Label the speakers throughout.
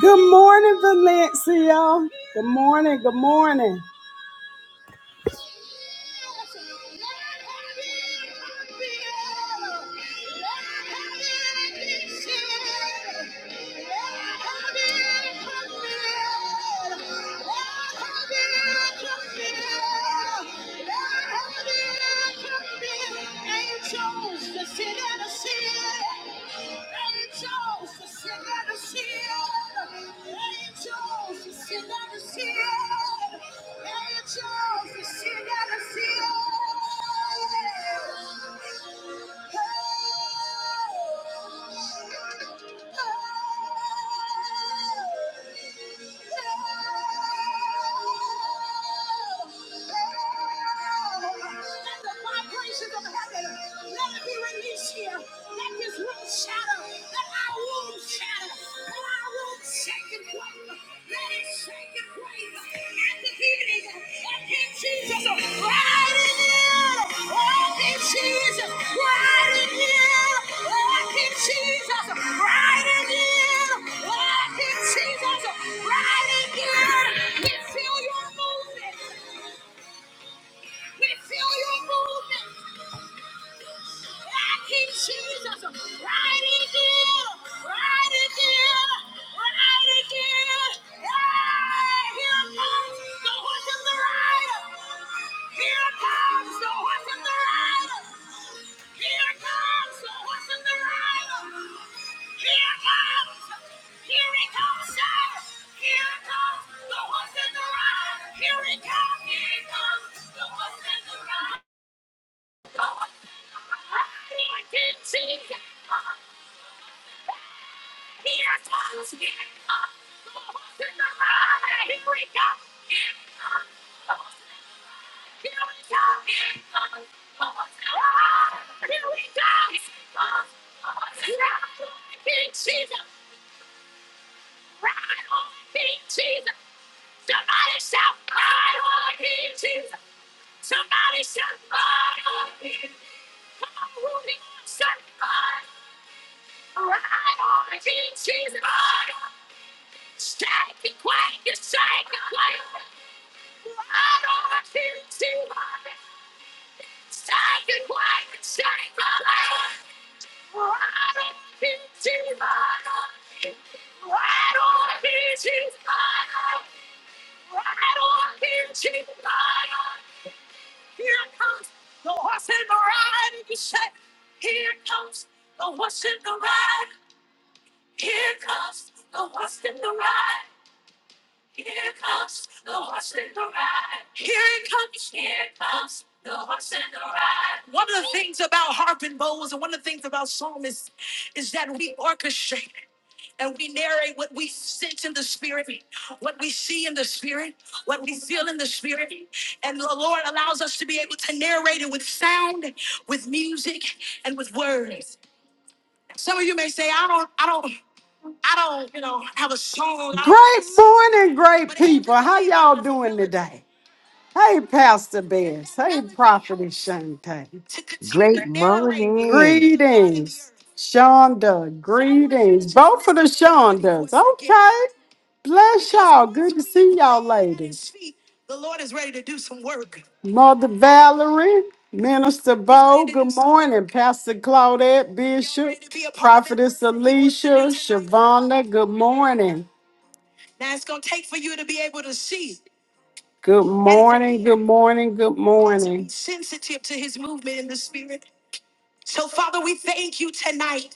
Speaker 1: Good morning, Valencia. Good morning. Good morning. One of the things about harp and bowls and one of the things about psalmists is that we orchestrate and we narrate what we sense in the spirit, what we see in the spirit, what we feel in the spirit. And the Lord allows us to be able to narrate it with sound, with music, and with words. Some of you may say, I don't, I don't, I don't, you know, have a song. I don't Great don't- morning, great but it has people. doesn't How nothing to y'all with the doing ability today? Hey, Pastor Bess. Hey, Prophet Shante. to continue to
Speaker 2: Great
Speaker 1: narrate the
Speaker 2: morning.
Speaker 1: Greetings, Shonda. So Greetings, both of the Shondas. Okay, Bless y'all. Good to see y'all, ladies. The Lord is ready to do some work. Mother Valerie, Minister Bo, good morning. Pastor Claudette Bishop, Prophetess Alicia, Shavonda, good morning. Now it's going to take for you to be able to see. Good morning, good morning, good morning. Sensitive to his movement in the spirit. So, Father, we thank you tonight.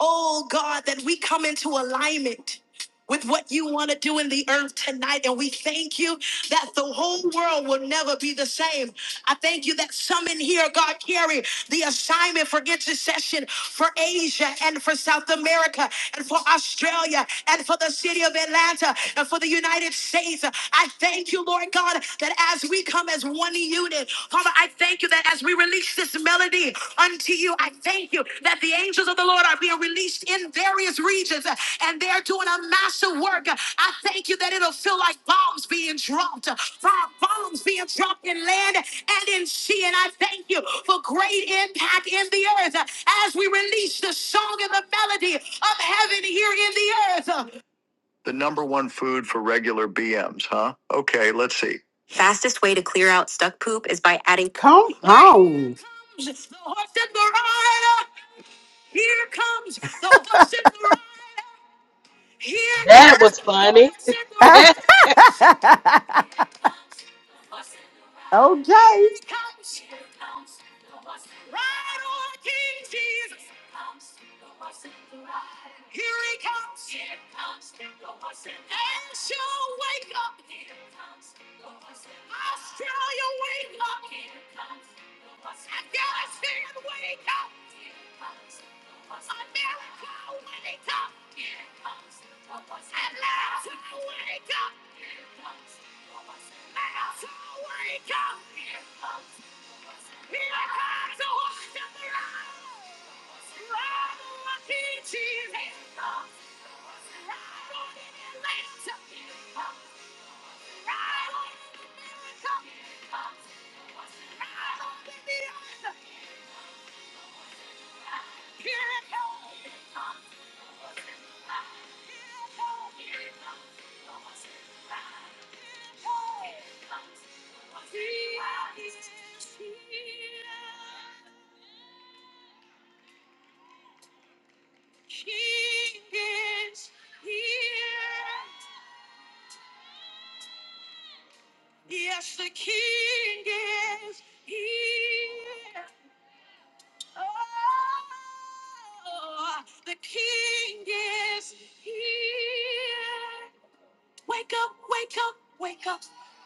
Speaker 1: Oh God, that we come into alignment with what you want to do in the earth tonight. And we thank you that the whole world will never be the same. I thank you that some in here, God, carry the assignment for intercession for Asia and for South America and for Australia and for the city of Atlanta and for the United States. I thank you, Lord God, that as we come as one unit, Father, I thank you that that as we release this melody unto you, I thank you that the angels of the Lord are being released in various regions uh, and they're doing a massive work. Uh, I thank you that it'll feel like bombs being dropped, uh, bombs being dropped in land and in sea. And I thank you for great impact in the earth uh, as we release the song and the melody of heaven here in the earth. Uh, the number one food for regular BMs, huh? Okay, let's see. Fastest way to clear out stuck poop is by adding. Come on. It's the horse and the rider. Here comes the horse and the rider. Here
Speaker 3: That was
Speaker 1: comes the
Speaker 3: funny.
Speaker 1: horse and
Speaker 3: Good
Speaker 1: the rider. okay. Ride on, King Jesus. Here he comes. Astral wake. Australia wake. Galatian wake. Yes, the Oh, the King is here. Wake up, wake up, wake up.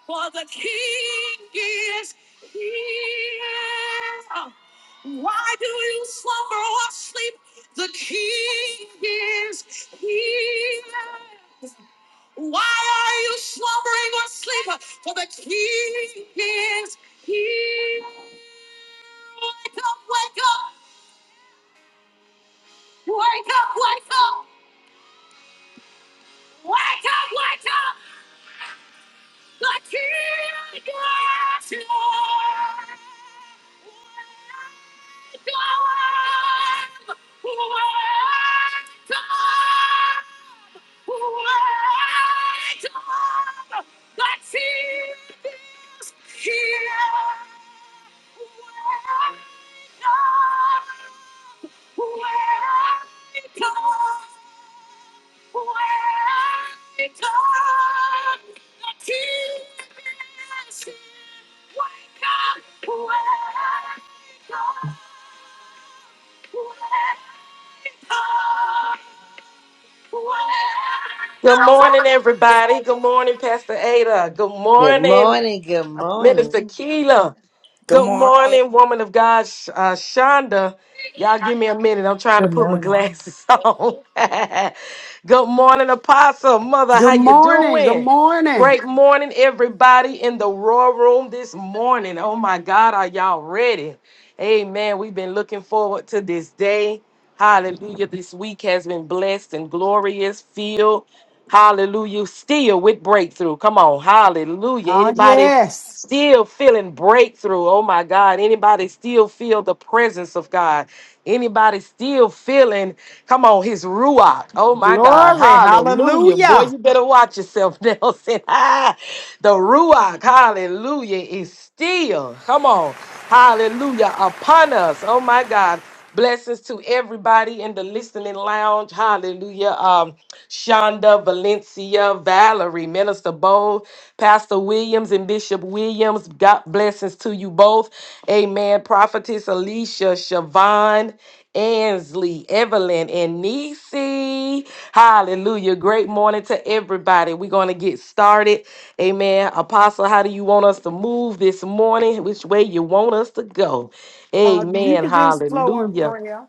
Speaker 1: For the King is here. Why do you slumber or sleep? The King is here. Why are you slumbering or sleeping? For the King.
Speaker 3: morning, everybody. Good morning, Pastor Ada. Good
Speaker 2: Good
Speaker 3: morning,
Speaker 2: morning. Good morning.
Speaker 3: Minister Keela.
Speaker 4: Good
Speaker 3: Good
Speaker 4: morning.
Speaker 3: morning, woman of God, Sh- uh, Shonda. Y'all give me a minute. I'm trying to
Speaker 5: Good
Speaker 3: put my
Speaker 5: morning.
Speaker 3: glasses on. Good morning, Apostle. Mother, how
Speaker 1: Good
Speaker 3: you
Speaker 1: morning, good
Speaker 3: doing?
Speaker 1: morning.
Speaker 3: Great morning, everybody in the Raw Room this morning. Oh my God, are y'all ready? Amen. We've been looking forward to this day. Hallelujah. This week has been blessed and glorious, filled. Hallelujah. Still with breakthrough. Come on. Hallelujah.
Speaker 1: Oh,
Speaker 3: Anybody?
Speaker 1: yes.
Speaker 3: still feeling breakthrough. Oh my God. Anybody still feel the presence of God? Anybody still feeling, come on, his ruach. Oh my God.
Speaker 1: Glory.
Speaker 3: Hallelujah. Boy,
Speaker 1: Hallelujah.
Speaker 3: you better watch yourself, Nelson. Ah, the ruach, hallelujah, is still, come on, hallelujah, upon us. Oh my God. Blessings to everybody in the listening lounge. Hallelujah. Um, Shonda, Valencia, Valerie, Minister Bow, Pastor Williams, and Bishop Williams. God blessings to you both. Amen. Prophetess Alicia, Siobhan, Ansley, Evelyn, and Nisi. Hallelujah. Great morning to everybody. We're going to get started. Amen. Apostle, how do you want us to move this morning? Which way you want us to go?
Speaker 1: Uh, you
Speaker 3: Amen.
Speaker 1: can just flow in
Speaker 3: Hallelujah.
Speaker 1: prayer.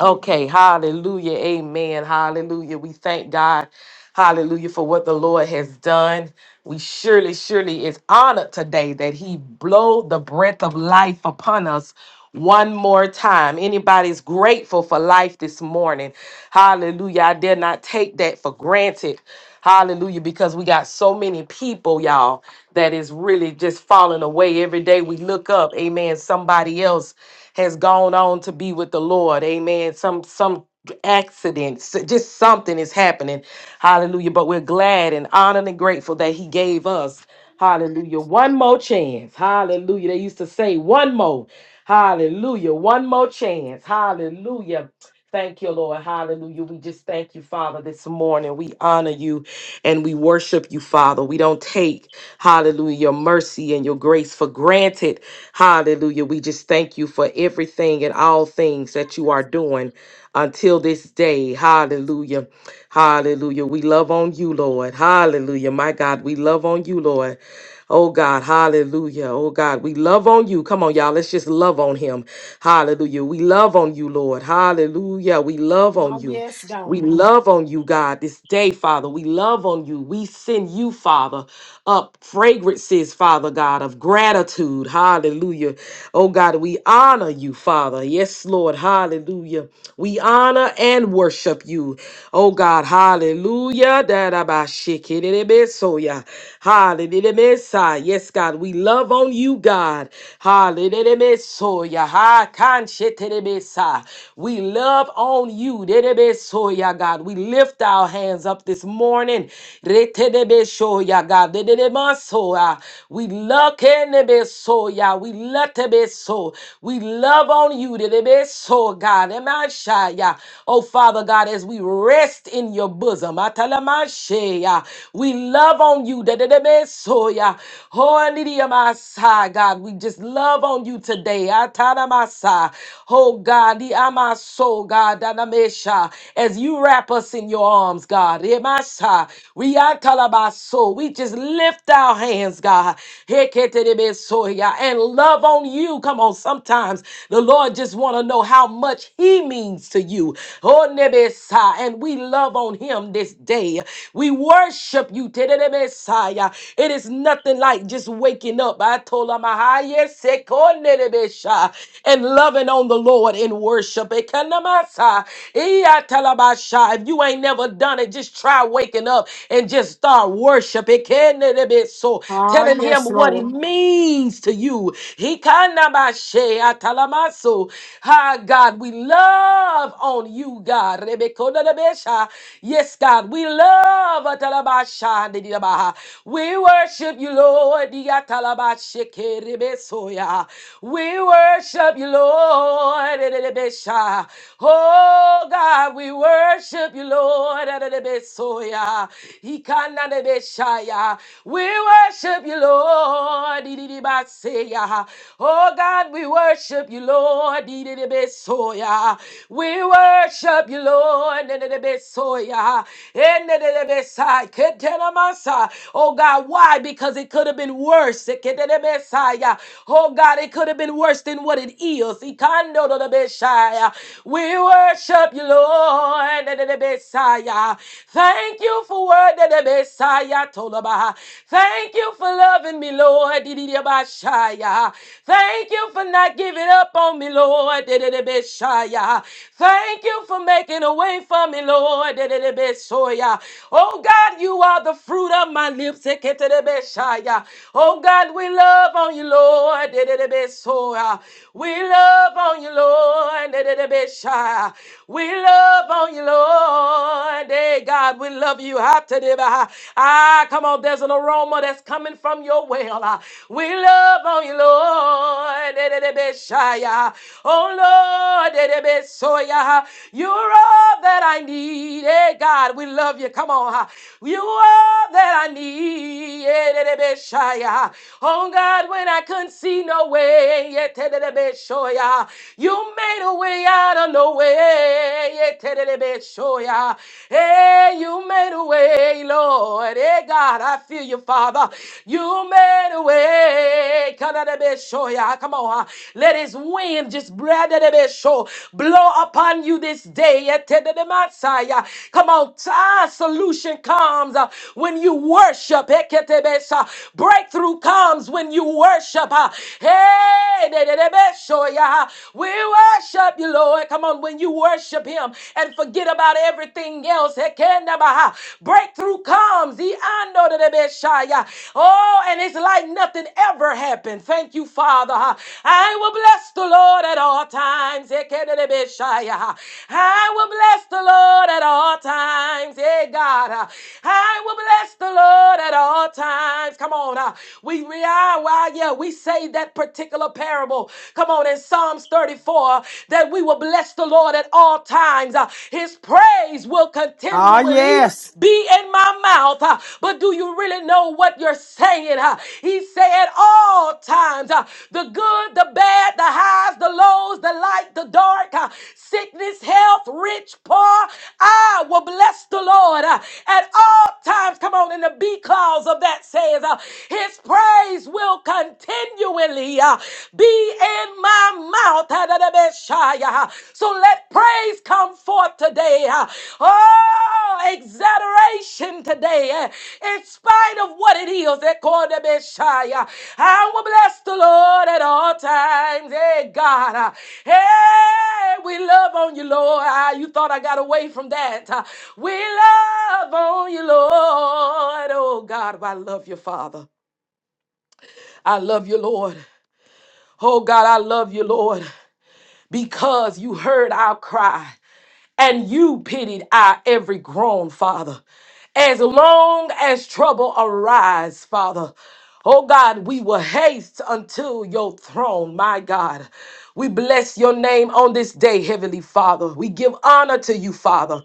Speaker 3: Okay. Hallelujah. Amen. Hallelujah. We thank God. Hallelujah for what the Lord has done. We surely, surely is honored today that He blow the breath of life upon us one more time. Anybody's grateful for life this morning. Hallelujah. I dare not take that for granted. Hallelujah. Because we got so many people, y'all, that is really just falling away. Every day we look up, amen. Somebody else has gone on to be with the Lord. Amen. Some some accidents, just something is happening. Hallelujah. But we're glad and honored and grateful that he gave us. Hallelujah. One more chance. Hallelujah. They used to say one more. Hallelujah. One more chance. Hallelujah. Thank you, Lord. Hallelujah. We just thank you, Father, this morning. We honor you and we worship you, Father. We don't take, hallelujah, your mercy and your grace for granted. Hallelujah. We just thank you for everything and all things that you are doing until this day. Hallelujah. Hallelujah. We love on you, Lord. Hallelujah. My God, we love on you, Lord. Oh God, hallelujah. Oh God, we love on you. Come on, y'all. Let's just love on him. Hallelujah. We love on you, Lord. Hallelujah. We love on
Speaker 1: Oh,
Speaker 3: you.
Speaker 1: yes, God.
Speaker 3: We love on you, God, this day, Father. We love on you. We send you, Father, up fragrances, Father God, of gratitude. Hallelujah. Oh, God, we honor you, Father. Yes, Lord. Hallelujah. We honor and worship you. Oh, God. Hallelujah. Da-da-ba-shiki-di-di-bi-so-ya. Hallelujah. Yes, God. We love on you, God. Hallelujah. Ha-kan-shiti-di-bi-sa. We love on you. Hallelujah, God. We lift our hands up this morning. Retedebesoya, God. Dededemasoya. We love Kenebesoya. We letebeso. We love on you. Dedebeso, God. Emashaya. Oh, Father God, as we rest in your bosom. Atalamashaya. We love on you. Dededebesoya. Oh, Anidiyamasa, God. We just love on you today. Atalamasa. Oh, God. Diamaso, God. God, Danamesha, as you wrap us in your arms, God. Remasha, We are Talabaso. We just lift our hands, God. Heketerebesoya, And love on you. Come on, sometimes the Lord just want to know how much he means to you. Oh, Nebesa, And we love on him this day. We worship you. Tererebesaya. It is nothing like just waking up. I told him, and loving on the Lord in worship Bekanamasa. Iyatalabasha. If you ain't never done it, just try waking up and just start worshiping. So
Speaker 1: Oh,
Speaker 3: telling him
Speaker 1: yes,
Speaker 3: what it
Speaker 1: Lord.
Speaker 3: means to you. Hikanabashe atalamaso. Hi, God, we love on you, God. Rebekodalabesha. Yes, God, we love atalabasha ndidiabaha. We worship you, Lord. Diatalabashe kerebesoya. We worship you, Lord. Oh God, we worship you, Lord. Adadabesoya. Ikanadabeshaya. We worship you, Lord. Oh God, we worship you, Lord. We worship you, Lord. Oh God, why? Because it could have been worse. Oh God, it could have been worse than what it is. Ikando do do Beshaya. We worship you, Lord. do do Beshaya. Thank you for word do do Beshaya, Tolaba. Thank you for loving me, Lord. do do Beshaya. Thank you for not giving up on me, Lord. do do Beshaya. Thank you for making a way for me, Lord. do do Beshaya. Oh God, you are the fruit of my lips. Ekete de Beshaya. Oh God, we love on you, Lord. Lord. We love on you, Lord. Da, da, da, be shy. We love on you, Lord. Hey, God, we love you. Ha, ta, da, ba. Ah, come on. There's an aroma that's coming from your well. Ah, We love on you, Lord. Da, da, da, be shy. Ah, Oh, Lord. da, da, be so, yeah. You're all that I need. Hey, God, we love you. Come on. Ah, You are that I need. Yeah, da, da, be shy. Ah, Oh, God, when I couldn't see no way. Yetedebeshoya. You made a way out of no way. Yetedebeshoya. Hey, you made a way, Lord. Hey, God, I feel you, Father. You made a way. Come on. huh? Let his wind just bradadebesho blow upon you this day. Yetedebemashaya. Come on. Time solution comes uh, when you worship. Breakthrough comes when you worship. uh, Hey, de- de- de- be- show we worship you, Lord. Come on, when you worship Him and forget about everything else, he can breakthrough comes. He ando de- de- be- shaya. Oh, and it's like nothing ever happened. Thank you, Father. I will bless the Lord at all times. He de- de- be- I will bless the Lord at all times. Hey, God. I will bless the Lord at all times. Come on. uh, we are Messiah. We say that particular parable. Come on, in Psalms 34, that we will bless the Lord at all times. Uh, His praise will
Speaker 1: Oh,
Speaker 3: continually
Speaker 1: yes.
Speaker 3: be in my mouth. Uh, But do you really know what you're saying? Uh, He said, at all times, uh, the good, the bad, the highs, the lows, the light, the dark, uh, sickness, health, rich, poor, I will bless the Lord uh, at all times. Come on, in the B clause of that says, uh, His praise praise will continually uh, be in my mouth. So let praise come forth today. uh, Oh, exaggeration today. uh, In spite of what it is, I will bless the Lord at all times. Hey, God. uh, Hey, we love on you, Lord. Ah, You thought I got away from that. uh, We love on you, Lord. Oh, God, I love you, Father. I love you, Lord. Oh God, I love you, Lord, because you heard our cry and you pitied our every groan, Father. As long as trouble arise, Father, oh God, we will haste until your throne, my God. We bless your name on this day, Heavenly Father. We give honor to you, Father.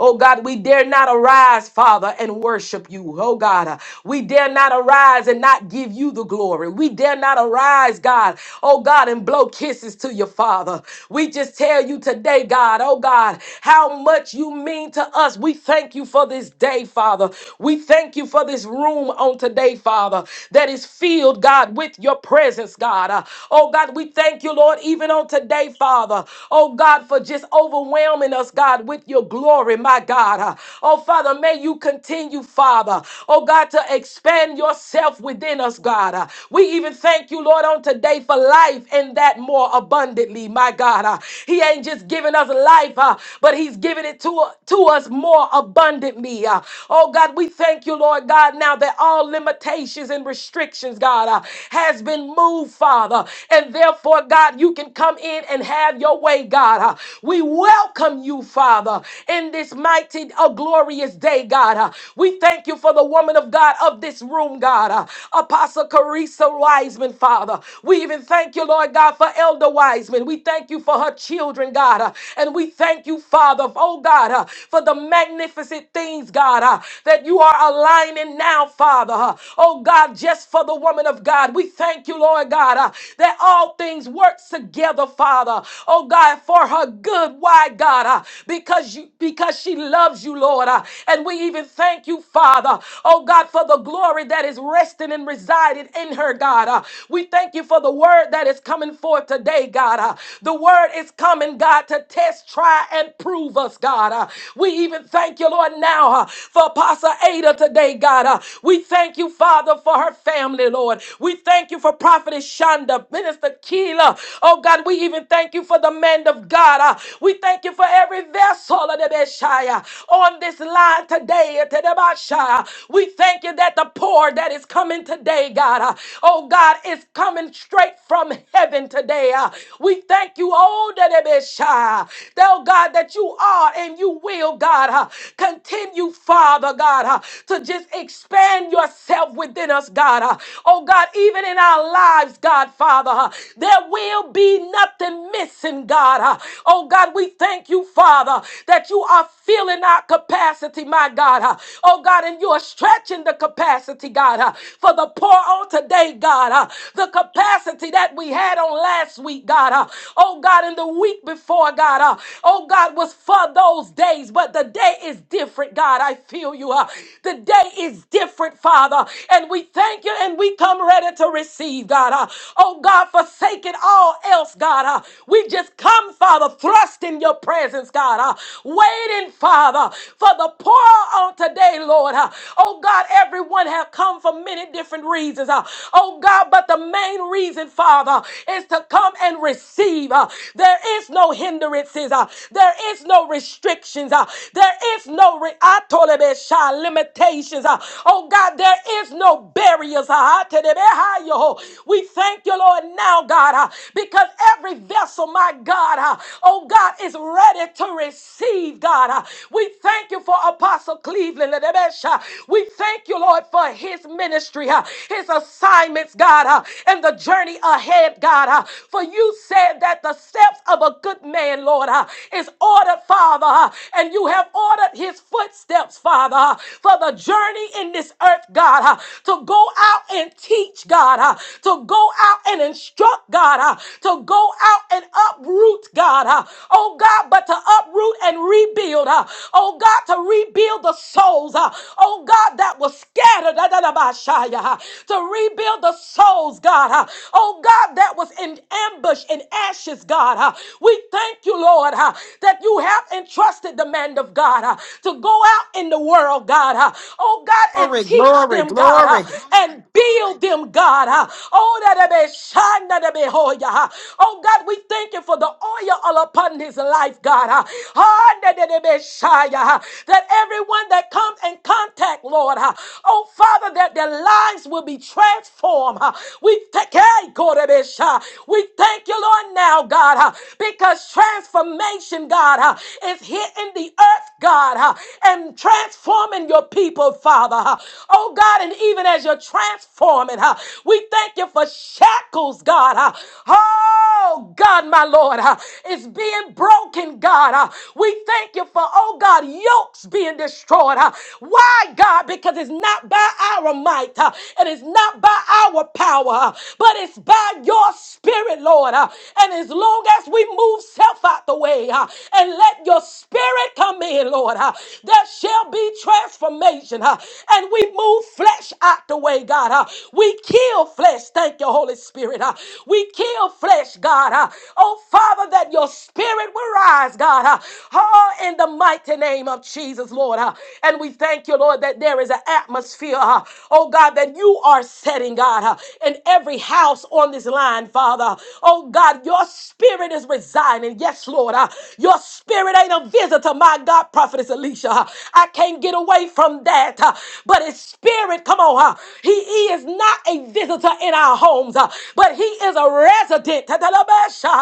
Speaker 3: Oh God, we dare not arise, Father, and worship you. Oh God, uh, we dare not arise and not give you the glory. We dare not arise, God, oh God, and blow kisses to your Father. We just tell you today, God, oh God, God, how much you mean to us. We thank you for this day, Father. We thank you for this room on today, Father, that is filled, God, with your presence, God. Uh, oh, God, we thank you, Lord, even on today, Father. Oh, God, for just overwhelming us, God, with your glory, my God. Uh, oh, Father, may you continue, Father. Oh, God, to expand yourself within us, God. Uh, we even thank you, Lord, on today for life and that more abundantly, my God. Uh, he ain't just giving us life, uh, uh, but He's given it to, to us more abundantly. uh. Oh God, we thank you, Lord God, now that all limitations and restrictions, God, uh, has been moved, Father. And therefore, God, you can come in and have your way, God. uh. We welcome you, Father, in this mighty, oh, glorious day, God. uh. We thank you for the woman of God of this room, God. uh, Apostle Carissa Wiseman, Father. We even thank you, Lord God, for Elder Wiseman. We thank you for her children, God. uh, And we thank you, Father, oh God, uh, for the magnificent things, God, uh, that you are aligning now, Father. uh, oh God, just for the woman of God. We thank you, Lord God, uh, that all things work together, Father. Oh God, for her good. Why, God? uh, because you because she loves you, Lord. uh, and we even thank you, Father. Oh God, for the glory that is resting and residing in her, God. uh, we thank you for the word that is coming forth today, God. uh, the word is coming, God, to test Try and prove us, God. Uh, we even thank you, Lord, now uh, for Apostle Ada today, God. Uh, we thank you, Father, for her family, Lord. We thank you for Prophetess Shonda, Minister Keela. Oh, God, we even thank you for the man of God. Uh, we thank you for every vessel of the Messiah on this line today. uh, to the Messiah. We thank you that the pour that is coming today, God. uh, oh, God, is coming straight from heaven today. uh. we thank you, oh, the Messiah though God, that you are and you will, God, huh, continue, Father, God, huh, to just expand yourself within us, God. huh. Oh, God, even in our lives, God, Father, huh, there will be nothing missing, God. huh. Oh, God, we thank you, Father, that you are filling our capacity, my God. huh. Oh, God, and you are stretching the capacity, God, huh, for the poor on today, God. huh. The capacity that we had on last week, God. huh. Oh, God, in the week before, God. God, uh, oh God, was for those days, but the day is different, God. I feel you. Uh, the day is different, Father, and we thank you and we come ready to receive, God. Uh, oh God, forsaking all else, God. Uh, we just come, Father, thrust in your presence, God. Uh, waiting, Father, for the pour on today, Lord. Uh, oh God, everyone have come for many different reasons. Uh, oh God, but the main reason, Father, is to come and receive. Uh, there is no hindrance hindrances. uh, There is no restrictions. uh, There is no re- I told him it shall limitations. uh, Oh God, there is no barriers. uh, I tell him it high, yo. We thank you, Lord, now, God, uh, because every vessel, my God, uh, oh God, is ready to receive, God. uh, We thank you for Apostle Cleveland. uh, uh, We thank you, Lord, for his ministry, uh, his assignments, God, uh, and the journey ahead, God. uh, For you said that the steps of a good man man, Lord, uh, is ordered, Father, uh, and you have ordered his footsteps, Father, uh, for the journey in this earth, God, uh, to go out and teach, God, uh, to go out and instruct, God, uh, to go out and uproot, God, uh, oh God, but to uproot and rebuild, uh, oh God, to rebuild the souls, uh, oh God, that was scattered, da, da, da, ba, sha, ya, uh, to rebuild the souls, God, uh, oh God, that was in ambush and ashes, God. uh, We thank thank you, Lord, uh, that you have entrusted the man of God uh, to go out in the world, God. uh, Oh, God, and
Speaker 1: Glory,
Speaker 3: teach
Speaker 1: glory,
Speaker 3: them, God, uh,
Speaker 1: glory.
Speaker 3: and build them, God. uh, Oh, that they may shine, that they may hold you, uh. Oh, God, we thank you for the oil all upon his life, God. uh. Ah, that they may shine, uh, That everyone that comes in contact, Lord, uh, oh, Father, that their lives will be transformed. uh. We take hey, God, they may shine. we thank you, Lord, now, God, uh, because because transformation, God, uh, is hitting the earth, God, uh, and transforming your people, Father. uh. Oh, God, and even as you're transforming, uh, we thank you for shackles, God. uh. Oh, God, my Lord, uh, is being broken, God. uh. We thank you for, oh, God, yokes being destroyed. uh. Why, God? Because it's not by our might, uh, it is not by our power, uh, but it's by your spirit, Lord. uh, And as long as we move, Remove self out the way uh, and let your spirit come in, Lord. uh, There shall be transformation. uh, And we move flesh out the way, God. uh, We kill flesh. Thank you, Holy Spirit. uh, We kill flesh, God. uh, Oh, Father, that your spirit will rise, God. uh, Oh, in the mighty name of Jesus, Lord. uh, And we thank you, Lord, that there is an atmosphere, uh, oh God, that you are setting, God, uh, in every house on this line, Father. Oh God, your spirit is residing. Yes, Lord. uh, your spirit ain't a visitor, my God, Prophetess Alicia. uh, I can't get away from that. uh, but his spirit, come on, uh, he, he is not a visitor in our homes, uh, but he is a resident. Tatalabasha,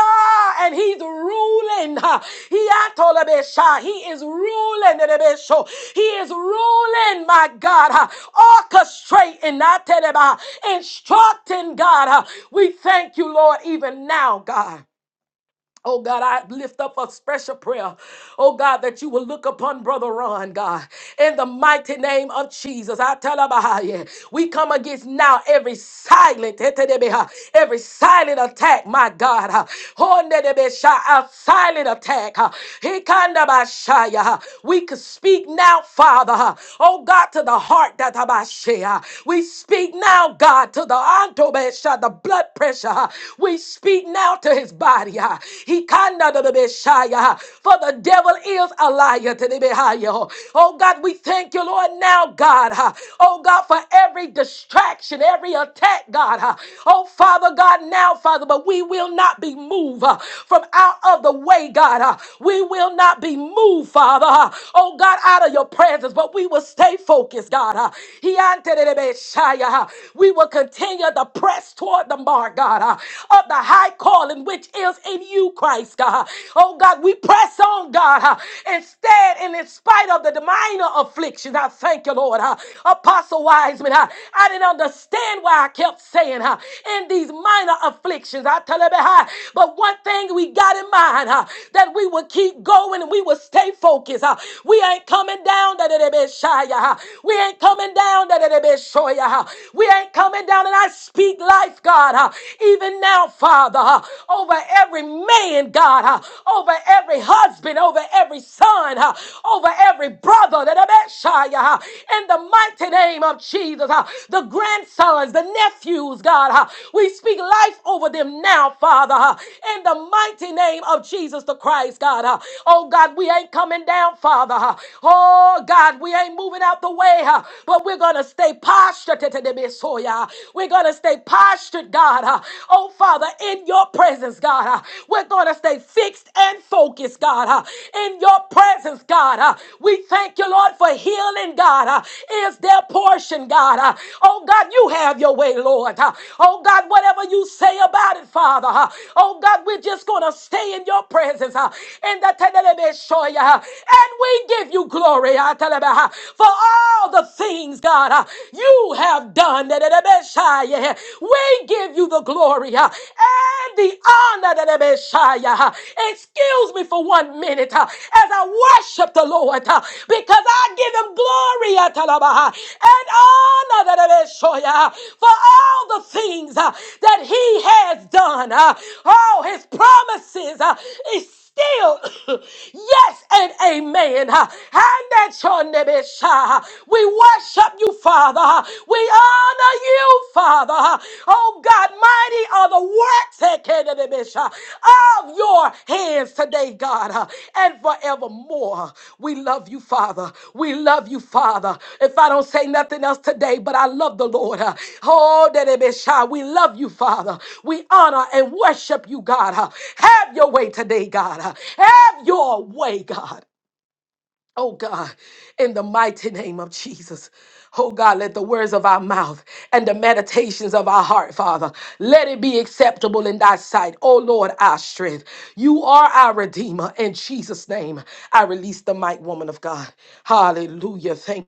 Speaker 3: Ah, and he's ruling. uh, He atolabesha, he is ruling. Telebesho, He is ruling, my God, uh, orchestrating, not teleba, instructing, God. uh, We thank you, Lord, even now, God. Oh God, I lift up a special prayer. Oh God, that you will look upon Brother Ron, God, in the mighty name of Jesus. I tell about you. We come against now every silent, every silent attack, my God. A silent attack. We could speak now, Father. Oh God, to the heart that we speak now, God, to the the blood pressure. We speak speak now to his body. ah. He kinda da- da- be shy, ah. For the devil is a liar to the behind. Oh God, we thank you, Lord, now, God. ah. Oh God, for every distraction, every attack, God. ah. Oh Father God, now, Father, but we will not be moved ah, from out of the way, God. ah. We will not be moved, Father. ah. Oh God, out of your presence, but we will stay focused, God. ah. He ante de- de- be shy, ah. We will continue to press toward the bar, God, uh, of the high calling which is in you, Christ, God. Oh, God, we press on, God, uh, instead and in spite of the minor afflictions, I thank you, Lord. uh, Apostle Wiseman, uh, I didn't understand why I kept saying uh, in these minor afflictions. I tell you, uh, but one thing we got in mind uh, that we will keep going and we will stay focused. uh, we ain't coming down that it be shy. uh, we ain't coming down that it be show. uh, We ain't coming down down and I speak life, God, uh, even now, Father, uh, over every man, God, uh, over every husband, over every son, uh, over every brother, that Abishai, uh, in the mighty name of Jesus, uh, the grandsons, the nephews, God, uh, we speak life over them now, Father, uh, in the mighty name of Jesus the Christ, God. uh, oh, God, we ain't coming down, Father. uh, oh, God, we ain't moving out the way, uh, but we're going to stay positive postured. to the Messiah. We're going to stay postured, God. uh, Oh, Father, in your presence, God. uh, We're going to stay fixed and focused, God. uh, In your presence, God. uh, We thank you, Lord, for healing, God. uh, Is their portion, God. uh, Oh, God, you have your way, Lord. uh, Oh, God, whatever you say about it, Father. uh, Oh, God, we're just going to stay in your presence. uh, In the Tedelebe Shoya, uh, And we give you glory. uh, Telebe, uh, For all all the things, God, uh, you have done. that it may shine, yeah. We give you the glory uh, and the honor. that it may yeah. uh. Excuse me for one minute uh, as I worship the Lord uh, because I give him glory uh, talabaha, and honor that it may yeah, uh, for all the things uh, that he has done. uh, Oh, his promises. uh, is still yes and amen. Ha. And that your name is, uh, We worship you, Father. Ha. We honor you, Father. Ha. Oh God, mighty are the works that can be, uh, of your hands today, God. Ha and forevermore. We love you, Father. We love you, Father. If I don't say nothing else today, but I love the Lord. uh, Oh, that it be shy. We love you, Father. We honor and worship you, God. uh. Have your way today, God. uh. Have your way, God. Oh God, in the mighty name of Jesus. Oh God, let the words of our mouth and the meditations of our heart, Father, let it be acceptable in thy sight. Oh Lord, our strength. You are our Redeemer. In Jesus' name, I release the might, woman of God. Hallelujah. Thank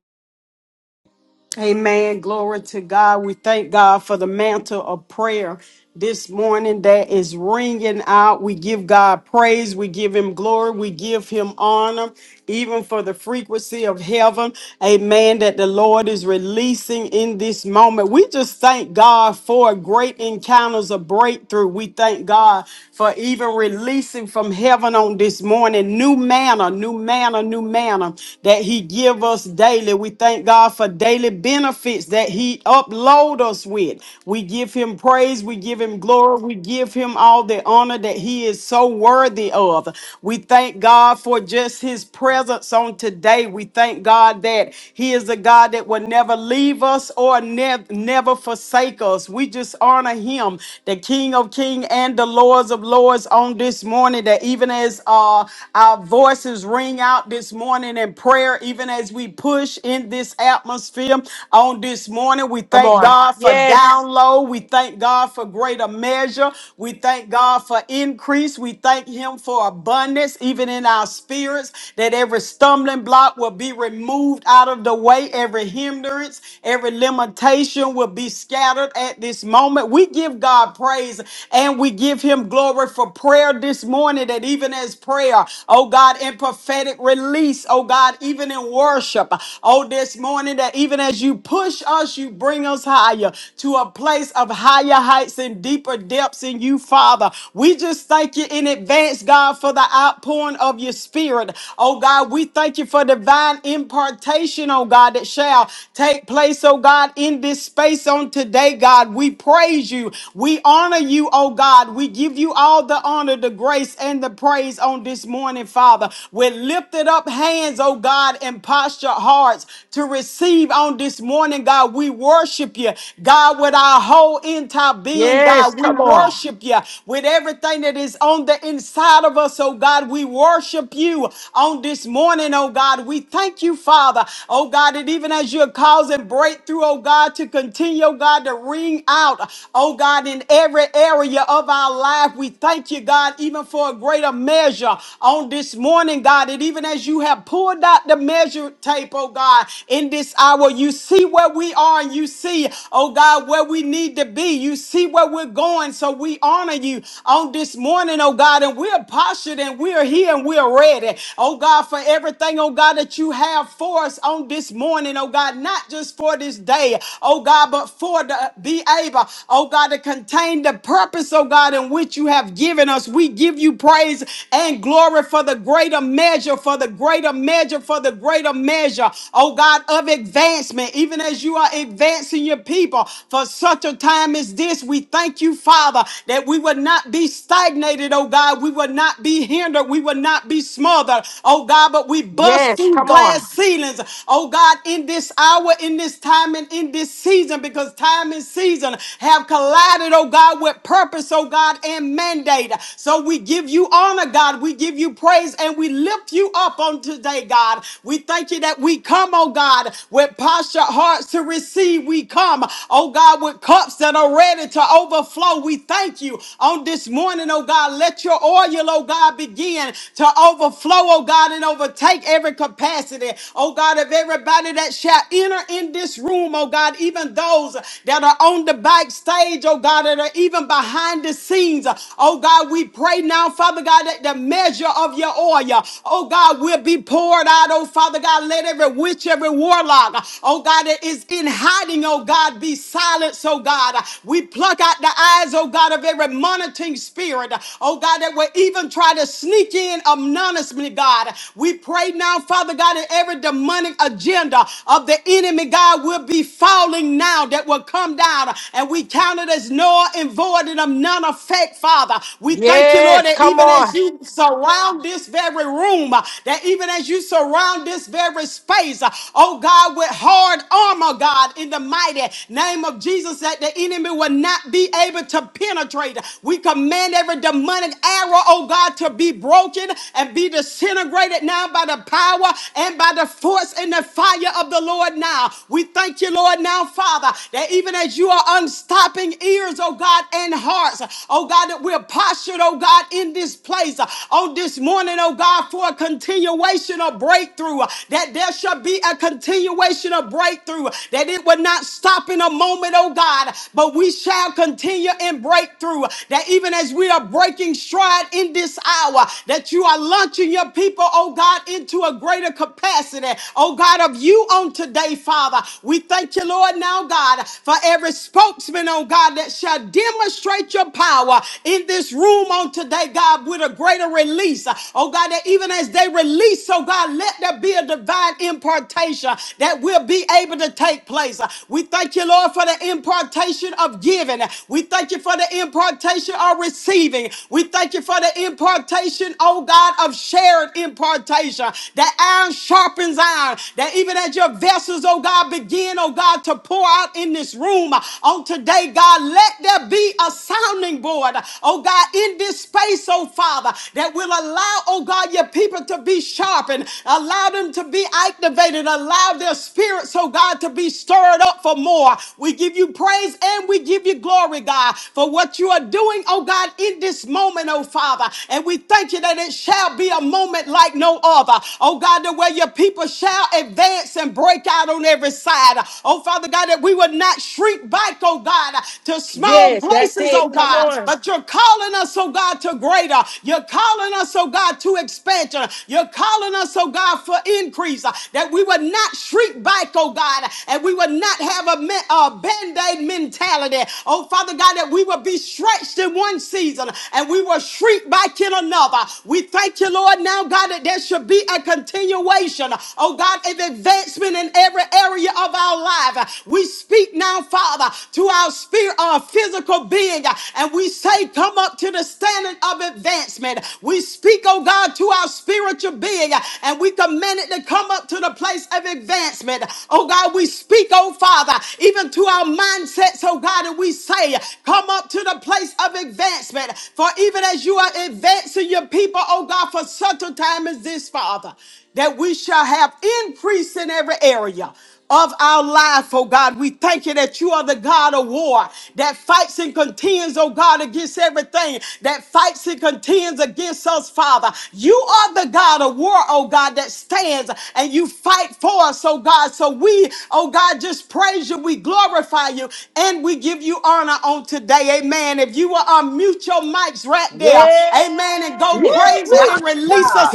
Speaker 1: Amen. Glory to God. We thank God for the mantle of prayer this morning that is ringing out. We give God praise. We give him glory. We give him honor, even for the frequency of heaven. Amen. That the Lord is releasing in this moment. We just thank God for great encounters of breakthrough. We thank God for even releasing from heaven on this morning new manna, new manna, new manna that he give us daily. We thank God. God, for daily benefits that He upload us with. We give Him praise, we give Him glory, we give Him all the honor that He is so worthy of. We thank God for just His presence on today. We thank God that He is a God that will never leave us or nev- never forsake us. We just honor Him, the King of Kings and the Lords of Lords, on this morning. That even as uh, our voices ring out this morning in prayer, even as we push push in this atmosphere on this morning. We
Speaker 3: Come
Speaker 1: thank
Speaker 3: on.
Speaker 1: God for
Speaker 3: Yes.
Speaker 1: download. We thank God for greater measure. We thank God for increase. We thank Him for abundance, even in our spirits, that every stumbling block will be removed out of the way, every hindrance, every limitation will be scattered at this moment. We give God praise and we give Him glory for prayer this morning, that even as prayer, oh God, in prophetic release, oh God, even in worship. Oh, this morning, that even as you push us, you bring us higher to a place of higher heights and deeper depths in you, Father. We just thank you in advance, God, for the outpouring of your spirit. Oh, God, we thank you for divine impartation, oh, God, that shall take place, oh, God, in this space on today, God. We praise you. We honor you, oh, God. We give you all the honor, the grace, and the praise on this morning, Father. We're lifted up hands, oh oh God, and posture hearts to receive on this morning, God. We worship you, God, with our whole entire being,
Speaker 3: Yes.
Speaker 1: God. We
Speaker 3: Come on.
Speaker 1: worship you with everything that is on the inside of us, oh God. We worship you on this morning, oh God. We thank you, Father, oh God, that even as you're causing breakthrough, oh God, to continue, oh God, to ring out, oh God, in every area of our life. We thank you, God, even for a greater measure on this morning, God. And even as you have pulled out the measure tape, oh God, in this hour, you see where we are and you see, oh God, where we need to be. You see where we're going. So we honor you on this morning, oh God, and we're postured and we're here and we're ready, oh God, for everything, oh God, that you have for us on this morning, oh God, not just for this day, oh God, but for the be able, oh God, to contain the purpose, oh God, in which you have given us. We give you praise and glory for the greater greater measure, for the greater measure, for the greater measure, oh God, of advancement, even as you are advancing your people for such a time as this. We thank you, Father, that we would not be stagnated, oh God. We would not be hindered. We would not be smothered, oh God, but we bust
Speaker 3: Yes.
Speaker 1: through
Speaker 3: Come
Speaker 1: glass
Speaker 3: on.
Speaker 1: ceilings, oh God, in this hour, in this time, and in this season, because time and season have collided, oh God, with purpose, oh God, and mandate. So we give you honor, God. We give you you praise and we lift you up on today, God. We thank you that we come, oh God, with posture hearts to receive. We come, oh God, with cups that are ready to overflow. We thank you on this morning, oh God. Let your oil, oh God, begin to overflow, oh God, and overtake every capacity, oh God, of everybody that shall enter in this room, oh God, even those that are on the backstage, oh God, that are even behind the scenes. Oh God, we pray now, Father God. God, let the measure of your oil, oh God, will be poured out, oh Father God. Let every witch, every warlock, oh God, that is in hiding, oh God, be silenced, oh God. We pluck out the eyes, oh God, of every monitoring spirit, oh God, that will even try to sneak in anonymously, God. We pray now, Father God, that every demonic agenda of the enemy, God, will be falling now, that will come down, and we count it as null and void and of none effect, Father. We thank you, Lord, Lord,
Speaker 3: Yes.
Speaker 1: that
Speaker 3: Come
Speaker 1: even as
Speaker 3: on.
Speaker 1: you surround this very room, uh, that even as you surround this very space, uh, oh God, with hard armor, God, in the mighty name of Jesus, that the enemy will not be able to penetrate. We command every demonic arrow, oh God, to be broken and be disintegrated now by the power and by the force and the fire of the Lord now. We thank you, Lord, now, Father, that even as you are unstopping ears, oh God, and hearts, oh God, that we're postured postured, oh God, in this place uh, on this morning, oh God, for a continuation of breakthrough, uh, that there shall be a continuation of breakthrough, uh, that it will not stop in a moment, oh God, but we shall continue in breakthrough, uh, that even as we are breaking stride in this hour, that you are launching your people, oh God, into a greater capacity, oh God, of you on today, Father. We thank you, Lord, now, God, for every spokesman, oh God, that shall demonstrate your power uh, in this room on today, God, with a greater release. Uh, Oh, God, that even as they release, so God, let there be a divine impartation that will be able to take place. Uh, We thank you, Lord, for the impartation of giving. We thank you for the impartation of receiving. We thank you for the impartation, oh God, of shared impartation. That iron sharpens iron. That even as your vessels, oh God, begin, oh God, to pour out in this room on today, God, let there be a sounding board, oh God, in this space, oh Father, that will allow, oh God, your people to be sharpened, allow them to be activated, allow their spirits, oh God, to be stirred up for more. We give you praise and we give you glory, God, for what you are doing, oh God, in this moment, oh Father. And we thank you that it shall be a moment like no other, oh God, the way your people shall advance and break out on every side, oh Father God, that we would not shrink back, oh God, to small small
Speaker 3: Yes. That's
Speaker 1: places, oh
Speaker 3: it. Come
Speaker 1: God,
Speaker 3: on.
Speaker 1: but you're calling us, oh God, to greater. You're calling us, oh God, to expansion. You're calling us, oh God, for increase, uh, that we would not shrink back, oh God, and we would not have a, me- a band-aid mentality. Oh, Father God, that we would be stretched in one season and we will shrink back in another. We thank you, Lord, now, God, that there should be a continuation, oh God, of advancement in every area of our life. We speak now, Father, to our spirit, our physical being, and we say, Come up to the standard of advancement. We speak, oh God, to our spiritual being, and we command it to come up to the place of advancement. Oh God, we speak, oh Father, even to our mindsets, oh God, and we say, Come up to the place of advancement. For even as you are advancing your people, oh God, for such a time as this, Father, that we shall have increase in every area of our life, oh God. We thank you that you are the God of war that fights and contends, oh God, against everything, that fights and contends against us, Father. You are the God of war, oh God, that stands and you fight for us, oh God. So we, oh God, just just praise you, we glorify you, and we give you honor on today. Amen. If you will unmute your mics right there, amen, and go
Speaker 5: Woo,
Speaker 1: crazy
Speaker 5: my
Speaker 3: Yes.
Speaker 1: and release a
Speaker 5: God.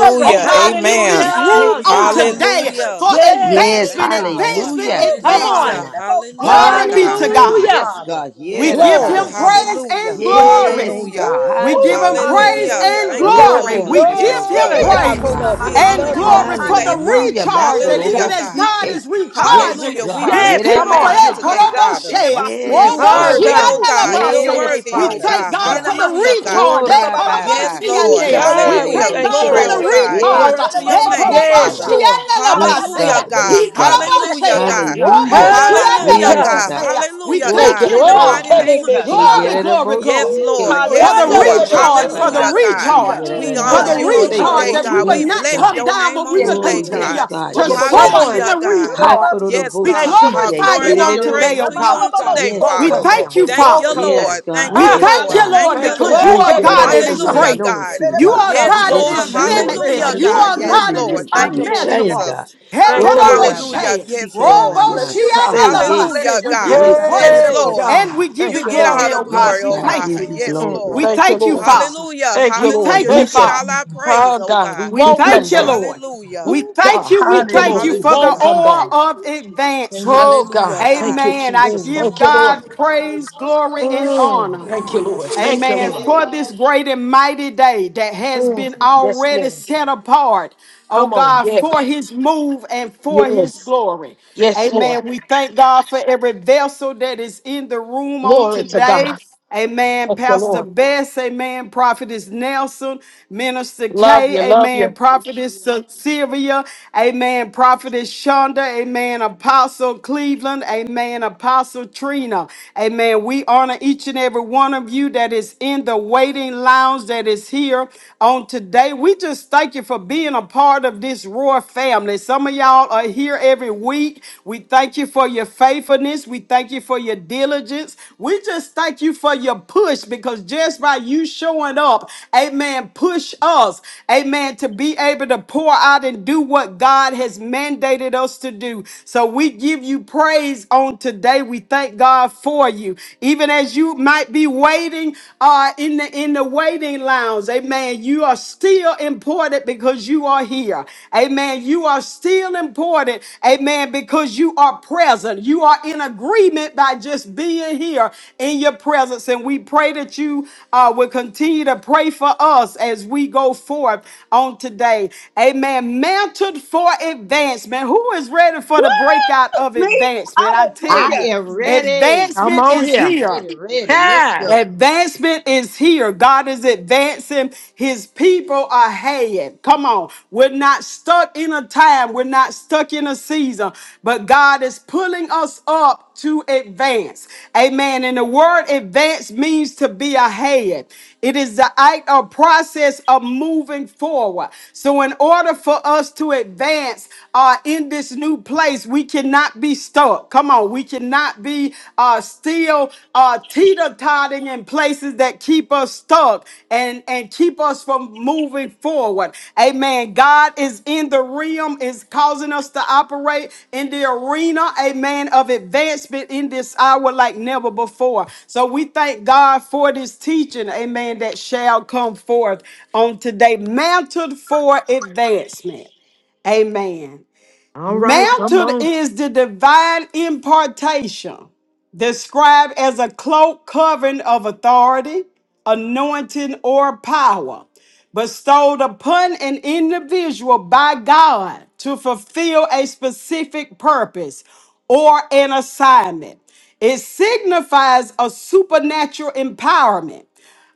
Speaker 5: Yeah, yeah,
Speaker 1: oh
Speaker 5: yeah,
Speaker 1: God, in
Speaker 4: Amen.
Speaker 1: this
Speaker 5: yeah, yeah.
Speaker 1: room
Speaker 3: Hallelujah,
Speaker 1: on
Speaker 5: Hallelujah,
Speaker 3: God.
Speaker 1: today
Speaker 5: Jesus.
Speaker 1: for
Speaker 4: Hallelujah.
Speaker 5: Bless your
Speaker 3: Yes.
Speaker 2: Yes,
Speaker 5: name,
Speaker 1: advancement,
Speaker 4: Thank you,
Speaker 5: God.
Speaker 4: Lord.
Speaker 1: advancement,
Speaker 2: hallelujah.
Speaker 5: Oh,
Speaker 3: Come
Speaker 2: Yes,
Speaker 5: God.
Speaker 3: on.
Speaker 1: advancement.
Speaker 4: Hallelujah.
Speaker 5: It
Speaker 2: God.
Speaker 5: about
Speaker 4: Hallelujah,
Speaker 1: Glory
Speaker 5: fire.
Speaker 1: be to
Speaker 4: God.
Speaker 5: Thank
Speaker 2: Hallelujah.
Speaker 5: you,
Speaker 1: God.
Speaker 3: Hallelujah.
Speaker 2: Yes,
Speaker 5: Father.
Speaker 2: God. Yeah,
Speaker 1: We
Speaker 2: that
Speaker 4: Yes,
Speaker 2: I
Speaker 1: give
Speaker 5: Bless
Speaker 2: by
Speaker 4: God.
Speaker 5: your
Speaker 1: him
Speaker 3: Glory.
Speaker 5: name.
Speaker 2: see.
Speaker 1: praise
Speaker 4: Hallelujah.
Speaker 1: and
Speaker 5: Bless your
Speaker 1: glory.
Speaker 2: Yes,
Speaker 5: name,
Speaker 4: Hallelujah.
Speaker 2: God.
Speaker 5: God.
Speaker 1: We
Speaker 5: Oh,
Speaker 1: give him praise
Speaker 2: Hallelujah.
Speaker 4: Hallelujah.
Speaker 5: hallelujah.
Speaker 1: and
Speaker 3: Ooh,
Speaker 4: Thank you,
Speaker 3: God,
Speaker 2: Glory,
Speaker 1: glory.
Speaker 5: Rebosu.
Speaker 3: we
Speaker 4: Lord.
Speaker 1: We
Speaker 2: glory,
Speaker 4: Yes,
Speaker 1: give
Speaker 2: glory.
Speaker 5: Yeah,
Speaker 1: him
Speaker 3: love you.
Speaker 5: yeah,
Speaker 4: Lord.
Speaker 5: yeah.
Speaker 2: Yes,
Speaker 3: God, we
Speaker 1: praise
Speaker 5: Mokona
Speaker 3: love
Speaker 2: God.
Speaker 3: you.
Speaker 4: We
Speaker 3: We
Speaker 5: masini
Speaker 4: honor
Speaker 1: and
Speaker 5: na
Speaker 3: love
Speaker 4: you
Speaker 3: you.
Speaker 4: on
Speaker 1: glory for
Speaker 5: mosaya.
Speaker 1: the
Speaker 4: today,
Speaker 2: Hallelujah.
Speaker 4: Father.
Speaker 5: Bless
Speaker 1: recharge.
Speaker 5: your
Speaker 1: And
Speaker 3: Ooh,
Speaker 5: name.
Speaker 4: Hallelujah,
Speaker 1: even
Speaker 2: Makorobo
Speaker 3: God.
Speaker 1: as
Speaker 4: God.
Speaker 1: God
Speaker 2: CK.
Speaker 1: is
Speaker 2: Yes,
Speaker 1: recharging
Speaker 4: Hallelujah.
Speaker 5: Hallelujah,
Speaker 4: We
Speaker 2: God.
Speaker 1: his
Speaker 5: Father.
Speaker 3: Yes,
Speaker 4: bless
Speaker 2: Yeah,
Speaker 4: your
Speaker 2: that
Speaker 3: come
Speaker 1: people for
Speaker 2: by
Speaker 4: name
Speaker 3: on.
Speaker 4: on
Speaker 5: You're
Speaker 1: it,
Speaker 5: a
Speaker 4: today,
Speaker 5: good
Speaker 2: Sata.
Speaker 5: God.
Speaker 4: Father.
Speaker 1: Koroboshe,
Speaker 4: For you
Speaker 2: Yes,
Speaker 3: Ah,
Speaker 1: Roboshe,
Speaker 4: worthy,
Speaker 2: God.
Speaker 3: God.
Speaker 4: oh
Speaker 5: Dedebasikitando-boso.
Speaker 4: God.
Speaker 5: Have
Speaker 4: You're
Speaker 5: your way,
Speaker 1: Analabase.
Speaker 2: Yes,
Speaker 4: worthy,
Speaker 1: we
Speaker 4: oh
Speaker 2: God.
Speaker 5: Father.
Speaker 1: thank
Speaker 4: God.
Speaker 2: Yes,
Speaker 1: God for
Speaker 2: God.
Speaker 1: the
Speaker 4: Hallelujah,
Speaker 5: Yenamasoko.
Speaker 4: God.
Speaker 1: recharge.
Speaker 2: Oh,
Speaker 1: Eh,
Speaker 4: Yes,
Speaker 2: Rabbi
Speaker 1: Koroboshe,
Speaker 3: Ooh,
Speaker 2: CK.
Speaker 4: Lord.
Speaker 1: Ande.
Speaker 2: Yeah,
Speaker 1: We
Speaker 2: that
Speaker 3: God,
Speaker 2: they
Speaker 3: we
Speaker 5: Bebababasikititideboso.
Speaker 4: Hallelujah.
Speaker 1: thank
Speaker 2: both
Speaker 3: thank you,
Speaker 1: God
Speaker 4: Glory,
Speaker 1: for
Speaker 2: side.
Speaker 1: the
Speaker 5: Bless
Speaker 4: oh
Speaker 3: Lord.
Speaker 5: your
Speaker 4: God.
Speaker 5: name, God.
Speaker 2: Yes,
Speaker 1: recharge.
Speaker 4: Glory to your
Speaker 1: Eh,
Speaker 2: God.
Speaker 4: name,
Speaker 2: Yes,
Speaker 3: Yes,
Speaker 1: Koroboshe,
Speaker 4: Father.
Speaker 2: God.
Speaker 5: Dedebababosaya.
Speaker 3: Lord.
Speaker 2: Yes,
Speaker 4: Hallelujah,
Speaker 1: Analabase.
Speaker 2: God.
Speaker 1: He,
Speaker 4: God.
Speaker 5: Hayanamosoko.
Speaker 2: Yes, God.
Speaker 5: Bless
Speaker 4: Hallelujah,
Speaker 5: your
Speaker 1: Koroboshe,
Speaker 5: name,
Speaker 4: God.
Speaker 5: God.
Speaker 2: Hallelujah.
Speaker 1: Roboshe,
Speaker 3: Ah,
Speaker 4: Hallelujah,
Speaker 2: Yes,
Speaker 3: God.
Speaker 4: God.
Speaker 2: God.
Speaker 1: Analabose. We
Speaker 4: Hallelujah,
Speaker 5: Dedebasikititideboso.
Speaker 2: Oh,
Speaker 3: Thank
Speaker 1: thank
Speaker 3: you,
Speaker 4: God.
Speaker 1: him,
Speaker 4: In the
Speaker 5: Ooh,
Speaker 3: Lord.
Speaker 1: Father.
Speaker 4: mighty name of
Speaker 5: Jesus.
Speaker 2: kararabasike,
Speaker 4: Jesus.
Speaker 1: Glory,
Speaker 3: Kelebeshaya.
Speaker 1: glory,
Speaker 5: Hallelujah.
Speaker 4: Yes,
Speaker 1: glory
Speaker 3: Ooh,
Speaker 2: yererabosike.
Speaker 4: Lord.
Speaker 3: glory.
Speaker 1: for
Speaker 3: Ah,
Speaker 4: Yes,
Speaker 1: the
Speaker 3: da, da,
Speaker 2: Oh,
Speaker 5: Hallelujah.
Speaker 3: da,
Speaker 4: Lord.
Speaker 3: da,
Speaker 1: recharge, for the
Speaker 3: shaya.
Speaker 4: Hallelujah, God.
Speaker 2: rabababasike,
Speaker 5: Hallelujah.
Speaker 1: recharge,
Speaker 4: We
Speaker 3: Mm,
Speaker 1: for
Speaker 4: honor
Speaker 1: the
Speaker 3: yes,
Speaker 4: you on
Speaker 3: Lord.
Speaker 2: yererabase.
Speaker 5: Hallelujah
Speaker 1: recharge
Speaker 4: today,
Speaker 5: for the
Speaker 1: that we
Speaker 4: God.
Speaker 3: Hallelujah.
Speaker 1: would
Speaker 4: We
Speaker 5: reason.
Speaker 2: Yes,
Speaker 1: not
Speaker 4: bless
Speaker 1: come
Speaker 2: God.
Speaker 4: your
Speaker 1: down,
Speaker 4: name
Speaker 1: but we
Speaker 4: on
Speaker 5: Yeah,
Speaker 1: will
Speaker 5: yeah,
Speaker 2: Oh,
Speaker 4: today,
Speaker 5: yeah, yeah.
Speaker 3: Mm.
Speaker 5: yeah.
Speaker 1: continue
Speaker 2: yes,
Speaker 4: God.
Speaker 2: God.
Speaker 5: Bo-
Speaker 1: to
Speaker 5: bo- bo-
Speaker 2: Yes,
Speaker 5: bo-
Speaker 3: Come
Speaker 5: bo-
Speaker 1: soar
Speaker 2: God.
Speaker 1: in
Speaker 3: on.
Speaker 4: Hallelujah,
Speaker 5: so-
Speaker 1: the
Speaker 5: bo- da-
Speaker 4: God.
Speaker 5: da- da-
Speaker 1: recharge.
Speaker 5: ba-
Speaker 4: Yes,
Speaker 5: see.
Speaker 1: We
Speaker 4: Lord.
Speaker 3: Thank you,
Speaker 4: Our
Speaker 3: Lord.
Speaker 2: Hakorobosiye,
Speaker 1: glorify
Speaker 4: glory
Speaker 1: you
Speaker 4: and
Speaker 5: Bless
Speaker 1: on
Speaker 4: our
Speaker 5: your name.
Speaker 4: praise
Speaker 1: today,
Speaker 5: Ma-
Speaker 1: oh
Speaker 4: to
Speaker 5: ma-
Speaker 2: kerererosi.
Speaker 4: you
Speaker 5: ma-
Speaker 1: God.
Speaker 5: ma-
Speaker 4: on
Speaker 3: Thank
Speaker 5: ma- ma-
Speaker 3: God, we
Speaker 4: today,
Speaker 5: so-
Speaker 2: Yes,
Speaker 3: won't
Speaker 1: We
Speaker 5: co-
Speaker 3: come
Speaker 4: Father.
Speaker 2: God.
Speaker 5: bo-
Speaker 1: thank
Speaker 3: down.
Speaker 5: bo-
Speaker 1: you,
Speaker 3: We
Speaker 4: Thank
Speaker 5: so-
Speaker 3: won't
Speaker 4: you,
Speaker 1: Father.
Speaker 5: so-
Speaker 3: come
Speaker 5: so.
Speaker 2: Yes,
Speaker 3: down.
Speaker 4: Lord. Thank
Speaker 1: We
Speaker 2: God.
Speaker 4: you,
Speaker 3: Ha!
Speaker 5: He-
Speaker 2: Yes,
Speaker 1: thank you,
Speaker 4: Lord.
Speaker 2: God.
Speaker 4: Thank
Speaker 1: Lord,
Speaker 4: you,
Speaker 3: Thank
Speaker 5: Hallelujah.
Speaker 3: you,
Speaker 5: De- de-
Speaker 1: because
Speaker 4: Lord.
Speaker 1: you
Speaker 5: de-
Speaker 3: Lord.
Speaker 1: are
Speaker 2: Thank
Speaker 3: Can't
Speaker 5: bo-
Speaker 2: you,
Speaker 3: that it
Speaker 1: God
Speaker 2: Lord,
Speaker 5: fire.
Speaker 3: be
Speaker 1: that
Speaker 2: for
Speaker 1: is
Speaker 2: your
Speaker 4: Hallelujah,
Speaker 3: Sunday?
Speaker 1: great.
Speaker 4: God.
Speaker 5: De- de-
Speaker 2: anointing,
Speaker 5: de-
Speaker 1: You
Speaker 5: bo-
Speaker 3: Oh,
Speaker 2: God,
Speaker 1: are
Speaker 5: si-
Speaker 3: God, we
Speaker 4: Yes,
Speaker 1: God that
Speaker 2: that
Speaker 3: won't come
Speaker 4: Lord.
Speaker 1: is
Speaker 3: down.
Speaker 2: destroys,
Speaker 5: Bless
Speaker 1: limitless.
Speaker 4: Hallelujah,
Speaker 2: God,
Speaker 5: your
Speaker 1: You
Speaker 2: and
Speaker 4: God.
Speaker 5: name,
Speaker 1: are
Speaker 2: breaking
Speaker 5: God.
Speaker 4: Yes,
Speaker 1: God
Speaker 2: every
Speaker 1: that is
Speaker 4: Lord.
Speaker 2: yoke,
Speaker 3: Thank
Speaker 4: Thank
Speaker 3: you,
Speaker 2: every
Speaker 4: you,
Speaker 3: Lord.
Speaker 5: Hallelujah.
Speaker 2: chain,
Speaker 4: Jesus.
Speaker 1: unmeasurable.
Speaker 2: God.
Speaker 3: Thank you,
Speaker 5: Hallelujah.
Speaker 2: Oh,
Speaker 3: Lord.
Speaker 5: si-
Speaker 2: Rabbi,
Speaker 4: Hallelujah.
Speaker 1: Hekodoboshe,
Speaker 2: seek
Speaker 4: Yes,
Speaker 2: it and I
Speaker 4: Lord.
Speaker 5: Bless
Speaker 2: must
Speaker 3: Oh,
Speaker 5: your
Speaker 3: God.
Speaker 5: name,
Speaker 2: say,
Speaker 5: God.
Speaker 2: yeah.
Speaker 4: Hallelujah,
Speaker 1: roboshianelabase.
Speaker 5: Bless
Speaker 1: We
Speaker 5: your
Speaker 1: give
Speaker 4: God.
Speaker 5: name,
Speaker 1: you
Speaker 2: Yes,
Speaker 5: God. De-
Speaker 4: Yes,
Speaker 1: praise
Speaker 5: de-
Speaker 2: God.
Speaker 3: Hey,
Speaker 5: bo-
Speaker 2: Yes,
Speaker 4: Lord.
Speaker 3: God.
Speaker 5: so.
Speaker 1: and we
Speaker 2: God.
Speaker 1: give you
Speaker 3: Thank
Speaker 4: You
Speaker 3: you,
Speaker 5: I
Speaker 4: get all
Speaker 3: Lord.
Speaker 1: glory,
Speaker 4: the
Speaker 1: oh
Speaker 5: am
Speaker 1: God.
Speaker 2: Yes,
Speaker 4: glory,
Speaker 1: We
Speaker 4: oh
Speaker 2: God, I
Speaker 4: God.
Speaker 5: recharged.
Speaker 1: thank
Speaker 2: give you
Speaker 1: you.
Speaker 4: Yes,
Speaker 3: Mm.
Speaker 2: glory.
Speaker 4: Lord.
Speaker 1: We
Speaker 3: Thank you,
Speaker 1: thank you,
Speaker 3: Lord.
Speaker 5: Hallelujah.
Speaker 1: Father.
Speaker 4: Hallelujah.
Speaker 3: Thank
Speaker 1: We
Speaker 3: you, Lord.
Speaker 4: Hallelujah.
Speaker 1: thank
Speaker 4: You
Speaker 1: you,
Speaker 3: Thank
Speaker 5: Bless
Speaker 4: get
Speaker 3: you.
Speaker 5: your
Speaker 4: all
Speaker 1: Father.
Speaker 4: our
Speaker 5: name. God.
Speaker 3: Oh,
Speaker 4: praise, oh
Speaker 3: God, we
Speaker 4: God.
Speaker 1: We
Speaker 5: We
Speaker 3: won't come
Speaker 1: thank
Speaker 5: bless
Speaker 1: you,
Speaker 5: your
Speaker 3: down.
Speaker 5: name.
Speaker 1: Lord.
Speaker 4: Hallelujah.
Speaker 1: We
Speaker 3: Oh,
Speaker 1: thank
Speaker 3: God.
Speaker 1: you. We
Speaker 3: Thank you,
Speaker 1: thank
Speaker 3: Lord.
Speaker 1: you
Speaker 3: We
Speaker 5: Hallelujah,
Speaker 1: for the
Speaker 3: won't
Speaker 4: Hallelujah.
Speaker 5: Jesus.
Speaker 3: come
Speaker 1: oil
Speaker 3: down.
Speaker 1: of
Speaker 5: Thank you,
Speaker 1: advancement.
Speaker 3: Oh,
Speaker 5: Father.
Speaker 4: Hallelujah,
Speaker 3: God. Thank
Speaker 4: God.
Speaker 3: you,
Speaker 1: Amen. I
Speaker 3: Jesus.
Speaker 1: give
Speaker 3: Thank
Speaker 5: Amen.
Speaker 3: you, Lord.
Speaker 1: God praise, glory, and
Speaker 3: Mm.
Speaker 1: honor.
Speaker 3: Thank you, Lord. Thank you,
Speaker 1: Amen.
Speaker 3: Lord.
Speaker 1: For this great and mighty day that has been
Speaker 3: Mm, yes,
Speaker 1: already
Speaker 3: Lord.
Speaker 1: set apart, oh
Speaker 3: Come on.
Speaker 1: God,
Speaker 3: Yes.
Speaker 1: for his move and for his
Speaker 3: Yes.
Speaker 1: glory.
Speaker 3: Yes, Lord.
Speaker 1: Amen. We thank God for every vessel that is in the room on
Speaker 3: Glory to
Speaker 1: today.
Speaker 3: God.
Speaker 1: Amen.
Speaker 3: Thank the
Speaker 1: Pastor
Speaker 3: Lord.
Speaker 1: Bess, amen. Prophetess Nelson, Minister
Speaker 3: Love you.
Speaker 1: Kay,
Speaker 3: Love
Speaker 1: amen.
Speaker 3: you.
Speaker 1: Prophetess Sylvia, amen. Prophetess Shonda, amen. Apostle Cleveland, amen. Apostle Trina, amen. We honor each and every one of one of you that is in the waiting lounge that is here on today. We just thank you for being a part of this Roar family. Some of y'all are here every week. We thank you for your faithfulness. We thank you for your diligence. We just thank you for your push because just by you showing up, amen, push us, amen, to be able to pour out and do what God has mandated us to do. So we give you praise on today. We thank God for you. Even as you might might be waiting uh, in the in the waiting lounge. Amen. You are still important because you are here. Amen. You are still important. Amen. Because you are present. You are in agreement by just being here in your presence. And we pray that you uh, will continue to pray for us as we go forth on today. Amen. Mantled for advancement. Who is ready for
Speaker 5: Woo!
Speaker 1: the breakout of
Speaker 5: Me?
Speaker 1: advancement? I tell
Speaker 2: I
Speaker 1: you,
Speaker 5: Hallelujah.
Speaker 2: am ready.
Speaker 3: Come
Speaker 1: advancement
Speaker 3: on
Speaker 1: is
Speaker 3: here.
Speaker 1: here.
Speaker 2: Ready, ready. Let's
Speaker 3: Ha!
Speaker 2: go.
Speaker 1: Advancement is here. God is advancing. His people ahead. Come on. We're not stuck in a time. We're not stuck in a season, but God is pulling us up to advance. Amen. And the word advance means to be ahead. It is the act or process of moving forward. So in order for us to advance uh, in this new place, we cannot be stuck. Come on, we cannot be uh, still uh, teeter-totting in places that keep us stuck and, and keep us from moving forward. Amen. God is in the realm, is causing us to operate in the arena, amen, of advancement in this hour like never before. So we thank God for this teaching, amen, that shall come forth on today, mantled for advancement. Amen.
Speaker 3: All right. Come
Speaker 1: Mantle
Speaker 3: on.
Speaker 1: is the divine impartation, described as a cloak covering of authority, anointing, or power bestowed upon an individual by God to fulfill a specific purpose or an assignment. It signifies a supernatural empowerment,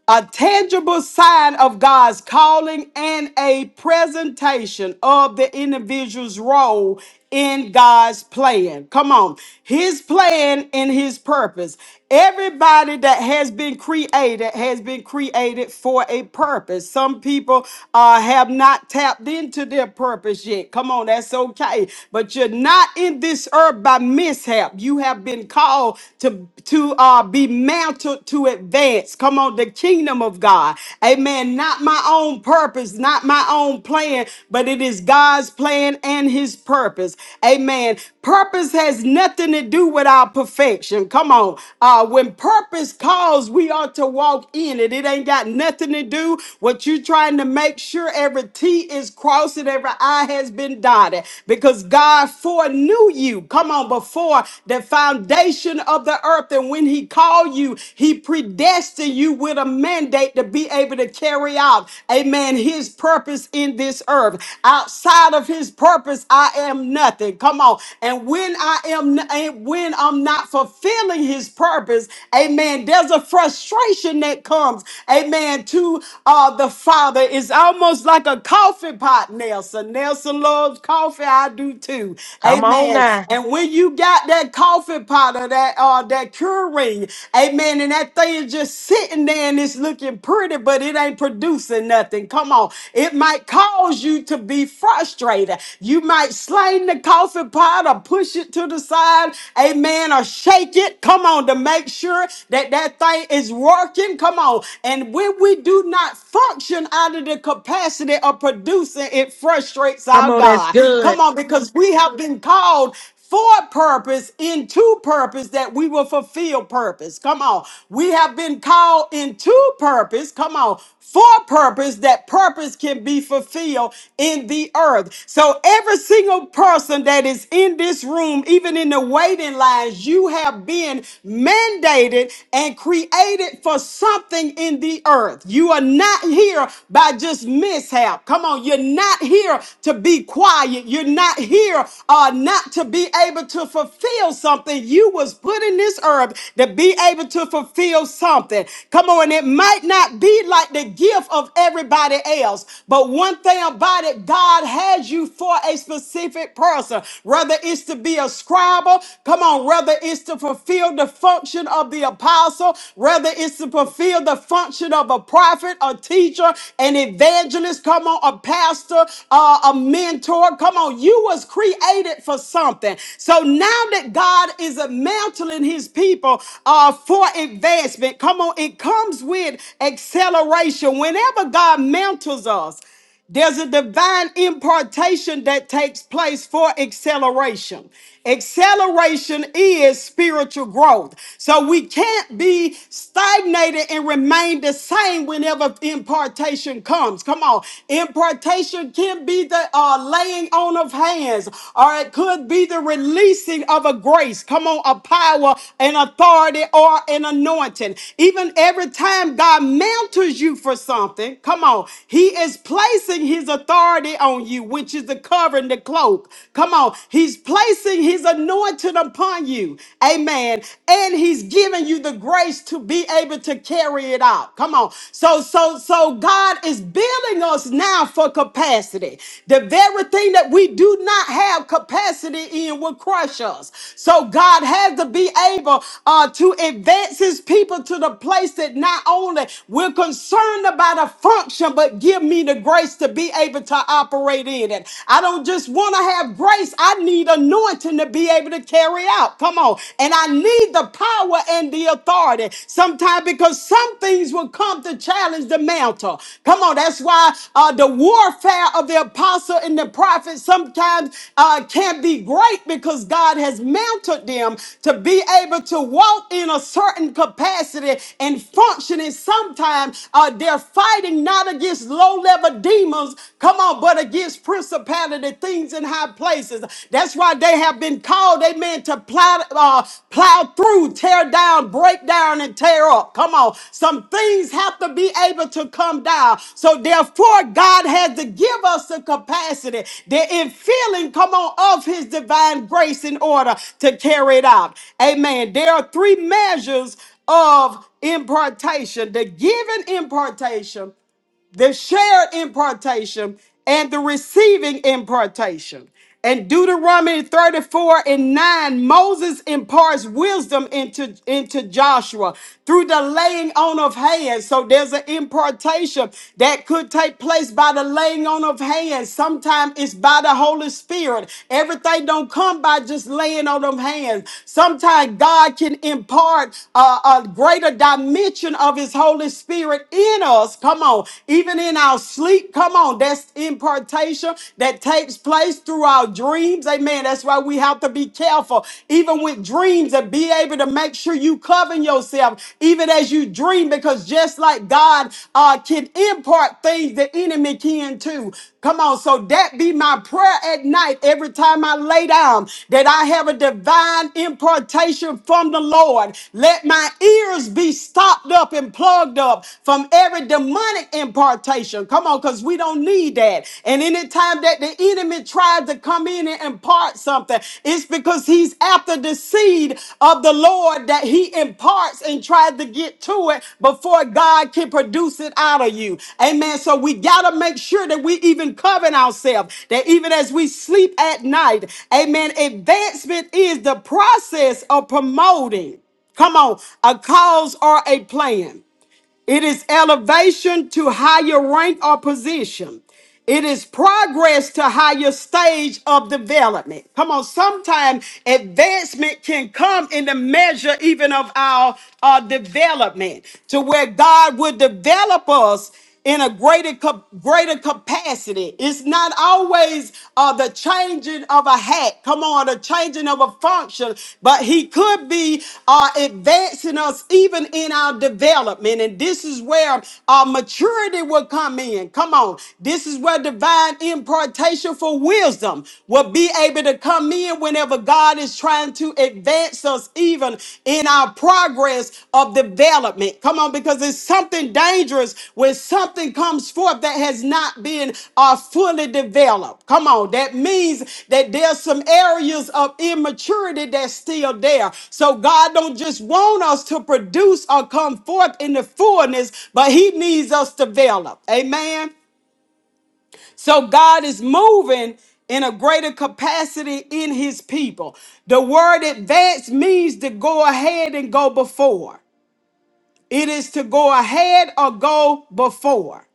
Speaker 1: a tangible sign of God's calling, and a presentation of the individual's role in God's plan. Come on. His plan and his purpose. Everybody that has been created has been created for a purpose. Some people uh, have not tapped into their purpose yet. Come on, that's okay. But you're not in this earth by mishap. You have been called to, to uh, be mantled to advance. Come on, the kingdom of God. Amen. Not my own purpose, not my own plan, but it is God's plan and his purpose. Amen. Purpose has nothing to do with our perfection. Come on. Uh, when purpose calls, we ought to walk in it. It ain't got nothing to do what you trying to make sure every T is crossed and every I has been dotted because God foreknew you. Come on, before the foundation of the earth. And when he called you, he predestined you with a mandate to be able to carry out, amen, his purpose in this earth. Outside of his purpose, purpose, I am nothing. Come on. And when I am and when I'm not fulfilling his purpose, amen, there's a frustration that comes, amen, to uh, the Father. It's almost like a coffee pot, Nelson. Nelson loves coffee. I do too.
Speaker 3: Come on
Speaker 1: Amen.
Speaker 3: now.
Speaker 1: And when you got that coffee pot or that uh that curing, amen, and that thing is just sitting there and it's looking pretty, but it ain't producing nothing. Come on. It might cause you to be frustrated refrigerator. You might slide in the coffee pot or push it to the side, amen, or shake it. Come on, to make sure that that thing is working. Come on. And when we do not function out of the capacity of producing, it frustrates
Speaker 3: Come
Speaker 1: our
Speaker 3: on. That's
Speaker 1: God. Come
Speaker 3: good.
Speaker 1: on, because we have been called for purpose into purpose that we will fulfill purpose. Come on. We have been called into purpose. Come on for purpose that purpose can be fulfilled in the earth. So every single person that is in this room, even in the waiting lines, you have been mandated and created for something in the earth. You are not here by just mishap. Come on, you're not here to be quiet. You're not here uh, not to be able to fulfill something. You was put in this earth to be and be able to fulfill something. Come on, it might not be like the gift of everybody else, but one thing about it, God has you for a specific person, whether it's to be a scribe, come on, whether it's to fulfill the function of the apostle, whether it's to fulfill the function of a prophet, a teacher, an evangelist, come on, a pastor, uh, a mentor, come on, you was created for something. So now that God is mantling his people uh, for advancement, come on, it comes with acceleration. Whenever God mantles us, there's a divine impartation that takes place for acceleration. Acceleration is spiritual growth. So we can't be stagnated and remain the same whenever impartation comes. Come on impartation can be the uh, laying on of hands, or it could be the releasing of a grace. Come on, a power, an authority, or an anointing. Even every time God mantles you for something, come on, He is placing His authority on you, which is the covering, the cloak. Come on, He's placing His anointing upon you. Amen. And He's giving you the grace to be able to carry carry it out. Come on. So, so, so God is building us now for capacity. The very thing that we do not have capacity in will crush us. So God has to be able uh, to advance his people to the place that not only we're concerned about a function, but give me the grace to be able to operate in it. I don't just want to have grace. I need anointing to be able to carry out. Come on on. And I need the power and the authority sometimes because some things will come to challenge the mantle. Come on, that's why uh, the warfare of the apostle and the prophet sometimes uh, can be great because God has mounted them to be able to walk in a certain capacity and functioning. Sometimes uh, they're fighting not against low level demons, come on, but against principalities exalted things in high places. That's why they have been called, amen, to plow, uh, plow through, tear down, break down, and tear up. Come on. Some things have to be able to come down. So therefore, God had to give us the capacity, the infilling, come on, of his divine grace in order to carry it out. Amen. There are three measures of impartation the given impartation the shared impartation and the receiving impartation. And Deuteronomy 34 and 9, Moses imparts wisdom into, into Joshua through the laying on of hands. So there's an impartation that could take place by the laying on of hands. Sometimes it's by the Holy Spirit. Everything don't come by just laying on of hands. Sometimes God can impart a, a greater dimension of his Holy Spirit in us us. Come on. Even in our sleep, come on. That's impartation that takes place through our dreams. Amen. That's why we have to be careful, even with dreams, and be able to make sure you cover yourself, even as you dream, because just like God uh, can impart things, the enemy can too. Come on. So that be my prayer at night every time I lay down that I have a divine impartation from the Lord. Let my ears be stopped up and plugged up from every demonic impartation. Come on, because we don't need that. And anytime that the enemy tries to come in and impart something, it's because he's after the seed of the Lord that he imparts and tries to get to it before God can produce it out of you. Amen. So we got to make sure that we even coven ourselves, that even as we sleep at night, amen, advancement is the process of promoting, come on, a cause or a plan. It is elevation to higher rank or position. It is progress to higher stage of development. Come on, sometimes advancement can come in the measure even of our uh, development to where God will develop us in a greater cap- greater capacity. It's not always uh, the changing of a hat, come on, the changing of a function, but he could be uh, advancing us even in our development. And this is where our maturity will come in. Come on, this is where divine impartation for wisdom will be able to come in whenever God is trying to to advance us even in our progress of development. Come on, because it's something dangerous when something comes forth that has not been uh, fully developed. Come on, that means that there's some areas of immaturity that's still there. So God don't just want us to produce or come forth in the fullness, but He needs us to develop. Amen. So God is moving in a greater capacity in his people. The word advance means to go ahead and go before. It is to go ahead or go before.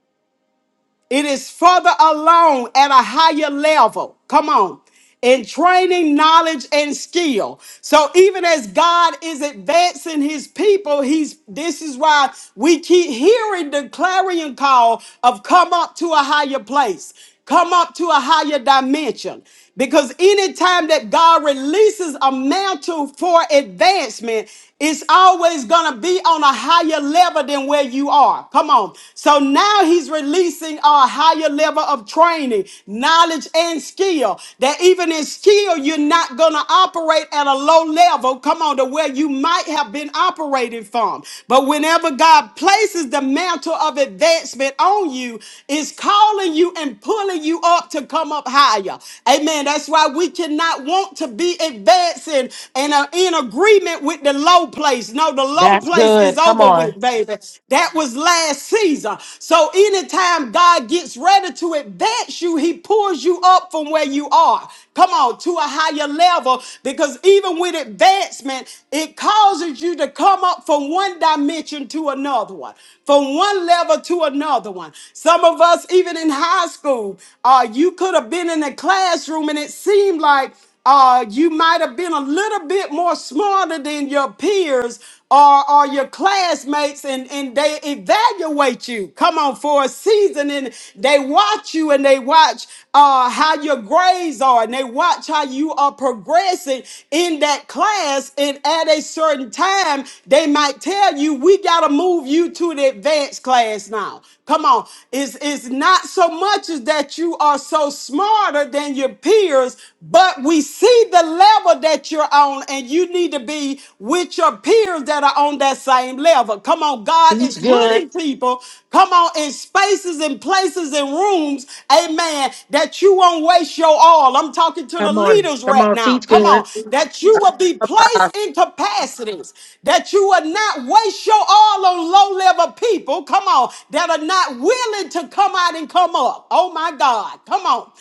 Speaker 1: It is further along at a higher level. Come on. In training, knowledge, and skill. So even as God is advancing his people, he's this is why we keep hearing the clarion call of come up to a higher place, come up to a higher dimension. Because anytime that God releases a mantle for advancement, it's always going to be on a higher level than where you are. Come on. So now he's releasing a higher level of training, knowledge, and skill. That even in skill, you're not going to operate at a low level. Come on, to where you might have been operating from. But whenever God places the mantle of advancement on you, it's calling you and pulling you up up to come up higher. Amen. That's why we cannot want to be advancing and are in agreement with the low place. No, the low
Speaker 3: That's
Speaker 1: place is
Speaker 3: good. Come
Speaker 1: over
Speaker 3: on.
Speaker 1: with, baby. That was last season. So anytime God gets ready to advance you, he pulls you up from where you are. Come on, to a higher level because even with advancement, it causes you to come up from one dimension to another one, from one level to another one. Some of us, even in been in high school. Uh, you could have been in a classroom and it seemed like uh, you might have been a little bit more smarter than your peers or, or your classmates and, and they evaluate you. Come on, for a season and they watch you and they watch uh, how your grades are and they watch how you are progressing in that class. And at a certain time, they might tell you, we got to move you to the advanced class now. Come on. It's, it's not so much as that you are so smarter than your peers, but we see the level that you're on and you need to be with your peers that are on that same level. Come on. God is
Speaker 3: Teach good.
Speaker 1: putting people Come on, in spaces and places and rooms, amen, that you won't waste your all. I'm talking to the
Speaker 3: Come on.
Speaker 1: leaders
Speaker 3: Come
Speaker 1: right
Speaker 3: on.
Speaker 1: now.
Speaker 3: Teach
Speaker 1: Come on,
Speaker 3: good.
Speaker 1: that you will be
Speaker 2: Ah,
Speaker 1: placed in capacities, that you will not waste your all on low level people. Come on, that are not willing to come out and come up. Oh my God, come on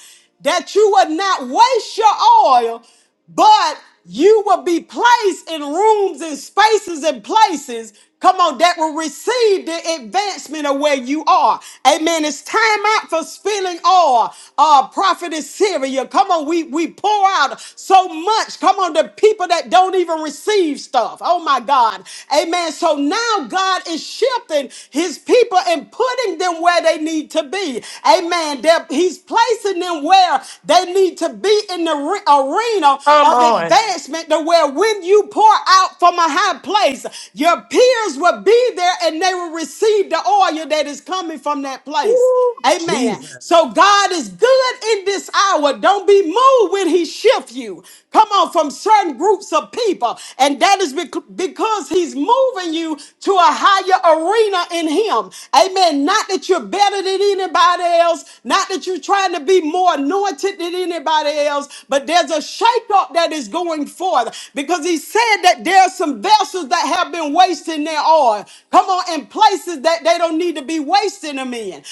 Speaker 1: that you would not waste your oil but you will be placed in rooms and spaces and places, come on, that will receive the advancement of where you are. Amen. It's time out for spilling oil. Uh, prophet is Syria. Come on, we, we pour out so much. Come on, the people that don't even receive stuff. Oh my God. Amen. So now God is shifting his people and putting them where they need to be. Amen. They're- he's placing them where prayer. They need to be in the re- arena
Speaker 3: Come
Speaker 1: of
Speaker 3: on.
Speaker 1: advancement to where when you pour out from a high place, your peers will be there and they will receive the oil that is coming from that place.
Speaker 5: Woo!
Speaker 1: Amen.
Speaker 5: Jesus.
Speaker 1: So God is good in this hour. Don't be moved when He shifts you. Come on, from certain groups of people. And that is bec- because He's moving you to a higher arena in Him. Amen. Not that you're better than anybody anybody else. Not that you're trying to be more anointed than anybody else, but there's a shakeup that is going forth because he said that there are some vessels that have been wasting their oil. Come on, in places that they don't need to be wasting them in.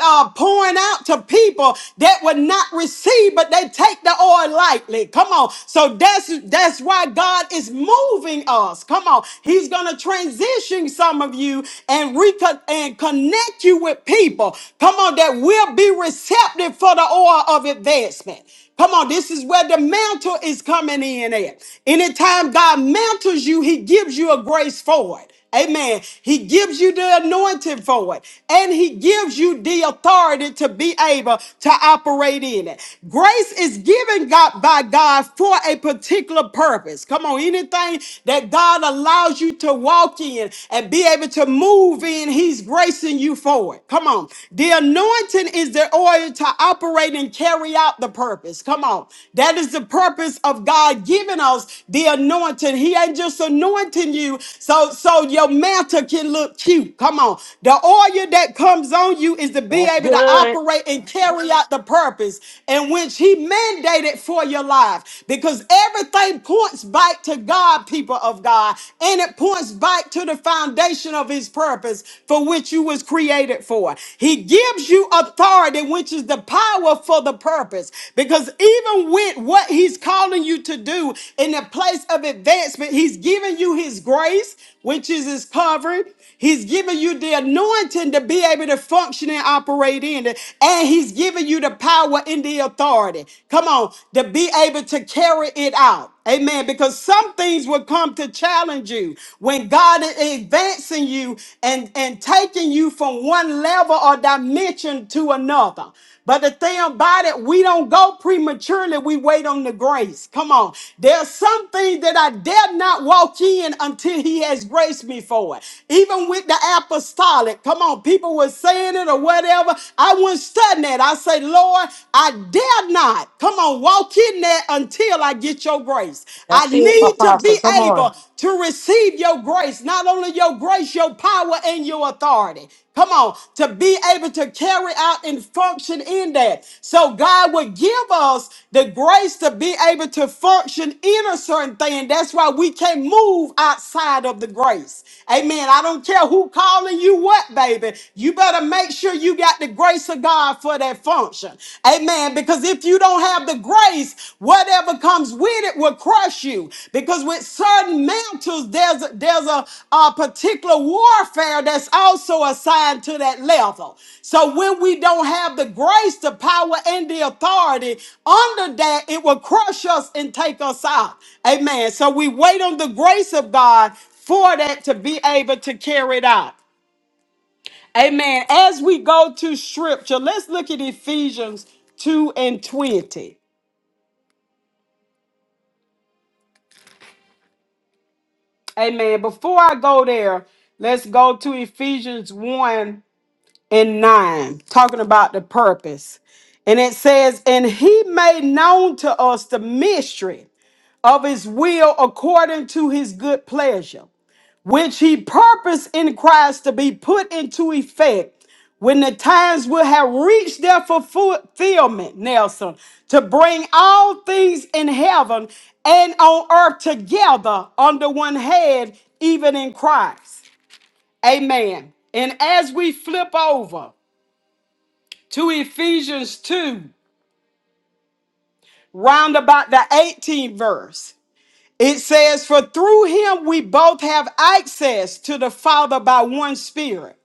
Speaker 1: Uh, pouring out to people that would not receive, but they take the oil lightly. Come on. So that's that's why God is moving us. Come on. He's gonna transition some of you and reconnect con- and connect you with people, come on, that will be receptive for the oil of advancement. Come on, this is where the mantle is coming in at. Anytime God mantles you, he gives you a grace for it. Amen. He gives you the anointing for it, and He gives you the authority to be able to operate in it. Grace is given God by God for a particular purpose. Come on, anything that God allows you to walk walk in and be able to move in, He's gracing you for it. Come on. The anointing is the oil to operate and carry out the purpose. Come on. That is the purpose of God giving us the anointing. He ain't just anointing you so, so your mantle can look cute. Come on. The oil that comes on you is to be
Speaker 3: That's
Speaker 1: able to
Speaker 3: good.
Speaker 1: operate and carry out the purpose in which He mandated for your life because everything points back back to God, people of God, and it points back to the foundation of his purpose for which you was created for. He gives you authority, which is the power for the purpose. Because even with what he's calling you to do in the place of advancement, he's giving you his grace, which is his covering. He's giving you the anointing to be able to function and operate in it. And he's giving you the power and the authority. Come on, to be able to carry it out. Amen. Because some things will come to challenge you when God is advancing you and, and taking you from one level or dimension to another. But the thing about it, we don't don't go prematurely. We wait on the grace. Come on. There's something that I dare not walk in until he has graced me for it. Even with the apostolic, come on, people were saying it or whatever. I wasn't studying that. I say, Lord, I dare not. Come on, walk in there until I get your grace. I
Speaker 3: That's it,
Speaker 1: need to be
Speaker 3: Apostle. Come on.
Speaker 1: able to receive your grace, not only your grace, your power and your authority. Come on, to be able to carry out and function in that. So God would give us the grace to be able to function in a certain thing. That's why we can't move outside of the grace. Amen. I don't care who calling you what, baby. You better make sure you got the grace of God for that function. Amen. Because if you don't have the grace, whatever. Whatever comes with it will crush you because with certain mantles there's a, there's a, a particular warfare that's also assigned to that level so when we don't have the grace the power and the authority under that it will crush us and take us out amen so we wait on the grace of god for that to be able to carry it out amen as we go to scripture let's look at ephesians 2 and 20 Amen. Before I go there, let's go to Ephesians 1 and 9, talking about the purpose. And it says, And he made known to us the mystery of his will according to his good pleasure which he purposed in Christ to be put into effect when the times will have reached their fulfillment, Nelson, to bring all things in heaven and on earth together under one head, even in Christ. Amen. And as we flip over to Ephesians 2, round about the 18th verse, it says, For through him we both have access to the Father by one Spirit.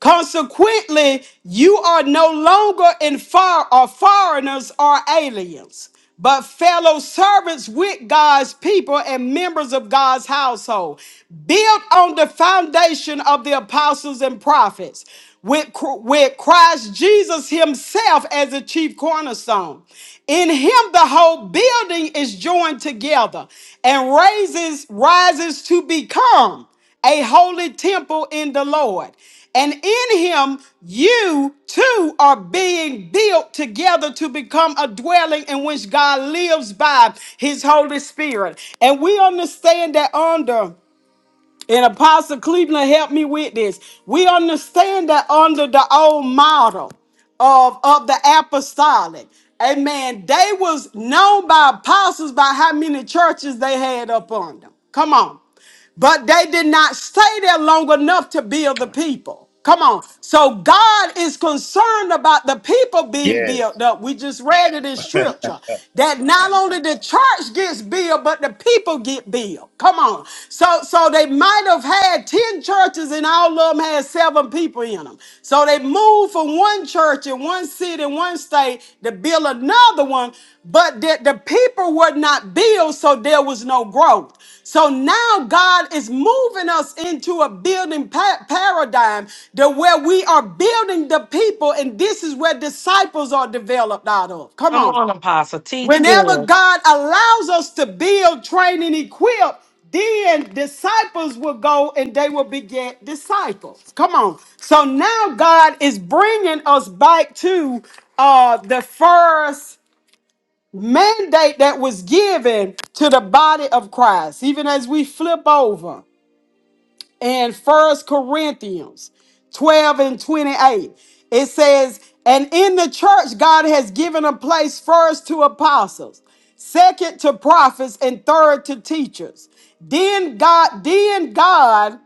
Speaker 1: Consequently, you are no longer in far or foreigners or aliens, but fellow servants with God's people and members of God's household, built on the foundation of the apostles and prophets, with, Cr- with Christ Jesus himself as the chief cornerstone. In him the whole building is joined together and raises rises to become a holy temple in the Lord. And in him, you too are being built together to become a dwelling in which God lives by his Holy Spirit. And we understand that under. And Apostle Cleveland helped me with this. We understand that under the old model of, of the apostolic, amen, they was known by apostles by how many churches they had up on them. Come on. But they did not stay there long enough to build the people. Come on. So God is concerned about the people being built up. We just read it in scripture that not only the church gets built, but the people get built. Come on. So so they might have had 10 churches and all of them had seven people in them. So they moved from one church in one city, one state to build another one but that the people were not built, so there was no growth. So now God is moving us into a building pa- paradigm to where we are building the people, and this is where disciples are developed out of. Come
Speaker 3: Come
Speaker 1: on.
Speaker 3: on, Apostle. Teach
Speaker 1: Whenever
Speaker 3: good.
Speaker 1: God allows us to build, train, and equip, then disciples will go and they will beget disciples. Come on. So now God is bringing us back to uh, the first mandate that was given to the body of Christ, even as we flip over in First Corinthians 12 and 28, it says, And in the church, God has given a place first to apostles, second to prophets, and third to teachers. Then God, then God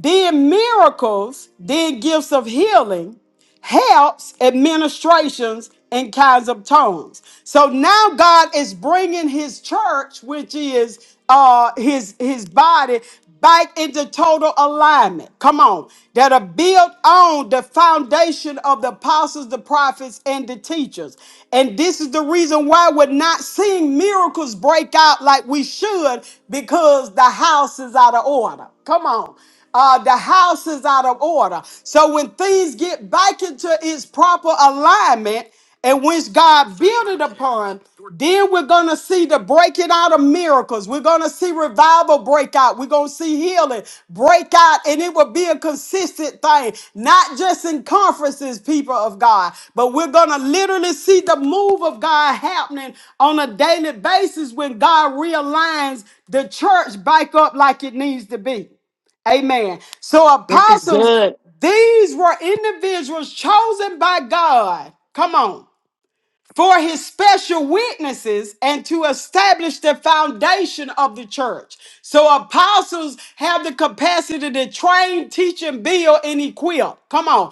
Speaker 1: did miracles, did gifts of healing, helps, administrations, and kinds of tongues. So now God is bringing His church, which is uh, His His body, back into total alignment. Come on, that are built on the foundation of the apostles, the prophets, and the teachers. And this is the reason why we're not seeing miracles break out like we should, because the house is out of order. Come on. Uh, the house is out of order. So when things get back into its proper alignment, and which God built it upon, then we're going to see the breaking out of miracles. We're going to see revival break out. We're going to see healing break out, and it will be a consistent thing, not just in conferences, people of God, but we're going to literally see the move of God happening on a daily basis when God realigns the church back up like it needs to be. Amen. So,
Speaker 3: This is
Speaker 1: apostles,
Speaker 3: good.
Speaker 1: these were individuals chosen by God. Come on. For his special witnesses and to establish the foundation of the church. So, apostles have the capacity to train, teach, and build and equip. Come on.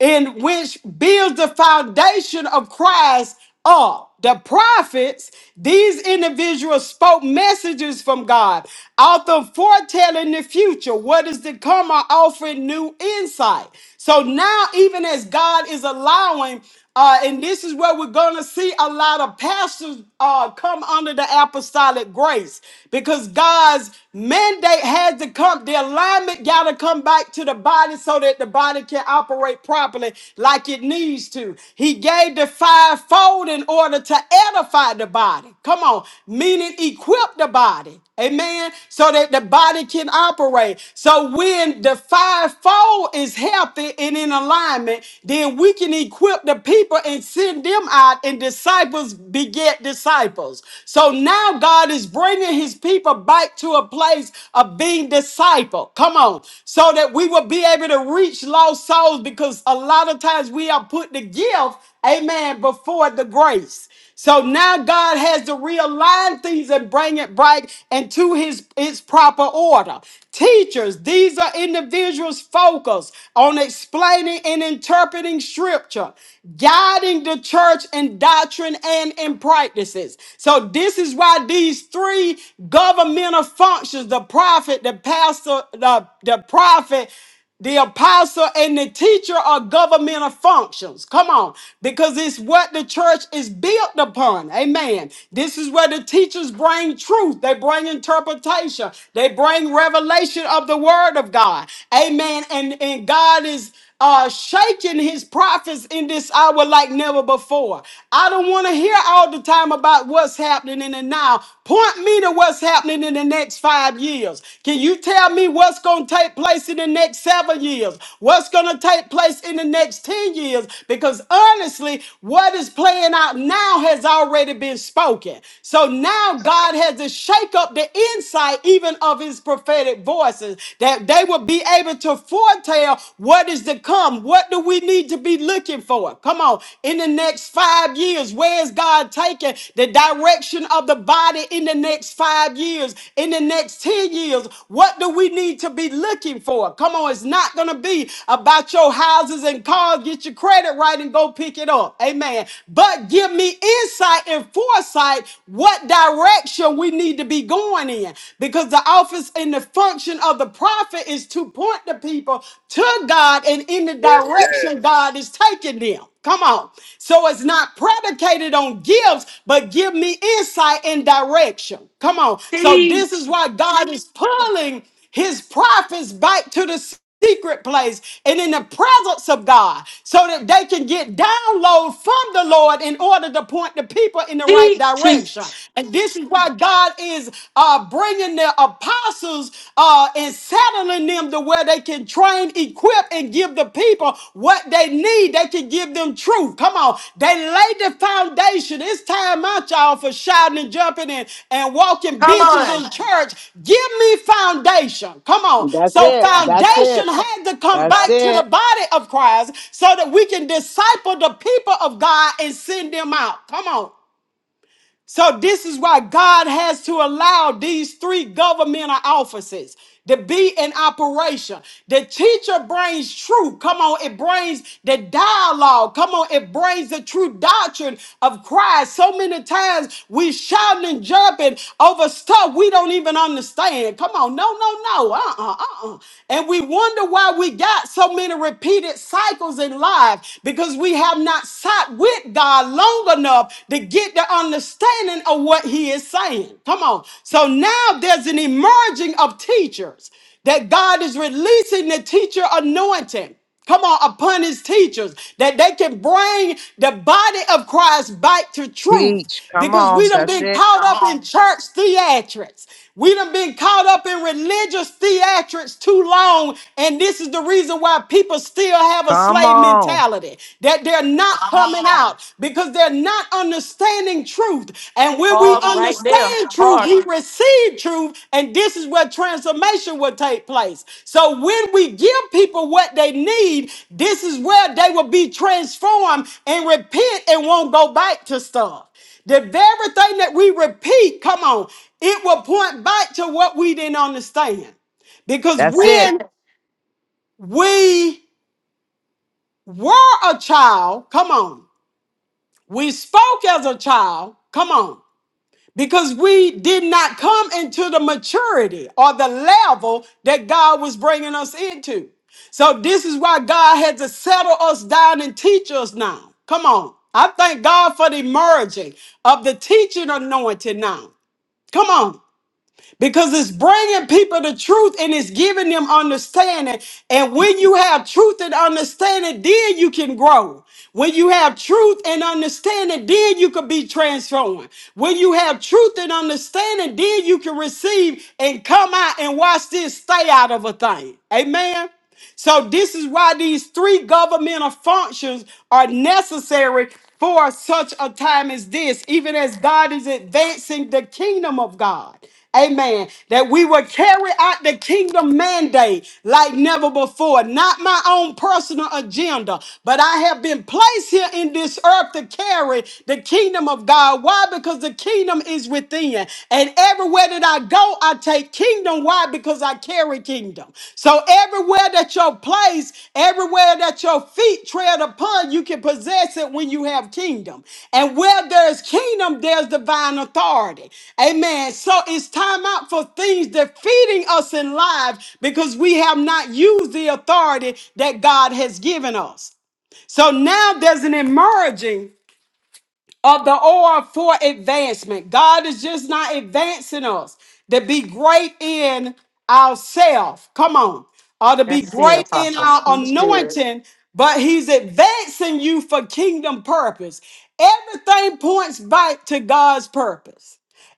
Speaker 1: In which builds the foundation of Christ are the prophets. These individuals spoke messages from God, often foretelling the future, what is to come, or offering new insight. So now, even as God is allowing, uh, and this is where we're going to see a lot of pastors uh, come under the apostolic grace because God's mandate had to come, the alignment got to come back to the body so that the body can operate properly properly like it needs to. He gave the fivefold in order to edify the body. Come on, meaning equip the body. Amen. So that the body can operate. So when the fivefold is healthy and in alignment, then we can equip the people and send them out, and disciples beget disciples. So now God is bringing his people back to a place of being disciple. Come Come on. So that we will be able to reach lost souls because a lot of times we are put the gift, amen, before the grace. So now God has to realign things and bring it right into his, his proper order. Teachers, these are individuals focused on explaining and interpreting scripture, guiding the church in doctrine and in practices. So this is why these three governmental functions, the prophet, the pastor, the, the prophet, the apostle and the teacher are governmental functions. Come on, because it's what the church is built upon. Amen. This is where the teachers bring truth, they bring interpretation, they bring revelation of the word of God. Amen. And, and God is uh, shaking his prophets in this hour like never before. I don't want to hear all the time about what's happening in the now. Point me to what's happening in the next five years. Can you tell me what's going to take place in the next seven years? What's going to take place in the next 10 years? Because honestly, what is playing out now has already been spoken. So now God has to shake up the insight even of his prophetic voices that they will be able to foretell what is to come. What do we need to be looking for? Come on. In the next five years, where is God taking the direction of the body in the next five years? In the next 10 years, what do we need to be looking for? Come on. It's not going to be about your houses and cars. Get your credit right and go pick it up. Amen. But give me insight and foresight what direction we need to be going in because the office and the function of the prophet is to point the people to God and in the direction God is taking them. Come on. So it's not predicated on gifts, but give me insight and direction. Come on. So this
Speaker 3: Teach.
Speaker 1: is why God is pulling his prophets back to the secret place and in the presence of God so that they can get download from the Lord in order to point the people in the right
Speaker 3: Teach.
Speaker 1: direction.
Speaker 3: Teach.
Speaker 1: And this is why God is uh, bringing the apostles uh, and settling them to where they can train, equip, and give the people what they need. They can give them truth. Come on. They laid the foundation. It's time out, y'all, for shouting and jumping and, and walking
Speaker 3: Come
Speaker 1: bitches
Speaker 3: on.
Speaker 1: in church. Give me foundation. Come on.
Speaker 6: That's
Speaker 1: So
Speaker 6: it. That's
Speaker 1: foundation
Speaker 6: it.
Speaker 1: had to come
Speaker 6: That's
Speaker 1: back to the
Speaker 6: it.
Speaker 1: body of Christ so that we can disciple the people of God and send them out. Come on. So this is why God has to allow these three governmental offices to be in operation. The teacher brings truth. Come on, it brings the dialogue. Come on, it brings the true doctrine of Christ. So many times we shouting and jumping over stuff we don't even understand. Come on, no, no, no, uh-uh, uh-uh. And we wonder why we got so many repeated cycles in life because we have not sat with God long enough to get the understanding of what He is saying. Come on. So now there's an emerging of teachers that God is releasing the teacher anointing. Come on, upon his teachers, that they can bring the body of Christ back to truth.
Speaker 6: Teach. Come
Speaker 1: Because we
Speaker 6: on.
Speaker 1: done
Speaker 6: That's
Speaker 1: been
Speaker 6: it.
Speaker 1: caught up in church theatrics. We done been caught up in religious theatrics too long. And this is the reason why people people still have a
Speaker 6: Come
Speaker 1: slave
Speaker 6: on.
Speaker 1: mentality that they're not coming out because they're not understanding truth. And when we
Speaker 3: Park right there.
Speaker 1: understand truth, we
Speaker 3: Park.
Speaker 1: receive truth, and this is where transformation will take place. So when we give people what they need, this is where they will be transformed and repent and won't go back to stuff. The very thing that we repeat, come on, it will point back to what we didn't understand. Because
Speaker 6: That's it.
Speaker 1: when we were a child, come on. We spoke as a child, come on. Because we did not come into the maturity or the level that God was bringing us into. So this is why God had to settle us down and teach us now. Come on. I thank God for the merging of the teaching anointing now. Come on because it's bringing people to truth and it's giving them understanding. And when you have truth and understanding, then you can grow. When you have truth and understanding, then you can be transformed. When you have truth and understanding, then you can receive and come out and watch this, stay out of a thing. Amen. So this is why these three governmental functions are necessary for such a time as this, even as God is advancing the kingdom of God. Amen. That we will carry out the kingdom mandate like never before. Not my own personal agenda, but I have been placed here in this earth to carry the kingdom of God. Why? Because the kingdom is within within. And everywhere that I go, I take kingdom. Why? Because I carry kingdom. So everywhere that your place, everywhere that your feet tread upon, you can possess it when you have kingdom. And where there's kingdom, there's divine authority. Amen. So it's time out for things defeating us in life because we have not used the authority that God has given us. So now there's an emerging of the oil for advancement. God is just not advancing us to be great in ourselves. Come on. Or to be
Speaker 3: That's it,
Speaker 1: great in
Speaker 3: Apostle.
Speaker 1: our
Speaker 3: Teach good.
Speaker 1: anointing, but He's advancing you for kingdom purpose. Everything points back to God's purpose.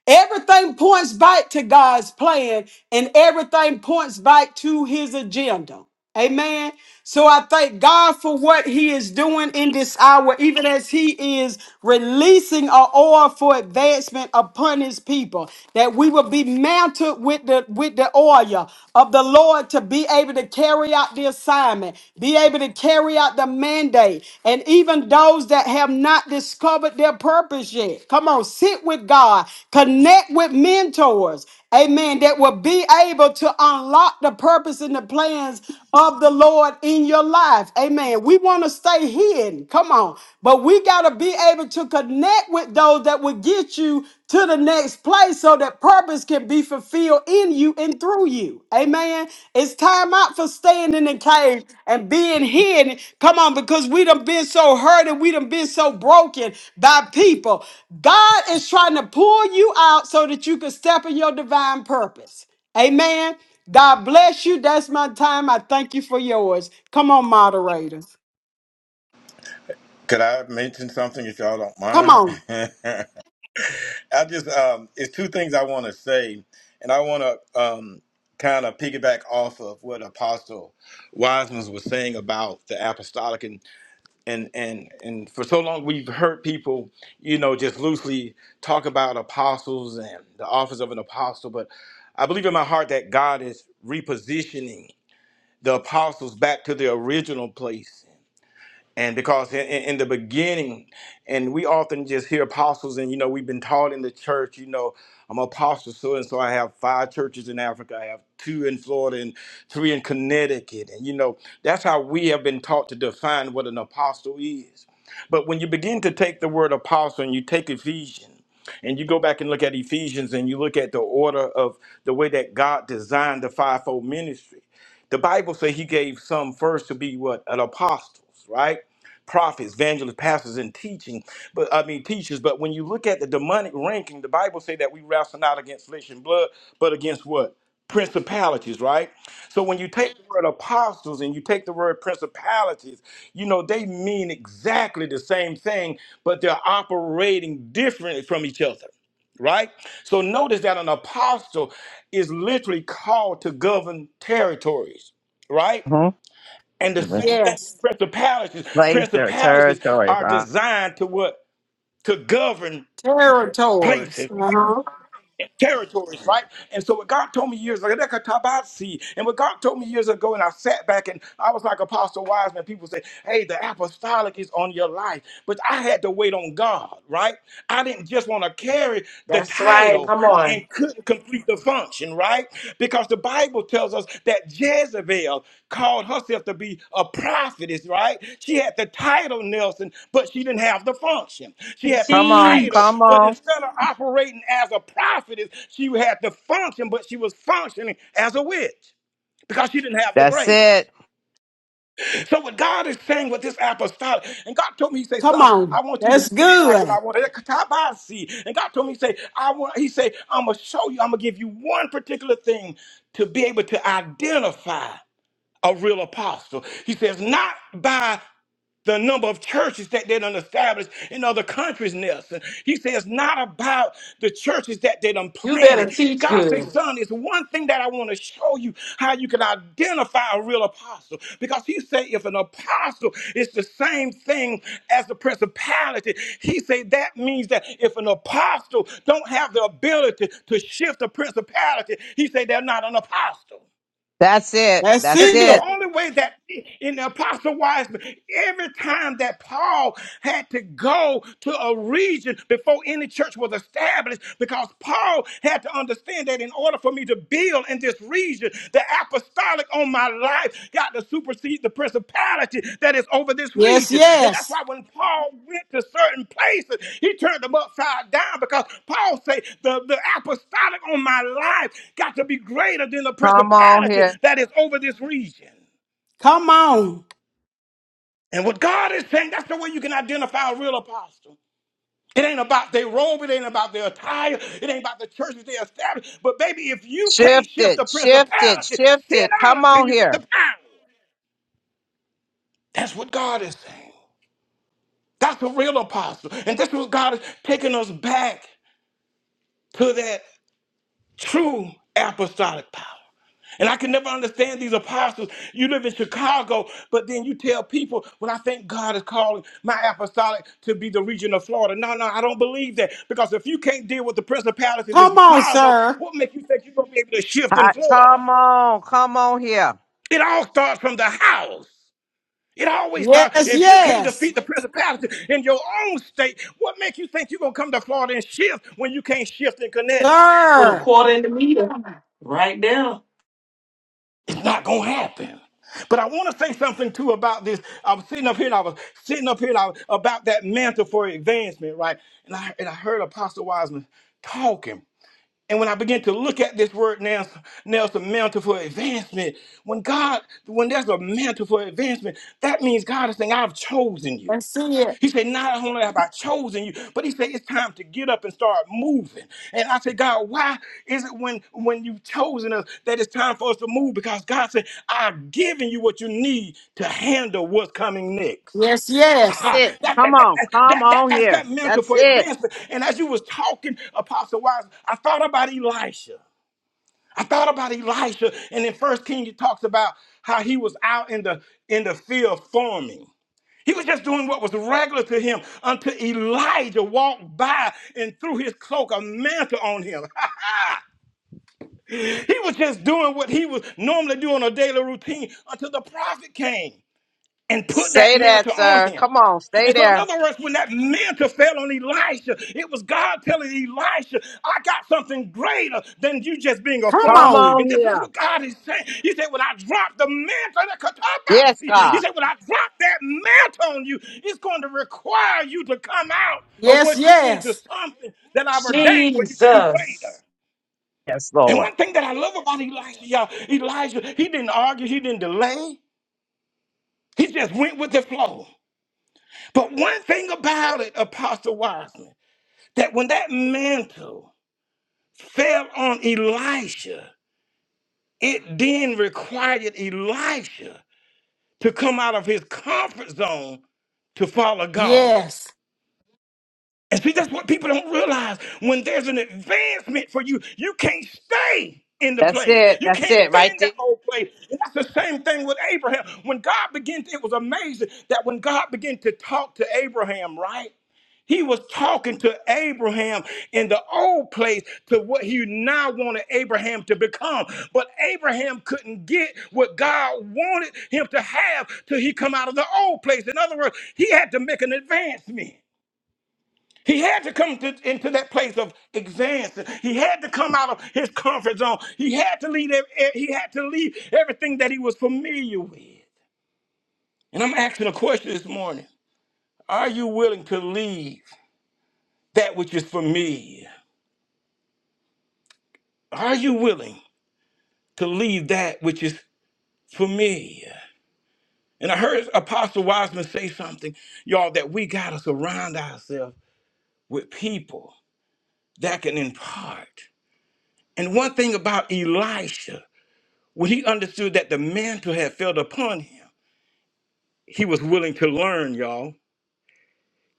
Speaker 1: Everything points back to God's plan and everything points back to his agenda. Amen. So I thank God for what he is doing in this hour, even as he is releasing an oil for advancement upon his people, that we will be mounted with the with the oil of the Lord to be able to carry out the assignment, be able to carry out the mandate, and even those that have not discovered their purpose yet. Come on on, sit with God, connect with mentors, amen, that will be able to unlock the purpose and the plans of the Lord in your life. Amen. We want to stay hidden. Come on. But we got to be able to connect with those that will get you to the next place so that purpose can be fulfilled in you and through you. Amen. It's time out for staying in the cave and being hidden. Come on, because we done been so hurt and we done been so broken by people. God is trying to pull you out so that you can step in your divine purpose. Amen. God bless you. That's my time. I thank you for yours. Come on, moderators.
Speaker 7: Could I mention something if y'all don't
Speaker 1: Come
Speaker 7: mind?
Speaker 1: on.
Speaker 7: I just um, it's two things I want to say, and I want to um, kind of piggyback off of what Apostle Wiseman was saying about the apostolic, and and and and for so long we've heard people, you know, just loosely talk about apostles and the office of an apostle, but I believe in my heart that God is repositioning the apostles back to their original place and because in, in in the beginning and we often just hear apostles and you know we've been taught in the church you know i'm an apostle so and so i have five churches in africa i have two in florida and three in connecticut and you know that's how we have been taught to define what an apostle is but when you begin to take the word apostle and you take ephesians and you go back and look at ephesians and you look at the order of the way that god designed the fivefold ministry the bible says he gave some first to be what an apostles right prophets, evangelists, pastors, and teaching. But I mean teachers. But when you look at the demonic ranking, the Bible say that we wrestle not against flesh and blood, but against what? Principalities, right? So when you take the word apostles and you take the word principalities, you know they mean exactly the same thing, but they're operating differently from each other right? So notice that an apostle is literally called to govern territories, right?
Speaker 6: hmm
Speaker 7: And the same thing
Speaker 1: Yes.
Speaker 7: with principalities.
Speaker 6: Place their
Speaker 7: Principalities
Speaker 6: territory.
Speaker 7: are
Speaker 6: right?
Speaker 7: designed to what? To govern
Speaker 1: Territories.
Speaker 7: places right? and territories, right? And so what God told me years ago, "Leka and what God told me years ago, and I sat back and I was like Apostle Wiseman. People say, hey, the apostolic is on your life. But I had to wait on God, right? I didn't just want to carry the
Speaker 3: That's right.
Speaker 7: title
Speaker 3: Come on.
Speaker 7: and couldn't complete the function, right? Because the Bible tells us that Jezebel called herself to be a prophetess, right? She had the title Nelson, but she didn't have the function. She had the
Speaker 6: Come on.
Speaker 7: title,
Speaker 6: Come
Speaker 3: Teach.
Speaker 7: but
Speaker 6: on.
Speaker 7: instead of operating as a prophetess, she had the function, but she was functioning as a witch because she didn't have the
Speaker 6: That's
Speaker 7: grace.
Speaker 6: it.
Speaker 7: So what God is saying with this apostolic, and God told me, He say,
Speaker 1: Come
Speaker 7: son, I
Speaker 1: on.
Speaker 7: want you to
Speaker 1: That's
Speaker 7: sit back and I
Speaker 1: good.
Speaker 7: want to And God told me, He say, I want, He say, I'm gonna show you, I'm gonna give you one particular thing to be able to identify a real apostle. He says, not by the number of churches that they done established in other countries, Nelson. He says, not about the churches that they done
Speaker 3: You better
Speaker 7: planted.
Speaker 3: teach
Speaker 7: God
Speaker 3: good.
Speaker 7: says, son, it's one thing that I want to show you how you can identify a real apostle. Because he said, if an apostle is the same thing as the principality, he said that means that if an apostle don't have the ability to shift the principality, he said they're not an apostle.
Speaker 6: That's it.
Speaker 1: That's
Speaker 7: And
Speaker 6: That's
Speaker 7: see, the
Speaker 1: it.
Speaker 6: it.
Speaker 7: only way that in the Apostle Wiseman, every time that Paul had to go to a region before any church was established, because Paul had to understand that in order for me to build in this region, the apostolic on my life got to supersede the principality that is over this
Speaker 1: Yes,
Speaker 7: region. And that's
Speaker 1: yes.
Speaker 7: why when Paul went to certain places, he turned them upside down because Paul said the, the apostolic on my life got to be greater than the
Speaker 6: Come on
Speaker 7: principality
Speaker 6: here.
Speaker 7: that is over this region.
Speaker 1: Come on.
Speaker 7: And what God is saying, that's the way you can identify a real apostle. It ain't about their robe, it ain't about their attire, it ain't about the churches they established. But baby, if you can't
Speaker 6: Shift
Speaker 7: shift the
Speaker 6: it. Shift it.
Speaker 7: principality,
Speaker 6: Shift
Speaker 7: sit
Speaker 6: it.
Speaker 7: down
Speaker 6: Come
Speaker 7: until
Speaker 6: on
Speaker 7: you get the
Speaker 6: here.
Speaker 7: power. That's what God is saying. That's a real apostle. And this was God is taking us back to that true apostolic power. And I can never understand these apostles. You live in Chicago, but then you tell people, well, I think God is calling my apostolic to be the region of Florida. No, no, I don't believe that. Because if you can't deal with the principalities in
Speaker 1: Come on,
Speaker 7: Chicago,
Speaker 1: sir.
Speaker 7: what makes you think you're going to be able to shift in
Speaker 6: Hi-
Speaker 7: Florida?
Speaker 6: Come on. Come on here.
Speaker 7: It all starts from the house. It always thought
Speaker 1: Yes,
Speaker 7: if you can't
Speaker 1: yes.
Speaker 7: defeat the principality in your own state, what makes you think you're gonna come to Florida and shift when you can't shift in Connecticut?
Speaker 3: Put a
Speaker 1: Sir.
Speaker 3: quarter in the meter. Right now.
Speaker 7: It's not gonna happen. But I want to say something too about this. I was sitting up here and I was sitting up here and I was, about that mantle for advancement, right? And I and I heard Apostle Wiseman talking. And when I began to look at this word now, Nelson, mantle for advancement, when God, when there's a mantle for advancement, that means God is saying, I've chosen you.
Speaker 1: That's it.
Speaker 7: He said, Not only have I chosen you, but he said, It's time to get up and start moving. And I said, God, why is it when, when you've chosen us that it's time for us to move? Because God said, I've given you what you need to handle what's coming next.
Speaker 1: Yes, yes.
Speaker 7: Ha!
Speaker 6: It.
Speaker 7: that,
Speaker 6: Come
Speaker 7: that, that,
Speaker 6: on.
Speaker 7: that,
Speaker 6: Come
Speaker 7: that, that-
Speaker 6: on
Speaker 7: that's
Speaker 6: here.
Speaker 7: that mental
Speaker 6: That's
Speaker 7: for
Speaker 6: it.
Speaker 7: advancement. And as you was talking, Apostle Wise, I thought about Elisha. I thought about Elisha, and in First Kings, it talks about how he was out in the in the field farming. He was just doing what was regular to him until Elijah walked by and threw his cloak, a mantle on him. he was just doing what he was normally doing on a daily routine until the prophet came and put that
Speaker 6: Say that,
Speaker 7: mantle on
Speaker 6: sir.
Speaker 7: him.
Speaker 6: Come on. Stay
Speaker 7: And so, in
Speaker 6: there.
Speaker 7: other words, when that mantle fell on Elisha, it was God telling Elisha, I got something greater than you just being a
Speaker 1: Come
Speaker 6: Come
Speaker 7: farmer.
Speaker 1: on.
Speaker 6: on
Speaker 7: And this is
Speaker 6: here.
Speaker 7: what God is saying. He said, When I drop the mantle, that comes up out,
Speaker 6: Yes,
Speaker 7: see, he
Speaker 6: God.
Speaker 7: said, When I drop that mantle on you, it's going to require you to come out of
Speaker 1: Yes,
Speaker 7: what you into
Speaker 1: yes.
Speaker 7: something that I've ordained for you to do greater.
Speaker 3: Jesus.
Speaker 6: Yes,
Speaker 7: And
Speaker 6: Lord.
Speaker 7: one thing that I love about Elijah, y'all, Elijah, he didn't argue, he didn't delay, he just went with the flow. But one thing about it, Apostle Wiseman, that when that mantle fell on Elisha, it then required Elisha to come out of his comfort zone to follow God.
Speaker 1: Yes.
Speaker 7: And see, that's what people don't realize. When there's an advancement for you, you can't stay in the
Speaker 6: That's
Speaker 7: place.
Speaker 6: it.
Speaker 7: You
Speaker 6: That's
Speaker 7: can't
Speaker 6: it.
Speaker 7: stay
Speaker 6: Right
Speaker 7: in
Speaker 6: there.
Speaker 7: that old place. And that's the same thing with Abraham. When God began, to- it was amazing that when God began to talk to Abraham, right? He was talking to Abraham in the old place to what he now wanted Abraham to become. But Abraham couldn't get what God wanted him to have till he come out of the old place. In other words, he had to make an advancement. He had to come to, into that place of exams. He had to come out of his comfort zone. He had to leave. ev- ev- He had to leave everything that he was familiar with. And I'm asking a question this morning: Are you willing to leave that which is familiar? Are you willing to leave that which is familiar? And I heard Apostle Wiseman say something, y'all, that we gotta surround ourselves with people that can impart. And one thing about Elisha. When he understood that the mantle had fell upon him, he was willing to learn, y'all.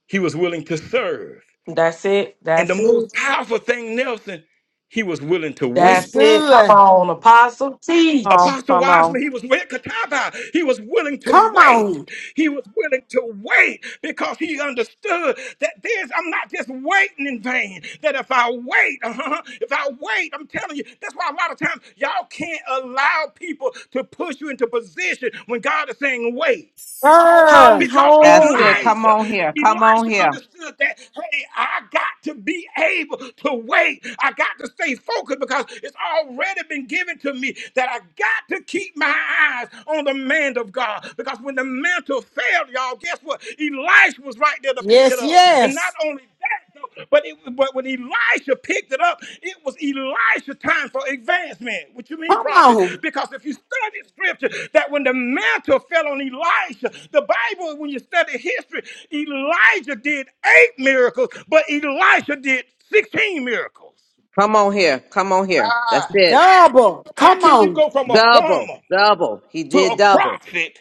Speaker 7: He was willing to serve.
Speaker 3: That's it.
Speaker 7: And the
Speaker 3: That's
Speaker 7: most
Speaker 3: it.
Speaker 7: powerful thing, Nelson, he was willing to
Speaker 1: That's
Speaker 3: That's
Speaker 7: wait.
Speaker 3: it. Come
Speaker 1: good.
Speaker 3: on, Apostle.
Speaker 6: Come
Speaker 3: Teach.
Speaker 6: on.
Speaker 7: Apostle
Speaker 6: Come on.
Speaker 7: Wiseman, he was willing, Kataba, he was willing to
Speaker 1: Come
Speaker 7: wait.
Speaker 1: on.
Speaker 7: He was willing to wait because he understood that there's, I'm not just waiting in vain. That if I wait, uh-huh, if I wait, I'm telling you, that's why a lot of times y'all can't allow people to push you into position when God is saying wait.
Speaker 1: Girl.
Speaker 3: Come
Speaker 7: because
Speaker 6: That's
Speaker 3: home.
Speaker 6: it. Come
Speaker 7: Elijah,
Speaker 6: on here. Come on
Speaker 7: Elijah
Speaker 6: here.
Speaker 7: understood that, hey, I got to be able to wait. I got to stay focused because it's already been given to me that I got to keep my eyes on the man of God. Because when the mantle failed, y'all, guess what? Elijah was right there to pick it
Speaker 1: Yes,
Speaker 7: up. And not
Speaker 1: yes.
Speaker 7: only that, but it, but when Elisha picked it up, it was Elisha time for advancement. What you mean,
Speaker 1: Come
Speaker 7: prophet?
Speaker 1: on.
Speaker 7: Because if you study scripture, that when the mantle fell on Elisha, the Bible, when you study history, Elijah did eight miracles, but Elisha did 16 miracles.
Speaker 6: Come on here. Come on here. That's
Speaker 7: Ah,
Speaker 6: it.
Speaker 1: Double.
Speaker 7: How
Speaker 1: Come
Speaker 7: can you
Speaker 1: on.
Speaker 7: go from a
Speaker 6: Double.
Speaker 7: farmer
Speaker 6: Double. He
Speaker 7: to a
Speaker 6: did double.
Speaker 7: prophet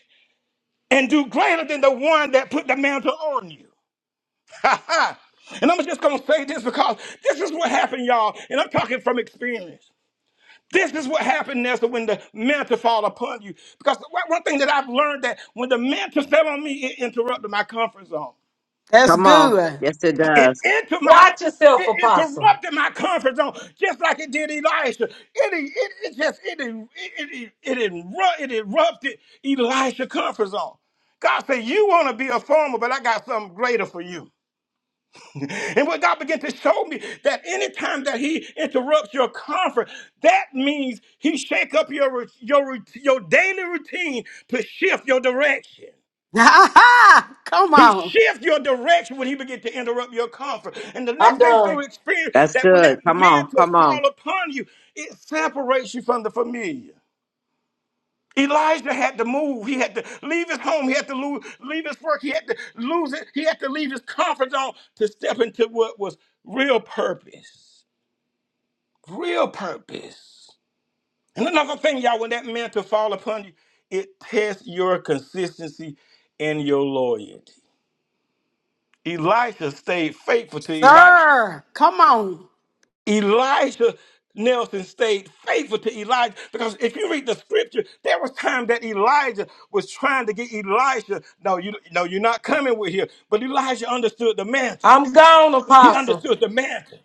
Speaker 7: and do greater than the one that put the mantle on you? Ha ha! and I'm just going to say this because this is what happened, y'all. And I'm talking from experience. This is what happened, Nestor, when the mantle fall upon you. Because one one thing that I've learned that when the mantle fell on me, it interrupted my comfort zone.
Speaker 1: That's
Speaker 6: Come on.
Speaker 1: good.
Speaker 6: Yes, it
Speaker 7: It
Speaker 6: does.
Speaker 7: into my
Speaker 3: Watch yourself,
Speaker 7: it
Speaker 3: Apostle.
Speaker 7: interrupted my comfort zone, just like it did Elisha. It, it, it just it it it, it, it, inru- it erupted Elisha's comfort zone. God said, "You want to be a farmer, but I got something greater for you." And what God began to show me that anytime that He interrupts your comfort, that means He shake up your rou- your rout- your daily routine to shift your direction.
Speaker 1: Ha ha. Come
Speaker 7: He
Speaker 1: on.
Speaker 7: shifts your direction when he begins to interrupt your comfort. And the next
Speaker 3: I'm
Speaker 7: thing through
Speaker 3: done.
Speaker 7: experience,
Speaker 6: That's
Speaker 7: that when that
Speaker 6: good. Come on.
Speaker 7: mantle
Speaker 6: Come on.
Speaker 7: fall upon you, it separates you from the familiar. Elijah had to move. He had to leave his home. He had to lose, leave his work. He had to lose it. He had to leave his comfort zone to step into what was real purpose. real purpose. And another thing, y'all, when that mantle fall upon you, it tests your consistency and your loyalty. Elisha stayed faithful to Elijah.
Speaker 1: Sir. Come on.
Speaker 7: Elisha Nelson stayed faithful to Elijah because if you read the scripture, there was time that Elijah was trying to get Elisha. No, you no, you're not coming with here. But Elijah understood the mantle.
Speaker 3: I'm gone,
Speaker 7: He
Speaker 3: Apostle.
Speaker 7: understood the mantle.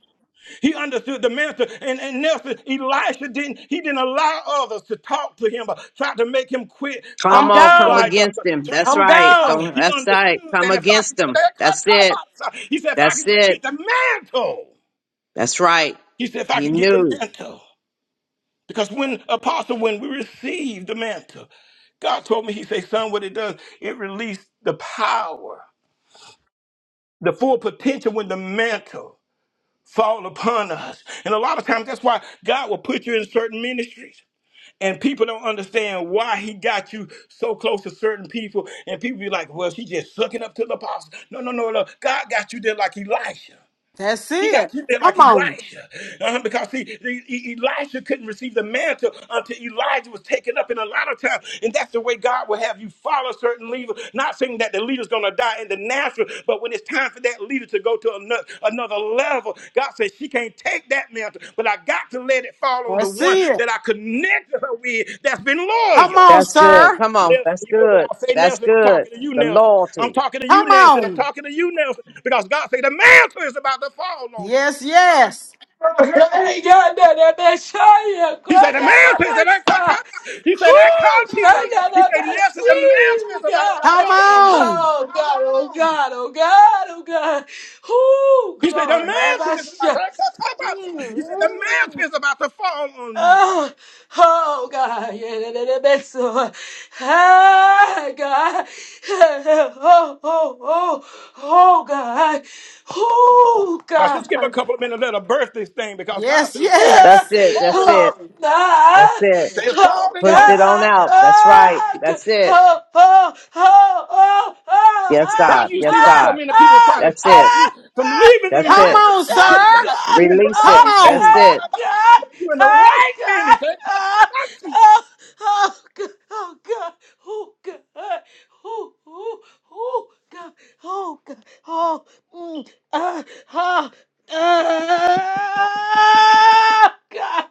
Speaker 7: He understood the minister and, and Nelson. Elisha didn't, he didn't allow others to talk to him or try to make him quit
Speaker 6: Come
Speaker 3: I'm
Speaker 7: following
Speaker 6: on. Come
Speaker 3: gone.
Speaker 7: Elijah or
Speaker 6: against
Speaker 7: to
Speaker 6: him. That's
Speaker 7: turn
Speaker 3: I'm
Speaker 7: back
Speaker 6: right.
Speaker 7: because
Speaker 3: gone.
Speaker 6: Don't,
Speaker 7: he
Speaker 6: that's right.
Speaker 7: understood
Speaker 6: Come
Speaker 7: that if I could
Speaker 6: against
Speaker 7: get
Speaker 6: him.
Speaker 7: that
Speaker 6: That's it.
Speaker 7: katabasa, he said, if I
Speaker 6: That's
Speaker 7: could just get
Speaker 6: it.
Speaker 7: the mantle.
Speaker 6: That's right.
Speaker 7: He said, if I can
Speaker 6: He
Speaker 7: get the
Speaker 6: knew.
Speaker 7: mantle. Because when apostle, when we received the mantle, God told me, He said, son, what it does, it released the power, the full potential with the mantle. fall upon us. And a lot of times that's why God will put you in certain ministries. And people don't understand why he got you so close to certain people. And people be like, well, she just sucking up to the apostle. No, no, no, no. God got you there like Elisha.
Speaker 1: That's
Speaker 7: He
Speaker 1: it.
Speaker 7: got you there like
Speaker 1: Come on.
Speaker 7: Elisha, uh, because he, he- he- Elisha couldn't receive the mantle until Elijah was taken up. in a lot of times, and that's the way God will have you follow certain leaders. Not saying that the leader's going to die in the natural, but when it's time for that leader to go to another, another level, God says she can't take that mantle, but I got to let it fall on the
Speaker 1: That's
Speaker 7: one
Speaker 1: it.
Speaker 7: that I connected her with that's been
Speaker 1: Come
Speaker 7: loyal.
Speaker 1: on,
Speaker 6: That's good.
Speaker 1: sir.
Speaker 6: Come on.
Speaker 7: Nelson,
Speaker 6: That's
Speaker 7: you hear what
Speaker 6: good.
Speaker 7: I say,
Speaker 6: That's
Speaker 7: Nelson? I'm
Speaker 6: good.
Speaker 7: talking to you,
Speaker 6: The
Speaker 7: Nelson. I'm
Speaker 6: loyalty.
Speaker 7: talking to you,
Speaker 1: Come
Speaker 7: Nelson. I'm
Speaker 1: on.
Speaker 7: talking to you, Nelson. Because God said the mantle is about to fall on you.
Speaker 1: Yes, yes.
Speaker 3: Oh
Speaker 7: He said, the mountains, and that come- he said, that continent. He said, Nelson, the mountain is about to
Speaker 1: Come
Speaker 7: fall on you.
Speaker 1: on.
Speaker 3: God, oh God, oh God, oh God. Oh
Speaker 7: He said, the
Speaker 3: glory.
Speaker 7: mountain is about
Speaker 3: Abasha.
Speaker 7: to, he said, the mountain
Speaker 3: Mm.
Speaker 7: is about to fall on you.
Speaker 3: Oh, oh God, yeah, that, that, that, that's so. Ah, God, Hey, oh, oh, oh, oh, God, oh,
Speaker 7: Now,
Speaker 3: God,
Speaker 7: just give a couple of minutes, let her birth this thing, because God
Speaker 1: Yes,
Speaker 7: said,
Speaker 6: That's
Speaker 1: yes.
Speaker 7: it's
Speaker 6: it. That's
Speaker 7: falling on
Speaker 6: it.
Speaker 3: Oh
Speaker 7: you.
Speaker 6: That's
Speaker 3: God!
Speaker 6: it.
Speaker 7: He said, It's
Speaker 3: Oh
Speaker 7: falling
Speaker 6: Push
Speaker 7: on you.
Speaker 6: it on
Speaker 3: God!
Speaker 6: out. That's right.
Speaker 3: Oh, g-
Speaker 6: That's it.
Speaker 3: oh, oh, oh, oh,
Speaker 6: Yes,
Speaker 7: Now
Speaker 3: oh,
Speaker 6: God.
Speaker 7: you see
Speaker 6: Yes,
Speaker 7: why so
Speaker 3: ah,
Speaker 6: God.
Speaker 3: ah,
Speaker 7: many people are trying
Speaker 3: ah,
Speaker 7: to
Speaker 6: That's
Speaker 7: talk
Speaker 6: it.
Speaker 7: you
Speaker 3: ah,
Speaker 7: from
Speaker 3: ah,
Speaker 7: leaving the
Speaker 6: That's
Speaker 1: Come
Speaker 6: it.
Speaker 7: ministry.
Speaker 3: God,
Speaker 1: on,
Speaker 7: When
Speaker 3: ah,
Speaker 7: people say,
Speaker 1: sir.
Speaker 7: like, you
Speaker 3: God,
Speaker 7: in the
Speaker 6: Release
Speaker 1: Come
Speaker 6: it.
Speaker 3: ah,
Speaker 7: wrong,
Speaker 6: That's
Speaker 1: on.
Speaker 3: ah,
Speaker 6: it.
Speaker 7: that-
Speaker 3: God,
Speaker 7: you in the
Speaker 3: ah,
Speaker 7: right
Speaker 3: God,
Speaker 7: ministry.
Speaker 3: ah, oh, oh, God, oh, God, oh, God, oh, oh, oh, God, oh, God, oh, mm, ah, Oh God!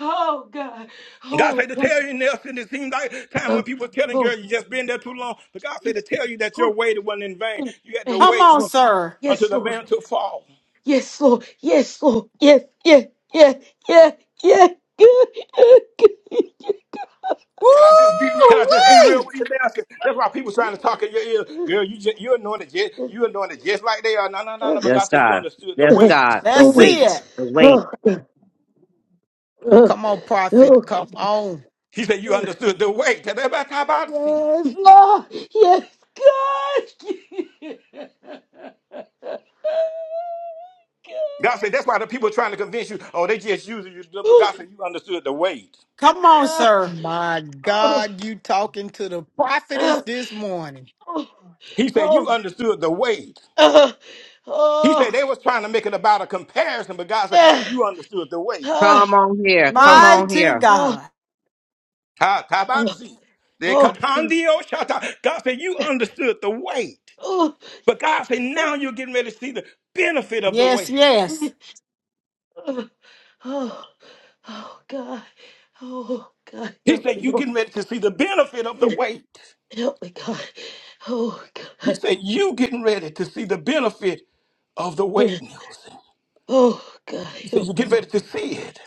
Speaker 3: Oh God!
Speaker 7: God
Speaker 3: Oh
Speaker 7: said to
Speaker 3: God!
Speaker 7: tell you, Nelson, it seemed like time when
Speaker 3: Oh,
Speaker 7: people were telling
Speaker 3: oh.
Speaker 7: girl you just been there too long. But God said to
Speaker 3: Yes,
Speaker 7: tell you that your
Speaker 3: oh,
Speaker 7: waiting wasn't in vain.
Speaker 3: oh.
Speaker 7: You had to
Speaker 3: Yes,
Speaker 1: Come
Speaker 7: wait
Speaker 1: on,
Speaker 3: Lord!
Speaker 1: sir.
Speaker 7: until
Speaker 3: Yes,
Speaker 7: the
Speaker 3: Lord!
Speaker 7: man took fall.
Speaker 3: Yes, Lord! Yes, Lord! Yes, yes, yes, yes, yes. Good, good, good.
Speaker 1: Woo!
Speaker 7: Can I just be real
Speaker 1: Wee!
Speaker 7: with you, Nelson? That's why people trying to talk in your ear. Girl, you just, you anointed just you anointed just like they are. No, no, no, no.
Speaker 3: Uh,
Speaker 7: But God
Speaker 6: Yes,
Speaker 7: said you
Speaker 6: God.
Speaker 7: understood the
Speaker 6: Yes,
Speaker 3: uh,
Speaker 7: wait.
Speaker 6: God. The
Speaker 1: That's
Speaker 3: mm,
Speaker 1: it.
Speaker 6: weight. The weight.
Speaker 3: oh, uh,
Speaker 8: Come on, prophet.
Speaker 3: oh,
Speaker 8: Come on.
Speaker 7: He said you
Speaker 3: uh,
Speaker 7: understood the weight. God
Speaker 3: Yes, Lord! Yes, God!
Speaker 7: said that's why the people trying to convince you, oh, they just using you.
Speaker 3: God.
Speaker 7: But God said you understood the wait.
Speaker 1: Come on,
Speaker 3: Uh,
Speaker 1: sir.
Speaker 8: My
Speaker 3: oh,
Speaker 8: God, you talking to the prophetess
Speaker 3: uh,
Speaker 8: this morning.
Speaker 3: oh,
Speaker 7: He said you
Speaker 3: oh,
Speaker 7: understood the wait.
Speaker 3: uh,
Speaker 7: He said
Speaker 3: oh,
Speaker 7: they was trying to make it about a comparison, but God said,
Speaker 3: yeah,
Speaker 7: you understood the weight.
Speaker 3: uh,
Speaker 6: Come on here. Come
Speaker 3: oh,
Speaker 6: on
Speaker 1: Mighty
Speaker 6: here.
Speaker 3: oh,
Speaker 1: God.
Speaker 7: Ha, tabatsi. The
Speaker 3: oh, oh, God,
Speaker 7: katandio shata. God said, you understood the weight.
Speaker 3: oh,
Speaker 7: But God said, now you're getting ready to see the benefit of the
Speaker 1: Yes,
Speaker 7: weight.
Speaker 1: yes.
Speaker 3: mm, uh, oh, oh, God, oh, God,
Speaker 7: He
Speaker 3: help me,
Speaker 7: said, you
Speaker 3: Lord,
Speaker 7: getting ready to see the benefit of the
Speaker 3: Eh,
Speaker 7: weight.
Speaker 3: help me, God, oh,
Speaker 7: He
Speaker 3: God,
Speaker 7: said, you getting ready to see the benefit of the weight.
Speaker 3: Eh,
Speaker 7: He
Speaker 3: oh, God,
Speaker 7: said, you
Speaker 3: help me,
Speaker 7: get ready
Speaker 3: Lord,
Speaker 7: to see it.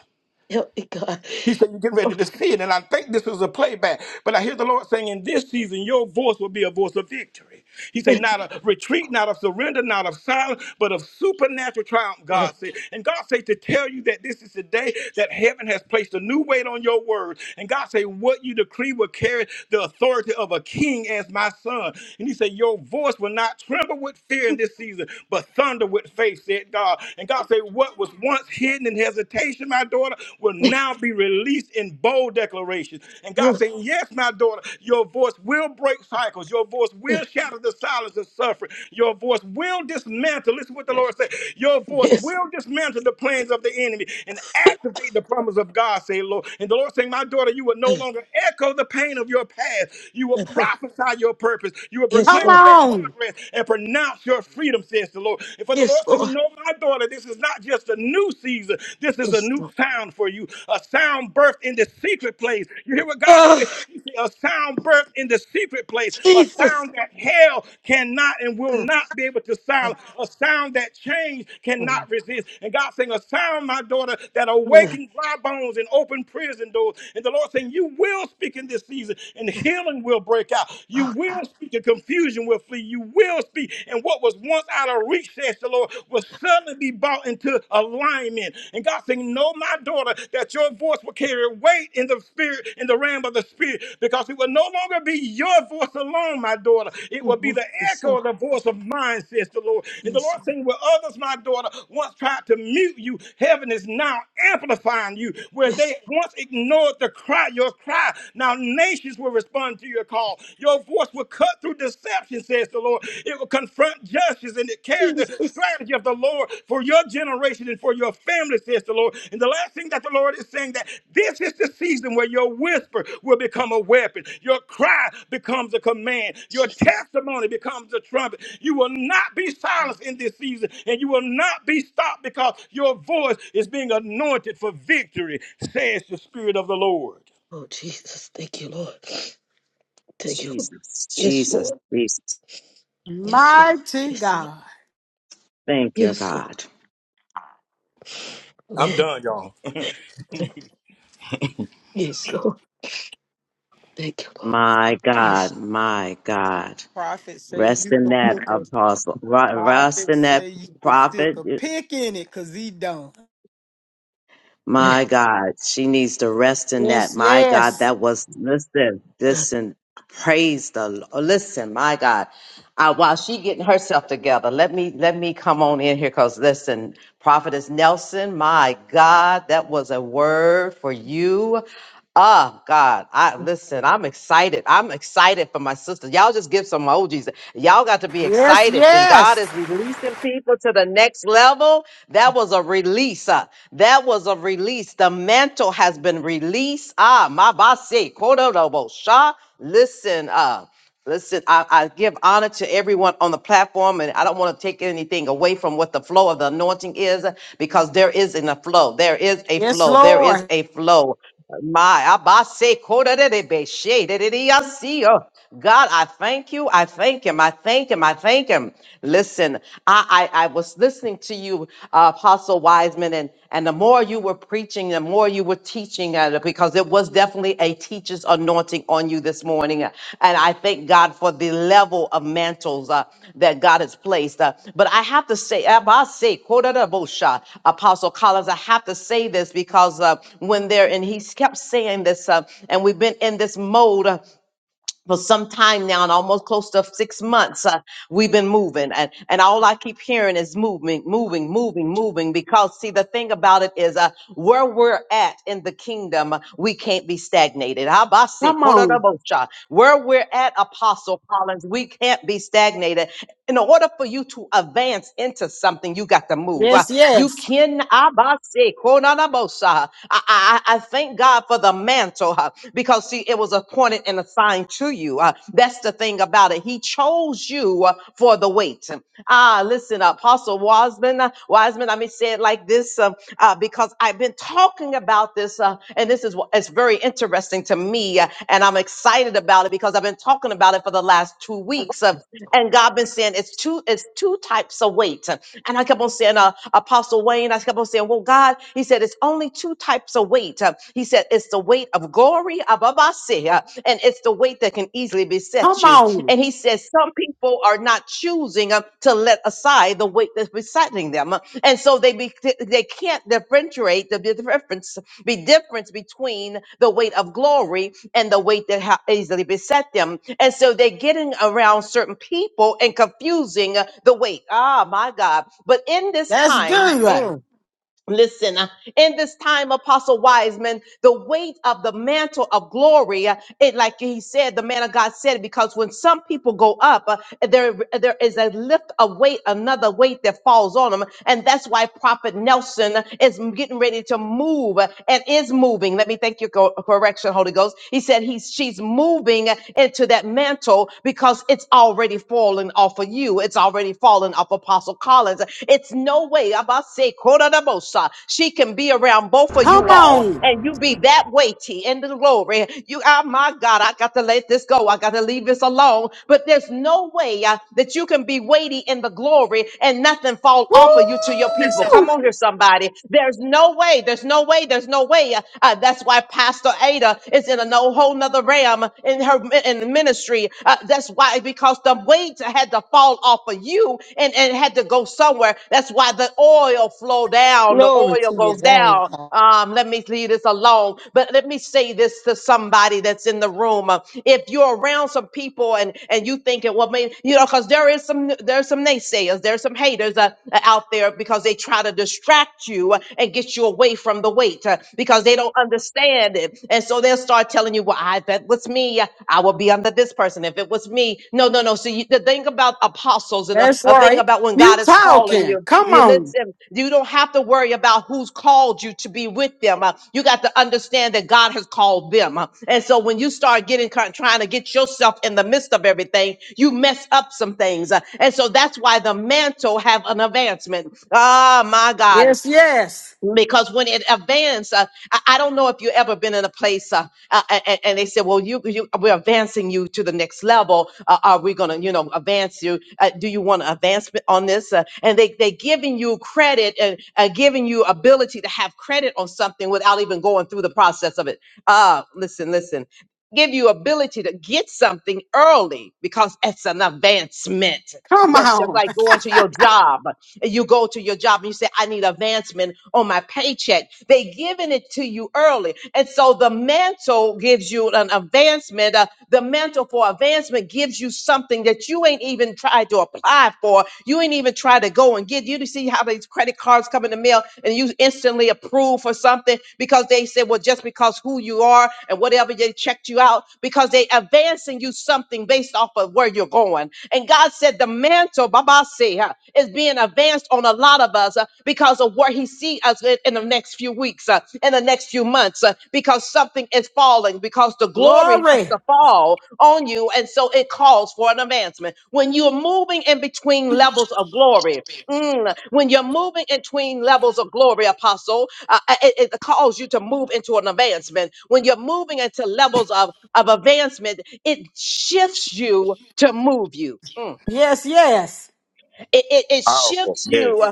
Speaker 3: help me, God,
Speaker 7: He said, You're getting
Speaker 3: oh,
Speaker 7: ready to sin. And I think this is a playback. But I hear the Lord saying, In this season, your voice will be a voice of victory. He said,
Speaker 3: eh,
Speaker 7: Not of retreat, not of surrender, not of silence, but of supernatural triumph,
Speaker 3: uh,
Speaker 7: God said. And God said to tell you that this is the day that heaven has placed a new weight on your word. And God said, What you decree will carry the authority of a king as my son. And He said, Your voice will not tremble with fear in this season, but thunder with faith, said God. And God said, What was once hidden in hesitation, my daughter, will
Speaker 3: eh,
Speaker 7: now be released in bold declarations. And God
Speaker 3: uh,
Speaker 7: saying, Yes, my daughter, your voice will break cycles. Your voice
Speaker 3: eh,
Speaker 7: will shatter the silence of suffering. Your voice will dismantle. Listen what the
Speaker 3: eh,
Speaker 7: Lord said. Your voice
Speaker 3: yes,
Speaker 7: will dismantle the plans of the enemy and activate the promise of God, say Lord. And the Lord saying, My daughter, you will
Speaker 3: eh,
Speaker 7: no longer echo the pain of your past. You will
Speaker 3: uh,
Speaker 7: prophesy your purpose. You will
Speaker 3: yes,
Speaker 1: Come
Speaker 7: proclaim
Speaker 3: Lord,
Speaker 7: your
Speaker 1: on.
Speaker 7: progress and pronounce your freedom, says the Lord. And for the Lord
Speaker 3: yes, Lord,
Speaker 7: saying, No, my daughter, this is not just a new season. This is a
Speaker 3: yes,
Speaker 7: new
Speaker 3: Lord,
Speaker 7: sound for you, a sound birth in the secret place. You hear what God
Speaker 3: oh,
Speaker 7: said? He said, A sound birth in the secret place, a
Speaker 3: Jesus.
Speaker 7: sound that hell cannot and will not be able to silence, a sound that change cannot
Speaker 3: Mm.
Speaker 7: resist. And God saying, A sound, my daughter, that
Speaker 3: Mm.
Speaker 7: awakened dry bones and open prison doors. And the Lord saying, You will speak in this season, and healing will break out. You
Speaker 3: Ah,
Speaker 7: will speak, and confusion will flee. You you will speak. And what was once out of reach, says the Lord, will suddenly be brought into alignment. And God saying, Know my daughter, that your voice will carry weight in the spirit, in the realm of the spirit, because it will no longer be your voice alone, my daughter. It will be
Speaker 3: mm.
Speaker 7: the
Speaker 3: Yes,
Speaker 7: echo
Speaker 3: Lord.
Speaker 7: of the voice of mine, says the Lord. And the
Speaker 3: Yes,
Speaker 7: Lord
Speaker 3: Lord.
Speaker 7: saying, Where others, my daughter, once tried to mute you, heaven is now amplifying you. Where they
Speaker 3: Yes.
Speaker 7: once ignored the cry, your cry, now nations will respond to your call law. Your voice will cut through deception, says the Lord. It will confront justice and it carries the
Speaker 3: Jesus.
Speaker 7: strategy of the Lord for your generation and for your family, says the Lord. And the last thing that the Lord is saying that this is the season where your whisper will become a weapon, your cry becomes a command, your
Speaker 3: Jesus.
Speaker 7: testimony becomes a trumpet. You will not be silenced in this season, and you will not be stopped because your voice is being anointed for victory, says the Spirit of the Lord.
Speaker 3: Oh, Jesus. Thank you, Lord. Thank you.
Speaker 6: Jesus.
Speaker 3: Yes,
Speaker 6: Jesus.
Speaker 3: Lord.
Speaker 6: Jesus.
Speaker 3: Yes, Lord.
Speaker 1: Mighty
Speaker 3: Yes, Lord.
Speaker 1: God.
Speaker 6: Thank you,
Speaker 3: Yes,
Speaker 6: God.
Speaker 7: I'm
Speaker 3: Lord.
Speaker 7: done, y'all.
Speaker 3: Yes, Lord. Thank you, Lord.
Speaker 6: My
Speaker 3: Yes.
Speaker 6: God. My God.
Speaker 8: Prophet say
Speaker 6: Rest
Speaker 8: you
Speaker 6: in
Speaker 8: could
Speaker 6: that
Speaker 8: pick a
Speaker 6: apostle. Ru- Rest
Speaker 8: prophet
Speaker 6: in that
Speaker 8: say you could stick
Speaker 6: prophet.
Speaker 8: a pick in it because he don't.
Speaker 6: My God, she needs to rest in that.
Speaker 1: Yes,
Speaker 6: My God,
Speaker 1: yes.
Speaker 6: that was listen, listen, praise the Lord. Listen, my God. Uh, while she getting herself together, let me let me come on in here because listen, Prophetess Nelson, my God, that was a word for you. Oh God, I listen, I'm excited. I'm excited for my sister. Y'all just give some emojis. Y'all got to be
Speaker 1: Yes,
Speaker 6: excited when God
Speaker 1: yes.
Speaker 6: is releasing people to the next level. That was a release. uh, that was a release. The mantle has been released. Ah, my basi, kododobo sha. Listen, uh, listen, I, I give honor to everyone on the platform, and I don't want to take anything away from what the flow of the anointing is because there is in a flow. There is a
Speaker 1: Yes,
Speaker 6: flow. There is
Speaker 1: Lord.
Speaker 6: a flow. My abase korerebe she dereriasio. God, I thank you. I thank him. I thank him. I thank him. Listen, I I, I was listening to you, uh, Apostle Wiseman, and and the more you were preaching, the more you were teaching, uh, because it was definitely a teacher's anointing on you this morning. And I thank God for the level of mantles uh, that God has placed. Uh, but I have to say, Abba say, Kodarabosha, Apostle Collins, I have to say this because uh, when they're, and he kept saying this, uh, and we've been in this mode. uh, for some time now and almost close to six months uh, we've been moving and, and all i keep hearing is moving moving moving moving because see the thing about it is uh, where we're at in the kingdom uh, we can't be stagnated Habasi,
Speaker 1: Come on.
Speaker 6: korodobosha. where we're at apostle collins we can't be stagnated in order for you to advance into something you got to move Uh,
Speaker 1: Yes,
Speaker 6: you
Speaker 1: yes.
Speaker 6: can abase konanabosa. I, I, I I thank God for the mantle huh, because see, it was appointed and assigned to you. uh, that's the thing about it. He chose you uh, for the wait. Ah, listen, Apostle Wiseman, uh, Wiseman. I may say it like this um, uh, because I've been talking about this, uh, and this is wh- it's very interesting to me, uh, and I'm excited about it because I've been talking about it for the last two weeks. uh, and God been saying it's two it's two types of weight. And I kept on saying, uh, Apostle Wayne, I kept on saying, well, God, he said, it's only two types of weight. Uh, he said, it's the weight of glory, ababase, uh, and it's the weight that can easily beset
Speaker 1: Come
Speaker 6: you.
Speaker 1: on.
Speaker 6: And he says, some people are not choosing uh, to let aside the weight that's besetting them. Uh, And so they, be, they can't differentiate the difference be difference between the weight of glory and the weight that ha- easily beset them. And so they're getting around certain people and confusing the weight. Ah, my God. But in this
Speaker 1: That's
Speaker 6: time, mm,
Speaker 1: good.
Speaker 6: Listen, uh, in this time, Apostle Wiseman, the weight of the mantle of glory, uh, it like he said, the man of God said, because when some people go up, uh, there there is a lift of weight, another weight that falls on them, and that's why Prophet Nelson is getting ready to move uh, and is moving. Let me thank you, co- correction, Holy Ghost. He said he's she's moving into that mantle because it's already fallen off of you. It's already fallen off Apostle. Apostle Collins. It's no way, Abase Kododabosa, she can be around both of
Speaker 1: Come
Speaker 6: you all
Speaker 1: on.
Speaker 6: and you be that weighty in the glory. You, oh my God, I got to let this go. I got to leave this alone. But there's no way uh, that you can be weighty in the glory and nothing fall off of you to your people.
Speaker 1: Woo!
Speaker 6: Come on here, somebody. There's no way. There's no way. There's no way. Uh, uh, that's why Pastor Ada is in a no whole nother realm in her in the ministry. Uh, that's why, because the weight had to fall off of you and, and had to go somewhere. That's why the oil flow down, the
Speaker 2: Glory
Speaker 6: oil
Speaker 2: to your
Speaker 6: goes
Speaker 2: name,
Speaker 6: down.
Speaker 2: God.
Speaker 6: Um, let me leave this alone, but let me say this to somebody that's in the room. Uh, If you're around some people and and you thinking, well, maybe you know, because there is some there's some naysayers, there's some haters uh, out there because they try to distract you and get you away from the weight uh, because they don't understand it it. And so they'll start telling you, well, I, if that was me, I would be under this person. If it was me, no, no, no. So you, the thing about apostles and a,
Speaker 1: That's
Speaker 6: a thing
Speaker 1: right.
Speaker 6: about when
Speaker 1: You
Speaker 6: God is calling
Speaker 1: talking.
Speaker 6: you,
Speaker 1: Come
Speaker 6: you
Speaker 1: on.
Speaker 6: listen, you don't have to worry about who's called you to be with them. Uh, you got to understand that God has called them. Uh, and so when you start getting trying to get yourself in the midst of everything, you mess up some things. Uh, and so that's why the mantle have an advancement. Ah, my God
Speaker 1: Yes, yes.
Speaker 6: because when it advances, uh, I, I don't know if you ever been in a place uh, uh, and, and they said, "Well, you, you we're advancing you to the next level. Uh, are we going to, you know, advance you? Uh, do you want an advancement on this?" Uh, and they they giving you credit and uh, giving you ability to have credit on something without even going through the process of it. Uh, listen, listen. Give you ability to get something early because it's an advancement.
Speaker 1: Come
Speaker 6: That's just
Speaker 1: on.
Speaker 6: like going to your job and you go to your job and you say, I need advancement on my paycheck. They giving it to you early. And so the mantle gives you an advancement. uh, the mantle for advancement gives you something that you ain't even tried to apply for. You ain't even tried to go and get. You see how these credit cards come in the mail and you instantly approve for something because they said, well, just because who you are and whatever they checked you out because they advancing you something based off of where you're going. And God said the mantle, Baba say, uh, is being advanced on a lot of us uh, because of where He see us in in the next few weeks, uh, in the next few months, uh, because something is falling, because the glory has
Speaker 1: Glory.
Speaker 6: to fall on you, and so it calls for an advancement. When you're moving in between levels of glory, Mm, when you're moving in between levels of glory, apostle, uh, uh, it, it calls you to move into an advancement. When you're moving into levels of, of advancement, it shifts you to move you. Mm.
Speaker 1: Yes, yes.
Speaker 6: It, it, it
Speaker 7: Powerful.
Speaker 6: shifts
Speaker 7: Yes.
Speaker 6: you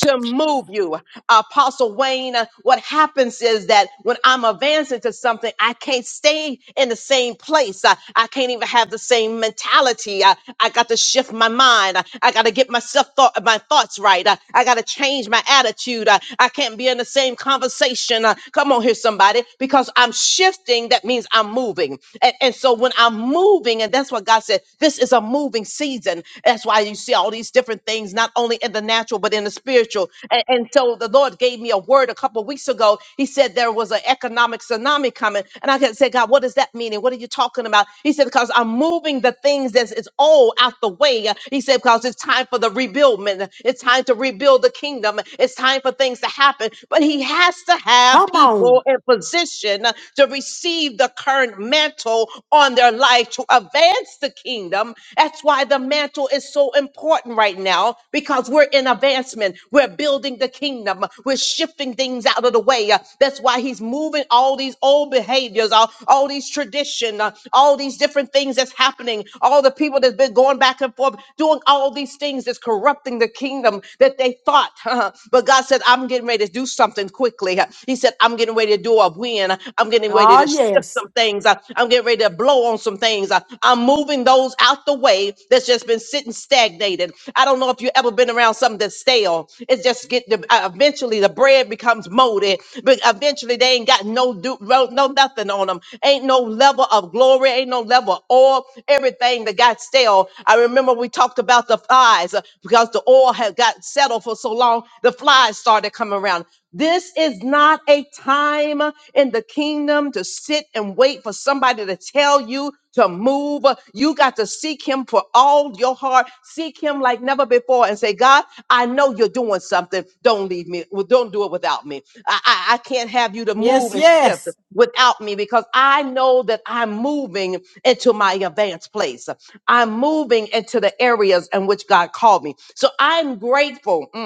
Speaker 6: to move you. Apostle Wayne, uh, what happens is that when I'm advancing to something, I can't stay in the same place. I, I can't even have the same mentality. I, I got to shift my mind. I, I got to get myself thought, my thoughts right. I, I got to change my attitude. I, I can't be in the same conversation. Uh, come on here, somebody, because I'm shifting. That means I'm moving. And, and so when I'm moving, and that's what God said, this is a moving season. That's why you see all these different things, not only in the natural, but in the spiritual. And so the Lord gave me a word a couple of weeks ago. He said there was an economic tsunami coming. And I said, God, what does that mean? And what are you talking about? He said, because I'm moving the things that is old out the way. He said, because it's time for the rebuild, It's time to rebuild the kingdom. It's time for things to happen. But he has to have
Speaker 1: Come
Speaker 6: people
Speaker 1: on.
Speaker 6: in position to receive the current mantle on their life to advance the kingdom. That's why the mantle is so important right now because we're in advancement. We're we're building the kingdom. We're shifting things out of the way. Uh, That's why he's moving all these old behaviors, all, all these tradition, uh, all these different things that's happening, all the people that's been going back and forth, doing all these things that's corrupting the kingdom that they thought. but God said, I'm getting ready to do something quickly. Uh, He said, I'm getting ready to do a win. I'm getting ready
Speaker 1: Ah,
Speaker 6: to shift
Speaker 1: yes.
Speaker 6: some things. Uh, I'm getting ready to blow on some things. Uh, I'm moving those out the way that's just been sitting stagnated. I don't know if you've ever been around something that's stagnated stale. It's just get the uh, eventually the bread becomes molded, but eventually they ain't got no do no, no nothing on them. Ain't no level of glory, ain't no level of oil. Everything that got stale. I remember we talked about the flies uh, because the oil had got settled for so long, the flies started coming around. This is not a time in the kingdom to sit and wait for somebody to tell you to move. You got to seek him for all your heart. Seek him like never before and say, God, I know you're doing something. Don't leave me. Well, don't do it without me. I, I, I can't have you to
Speaker 1: Yes,
Speaker 6: move and
Speaker 1: yes.
Speaker 6: shift without me because I know that I'm moving into my advanced place. I'm moving into the areas in which God called me. So I'm grateful. Mm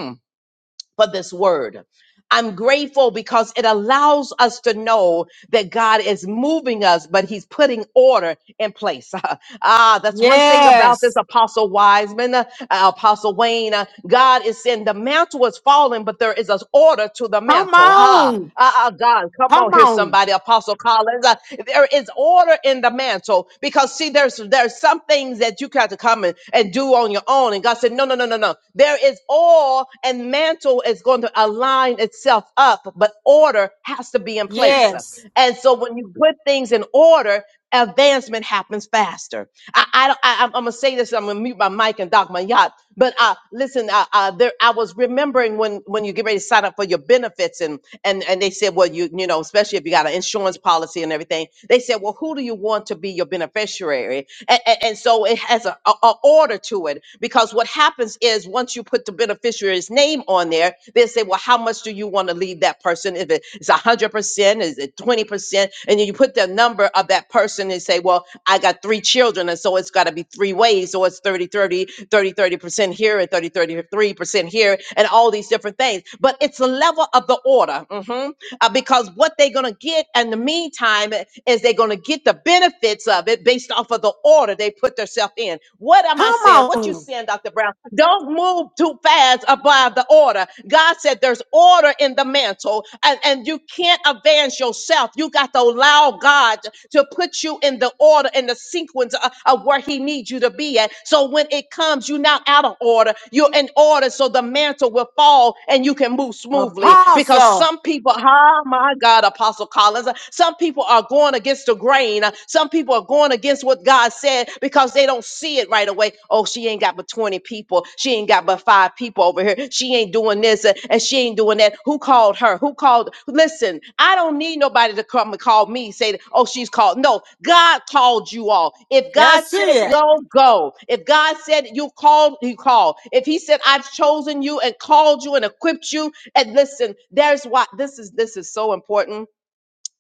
Speaker 6: for this word. I'm grateful because it allows us to know that God is moving us, but He's putting order in place. ah, that's one thing about this
Speaker 1: Yes.
Speaker 6: Apostle Wiseman, uh, Apostle Wayne. uh, God is saying the mantle is falling, but there is an order to the
Speaker 1: Come
Speaker 6: mantle. Ah,
Speaker 1: on.
Speaker 6: ah, ah, God, come
Speaker 1: Come
Speaker 6: on here,
Speaker 1: on.
Speaker 6: somebody, Apostle Collins. uh, there is order in the mantle because see, there's there's some things that you got to come and, and do on your own. And God said, No, no, no, no, no. There is all and mantle is going to align itself up, but order has to be in place.
Speaker 1: Yes.
Speaker 6: And so when you put things in order, advancement happens faster. I, I, I I'm gonna say this. I'm gonna mute my mic and dock my yacht. But uh, listen, uh, uh, there, I was remembering when when you get ready to sign up for your benefits, and and and they said, well, you you know, especially if you got an insurance policy and everything, they said, well, who do you want to be your beneficiary? And, and, so it has a, a, a order to it because what happens is once you put put the beneficiary's name on there, they say, well, how much do you want to leave that person? If it- it's 100%, is it 20%? And then you put the number of that person and say, well, I got three children. And so it's got to be three ways. So it's thirty, thirty, thirty, thirty percent here and thirty, thirty-three percent here and all these different things. But it's a level of the order. mhm uh, because what they're going to get in the meantime is they're going to get the benefits of it based off of the order they put themselves in. What am I
Speaker 1: Come
Speaker 6: saying? What you
Speaker 1: on.
Speaker 6: saying, Dr. Brown? Don't move too fast above the order. God said there's order in the mantle and, and you can't advance yourself. You got to allow God to put you in the order and the sequence of, of where he needs you to be at. So when it comes, you're not out of order. You're in order so the mantle will fall and you can move smoothly because because
Speaker 1: Apostle.
Speaker 6: some people, oh my God, Apostle Collins, some people are going against the grain. Some people are going against what God said because they don't see it right away. Oh, she ain't got but 20 people. She ain't got but five people over here. She ain't doing this uh, and she ain't doing that. Who called her? Who called? Listen, I don't need nobody to come and call me, say, oh, she's called. No, God called you all. If God
Speaker 1: That's
Speaker 6: said
Speaker 1: it.
Speaker 6: go, go. If God said you called, you called. If He said I've chosen you and called you and equipped you and listen, there's why this is this is so important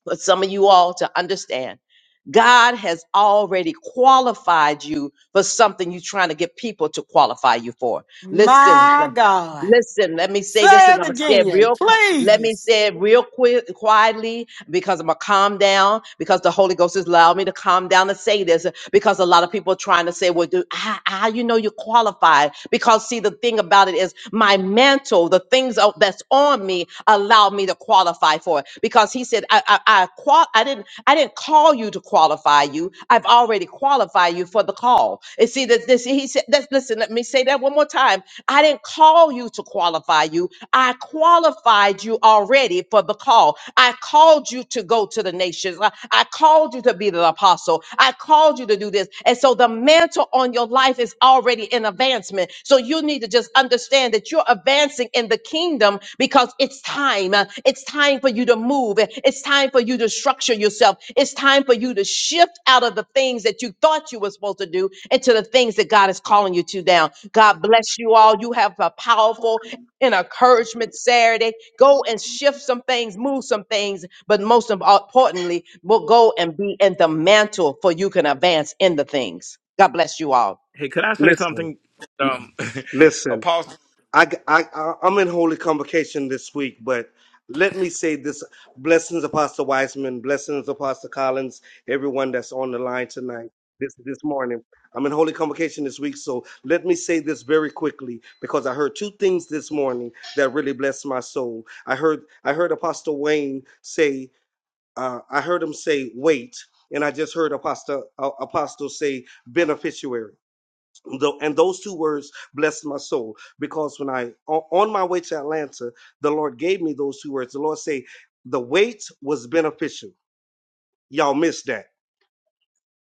Speaker 6: for some of you all to understand. God has already qualified you for something you're trying to get people to qualify you for. Listen,
Speaker 1: My God.
Speaker 6: listen, let me say this
Speaker 1: Say
Speaker 6: and I'm
Speaker 1: it
Speaker 6: gonna say it
Speaker 1: again,
Speaker 6: real let me
Speaker 1: please.
Speaker 6: say it real quick, quietly, because I'm gonna calm down. Because the Holy Ghost has allowed me to calm down and say this. Because a lot of people are trying to say, "Well, do how, how you know you're qualified?" Because see, the thing about it is, my mantle, the things o- that's on me, allow me to qualify for it. Because He said, "I, I, I, qual- I didn't, I didn't call you to qualify you. I've already qualified you for the call." And see that this, He said, that's, "Listen, let me say that one more time. I didn't call you to." to qualify you. I qualified you already for the call. I called you to go to the nations. I, I called you to be the apostle. I called you to do this. And so the mantle on your life is already in advancement. So you need to just understand that you're advancing in the kingdom because it's time. Uh, It's time for you to move. Uh, It's time for you to structure yourself. It's time for you to shift out of the things that you thought you were supposed to do into the things that God is calling you to now. God bless you all. You have a powerful and encouragement Saturday. Go and shift some things, move some things, but most im- importantly, we'll go and be in the mantle for you can advance in the things. God bless you all.
Speaker 7: Hey, could I say
Speaker 9: Listen,
Speaker 7: something? Um,
Speaker 9: listen.
Speaker 7: apostles.
Speaker 9: I, I, I- I'm in holy convocation this week, but let me say this: blessings, Apostle Wiseman, blessings, Apostle Collins, everyone that's on the line tonight, this this morning. I'm in holy convocation this week, so let me say this very quickly because I heard two things this morning that really blessed my soul. I heard I heard Apostle Wayne say, uh, I heard him say, "Wait," and I just heard Apostle uh, Apostle say, "Beneficiary." Tho- and those two words blessed my soul because when I o- on my way to Atlanta, the Lord gave me those two words. The Lord say, "The wait was beneficial." Y'all missed that.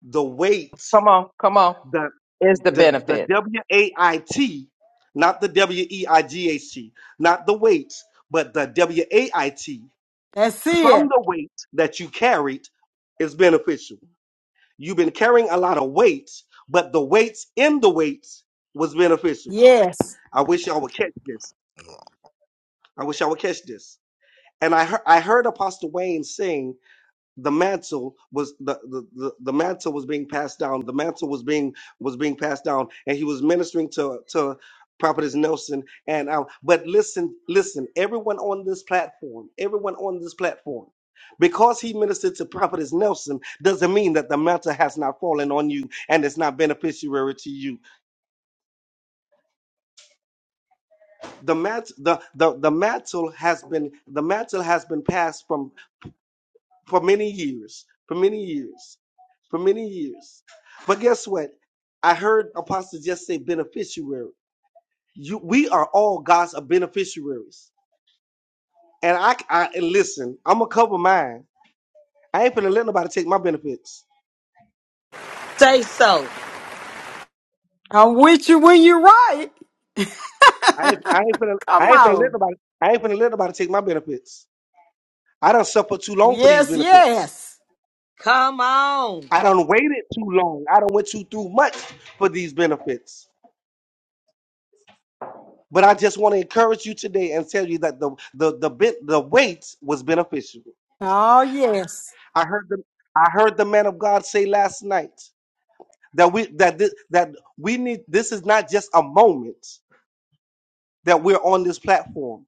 Speaker 9: The wait,
Speaker 6: Come on, come on.
Speaker 9: the
Speaker 6: Is the
Speaker 9: the the
Speaker 6: benefit.
Speaker 9: W A I T, not the W E I G H T, not the weight, but the W A I T.
Speaker 1: That's
Speaker 9: From
Speaker 1: it.
Speaker 9: the weight that you carried is beneficial. You've been carrying a lot of weight, but the weights in the weights was beneficial.
Speaker 1: Yes.
Speaker 9: I wish y'all would catch this. I wish y'all would catch this. And I heard I heard Apostle Wayne sing the mantle was the, the, the, the mantle was being passed down. The mantle was being was being passed down, and he was ministering to to Prophetess Nelson. And um, but listen, listen, everyone on this platform, everyone on this platform, because he ministered to Prophetess Nelson, doesn't mean that the mantle has not fallen on you and it's not beneficiary to you. the mat the the the mantle has been the mantle has been passed from for many years for many years for many years but guess what i heard apostle just say beneficiary you we are all god's beneficiaries and i i and listen i'm gonna cover mine i ain't finna let nobody take my benefits
Speaker 2: Say so.
Speaker 1: I'm with you when you're right.
Speaker 9: i ain't i ain't finna
Speaker 1: Come
Speaker 9: i ain't finna let
Speaker 1: on.
Speaker 9: nobody i ain't finna let nobody take my benefits i don't suffer too long for these
Speaker 1: Yes,
Speaker 9: benefits
Speaker 1: yes.
Speaker 2: Come on.
Speaker 9: I don't waited too long. I don't went too through much for these benefits. But I just want to encourage you today and tell you that the the the bit the wait was beneficial.
Speaker 1: Oh, yes.
Speaker 9: I heard the I heard the man of God say last night that we that this, that we need this is not just a moment that we're on this platform.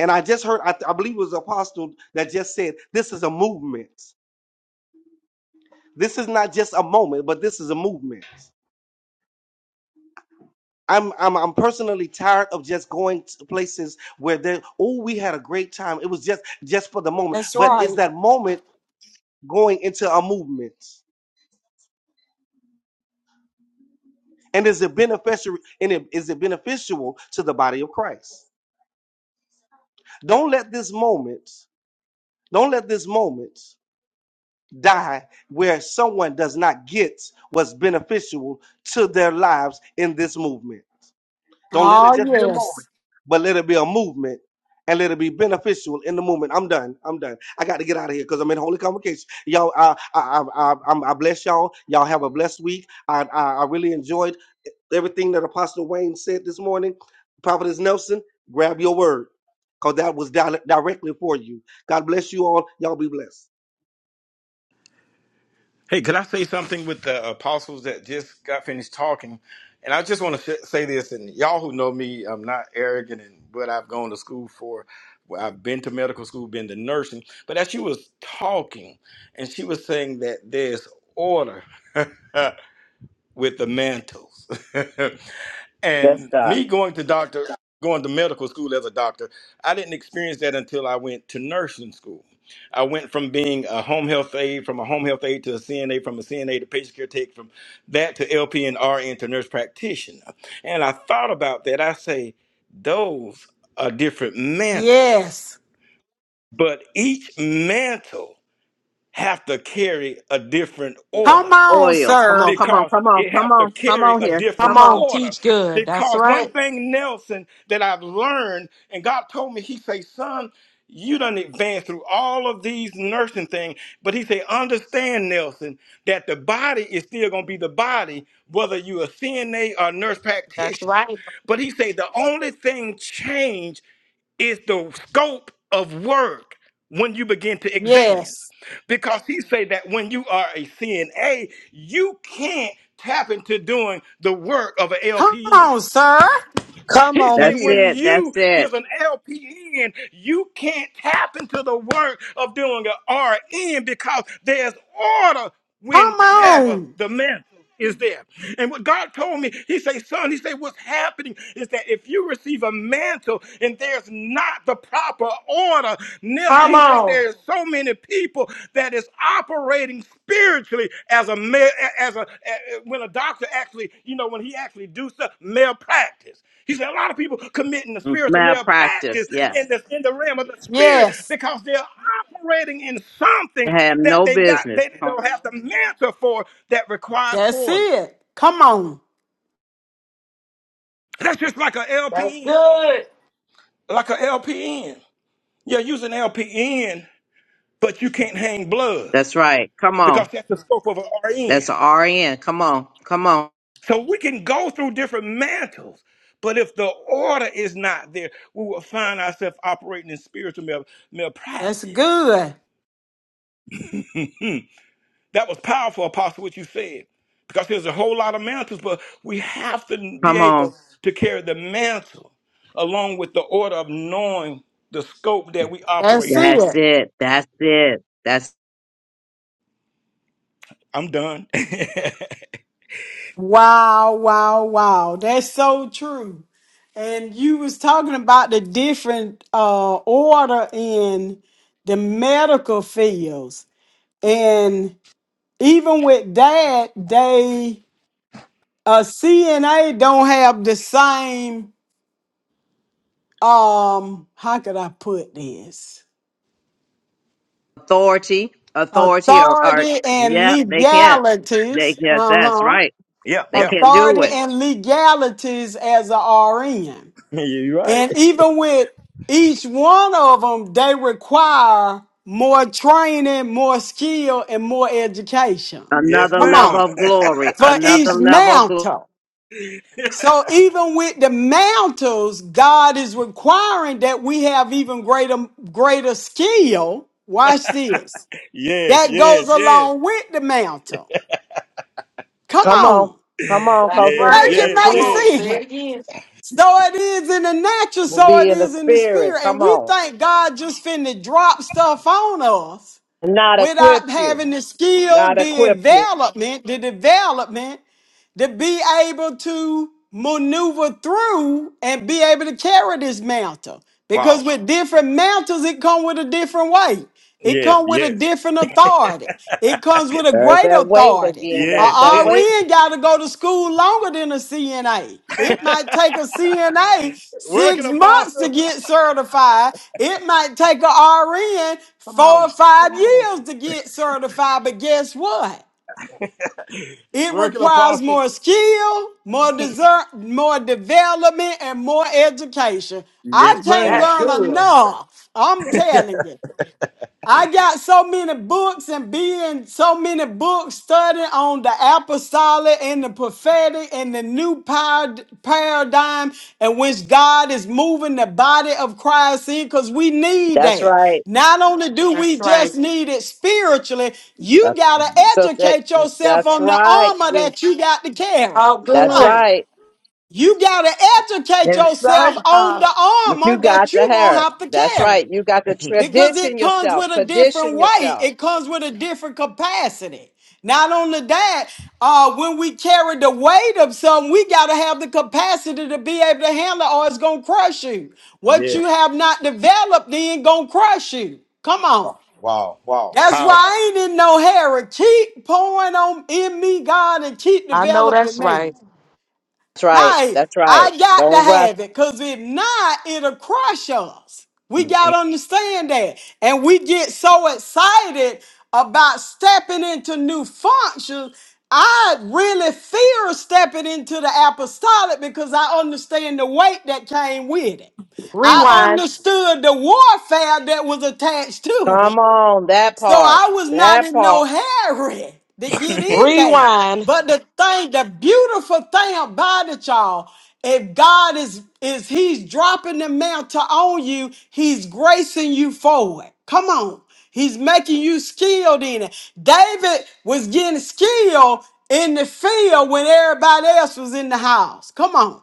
Speaker 9: And I just heard I, I believe it was Apostle that just said this is a movement. This is not just a moment, but this is a movement. I'm I'm I'm personally tired of just going to places where they oh we had a great time. It was just just for the moment,
Speaker 1: That's
Speaker 9: but is
Speaker 1: right.
Speaker 9: that moment going into a movement? And is it beneficial? And it, is it beneficial to the body of Christ? Don't let this moment. Don't let this moment die where someone does not get what's beneficial to their lives in this movement. Don't let it
Speaker 1: Oh,
Speaker 9: just be a moment,
Speaker 1: yes.
Speaker 9: but let it be a movement and let it be beneficial in the movement. I'm done. I'm done. I got to get out of here because I'm in holy convocation. Y'all, I, I, I, I, I'm- I bless y'all. Y'all have a blessed week. I, I, I really enjoyed everything that Apostle Wayne said this morning. Prophetess Nelson, grab your word because that was di- directly for you. God bless you all. Y'all be blessed.
Speaker 7: Hey, could I say something with the apostles that just got finished talking? And I just want to sh- say this, and y'all who know me, I'm not arrogant in what I've gone to school for. Well, I've been to medical school, been to nursing, but as she was talking, and she was saying that there's order. with the mantles.
Speaker 6: Yes,
Speaker 7: and
Speaker 6: God.
Speaker 7: me going to doctor, going to medical school as a doctor, I didn't experience that until I went to nursing school. I went from being a home health aide, from a home health aide to a CNA, from a CNA to patient care tech, from that to LP and RN to nurse practitioner. And I thought about that. I say, those are different mantles,
Speaker 1: Yes.
Speaker 7: but each mantle have to carry a different order
Speaker 1: Come on,
Speaker 6: Oil. Come
Speaker 1: sir.
Speaker 6: on, come on,
Speaker 7: because
Speaker 6: come on,
Speaker 7: it
Speaker 6: come
Speaker 7: have to
Speaker 6: on, come
Speaker 7: carry
Speaker 6: on
Speaker 7: a
Speaker 6: here.
Speaker 7: different
Speaker 3: Come
Speaker 6: Come on.
Speaker 3: on,
Speaker 7: order.
Speaker 3: teach good. That's
Speaker 7: Because one
Speaker 3: right.
Speaker 7: thing, Nelson, that I've learned, and God told me, He say, "Son, you done advanced through all of these nursing things, but He say, understand, Nelson, that the body is still gonna be the body, whether you a CNA or nurse
Speaker 3: That's
Speaker 7: practitioner.
Speaker 3: right.
Speaker 7: But He say the only thing changed." is the scope of work when you begin to examine.
Speaker 1: Yes.
Speaker 7: Because he say that when you are a CNA, you can't tap into doing the work of an
Speaker 1: Come
Speaker 7: LPN.
Speaker 1: on, sir.
Speaker 2: Come
Speaker 7: He
Speaker 2: on
Speaker 7: say
Speaker 6: That's
Speaker 7: when
Speaker 2: here.
Speaker 6: it. That's
Speaker 7: you
Speaker 6: it.
Speaker 7: is an LPN, you can't tap into the work of doing an RN because there's order
Speaker 1: Come
Speaker 7: whenever
Speaker 1: on.
Speaker 7: the mantle is there. And what God told me, he say, son, he say, what's happening is that if you receive a mantle and there's not the proper order, Nelson,
Speaker 3: Come
Speaker 7: he say
Speaker 3: on.
Speaker 7: there's so so many people that is operating spiritually as a ma- as a, a- when a doctor actually you know when he actually do stuff malpractice he said a lot of people committing the spiritual malpractice
Speaker 6: Malpractice.
Speaker 7: in
Speaker 6: Yes.
Speaker 7: the in the realm of the spirit
Speaker 1: Yes,
Speaker 7: because they're operating in something
Speaker 6: Have
Speaker 7: that
Speaker 6: no
Speaker 7: they got
Speaker 6: business.
Speaker 7: they don't have the mentor for that requires
Speaker 1: that's
Speaker 7: order
Speaker 1: it. Come on.
Speaker 7: that's just like a
Speaker 3: That's
Speaker 7: lpn
Speaker 3: good.
Speaker 7: like a lpn yeah use an lpn but you can't hang blood
Speaker 6: That's right. Come
Speaker 7: because
Speaker 6: on.
Speaker 7: that's the scope of an rn
Speaker 6: That's a RN. Come on. Come on.
Speaker 7: So we can go through different mantles, but if the order is not there, we will find ourselves operating in spiritual mal-
Speaker 1: That's
Speaker 7: malpractice.
Speaker 1: good.
Speaker 7: Hmm. That was powerful, Apostle, what you said, because there's a whole lot of mantles, but we have to be
Speaker 6: Come on.
Speaker 7: able to carry the mantle along with the order of knowing the scope that we
Speaker 1: That's
Speaker 7: operate in.
Speaker 6: That's
Speaker 1: it.
Speaker 6: it. That's it. That's
Speaker 7: I'm done.
Speaker 1: Wow, wow, wow. That's so true. And you was talking about the different uh order in the medical fields. And even with that, they uh CNA don't have the same um how could I put this?
Speaker 6: authority. Authority or, or
Speaker 1: Authority and
Speaker 6: yeah, they can't. They
Speaker 1: legalities.
Speaker 6: yes, that's
Speaker 1: Uh-huh
Speaker 6: right.
Speaker 7: yeah,
Speaker 6: They
Speaker 7: yeah.
Speaker 6: can't do
Speaker 1: authority
Speaker 6: it.
Speaker 1: and legalities as a RN.
Speaker 7: You're right.
Speaker 1: And even with each one of them, they require more training, more skill, and more education.
Speaker 7: Yes,
Speaker 6: Another
Speaker 1: Come
Speaker 7: ma'am.
Speaker 6: level
Speaker 1: on.
Speaker 6: of glory.
Speaker 1: For each
Speaker 6: Another level of glory.
Speaker 1: mantle. So even with the mantles, God is requiring that we have even greater greater skill. Watch this.
Speaker 7: yes,
Speaker 1: That goes
Speaker 7: yes, yes,
Speaker 1: along with the mantle. Come
Speaker 6: Come on.
Speaker 1: on.
Speaker 6: Come on,
Speaker 3: That's
Speaker 6: cause it,
Speaker 7: yes,
Speaker 1: Make
Speaker 3: right.
Speaker 1: it
Speaker 6: that's
Speaker 7: yes,
Speaker 3: Come
Speaker 1: make
Speaker 6: it.
Speaker 3: on,
Speaker 7: yes.
Speaker 3: say
Speaker 1: sense.
Speaker 3: it again.
Speaker 1: So it is in the natural,
Speaker 6: Will
Speaker 1: so
Speaker 6: be
Speaker 1: it
Speaker 6: in the
Speaker 1: is in the
Speaker 6: spirit.
Speaker 1: spirit. And
Speaker 6: Come
Speaker 1: we
Speaker 6: on.
Speaker 1: think God just finna drop stuff on us
Speaker 6: Not equip
Speaker 1: without
Speaker 6: you.
Speaker 1: having the skill,
Speaker 6: Not
Speaker 1: the
Speaker 6: equip you.
Speaker 1: development, the development to be able to maneuver through and be able to carry this mantle.
Speaker 7: Wow.
Speaker 1: Because with different mantles, it comes with a different weight. It
Speaker 7: Yes,
Speaker 1: comes with a
Speaker 7: yes,
Speaker 1: different authority. It comes with a
Speaker 6: There's
Speaker 1: great
Speaker 6: that weight
Speaker 1: authority.
Speaker 6: again.
Speaker 1: A
Speaker 6: That's
Speaker 7: yes,
Speaker 6: that
Speaker 7: yes.
Speaker 6: weight.
Speaker 1: RN got to go to school longer than a CNA. It might take a CNA
Speaker 7: Working
Speaker 1: six months to
Speaker 7: apostle.
Speaker 1: get certified. It might take a RN
Speaker 8: Come
Speaker 1: four or
Speaker 8: on. Come
Speaker 1: five
Speaker 8: on.
Speaker 1: years to get certified. But guess what? It
Speaker 7: Working
Speaker 1: requires
Speaker 7: apostle.
Speaker 1: more skill, more desert, more development, and more education. I
Speaker 7: Yes,
Speaker 1: can't
Speaker 7: ma'am.
Speaker 3: That's
Speaker 1: learn
Speaker 3: good.
Speaker 1: enough. I'm telling you. I got so many books and being so many books studying on the apostolic and the prophetic and the new parad- paradigm in which God is moving the body of Christ in because we need
Speaker 6: That's
Speaker 1: that.
Speaker 6: right.
Speaker 1: Not only do we
Speaker 3: That's
Speaker 1: just
Speaker 3: right.
Speaker 1: need it spiritually, you got
Speaker 6: That's-
Speaker 1: to
Speaker 6: So that,
Speaker 1: educate yourself
Speaker 6: that's
Speaker 1: on the
Speaker 6: right.
Speaker 1: armor
Speaker 6: You.
Speaker 1: that you got to carry.
Speaker 3: Talk
Speaker 1: Come
Speaker 6: That's
Speaker 3: good.
Speaker 1: on.
Speaker 6: right.
Speaker 1: You got to educate
Speaker 2: That's
Speaker 1: yourself
Speaker 2: right,
Speaker 1: on the
Speaker 2: Pastor.
Speaker 6: You
Speaker 1: armor
Speaker 6: got
Speaker 1: that
Speaker 6: to
Speaker 1: you're going to
Speaker 6: hear.
Speaker 1: have to
Speaker 6: That's
Speaker 1: carry.
Speaker 6: right. You got to
Speaker 1: Because
Speaker 6: tradition
Speaker 1: it comes
Speaker 6: yourself,
Speaker 1: with a different
Speaker 6: condition
Speaker 1: weight.
Speaker 6: yourself.
Speaker 1: It comes with a different capacity. Not only that, uh, when we carry the weight of something, we got to have the capacity to be able to handle it or it's going to crush you. What you have not developed then going to crush you. Come on. That's why I ain't in no hurry. Keep pouring on in me, God, and keep
Speaker 3: I know
Speaker 1: developing
Speaker 3: that's
Speaker 1: me.
Speaker 3: right.
Speaker 6: That's right.
Speaker 1: Hey,
Speaker 6: That's right.
Speaker 1: I got to
Speaker 6: Don't rush.
Speaker 1: have it because if not, it'll crush us. We got to understand that. And we get so excited about stepping into new functions. I really fear stepping into the apostolic because I understand the weight that came with it.
Speaker 7: Wow.
Speaker 1: I
Speaker 3: Rewind.
Speaker 1: understood the warfare that was attached to it.
Speaker 6: Come on, that
Speaker 1: So
Speaker 6: part.
Speaker 1: I was not
Speaker 6: That
Speaker 1: in no
Speaker 6: part.
Speaker 1: hurry to get in there.
Speaker 3: Rewind.
Speaker 1: But the thing, the beautiful thing about it, y'all, if God is is He's dropping the mantle on you, He's gracing you for it. Come on. He's making you skilled in it. David was getting skilled in the field when everybody else was in the house. Come on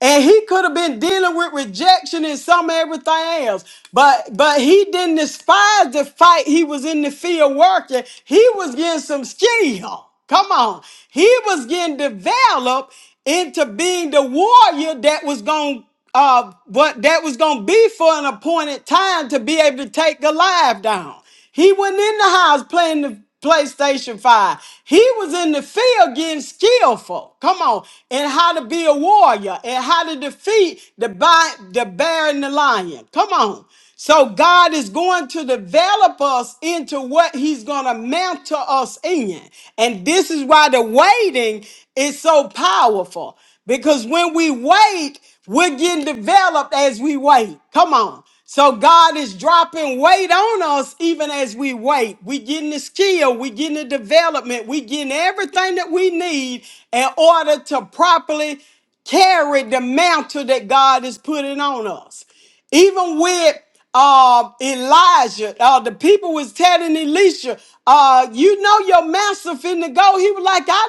Speaker 1: and he could have been dealing with rejection and some everything else but but he didn't despise the fight he was in the field working he was getting some skill come on he was getting developed into being the warrior that was going uh what that was going to be for an appointed time to be able to take goliath down he wasn't in the house playing the PlayStation 5. He was in the field getting skillful. Come on. And how to be a warrior and how to defeat the, bi- the bear and the lion. Come on. So God is going to develop us into what He's going to mentor us in. And this is why the waiting is so powerful. Because when we wait, we're getting developed as we wait. Come on. So God is dropping weight on us even as we wait. We getting the skill, we getting the development, we getting everything that we need in order to properly carry the mantle that God is putting on us. Even with uh, Elijah, uh, the people was telling Elisha, uh, you know your master finna go. He was like, I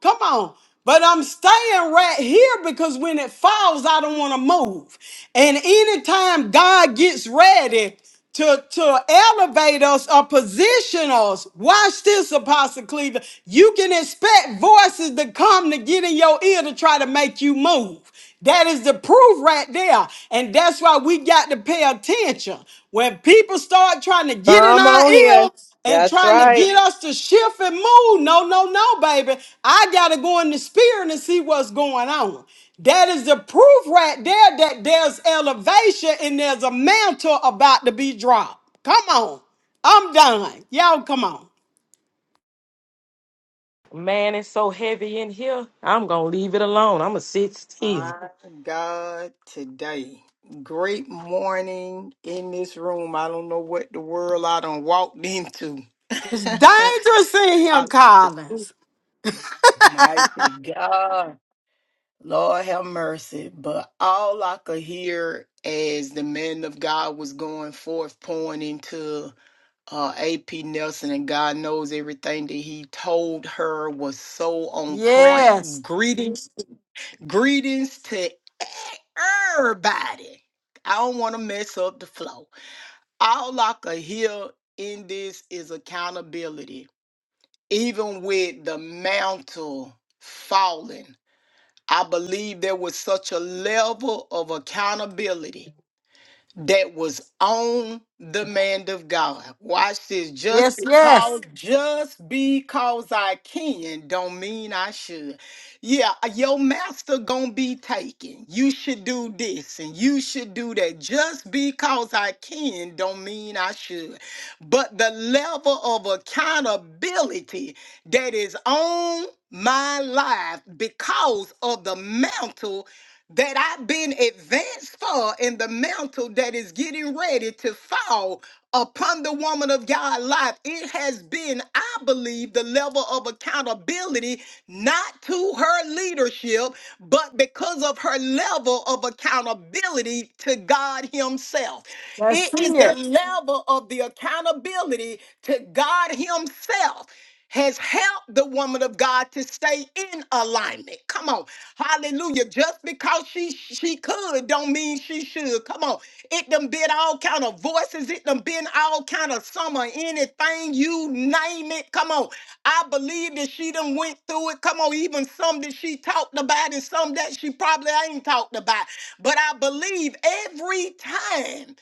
Speaker 1: know. Come on. But I'm staying right here because when it falls, I don't want to move. And anytime God gets ready to, to elevate us or position us, watch this, Apostle Cleveland. You can expect voices to come to get in your ear to try to make you move. That is the proof right there. And that's why we got to pay attention. When people start trying to get in
Speaker 6: Come
Speaker 1: our
Speaker 6: on here.
Speaker 1: ear, and
Speaker 6: That's
Speaker 1: trying to
Speaker 6: right.
Speaker 1: get us to shift and move. No, no, no, baby. I gotta go in the spirit and see what's going on. That is the proof right there that there's elevation and there's a mantle about to be dropped. Come on. I'm done. Y'all come on.
Speaker 3: Man, it's so heavy in here. I'm gonna leave it alone. I'm gonna sit still.
Speaker 8: My God, today. Great morning in this room. I don't know what the world I done walked into.
Speaker 1: It's dangerous in
Speaker 8: I,
Speaker 1: him, Collins.
Speaker 8: mighty God. Lord have mercy. But all I could hear as the man of God was going forth, pouring into uh, AP Nelson, and God knows everything that he told her was so on point.
Speaker 1: Yes.
Speaker 8: Greetings, greetings to everybody. I don't want to mess up the flow. All I could hear in this is accountability, even with the mantle falling. I believe there was such a level of accountability that was on the man of God. Watch this. Just
Speaker 1: Yes,
Speaker 8: because,
Speaker 1: yes.
Speaker 8: just because I can, don't mean I should. Yeah, your master gonna be taken. You should do this and you should do that. Just because I can, don't mean I should. But the level of accountability that is on my life because of the mantle that I've been advanced for and the mantle that is getting ready to fall upon the woman of God life. It has been, I believe, the level of accountability, not to her leadership, but because of her level of accountability to God Himself.
Speaker 1: That's
Speaker 8: It is the
Speaker 1: it.
Speaker 8: level of the accountability to God Himself has helped the woman of God to stay in alignment. Come on. Hallelujah. Just because she she could don't mean she should. Come on. It done been all kind of voices. It done been all kind of summer. Anything you name it. Come on. I believe that she done went through it. Come on. Even some that she talked about and some that she probably ain't talked about. But I believe every time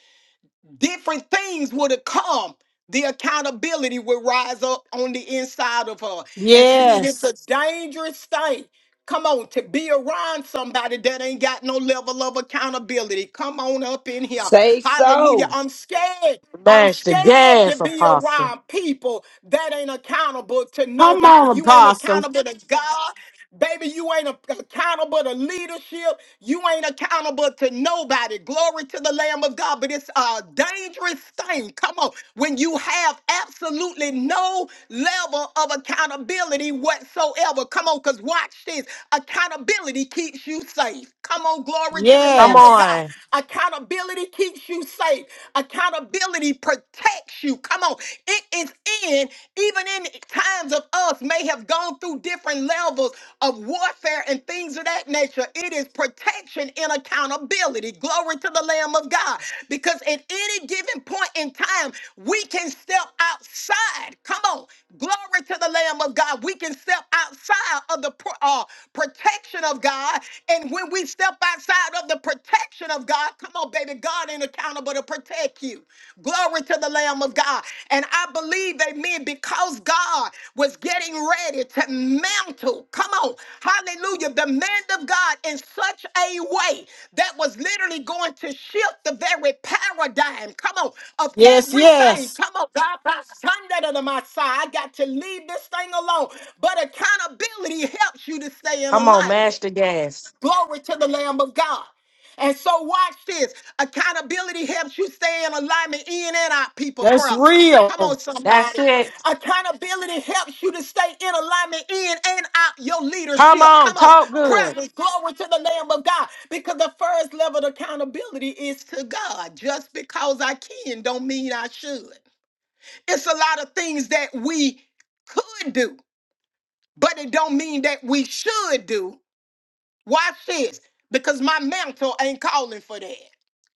Speaker 8: different things would have come. The accountability would rise up on the inside of her. And see, it's a
Speaker 1: Yes.
Speaker 8: dangerous thing. Come on, to be around somebody that ain't got no level of accountability. Come on up in here.
Speaker 2: Say
Speaker 8: Hallelujah.
Speaker 2: so.
Speaker 8: I'm scared. I'm
Speaker 3: Mash the
Speaker 8: scared to
Speaker 3: gas,
Speaker 8: be
Speaker 3: Apostle.
Speaker 8: around people that ain't accountable to
Speaker 1: Come
Speaker 8: nobody.
Speaker 1: on,
Speaker 8: You ain't
Speaker 1: apostle.
Speaker 8: accountable to God. Baby, you ain't a- accountable to leadership. You ain't accountable to nobody. Glory to the Lamb of God. But it's a dangerous thing. Come on. When you have absolutely no level of accountability whatsoever. Come on, because watch this. Accountability keeps you safe. Come on, glory to the
Speaker 3: Come
Speaker 8: Lamb of
Speaker 1: Yes.
Speaker 8: God.
Speaker 3: on.
Speaker 8: Accountability keeps you safe. Accountability protects you. Come on. It is within, even in times of us may have gone through different levels of warfare and things of that nature. It is protection and accountability. Glory to the Lamb of God. Because at any given point in time, we can step outside. Come on. Glory to the Lamb of God. We can step outside of the pro- uh, protection of God. And when we step outside of the protection of God, come on, baby, God God ain't accountable to protect you. Glory to the Lamb of God. And I believe, amen, because God was getting ready to mantle, come on, hallelujah, the man of God in such a way that was literally going to shift the very paradigm, come on, of
Speaker 1: Yes,
Speaker 8: everything.
Speaker 1: yes.
Speaker 8: Come on, God, by Sunday to my side, I got to leave this thing alone. But accountability helps you to stay in
Speaker 3: Come on,
Speaker 8: alignment.
Speaker 3: mash the gas.
Speaker 8: Glory to the Lamb of God. And so, watch this. Accountability helps you stay in alignment in and out people
Speaker 1: That's
Speaker 8: presence. Come
Speaker 1: real.
Speaker 8: on,
Speaker 3: That's
Speaker 8: somebody.
Speaker 3: it.
Speaker 8: Accountability helps you to stay in alignment in and out your
Speaker 3: Come
Speaker 8: leadership.
Speaker 3: on,
Speaker 8: Come on.
Speaker 3: talk good.
Speaker 8: Presence, glory to the Lamb of God. Because the first level of accountability is to God. Just because I can don't mean I should. It's a lot of things that we could do, but it don't mean that we should do Watch this, because my mantle ain't calling for that.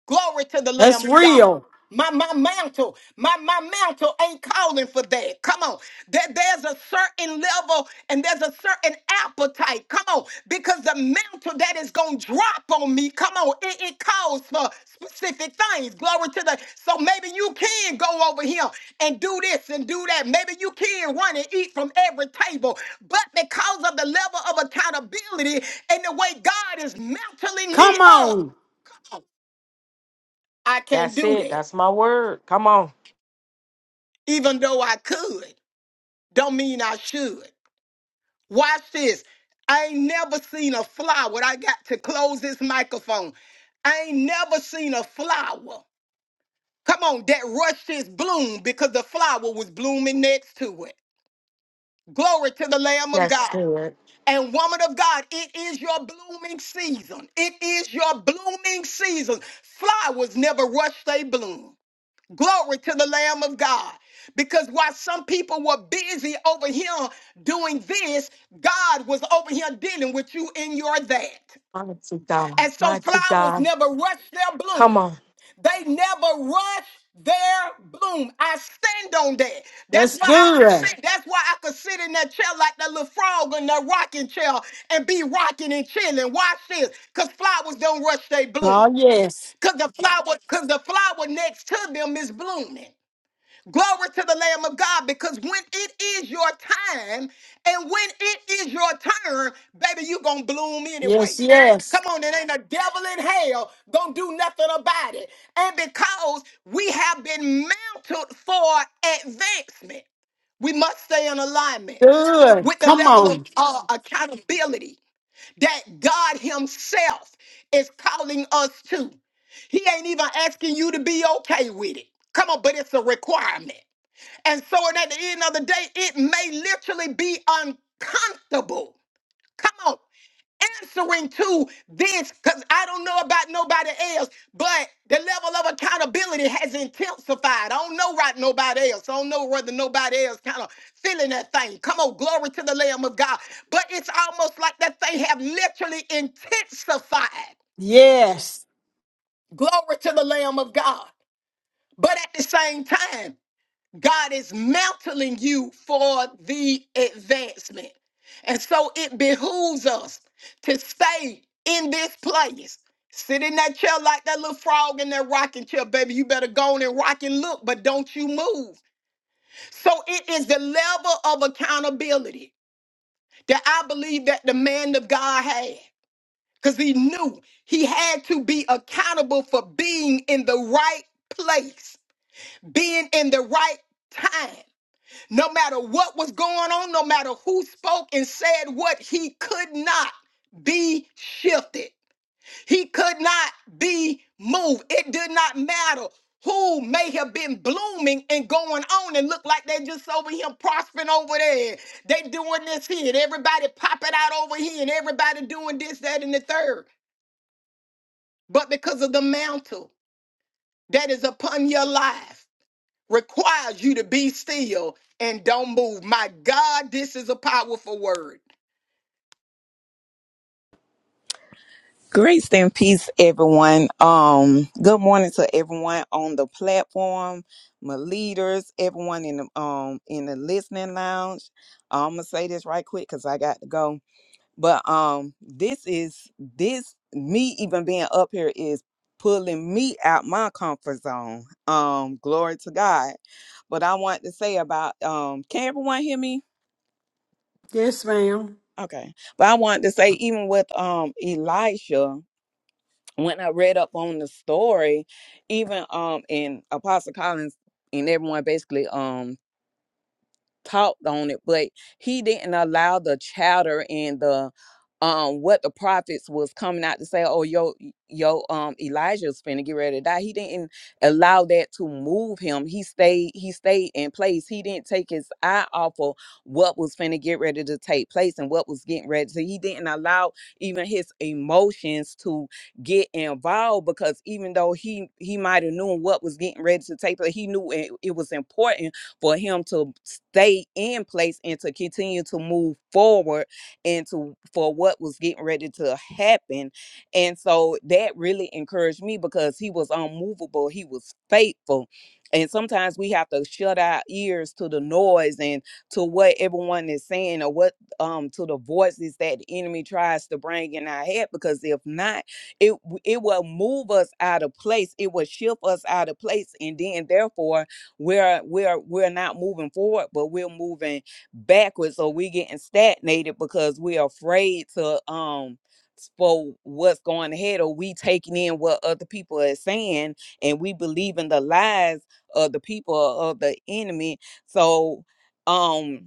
Speaker 8: Glory to the
Speaker 1: That's
Speaker 8: Lamb of God.
Speaker 1: real.
Speaker 8: My my mantle, my my mantle ain't calling for that. Come on, there, there's a certain level and there's a certain appetite. Come on, because the mantle that is gonna drop on me, come on, it, it calls for specific things. Glory to the. So maybe you can go over here and do this and do that. Maybe you can run and eat from every table, but because of the level of accountability and the way God is mantling me
Speaker 1: Come
Speaker 8: up,
Speaker 1: on.
Speaker 8: I can't
Speaker 3: That's
Speaker 8: do
Speaker 3: it.
Speaker 8: that.
Speaker 3: That's my word. Come on.
Speaker 8: Even though I could, don't mean I should. Watch this. I ain't never seen a flower. I got to close this microphone. I ain't never seen a flower. Come on, that rushed its bloom because the flower was blooming next to it. Glory to the Lamb of
Speaker 3: That's
Speaker 8: God.
Speaker 3: good.
Speaker 8: And woman of God, it is your blooming season. It is your blooming season. Flowers never rush they bloom. Glory to the Lamb of God. Because while some people were busy over here doing this, God was over here dealing with you in your that.
Speaker 3: Mighty God.
Speaker 8: And so
Speaker 3: Mighty
Speaker 8: flowers
Speaker 3: God.
Speaker 8: never rush their
Speaker 3: Come
Speaker 8: bloom.
Speaker 3: on.
Speaker 8: They never rush their bloom. I stand on that. That's
Speaker 1: That's
Speaker 8: why I could
Speaker 1: good.
Speaker 8: sit. That's why I could sit in that chair like that little frog in that rocking chair and be rocking and chilling. Watch this, cause flowers don't rush their bloom.
Speaker 1: Oh, yes.
Speaker 8: Cause the flower, cause the flower next to them is blooming. Glory to the Lamb of God because when it is your time and when it is your turn, baby, you going to bloom anyway.
Speaker 1: Yes, yes.
Speaker 8: Come on, it ain't a devil in hell gonna do nothing about it. And because we have been mounted for advancement, we must stay in alignment
Speaker 1: Good.
Speaker 8: with the
Speaker 1: Come
Speaker 8: level of
Speaker 1: on.
Speaker 8: uh, accountability that God Himself is calling us to. He ain't even asking you to be okay with it. Come on, but it's a requirement. And so at the end of the day, it may literally be uncomfortable. Come on. Answering to this, because I don't know about nobody else, but the level of accountability has intensified. I don't know right nobody else. I don't know whether nobody else kind of feeling that thing. Come on, glory to the Lamb of God. But it's almost like that thing have literally intensified.
Speaker 1: Yes.
Speaker 8: Glory to the Lamb of God. But at the same time, God is mantling you for the advancement. And so it behooves us to stay in this place. Sit in that chair like that little frog in that rocking chair, baby. You better go on and rock and look, but don't you move. So it is the level of accountability that I believe that the man of God had. Because he knew he had to be accountable for being in the right place, being in the right time. No matter what was going on, no matter who spoke and said what, he could not be shifted. He could not be moved. It did not matter who may have been blooming and going on and look like they just over here prospering over there. They doing this here and everybody popping out over here and everybody doing this, that, and the third. But because of the mantle that is upon your life, requires you to be still and don't move. My God, this is a powerful word.
Speaker 4: Grace and peace, everyone. Um, good morning to everyone on the platform, my leaders, everyone in the um in the listening lounge. I'm gonna say this right quick because I got to go. But um, this is this me even being up here is pulling me out my comfort zone. Um, glory to God. But I want to say about um, can everyone hear me?
Speaker 1: Yes, ma'am.
Speaker 4: Okay. But I want to say even with um Elisha. when I read up on the story, even um in Apostle Collins and everyone basically um talked on it, but he didn't allow the chatter and the um what the prophets was coming out to say, oh yo yo um Elijah's finna get ready to die. He didn't allow that to move him. He stayed he stayed in place. He didn't take his eye off of what was finna get ready to take place and what was getting ready. So he didn't allow even his emotions to get involved because even though he he might have known what was getting ready to take place, he knew it, it was important for him to stay in place and to continue to move forward and to for what was getting ready to happen. And so that really encouraged me because he was unmovable, he was faithful. And sometimes we have to shut our ears to the noise and to what everyone is saying or what um to the voices that the enemy tries to bring in our head because if not it w- it will move us out of place it will shift us out of place and then therefore we're we're we're not moving forward but we're moving backwards or we're getting stagnated because we're afraid to um for what's going ahead or we taking in what other people are saying and we believe in the lies of the people or of the enemy so um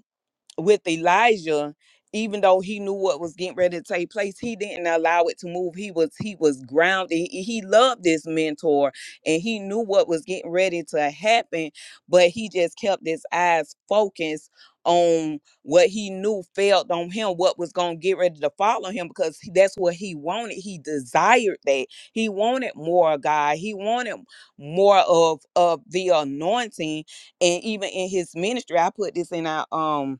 Speaker 4: with Elijah, even though he knew what was getting ready to take place, he didn't allow it to move. He was he was grounded. He, he loved this mentor and he knew what was getting ready to happen, but he just kept his eyes focused on what he knew felt on him, what was gonna get ready to follow him because he- that's what he wanted. He desired that. He wanted more of God. He wanted more of of the anointing. And even in his ministry, I put this in our um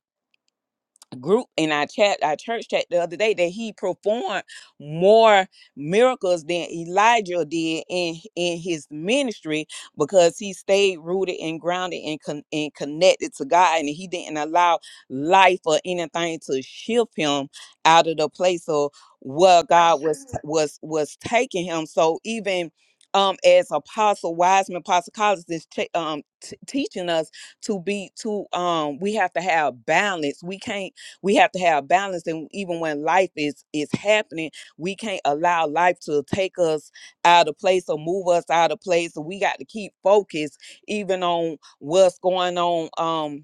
Speaker 4: group in our chat, our church chat the other day that he performed more miracles than Elijah did in in his ministry because he stayed rooted and grounded and con- and connected to God and he didn't allow life or anything to shift him out of the place of where God was Sure. was was taking him. So even um, as Apostle Wiseman, Apostle Collins is ta- um, t- teaching us to be to um, we have to have balance. We can't we have to have balance and even when life is is happening we can't allow life to take us out of place or move us out of place so we got to keep focused even on what's going on um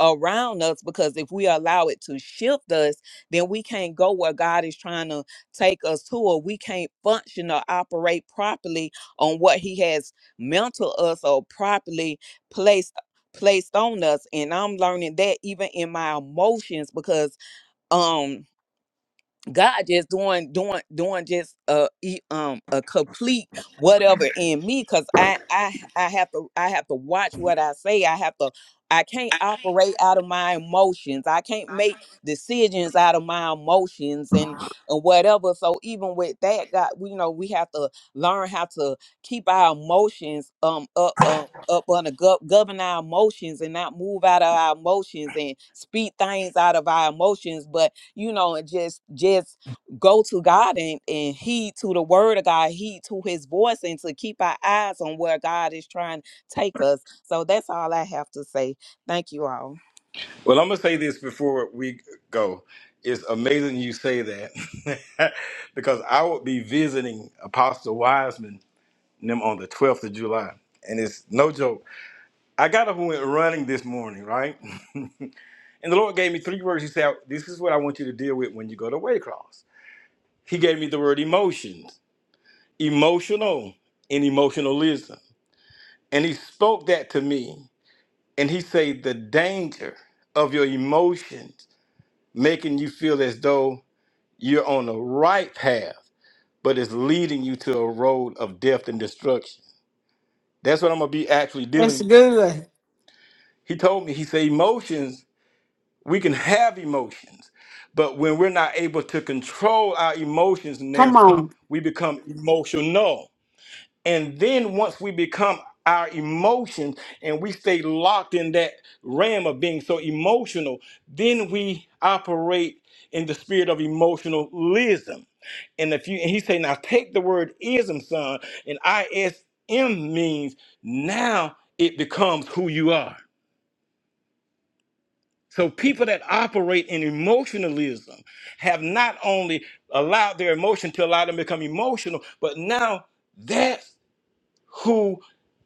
Speaker 4: around us because if we allow it to shift us then we can't go where god is trying to take us to or we can't function or operate properly on what he has meant to us or properly placed placed on us and i'm learning that even in my emotions because um God just doing doing doing just a e- um a complete whatever in me cuz I I I have to I have to watch what I say. I have to I can't operate out of my emotions. I can't make decisions out of my emotions and and whatever. So even with that God, we know we have to learn how to keep our emotions um up up up under gov- govern our emotions and not move out of our emotions and speak things out of our emotions but you know, and just just go to God and, and heed to the word of God, heed to his voice and to keep our eyes on where God is trying to take us. So that's all I have to say. Thank you all.
Speaker 7: well, I'm gonna say this before we go. It's amazing you say that because I will be visiting Apostle Wiseman and them on the 12th of July, and it's no joke. I got up and went running this morning, right? and the Lord gave me three words. He said, "This is what I want you to deal with when you go to Waycross." He gave me the word emotions. emotional and emotionalism. And he spoke that to me. And he said, the danger of your emotions making you feel as though you're on the right path, but it's leading you to a road of death and destruction. That's what I'm gonna be actually dealing
Speaker 1: That's good.
Speaker 7: He told me, he said, emotions, we can have emotions, but when we're not able to control our emotions,
Speaker 1: Come
Speaker 7: Nelson,
Speaker 1: on.
Speaker 7: we become emotional. And then once we become our emotions and we stay locked in that realm of being so emotional, then we operate in the spirit of emotionalism. And if you and he say, now take the word ism, son, and ISM means now it becomes who you are. So people that operate in emotionalism have not only allowed their emotion to allow them to become emotional, but now that's who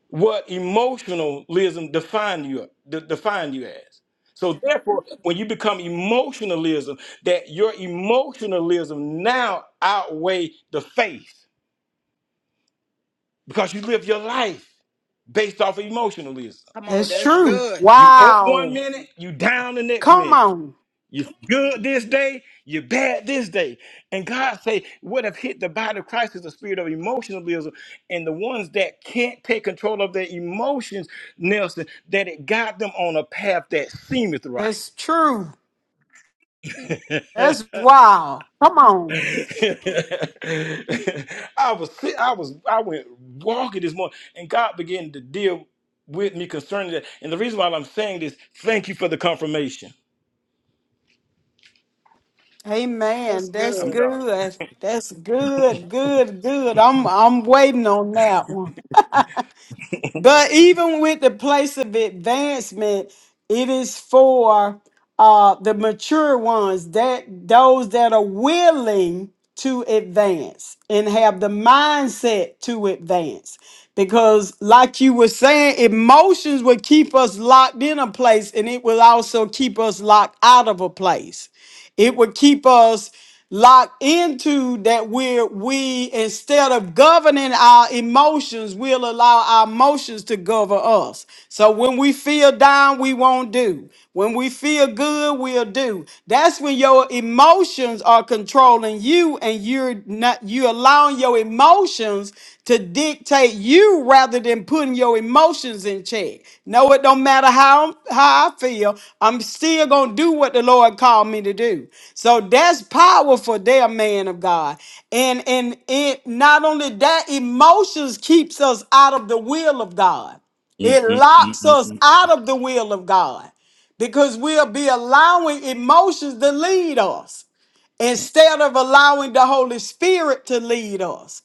Speaker 7: what emotionalism define you de- define you as. So therefore, when you become emotionalism, that your emotionalism now outweigh the faith because you live your life based off of emotionalism.
Speaker 8: Come on,
Speaker 1: That's
Speaker 8: that's
Speaker 1: true.
Speaker 8: good.
Speaker 7: You up one
Speaker 1: Wow.
Speaker 7: minute, you down the next
Speaker 1: Come
Speaker 7: minute.
Speaker 1: on.
Speaker 7: You good this day, you bad this day. And God say, what have hit the body of Christ is the spirit of emotionalism. And the ones that can't take control of their emotions, Nelson, that it got them on a path that seemeth right.
Speaker 1: That's true.
Speaker 7: I
Speaker 1: That's wow. Come on.
Speaker 7: was sit- I was I went walking this morning and God began to deal with me concerning that. And the reason why I'm saying this, thank you for the confirmation.
Speaker 8: That's
Speaker 1: Amen. That's
Speaker 7: I'm
Speaker 8: good.
Speaker 7: done.
Speaker 1: good. That's good. Good. Good. I'm I'm waiting on that one. But even with the place of advancement, it is for uh, the mature ones that those that are willing to advance and have the mindset to advance. Because, like you were saying, emotions will keep us locked in a place and it will also keep us locked out of a place. It would keep us locked into that where we, instead of governing our emotions, we'll allow our emotions to govern us. So when we feel down, we won't do. When we feel good, we'll do. That's when your emotions are controlling you and you're not you allowing allowing your emotions to dictate you rather than putting your emotions in check. No, it don't matter how, how I feel, I'm still going to do what the Lord called me to do. So that's powerful there, man of God. And, and it, not only that, emotions keeps us out of the will of God. It locks
Speaker 7: Mm-mm-mm-mm-mm.
Speaker 1: us out of the will of God because we'll be allowing emotions to lead us instead of allowing the Holy Spirit to lead us.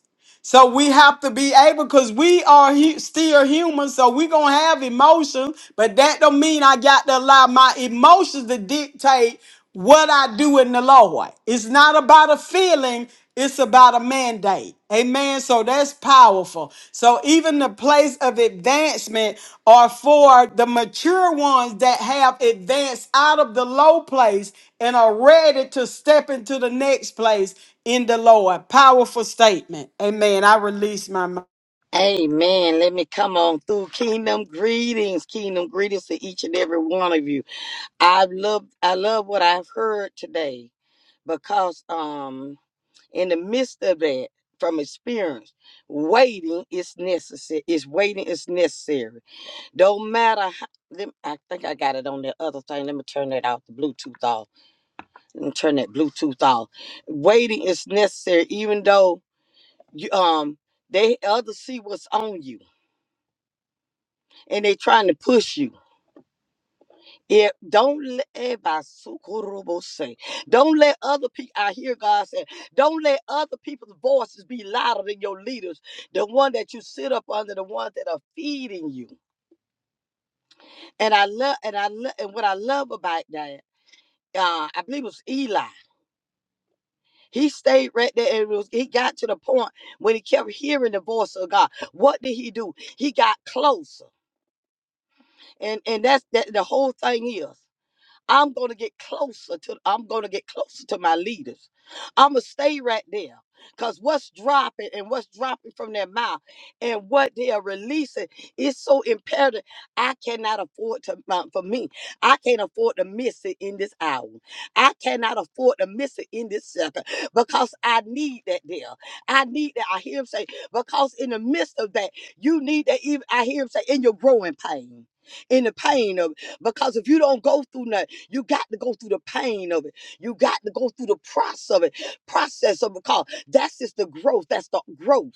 Speaker 1: So we have to be able, because we are hu- still human, so we're going to have emotions, but that don't mean I got to allow my emotions to dictate what I do in the Lord. It's not about a feeling, it's about a mandate. Amen. So that's powerful. So even the place of advancement are for the mature ones that have advanced out of the low place and are ready to step into the next place in the Lord. Powerful statement. Amen. I release my mind.
Speaker 2: Amen. Let me come on through. Kingdom greetings. Kingdom greetings to each and every one of you. I love I love what I've heard today because um in the midst of that, from experience, waiting is necessary. Is waiting is necessary. Don't matter how let I think I got it on the other thing. Let me turn that off, the Bluetooth off. Let me turn that Bluetooth off. Waiting is necessary, even though you, um they others see what's on you and they trying to push you. If don't let eh, say, don't let other people. I hear God say, don't let other people's voices be louder than your leaders, the one that you sit up under, the ones that are feeding you. And I. I lie. He re- got to the point when he got. What did he do? He got closer, and and that's that. The whole thing is, I'm gonna get closer to. I'm gonna get closer to my leaders. I'ma stay right there. Cause what's dropping and what's dropping from their mouth and what they are releasing is so imperative. I cannot afford to um, for me. I can't afford to miss it in this hour. I cannot afford to miss it in this second because I need that there. I need that. I hear him say, because in the midst of that, you need that even I hear him say in your growing pain. In the pain of it. Because if you don't go through nothing, you got to go through the pain of it. You got to go through the process of it process of a call. That's just the growth. That's the growth.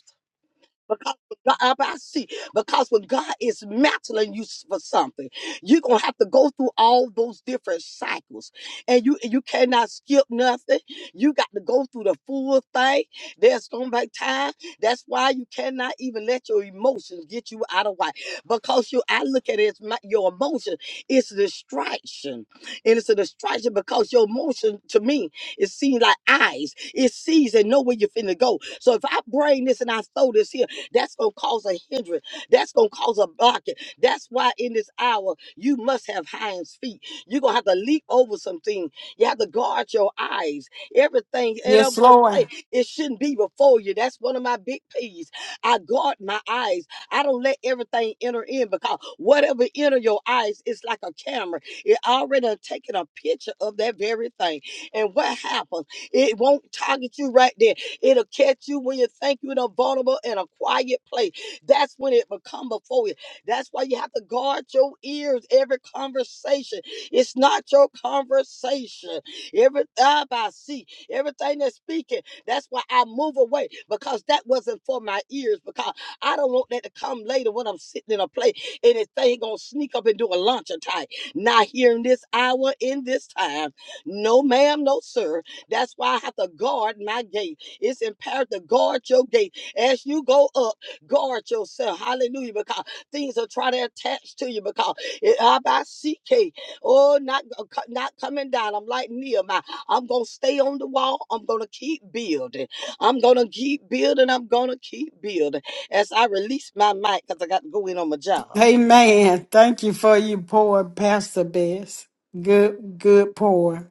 Speaker 2: Because when God, Ah, I see, because when God is mantling you s- for something, you're gonna have to go through all those different cycles, and you you cannot skip nothing. You got to go through the full thing. There's gonna be time. That's why you cannot even let your emotions get you out of whack. Because you, I look at it as my, your emotion. It's a distraction, and it's a distraction because your emotion to me it seems like eyes. It sees and know where you're finna go. So if I bring this and I throw this here. That's going to cause a hindrance. That's going to cause a blockage. That's why in this hour, you must have hinds feet. You're going to have to leap over something. You have to guard your eyes. Everything, and I'm
Speaker 1: Yes,
Speaker 2: going to
Speaker 1: Lord.
Speaker 2: say, it shouldn't be before you. That's one of my big peas. I guard my eyes. I don't let everything enter in because whatever enter your eyes, it's like a camera. It already done taken a picture of that very thing. And what happens? It won't target you right there It'll catch you when you think you're in a vulnerable and a quiet place. That's when it will come before you. That's why you have to guard your ears every conversation. It's not your conversation. Every time I see, everything that's speaking, that's why I move away because that wasn't for my ears because I don't want that to come later when I'm sitting in a place and this thing gonna sneak up and do a lunch attack. Not here in this hour, in this time. No, ma'am, no, sir. That's why I have to guard my gate. It's imperative to guard your gate. As you go up, guard yourself. Hallelujah. Because things are trying to attach to you. Because it, I by CK. Oh, not, not coming down. I'm like Nehemiah. I'm going to stay on the wall. I'm going to keep building. I'm going to keep building. I'm going to keep building. As I release my mic, because I got to go in on my job.
Speaker 1: Amen. Thank you for your pour, Pastor Bess. Good, good pour.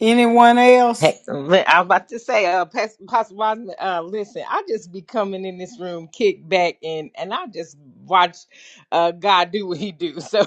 Speaker 1: Anyone else?
Speaker 5: Pastor I'm about to say, uh, Pastor, Pastor Wiseman, uh, listen, I just be coming in this room, kick back, and and I just watch uh, God do what He do. So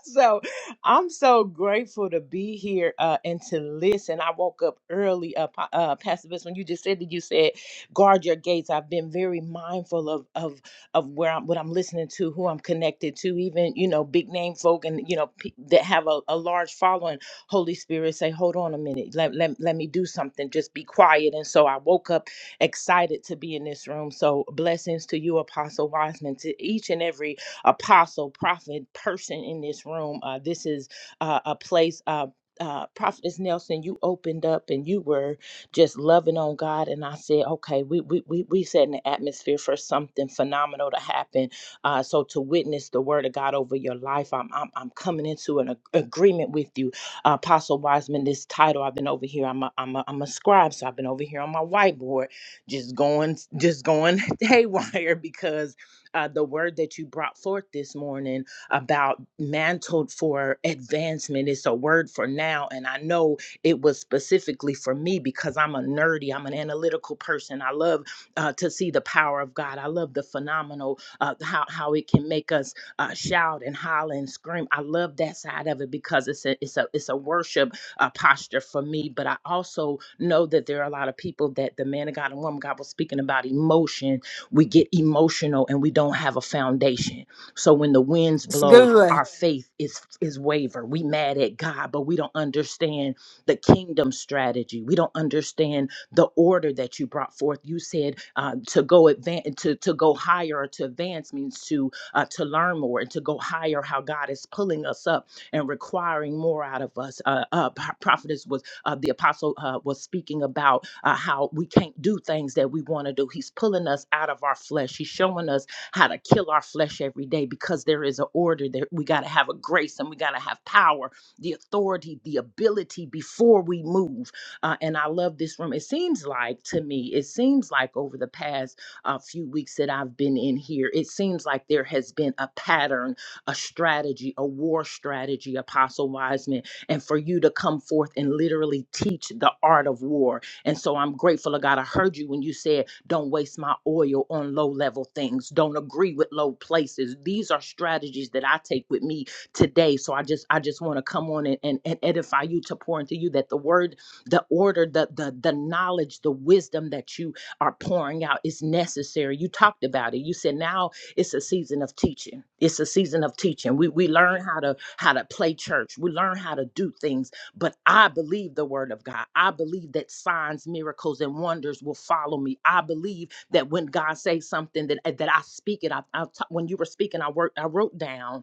Speaker 5: so I'm so grateful to be here uh, and to listen. I woke up early, uh, Pa- uh, Pastor Vince, when you just said that you said, guard your gates. I've been very mindful of of of where I'm, what I'm listening to, who I'm connected to, even you know, big name folk and you know pe- that have a, a large following. Holy Spirit, say, hold on a minute, let, let let me do something. Just be quiet. And so I woke up excited to be in this room. So blessings to you, Apostle Wiseman, to each and every apostle, prophet, person in this room. Uh, this is uh, a place. Uh, uh, Prophetess Nelson, you opened up and you were just loving on God, and I said, okay, we we we we setting the atmosphere for something phenomenal to happen. Uh, so to witness the word of God over your life, I'm I'm, I'm coming into an ag- agreement with you, uh, Apostle Wiseman. This title I've been over here. I'm a, I'm a, I'm a scribe, so I've been over here on my whiteboard, just going just going haywire because uh, the word that you brought forth this morning about mantled for advancement its a word for now. And I know it was specifically for me because I'm a nerdy, I'm an analytical person. I love uh, to see the power of God. I love the phenomenal, uh, how, how it can make us uh, shout and holler and scream. I love that side of it because it's a, it's a, it's a worship uh, posture for me. But I also know that there are a lot of people that the man of God and woman of God was speaking about emotion we get emotional and we don't have a foundation. So when the winds
Speaker 1: It's
Speaker 5: blow,
Speaker 1: good.
Speaker 5: our faith is is waver. We mad at God, but we don't understand the kingdom strategy. We don't understand the order that you brought forth. You said uh, to go advance, to to go higher, or to advance means to uh, to learn more and to go higher. How God is pulling us up and requiring more out of us. Uh, uh, Pro- prophetess was uh, the apostle uh, was speaking about uh, how we can't do things that we want to do. He's pulling us out of our flesh. He's showing us how to kill our flesh every day because there is an order there. We got to have a grace and we got to have power, the authority, the ability before we move. Uh, and I love this room. It seems like to me, it seems like over the past uh, few weeks that I've been in here, it seems like there has been a pattern, a strategy, a war strategy, Apostle Wiseman and for you to come forth and literally teach the art of war. And so I'm grateful to God. I heard you when you said, Don't waste my oil on low level things, don't agree with low places. These are strategies that I take with me today. So I just I just want to come on and, and, and edify you to pour into you that the word, the order, the the the knowledge, the wisdom that you are pouring out is necessary. You talked about it. You said now it's a season of teaching. It's a season of teaching. We we learn how to how to play church. We learn how to do things. But I believe the word of God. I believe that signs, miracles, and wonders will follow me. I believe that when God says something that that I speak it. I, I when you were speaking, I worked. I wrote down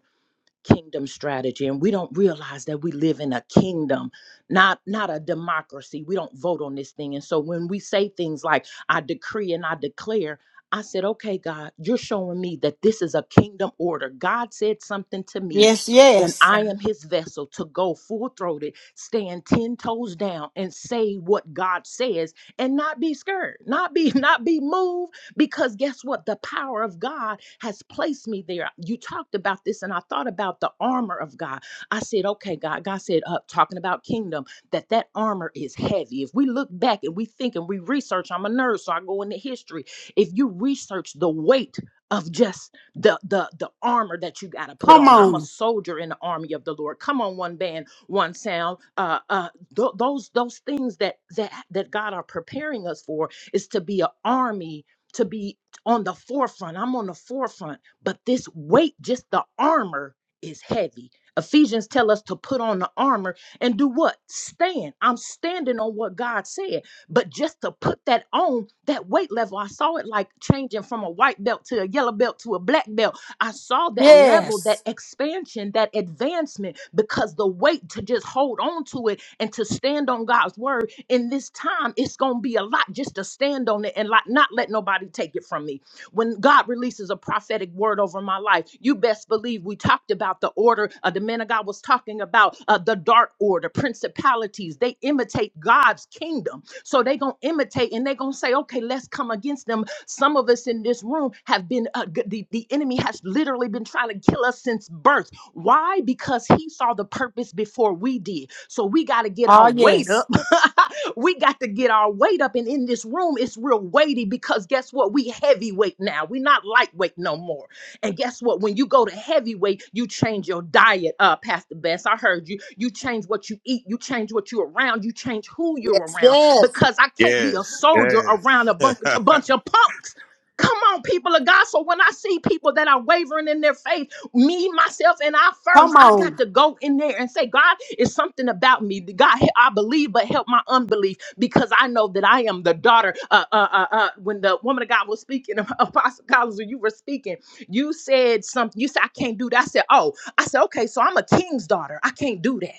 Speaker 5: kingdom strategy and we don't realize that we live in a kingdom not not a democracy we don't vote on this thing and so when we say things like i decree and i declare i said okay god you're showing me that this is a kingdom order god said something to me
Speaker 1: Yes,
Speaker 5: and
Speaker 1: yes.
Speaker 5: i am his vessel to go full-throated stand 10 toes down and say what god says and not be scared not be not be moved because guess what? The power of God has placed me there. You talked about this, and I thought about the armor of God. I said, okay, God. God said, uh, talking about kingdom, that that armor is heavy. If we look back and we think and we research, I'm a nerd, so I go into history. If you research the weight of just the the the armor that you got to put
Speaker 1: Come
Speaker 5: on, I'm a
Speaker 1: on.
Speaker 5: soldier in the army of the Lord. Come on, one band, one sound. Uh, uh, tho- those those things that that that God are preparing us for is to be an army to be on the forefront. I'm on the forefront. But this weight, just the armor, is heavy. Ephesians tell us to put on the armor and do what? Stand. I'm standing on what God said. But just to put that on, that weight level, I saw it like changing from a white belt to a yellow belt to a black belt I saw that level, that
Speaker 1: Yes.
Speaker 5: expansion, that advancement because the weight to just hold on to it and to stand on God's word in this time, it's going to be a lot just to stand on it and like not let nobody take it from me. When God releases a prophetic word over my life, you best believe we talked about the order. Uh, the man of God was talking about uh, the dark order, principalities. They imitate imitate God's kingdom. So they're going to imitate and they're going to say, okay, let's come against them. Some of us in this room have been, uh, g- the, the enemy has literally been trying to kill us since birth. Why? Because he saw the purpose before we did. So we got to get
Speaker 1: Oh,
Speaker 5: our weight
Speaker 1: yes.
Speaker 5: up. we got to get our weight up. And in this room, it's real weighty because guess what? We heavyweight now. We're not lightweight no more. And guess what? When you go to heavyweight, you change your diet up, Pastor Best. I heard you. You change what you eat, you change what you're around, you change who you're
Speaker 2: Yes,
Speaker 5: around.
Speaker 2: yes.
Speaker 5: Because I can't be a
Speaker 7: Yes,
Speaker 5: soldier around a,
Speaker 7: yes,
Speaker 5: bunk- a bunch of punks. Come on, people of God. So when I see people that are wavering in their faith, me, myself, and I first,
Speaker 1: Come
Speaker 5: I
Speaker 1: on.
Speaker 5: got to go in there and say, God, it's something about me. God, I believe, but help my unbelief because I know that I am the daughter. Uh, uh, uh, uh, when the woman of God was speaking, Apostle Collins, when you were speaking, you said something. You said, I can't do that. I said, Oh, I said, Okay, so I'm a king's daughter. I can't do that.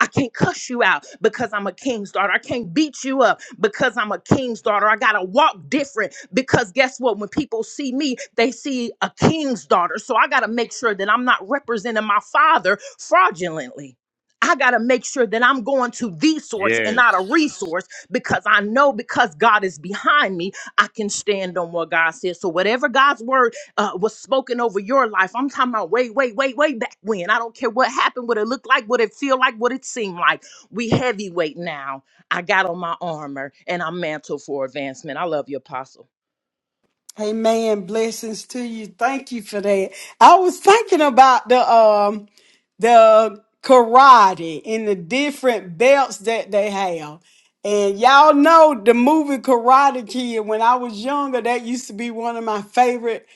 Speaker 5: I can't cuss you out because I'm a king's daughter. I can't beat you up because I'm a king's daughter. I got to walk different because guess what? When people see me, they see a king's daughter. So I got to make sure that I'm not representing my father fraudulently. I got to make sure that I'm going to the source and
Speaker 7: yes.
Speaker 5: not a resource because I know because God is behind me, I can stand on what God says. So, whatever God's word uh, was spoken over your life. I'm talking about way, way, way, way back when. I don't care what happened, what it looked like, what it feel like, what it seemed like. We heavyweight now. I got on my armor and I'm mantled for advancement. I love you, Apostle.
Speaker 1: Amen. Blessings to you. Thank you for that. I was thinking about the um the karate and the different belts that they have. And y'all know the movie Karate Kid. When I was younger, that used to be one of my favorite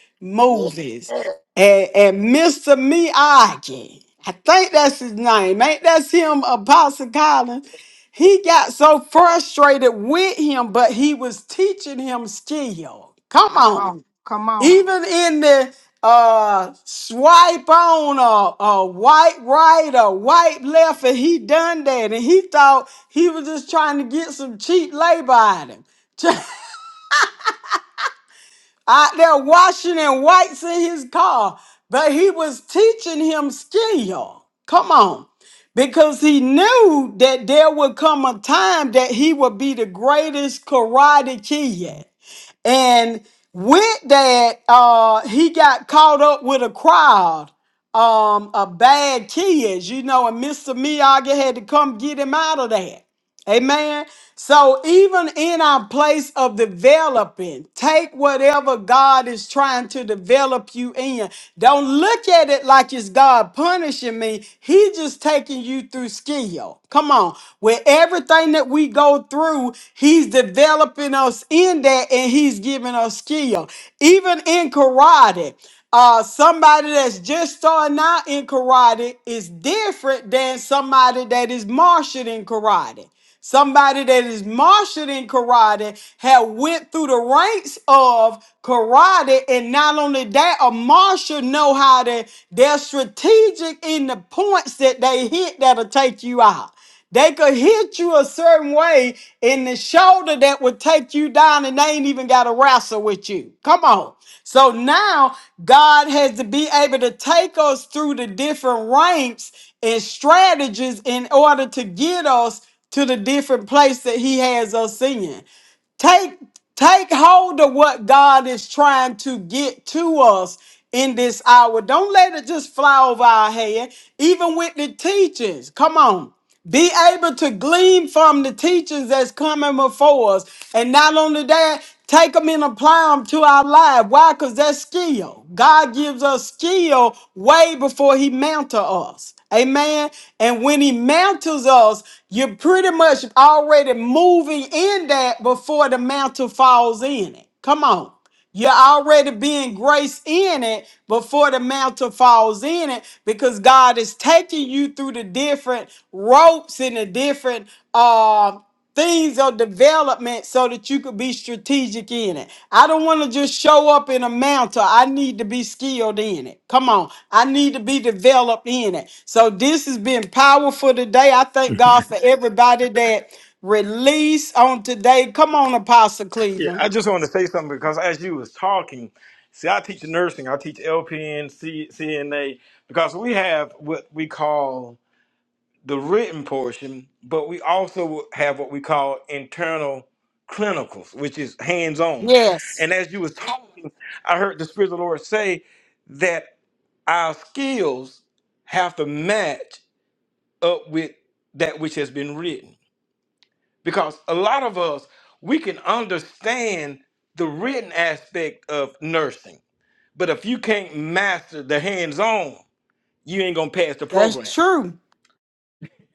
Speaker 2: Yes.
Speaker 1: movies. And, and Mr. Miyagi, I think that's his name. Ain't that's him, Apostle Collins? He got so frustrated with him, but he was teaching him still. Come on.
Speaker 8: Oh,
Speaker 1: Even in the uh swipe on a, a white right or white left, and he done that. And he thought he was just trying to get some cheap labor out of him. out there washing and whites in his car, but he was teaching him skill. Come on. Because he knew that there would come a time that he would be the greatest karate kid. And with that, uh, he got caught up with a crowd um, of bad kids, you know, and Mr. Miyagi had to come get him out of that. Amen. So even in our place of developing, take whatever God is trying to develop you in. Don't look at it like it's God punishing me. He just taking you through skill. Come on. With everything that we go through, he's developing us in that and he's giving us skill. Even in karate, uh somebody that's just starting out in karate is different than somebody that is marshaled in karate. Somebody that is marshaled in karate had went through the ranks of karate, and not only that, a marshal know how to. They're strategic in the points that they hit that'll take you out. They could hit you a certain way in the shoulder that would take you down, and they ain't even got to wrestle with you. Come on. So now God has to be able to take us through the different ranks and strategies in order to get us to the different place that he has us in. Take take hold of what God is trying to get to us in this hour. Don't let it just fly over our head. Even with the teachings. Come on. Be able to glean from the teachings that's coming before us. And not only that, take them and apply them to our life. Why? Because that's skill. God gives us skill way before he mantle us. Amen. And when he mantles us, you're pretty much already moving in that before the mantle falls in it. Come on. You're already being graced in it before the mantle falls in it because God is taking you through the different ropes and the different uh things of development so that you could be strategic in it. I don't want to just show up in a mantle. I need to be skilled in it. Come on. I need to be developed in it. So this has been powerful today. I thank God for everybody that released on today. Come on, Apostle
Speaker 7: Yeah,
Speaker 1: Cleveland.
Speaker 7: I just wanted to say something because as you was talking, see, I teach nursing, I teach LPN, C, CNA, because we have what we call the written portion, but we also have what we call internal clinicals, which is hands-on.
Speaker 1: Yes,
Speaker 7: And as you was talking, I heard the Spirit of the Lord say that our skills have to match up with that which has been written. because a lot of us we can understand the written aspect of nursing but if you can't master the hands-on you ain't gonna pass the
Speaker 1: that's
Speaker 7: program
Speaker 1: true.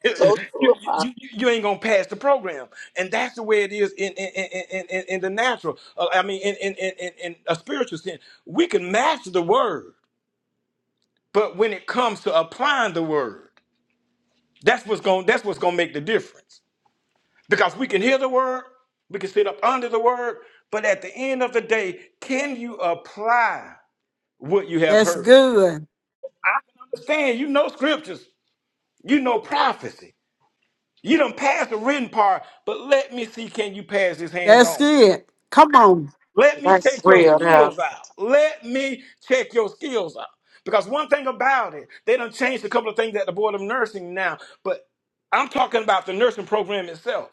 Speaker 7: you,
Speaker 2: So true.
Speaker 7: you, you ain't gonna pass the program and that's the way it is in in, in, in, in in the natural uh, i mean in, in, in, in in a spiritual sense we can master the word but when it comes to applying the word that's what's gonna that's what's gonna make the difference Because we can hear the word, we can sit up under the word, but at the end of the day, can you apply what you have
Speaker 1: That's
Speaker 7: heard?
Speaker 1: good.
Speaker 7: Understand, you know scriptures, you know prophecy. You done passed the written part, but let me see can you pass this hands
Speaker 1: That's
Speaker 7: on?
Speaker 1: it. Come on.
Speaker 7: Let me
Speaker 3: That's
Speaker 7: check your
Speaker 3: real now.
Speaker 7: skills out. Let me check your skills out. Because one thing about it, they done changed a couple of things at the Board of Nursing now, but I'm talking about the nursing program itself.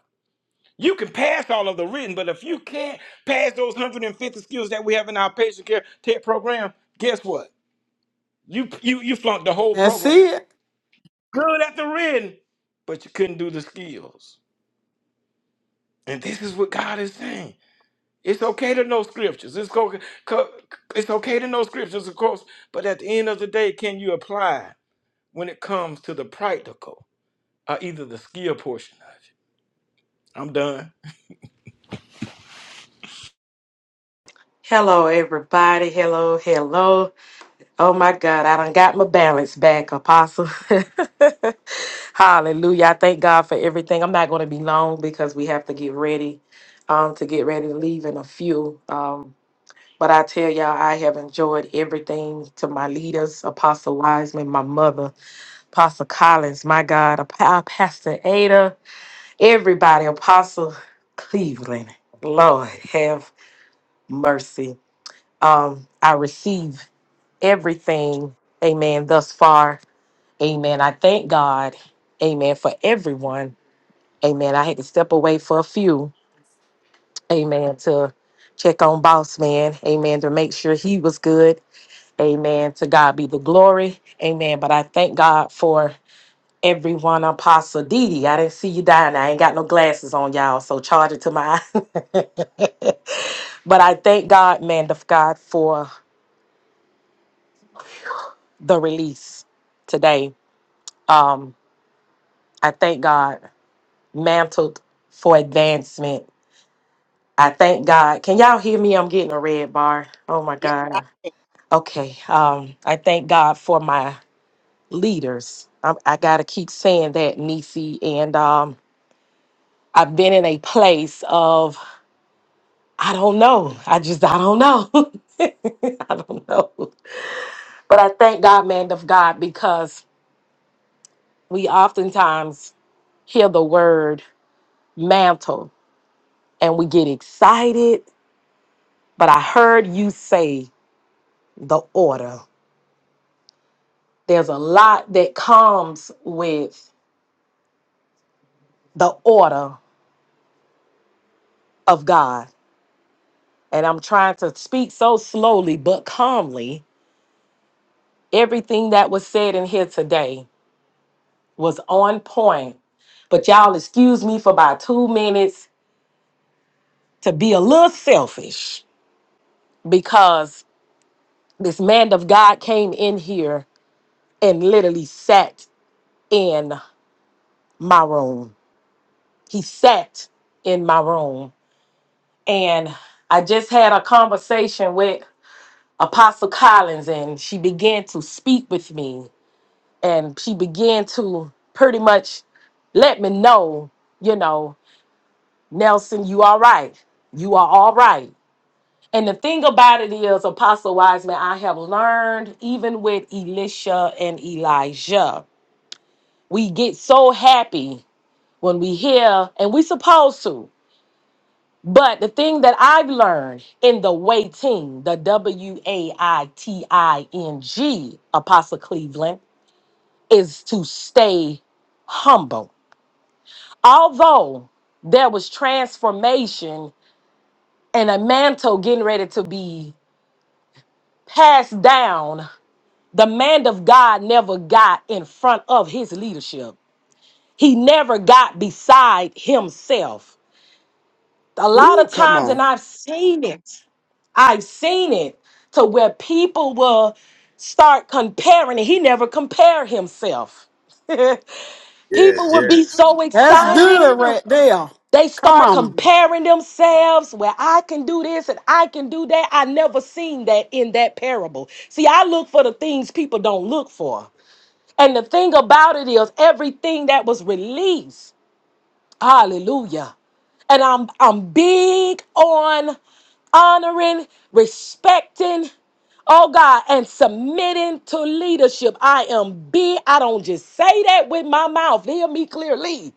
Speaker 7: You can pass all of the written, but if you can't pass those 150 skills that we have in our patient care tech program, guess what? You you you flunked the whole
Speaker 1: That's
Speaker 7: program.
Speaker 1: it.
Speaker 7: Good at the written, but you couldn't do the skills. And this is what God is saying. It's okay to know scriptures. It's co- co- it's okay to know scriptures, of course, but at the end of the day, can you apply when it comes to the practical or either the skill portion of it? I'm done.
Speaker 3: Hello, everybody. Hello, hello. Oh my God, I done got my balance back, Apostle. Hallelujah. I thank God for everything. I'm not going to be long because we have to get ready um, to get ready to leave in a few. Um, but I tell y'all, I have enjoyed everything to my leaders, Apostle Wiseman, my mother, Apostle Collins, my God, Ap- our Pastor Ada, everybody, Apostle Cleveland. Lord, have mercy. Um, I receive everything amen thus far Amen. I thank God. Amen. For everyone. Amen. I had to step away for a few. Amen. To check on boss man. Amen. To make sure he was good. Amen. To God be the glory. Amen. But I thank God for everyone. Apostle Didi. I didn't see you dying. I ain't got no glasses on, y'all. So charge it to my eye. but I thank God, man of God, for the release today. Um, I thank God, mantled for advancement. I thank God. Can y'all hear me? I'm getting a red bar. Oh my
Speaker 2: Yes, I-
Speaker 3: God.
Speaker 2: can.
Speaker 3: Okay. Um, I thank God for my leaders. I, I gotta keep saying that, Nisi. And um, I've been in a place of I don't know. I just I don't know. I don't know. But I thank God, man of God, because we oftentimes hear the word mantle and we get excited. But I heard you say the order. there's a lot that comes with the order of God. And I'm trying to speak so slowly but calmly. Everything that was said in here today was on point. But y'all excuse me for about two minutes to be a little selfish because this man of God came in here and literally sat in my room. He sat in my room. And I just had a conversation with Apostle Collins, and she began to speak with me, and she began to pretty much let me know, you know, Nelson, you all right. You are all right. And the thing about it is, Apostle Wiseman, I have learned even with Elisha and Elijah, we get so happy when we hear, and we supposed to. But the thing that I've learned in the waiting, the W A I T I N G, Apostle Cleveland, is to stay humble. Although there was transformation and a mantle getting ready to be passed down, the man of God never got in front of his leadership. He never got beside himself. A lot of
Speaker 10: Ooh, come
Speaker 3: times,
Speaker 10: on.
Speaker 3: and I've seen it. I've seen it to where people will start comparing, and he never compare himself. people
Speaker 7: Yes,
Speaker 3: will be
Speaker 7: yes,
Speaker 3: so
Speaker 1: That's
Speaker 3: excited.
Speaker 1: good right there.
Speaker 3: They
Speaker 1: Come
Speaker 3: start
Speaker 1: on.
Speaker 3: comparing themselves. Well, I can do this and I can do that. I never seen that in that parable. See, I look for the things people don't look for. And the thing about it is, everything that was released, hallelujah. And I'm I'm big on honoring, respecting, oh God, and submitting to leadership. I am big. I don't just say that with my mouth. Hear me clearly.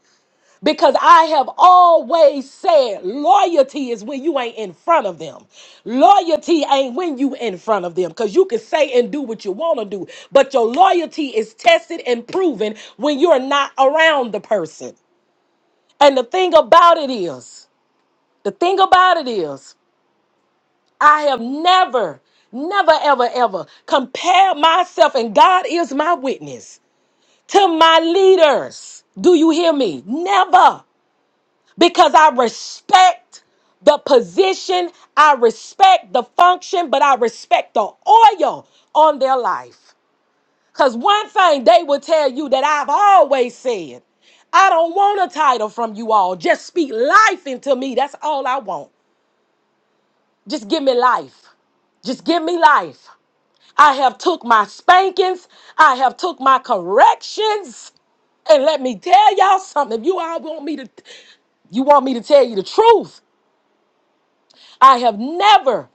Speaker 3: Because I have always said loyalty is when you ain't in front of them. Loyalty ain't when you in front of them. Because you can say and do what you want to do. But your loyalty is tested and proven when you're not around the person. And the thing about it is, the thing about it is. I have never, never, ever, ever compared myself, and God is my witness, to my leaders. Do you hear me? Never. Because I respect the position, I respect the function, but I respect the oil on their life. Because one thing they will tell you that I've always said I don't want a title from you all. Just speak life into me. That's all I want. Just give me life. Just give me life. I have took my spankings. I have took my corrections. And let me tell y'all something. If you all want me to, you want me to tell you the truth. I have never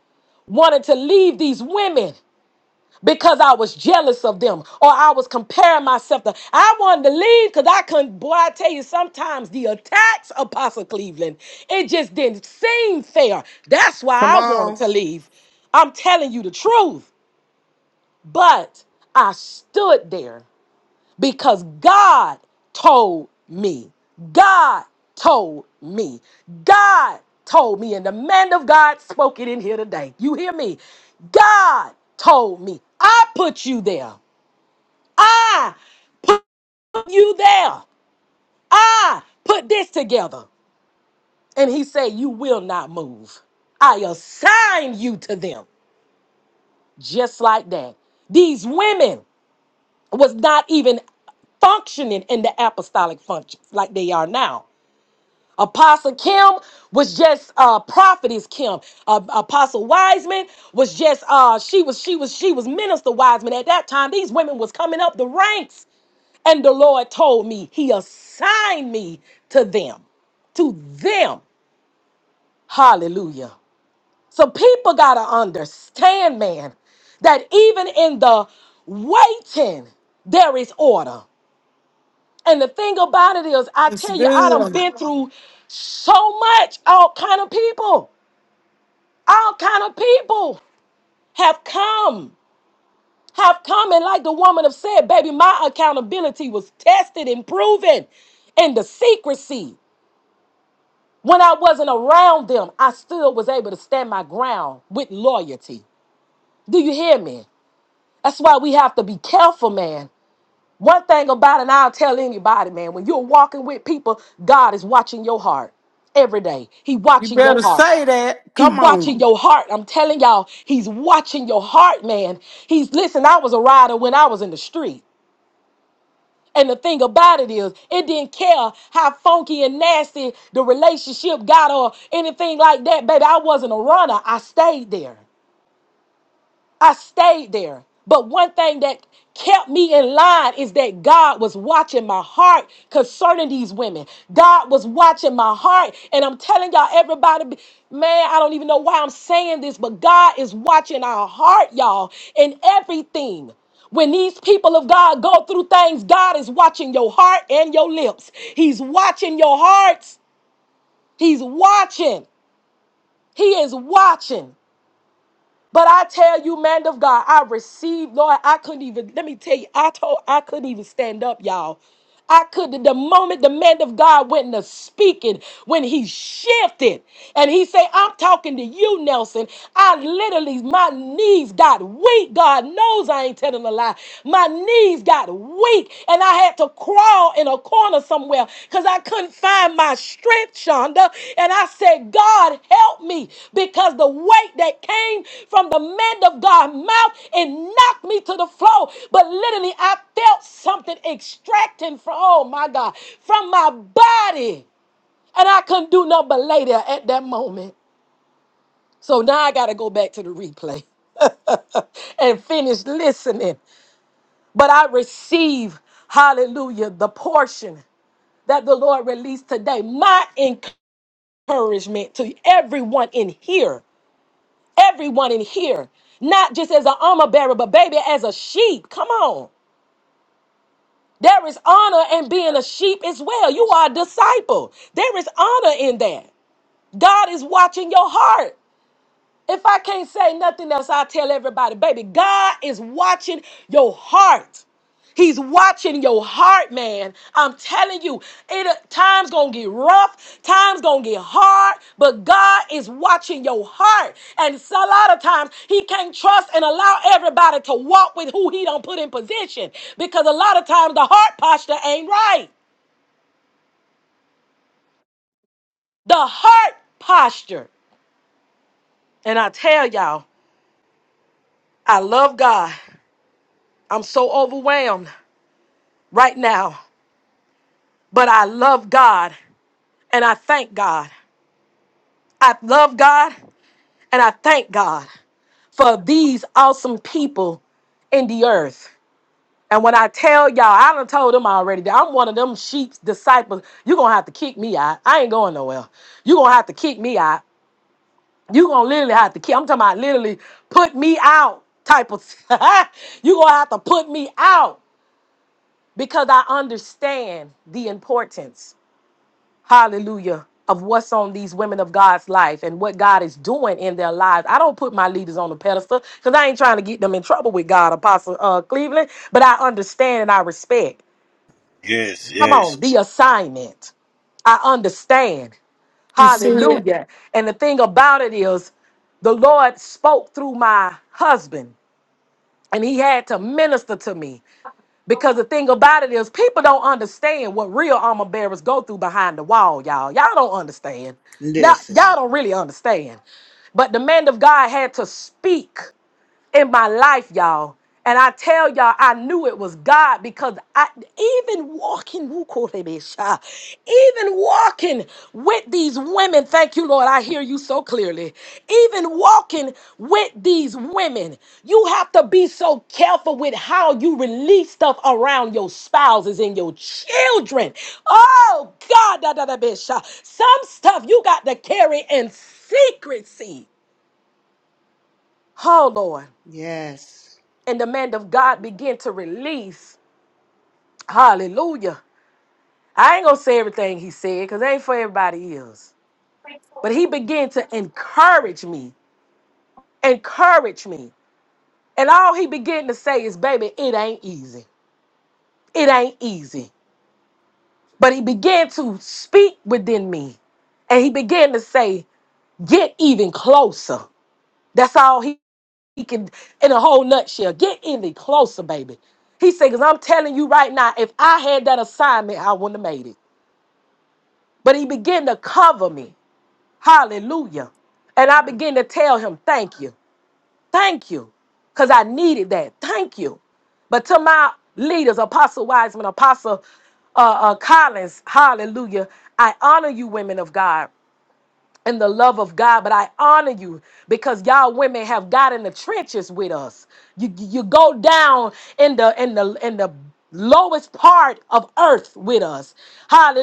Speaker 3: wanted to leave these women because I was jealous of them or I was comparing myself to. I wanted to leave because I couldn't. Boy, I tell you, sometimes the attacks, Apostle Cleveland, it just didn't seem fair. That's
Speaker 10: Come
Speaker 3: why I wanted
Speaker 10: on.
Speaker 3: to leave. I'm telling you the truth. But I stood there because God told me. God told me. God told me. And the man of God spoke it in here today. You hear me? God told me. I put you there. I put you there. I put this together. And he said, You will not move. I assign you to them. Just like that. These women. was not even functioning in the apostolic functions like they are now. Apostle Kim was just uh prophetess Kim. Uh, Apostle Wiseman was just uh she was she was she was minister Wiseman at that time. These women was coming up the ranks and the Lord told me he assigned me to them. To them. Hallelujah. So people got to understand man that even in the waiting there is order. And the thing about it is, I
Speaker 1: It's
Speaker 3: tell you, I done
Speaker 1: good.
Speaker 3: been through so much, all kind of people. All kind of people have come, have come. And like the woman have said, baby, my accountability was tested and proven. And the secrecy, when I wasn't around them, I still was able to stand my ground with loyalty. Do you hear me? That's why we have to be careful, man. One thing about it, and I'll tell anybody, man, when you're walking with people, God is watching your heart every day. He
Speaker 1: You
Speaker 3: watching your
Speaker 1: better
Speaker 3: heart.
Speaker 1: say that.
Speaker 3: He
Speaker 1: Come on.
Speaker 3: watching your heart. I'm telling y'all, he's watching your heart, man. He's listen, I was a rider when I was in the street. And the thing about it is, it didn't care how funky and nasty the relationship got or anything like that, baby. I wasn't a runner. I stayed there. I stayed there. But one thing that kept me in line is that God was watching my heart concerning these women. God was watching my heart. And I'm telling y'all, everybody, be- man, I don't even know why I'm saying this, but God is watching our heart, y'all, in everything. When these people of God go through things, God is watching your heart and your lips. He's watching your hearts. He's watching. He is watching. But I tell you, man of God, I received, Lord, I couldn't even, let me tell you, I told, I couldn't even stand up, y'all. I could, the moment the man of God went to speaking, when he shifted and he said, I'm talking to you, Nelson. I literally, my knees got weak. God knows I ain't telling a lie. My knees got weak and I had to crawl in a corner somewhere because I couldn't find my strength, Shonda. And I said, God, help me because the weight that came from the man of God's mouth it knocked me to the floor. But literally, I felt something extracting from, oh my God, from my body. And I couldn't do nothing but lay there at that moment. So now I got to go back to the replay and finish listening but I receive, hallelujah, the portion that the Lord released today. My encouragement to everyone in here, everyone in here, not just as an armor bearer, but baby, as a sheep. Come on. There is honor in being a sheep as well. You are a disciple. There is honor in that. God is watching your heart. If I can't say nothing else, I'll tell everybody, baby, God is watching your heart. He's watching your heart, man. I'm telling you, it time's gonna get rough, time's gonna get hard, but God is watching your heart. And it's a lot of times he can't trust and allow everybody to walk with who he don't put in position because a lot of times the heart posture ain't right. The heart posture. And I tell y'all, I love God. I'm so overwhelmed. right now. But I love God and I thank God. I love God and I thank God for these awesome people in the earth. And when I tell y'all, I done told them already that I'm one of them sheep's disciples. You're gonna have to kick me out. I ain't going nowhere. You're gonna have to kick me out. You're gonna literally have to kick. I'm talking about literally put me out type of you're gonna have to put me out because I understand the importance. hallelujah, of what's on these women of God's life and what God is doing in their lives. I don't put my leaders on a pedestal because I ain't trying to get them in trouble with God, Apostle uh, Cleveland, but I understand and I respect.
Speaker 7: yes,
Speaker 3: Come
Speaker 7: yes,
Speaker 3: on, the assignment. I understand.
Speaker 1: And see it.
Speaker 3: Hallelujah. And the thing about it is, the Lord spoke through my husband, and he had to minister to me. Because the thing about it is, people don't understand what real armor bearers go through behind the wall, y'all. Y'all don't understand. Now,
Speaker 10: Listen.
Speaker 3: y'all don't really understand. But the man of God had to speak in my life, y'all. And I tell y'all, I knew it was God because I even walking, woo, korebesha, even walking with these women, thank you, Lord, I hear you so clearly. Even walking with these women, you have to be so careful with how you release stuff around your spouses and your children. Oh God, da da da besha. Some stuff you got to carry in secrecy. Oh Lord.
Speaker 10: Yes.
Speaker 3: And the man of God began to release. Hallelujah. I ain't gonna say everything he said because it ain't for everybody else. But he began to encourage me, encourage me. And all he began to say is, baby, it ain't easy. It ain't easy. But he began to speak within me and he began to say, "Get even closer." That's all he, he can, in a whole nutshell. Get even closer, baby. He said, "Cause I'm telling you right now, if I had that assignment, I wouldn't have made it." But he began to cover me. Hallelujah. And I began to tell him, thank you. Thank you. Because I needed that. Thank you. But to my leaders, Apostle Wiseman, Apostle uh, uh, Collins, hallelujah, I honor you, women of God and the love of God. But I honor you because y'all women have got in the trenches with us. You you go down in the in the in the lowest part of earth with us.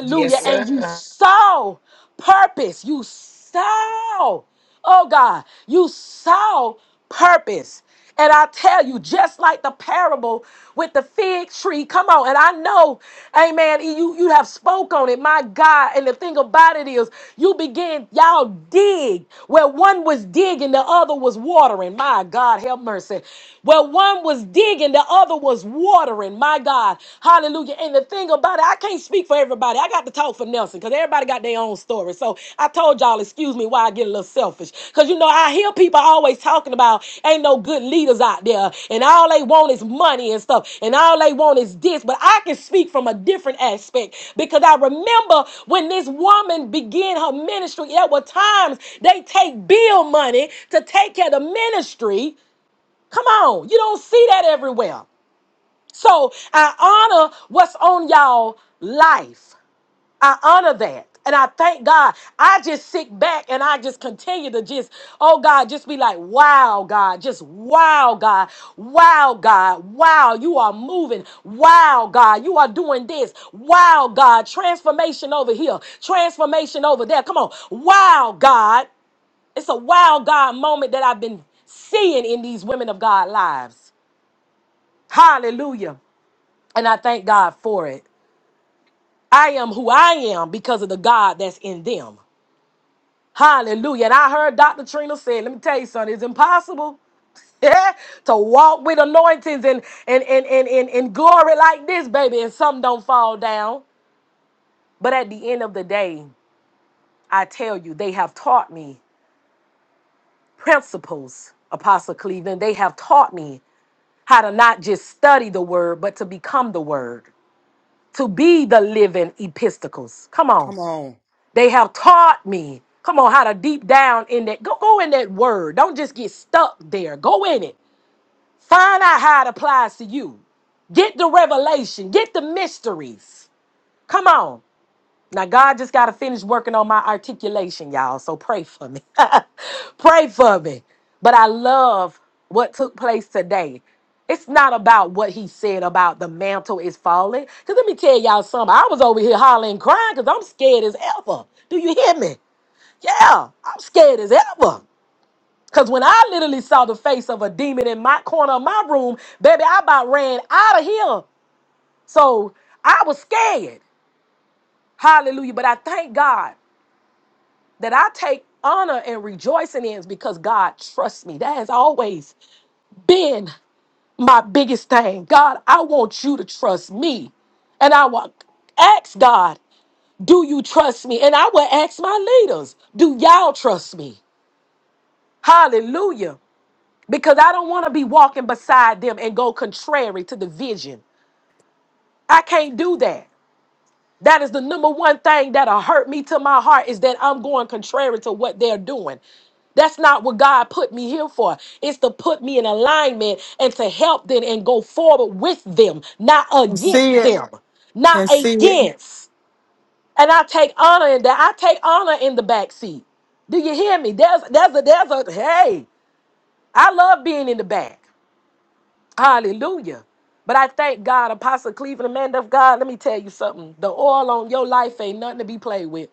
Speaker 2: yes,
Speaker 3: And you
Speaker 2: sir.
Speaker 3: saw purpose. You saw. Oh God, you saw purpose. And I tell you, just like the parable with the fig tree, come on. And I know, amen, you, you have spoke on it, my God. And the thing about it is, you begin, y'all dig where one was digging, the other was watering. My God, have mercy. Where one was digging, the other was watering. My God, hallelujah. And the thing about but I can't speak for everybody. I got to talk for Nelson because everybody got their own story. So I told y'all, excuse me, why I get a little selfish. Because you know, I hear people always talking about ain't no good leaders out there, and all they want is money and stuff, and all they want is this. But I can speak from a different aspect because I remember when this woman began her ministry, there were times they take bill money to take care of the ministry. Come on, you don't see that everywhere. So I honor what's on y'all life. I honor that. And I thank God. I just sit back and I just continue to just, oh God, just be like, wow, God, just wow, God, wow, God, wow, you are moving. Wow, God, you are doing this. Wow, God, transformation over here, transformation over there. Come on. Wow, God. It's a wow, God moment that I've been seeing in these women of God lives. Hallelujah. And I thank God for it. I am who I am because of the God that's in them. Hallelujah. And I heard Dr. Trina say, let me tell you something, it's impossible to walk with anointings and and, and, and, and and glory like this, baby, and some don't fall down. But at the end of the day, I tell you, they have taught me principles, Apostle Cleveland. They have taught me how to not just study the word, but to become the word, to be the living epistles. Come on.
Speaker 10: Come on.
Speaker 3: They have taught me. Come on, how to deep down in that. Go, go in that word. Don't just get stuck there. Go in it. Find out how it applies to you. Get the revelation. Get the mysteries. Come on. Now, God just got to finish working on my articulation, y'all. So pray for me. pray for me. But I love what took place today. It's not about what he said about the mantle is falling. Because let me tell y'all something. I was over here hollering, crying because I'm scared as ever. Do you hear me? Yeah, I'm scared as ever. Cause when I literally saw the face of a demon in my corner of my room, baby, I about ran out of here. So I was scared. Hallelujah. But I thank God that I take honor and rejoicing in is because God trusts me. That has always been my biggest thing. God, I want you to trust me. And I will ask God, do you trust me? And I will ask my leaders, do y'all trust me? Hallelujah. because I don't want to be walking beside them and go contrary to the vision. I can't do that. That is the number one thing that'll hurt me to my heart is that I'm going contrary to what they're doing. That's not what God put me here for. It's to put me in alignment and to help them and go forward with them, not
Speaker 1: And see
Speaker 3: against
Speaker 1: it.
Speaker 3: them, not
Speaker 1: And see it.
Speaker 3: against. And I take honor in that. I take honor in the back seat. Do you hear me? There's there's a there's a hey, I love being in the back. Hallelujah. But I thank God, Apostle Cleveland, man of God. Let me tell you something. The oil on your life ain't nothing to be played with.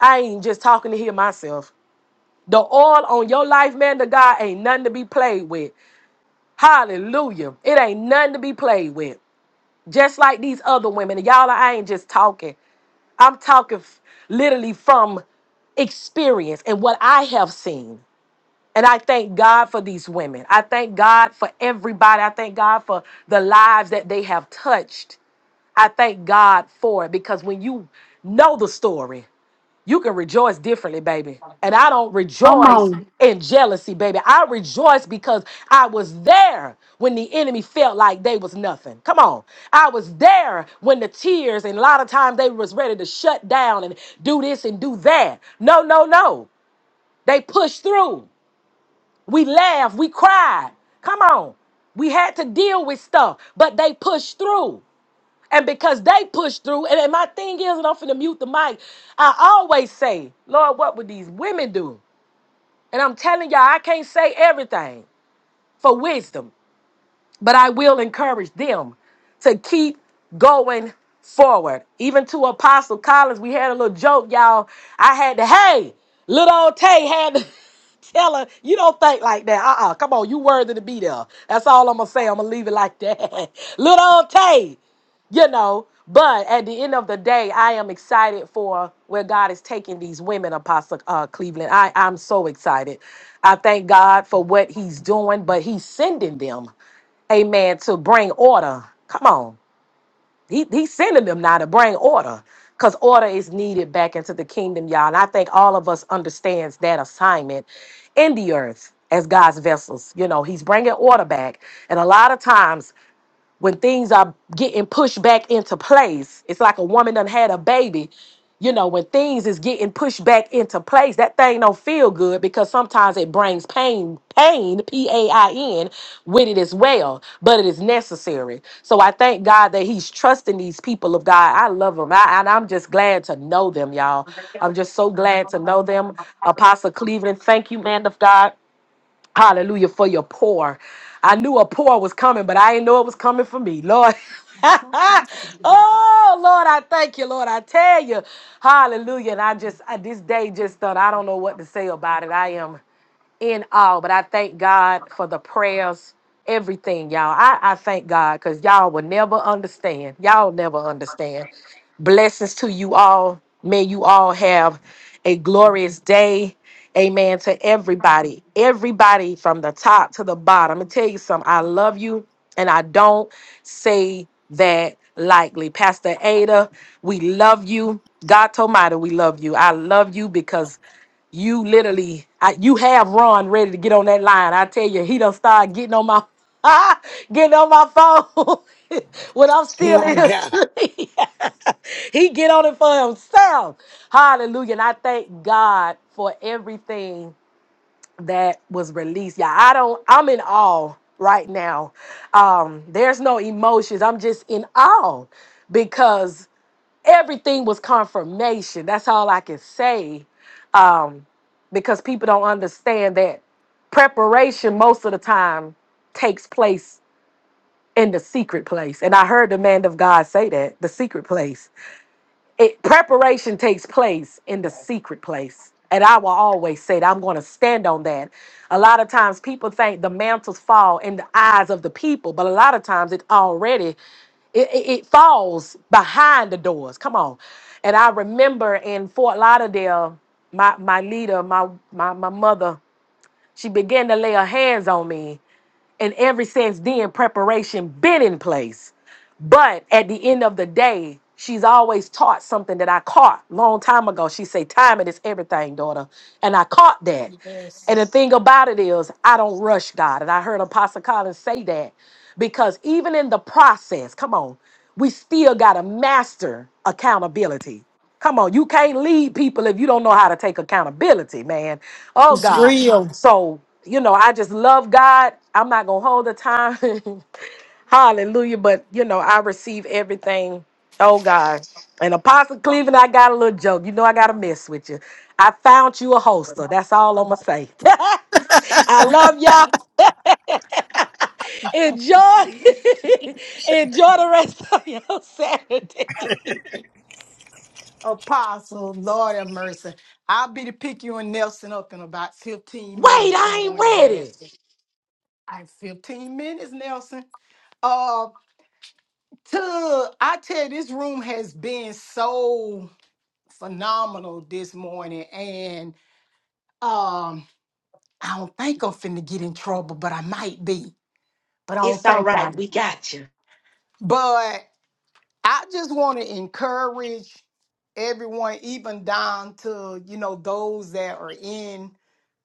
Speaker 3: I ain't just talking to hear myself. The oil on your life, man of God, ain't nothing to be played with. Hallelujah. It ain't nothing to be played with. Just like these other women. And y'all, I ain't just talking. I'm talking f- literally from experience and what I have seen. And I thank God for these women. I thank God for everybody. I thank God for the lives that they have touched. I thank God for it because when you know the story, you can rejoice differently, baby. And I don't
Speaker 1: Come
Speaker 3: rejoice
Speaker 1: on.
Speaker 3: in jealousy, baby. I rejoice because I was there when the enemy felt like they was nothing. Come on. I was there when the tears and a lot of times they was ready to shut down and do this and do that. No, no, no. They pushed through. We laughed, we cried. Come on. We had to deal with stuff, but they pushed through. And because they pushed through, and then my thing is, and I'm finna mute the mic, I always say, Lord, what would these women do? And I'm telling y'all, I can't say everything for wisdom, but I will encourage them to keep going forward. Even to Apostle Collins, we had a little joke, y'all. I had to, hey, little old Tay had tell her you don't think like that. Uh-uh. Come on, you worthy to be there. That's all I'm gonna say. I'm gonna leave it like that. Little old Tay, you know. But at the end of the day, I am excited for where God is taking these women, Apostle uh, Cleveland. I, I'm so excited. I thank God for what He's doing, but He's sending them, amen, to bring order. Come on. He he's sending them now to bring order because order is needed back into the kingdom, y'all. And I think all of us understands that assignment in the earth as God's vessels. You know, he's bringing order back. And a lot of times when things are getting pushed back into place. It's like a woman done had a baby. You know, when things is getting pushed back into place, that thing don't feel good because sometimes it brings pain, pain, P A I N, with it as well. But it is necessary. So I thank God that He's trusting these people of God. I love them. I, and I'm just glad to know them, y'all. I'm just so glad to know them. Apostle Cleveland, thank you, man of God Hallelujah for your pour. I knew a pour was coming, but I didn't know it was coming for me. Lord. oh Lord, I thank you, Lord. I tell you. Hallelujah. And I just I, this day just done. I don't know what to say about it. I am in all, but I thank God for the prayers, everything, y'all. I, I thank God because y'all will never understand. Y'all never understand. Blessings to you all. May you all have a glorious day. Amen to everybody. Everybody from the top to the bottom. I'm going to tell you something. I love you, and I don't say that lightly. Pastor Ada, we love you. God Almighty, we love you. I love you because you literally I, you have Ron ready to get on that line. I tell you, he done start getting on my getting on my phone when I'm still
Speaker 2: My
Speaker 3: in his
Speaker 2: God.
Speaker 3: sleep. he get on it for himself. Hallelujah. And I thank God for everything that was released. Yeah, I don't I'm in awe right now. Um, there's no emotions. I'm just in awe because everything was confirmation. That's all I can say. Um, because people don't understand that preparation most of the time takes place in the secret place. And I heard the man of God say that the secret place it preparation takes place in the secret place and i will always say that i'm going to stand on that a lot of times people think the mantles fall in the eyes of the people but a lot of times it already it, it, it falls behind the doors come on and i remember in fort lauderdale my my leader my my, my mother she began to lay her hands on me and ever since then preparation been in place but at the end of the day she's always taught something that i caught long time ago she say timing is everything daughter and i caught that and the thing about it is, I don't rush God. And I heard Apostle Collins say that because even in the process, come on, we still got to master accountability. Come on, you can't lead people if you don't know how to take accountability, man. Oh,
Speaker 1: It's
Speaker 3: God.
Speaker 1: real.
Speaker 3: So, you know, I just love God. I'm not going to hold the time. Hallelujah. But you know, I receive everything. Oh God. And Apostle Cleveland, I got a little joke. You know I gotta mess with you. I found you a holster. That's all I'ma say. I love y'all. enjoy enjoy the rest of your Saturday. Wait,
Speaker 8: Apostle, Lord have mercy. I'll be to pick you and Nelson up in about 15 minutes. I'm
Speaker 3: I
Speaker 8: going to
Speaker 3: ain't ready.
Speaker 8: gas. it. I 15 minutes, Nelson. Uh, to I tell you, this room has been so phenomenal this morning, and um, I don't think I'm finna get in trouble, but I might be. But I don't
Speaker 3: It's all
Speaker 8: think I.
Speaker 3: right. We got you.
Speaker 8: But I just want to encourage everyone, even down to, you know, those that are in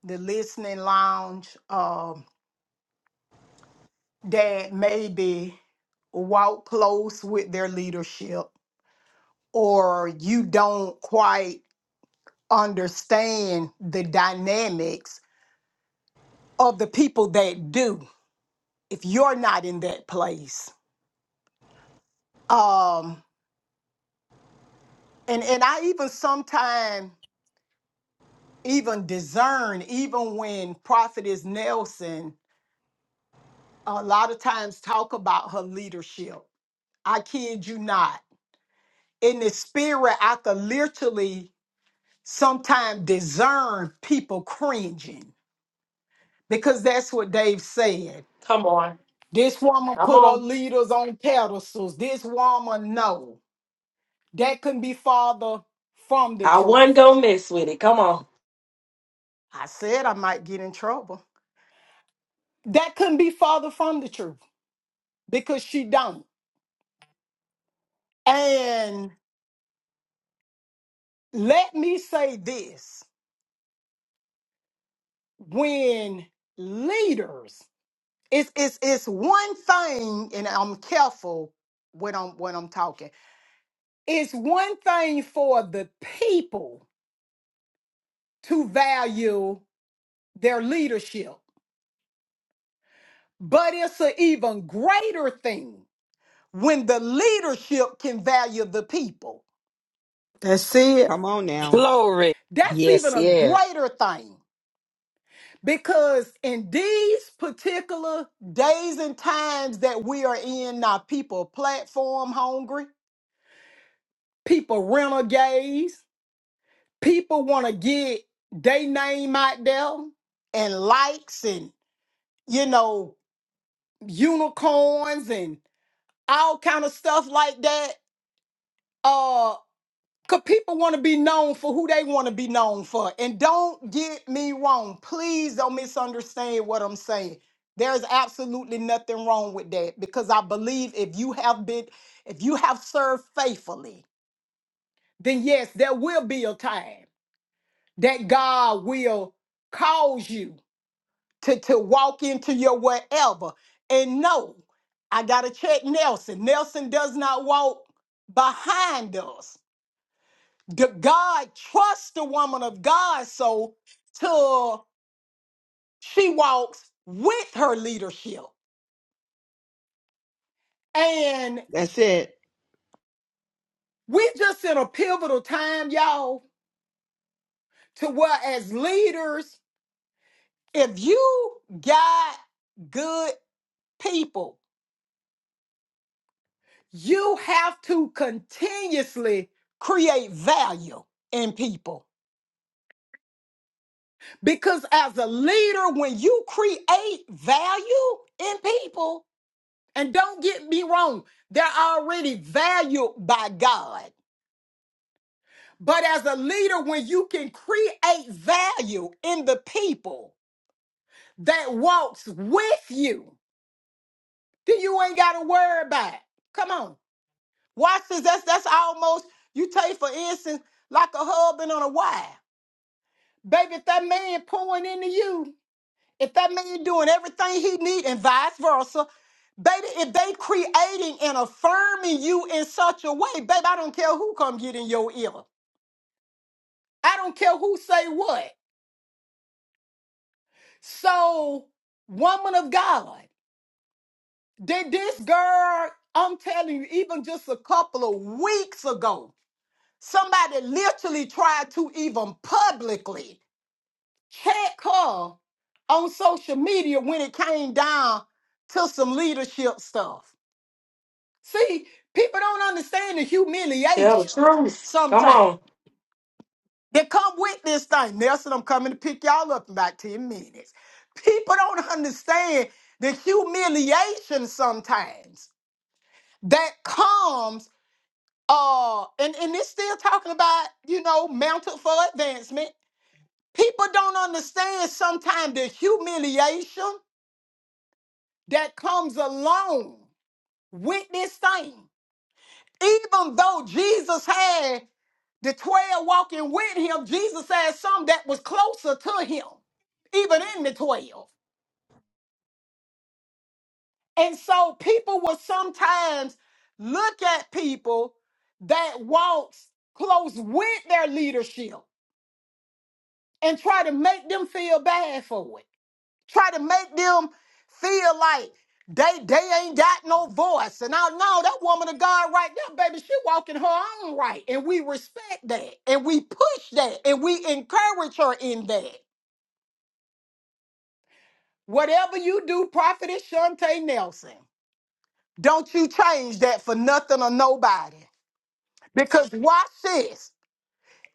Speaker 8: the listening lounge um, that maybe walk close with their leadership or you don't quite understand the dynamics of the people that do if you're not in that place um and and i even sometimes even discern, even when Prophetess Nelson a lot of times talk about her leadership. I kid you not. In the spirit, I could literally sometimes discern people cringing because that's what Dave said.
Speaker 3: Come on.
Speaker 8: This woman
Speaker 3: Come
Speaker 8: put her
Speaker 3: on.
Speaker 8: leaders on pedestals. This woman, no, that couldn't be farther from the
Speaker 3: I wasn't
Speaker 8: truth.
Speaker 3: gonna mess with it. Come on.
Speaker 8: I said I might get in trouble. That couldn't be farther from the truth because she don't. And let me say this when leaders it's it's it's one thing and i'm careful when i'm when i'm talking it's one thing for the people to value their leadership but it's an even greater thing when the leadership can value the people
Speaker 1: That's it.
Speaker 10: Come on now.
Speaker 2: Glory.
Speaker 8: that's
Speaker 2: Yes,
Speaker 8: even a
Speaker 2: yes.
Speaker 8: greater thing Because in these particular days and times that we are in, now people platform hungry, people renegades, people want to get their name out there and likes and you know unicorns and all kind of stuff like that. Uh Cause people want to be known for who they want to be known for. And don't get me wrong. Please don't misunderstand what I'm saying. There's absolutely nothing wrong with that because I believe if you have been, if you have served faithfully, then yes, there will be a time that God will cause you to, to walk into your whatever. And no, I gotta check Nelson. Nelson does not walk behind us. G- God trusts the woman of God so till she walks with her leadership. And
Speaker 10: That's it.
Speaker 8: we just in a pivotal time, y'all, to where as leaders, if you got good people, you have to continuously create value in people. Because as a leader, when you create value in people, And don't get me wrong, they're already valued by God. But as a leader, when you can create value in the people that walks with you, then you ain't got to worry about it. Come on. Watch this. That's, that's almost, you take for instance, like a husband on a wife. Baby, if that man pouring into you, if that man doing everything he need and vice versa, baby, if they creating and affirming you in such a way, baby, I don't care who come get in your ear. I don't care who say what. So, woman of God, did this girl, I'm telling you, even just a couple of weeks ago, somebody literally tried to even publicly check her on social media when it came down to some leadership stuff. See, people don't understand the
Speaker 3: Tell the
Speaker 8: humiliation
Speaker 3: truth. Come
Speaker 8: sometimes
Speaker 3: on.
Speaker 8: that come with this thing. Nelson, I'm coming to pick y'all up in about 10 minutes. People don't understand the humiliation sometimes that comes uh and, and it's still talking about, you know, mounted for advancement. People don't understand sometimes the humiliation that comes along with this thing. Even though Jesus had the 12 walking with him, Jesus had some that was closer to him, even in the 12. And so people will sometimes look at people that walks close with their leadership and try to make them feel bad for it. try to make them feel like they they ain't got no voice. And I know that woman of God right there, baby, she walking her own right. And we respect that. And we push that. And we encourage her in that. Whatever you do, Prophetess Shante Nelson, don't you change that for nothing or nobody. Because watch this.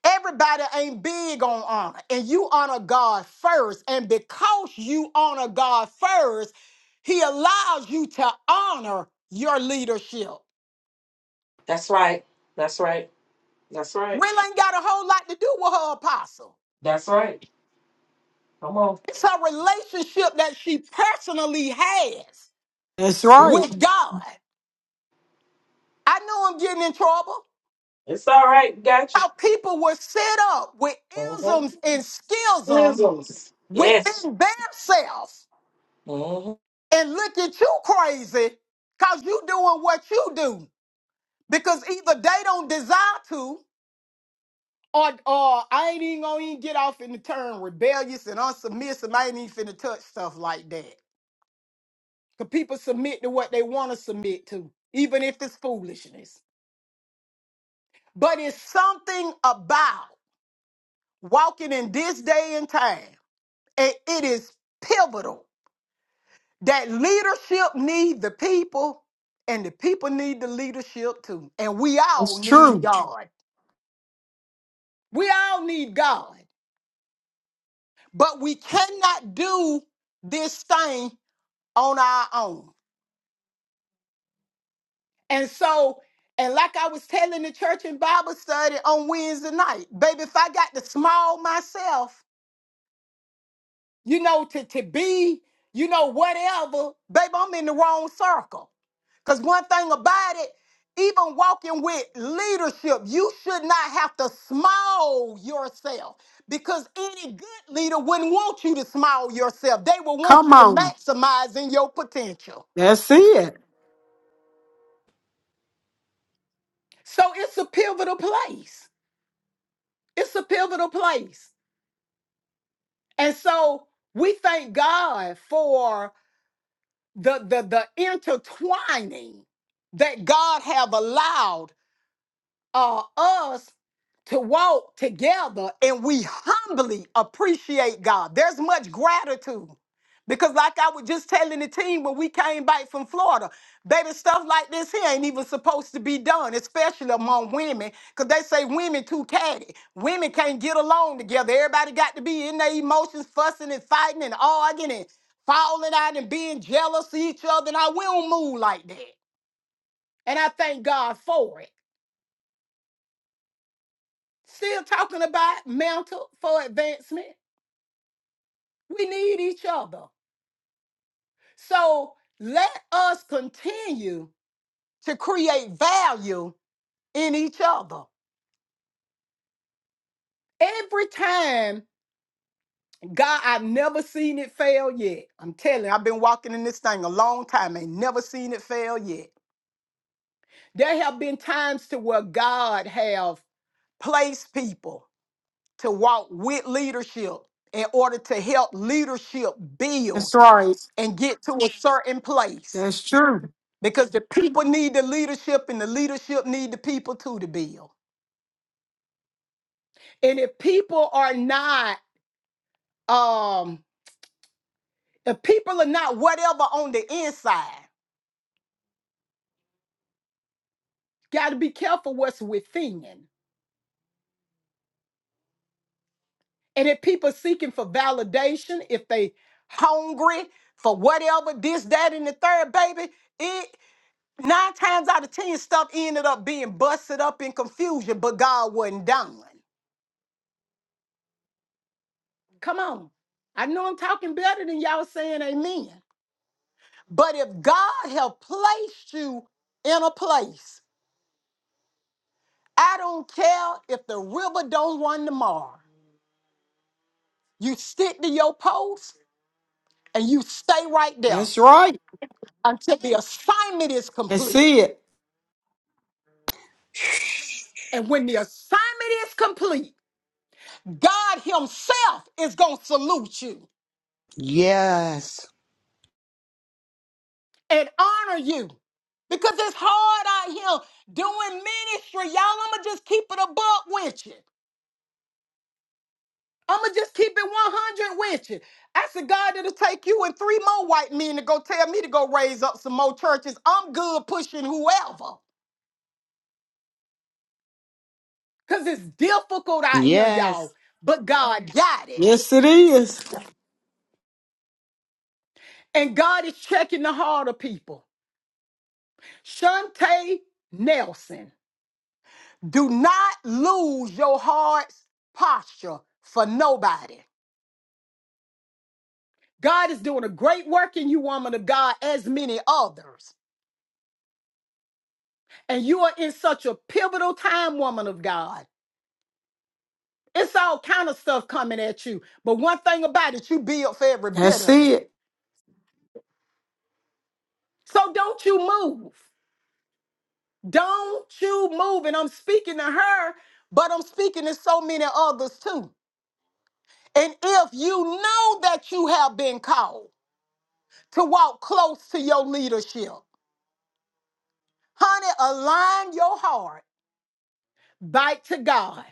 Speaker 8: Everybody ain't big on honor, and you honor God first. And because you honor God first, He allows you to honor your leadership.
Speaker 3: That's right. That's right. That's right.
Speaker 8: Really ain't got a whole lot to do with her apostle.
Speaker 3: That's right. Come on.
Speaker 8: It's her relationship that she personally has
Speaker 1: That's right.
Speaker 8: with God. I know I'm getting in trouble.
Speaker 3: It's all right. Gotcha.
Speaker 8: How people were set up with
Speaker 3: Mm-hmm.
Speaker 8: isms and schisms
Speaker 3: Sizzles. Yes.
Speaker 8: within themselves
Speaker 3: hmm
Speaker 8: and look at you crazy because you doing what you do. Because either they don't desire to, or, or I ain't even gonna even get off in the term rebellious and unsubmissive. I ain't even finna touch stuff like that. Because people submit to what they want to submit to, even if it's foolishness. But it's something about walking in this day and time, and it is pivotal that leadership need the people and the people need the leadership too and we all
Speaker 1: That's
Speaker 8: need
Speaker 1: true.
Speaker 8: god we all need god but we cannot do this thing on our own and so and like i was telling the church in bible study on wednesday night baby if i got to small myself you know, to, to be, you know, whatever, baby, I'm in the wrong circle. Because one thing about it, even walking with leadership, you should not have to smile yourself because any good leader wouldn't want you to smile yourself. They will want
Speaker 1: Come
Speaker 8: you to
Speaker 1: on.
Speaker 8: maximize in your potential.
Speaker 1: That's it.
Speaker 8: So it's a pivotal place. It's a pivotal place. And so we thank God for the the the intertwining that God have allowed uh, us to walk together and we humbly appreciate God. There's much gratitude. Because, like I was just telling the team when we came back from Florida, baby, stuff like this here ain't even supposed to be done, especially among women, because they say women too catty. Women can't get along together. Everybody got to be in their emotions, fussing and fighting and arguing and falling out and being jealous of each other. And I, we don't move like that. And I thank God for it. still talking about mantle for advancement. We need each other. So let us continue to create value in each other. Every time, God, I've never seen it fail yet. I'm telling you, I've been walking in this thing a long time, ain't never seen it fail yet. There have been times to where God have placed people to walk with leadership in order to help leadership build
Speaker 1: That's right.
Speaker 8: and get to a certain place
Speaker 1: That's true.
Speaker 8: because the people need the leadership and the leadership need the people too to build and if people are not um if people are not whatever on the inside got to be careful what's within and if people seeking for validation if they hungry for whatever this that and the third baby it nine times out of ten stuff ended up being busted up in confusion but god wasn't done Come on. I know I'm talking better than y'all saying amen. But if God have placed you in a place, I don't care if the river don't run tomorrow. You stick to your post and you stay right there
Speaker 1: That's right.
Speaker 8: until the assignment is
Speaker 1: That's
Speaker 8: complete.
Speaker 1: it.
Speaker 8: And when the assignment is complete, God Himself is going to salute you
Speaker 10: Yes.
Speaker 8: and honor you because it's hard out here doing ministry. Y'all, I'm going to just keep it a buck with you. I'ma just keep it 100 with you. I said, God, it'll take you and three more white men to go tell me to go raise up some more churches. I'm good pushing whoever. Cause it's difficult out here,
Speaker 10: Yes.
Speaker 8: y'all. But God got it.
Speaker 1: Yes, it is.
Speaker 8: And God is checking the heart of people. Shante Nelson, do not lose your heart's posture for nobody. God is doing a great work in you, woman of God, as many others. And you are in such a pivotal time, woman of God. It's all kind of stuff coming at you. But one thing about it, you build for every bit
Speaker 1: That's
Speaker 8: of it.
Speaker 1: it.
Speaker 8: So don't you move. Don't you move. And I'm speaking to her, but I'm speaking to so many others too. And if you know that you have been called to walk close to your leadership, honey, align your heart back to God.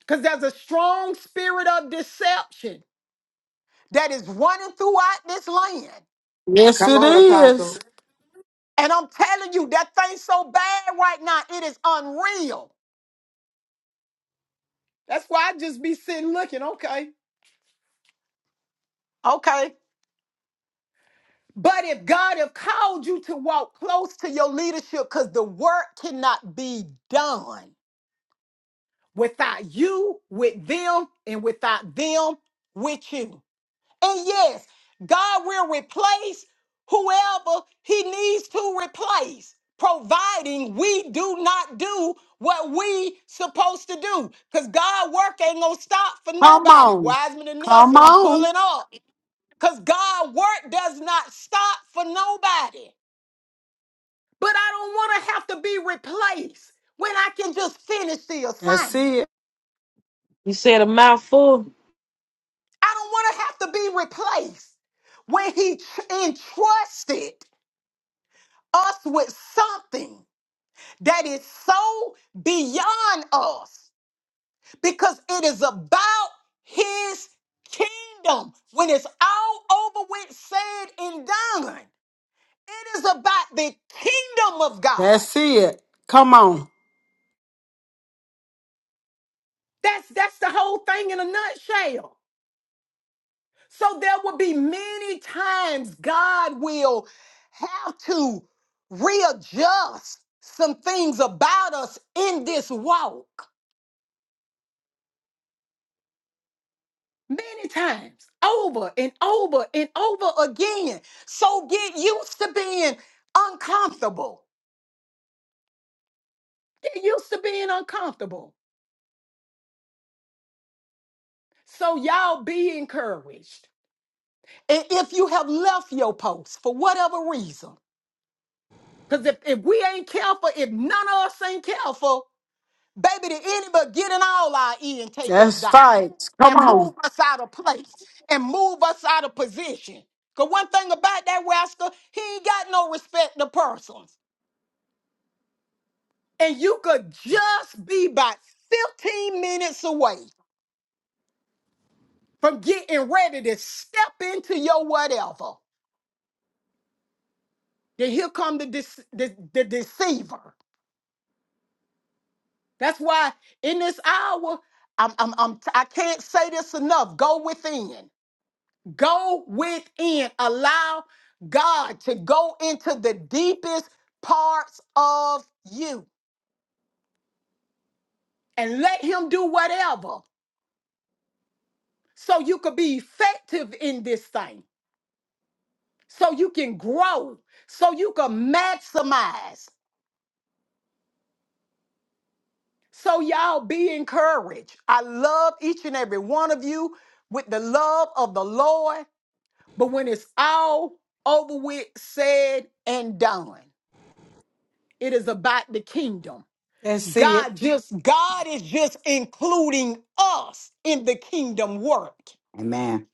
Speaker 8: Because there's a strong spirit of deception that is running throughout this land.
Speaker 1: Yes,
Speaker 10: Come
Speaker 1: it
Speaker 10: on,
Speaker 1: is.
Speaker 10: Apostle.
Speaker 8: And I'm telling you, that thing's so bad right now, it is unreal. That's why I just be sitting looking, okay. Okay. But if God have called you to walk close to your leadership, because the work cannot be done without you, with them, and without them, with you. And yes, God will replace whoever he needs to replace, providing we do not do what we supposed to do. Because God work ain't gonna stop for
Speaker 1: Come
Speaker 8: nobody.
Speaker 1: on.
Speaker 8: Wiseman and
Speaker 1: Come
Speaker 8: Nelson, I'm
Speaker 1: on.
Speaker 8: pulling up. Because God work does not stop for nobody. But I don't want to have to be replaced when I can just finish the
Speaker 1: That's
Speaker 8: assignment.
Speaker 1: it.
Speaker 3: You said a mouthful.
Speaker 8: I don't want to have to be replaced when he tr- entrusted. us with something that is so beyond us because it is about his kingdom. When it's all over with, said and done, it is about the kingdom of God.
Speaker 1: That's it. Come on.
Speaker 8: That's that's the whole thing in a nutshell. So there will be many times God will have to readjust some things about us in this walk many times over and over and over again. So get used to being uncomfortable. Get used to being uncomfortable. So y'all be encouraged. And if you have left your post for whatever reason, because if, if we ain't careful, if none of us ain't careful, baby, the enemy will get in all our ear and take us
Speaker 1: That's
Speaker 8: down
Speaker 1: facts. Come
Speaker 8: and
Speaker 1: on.
Speaker 8: move us out of place and move us out of position. Because one thing about that rascal, he ain't got no respect to persons. and you could just be about 15 minutes away from getting ready to step into your whatever. Then here come the, dece- the, the deceiver. That's why in this hour, I'm, I'm, I'm, t- I can't say this enough. Go within. Go within. Allow God to go into the deepest parts of you and let Him do whatever so you could be effective in this thing. so you can grow, so you can maximize. So, y'all be encouraged. I love each and every one of you with the love of the Lord. But when it's all over with, said and done, it is about the kingdom.
Speaker 1: That's it.
Speaker 8: God just, God is just including us in the kingdom work,
Speaker 11: Amen.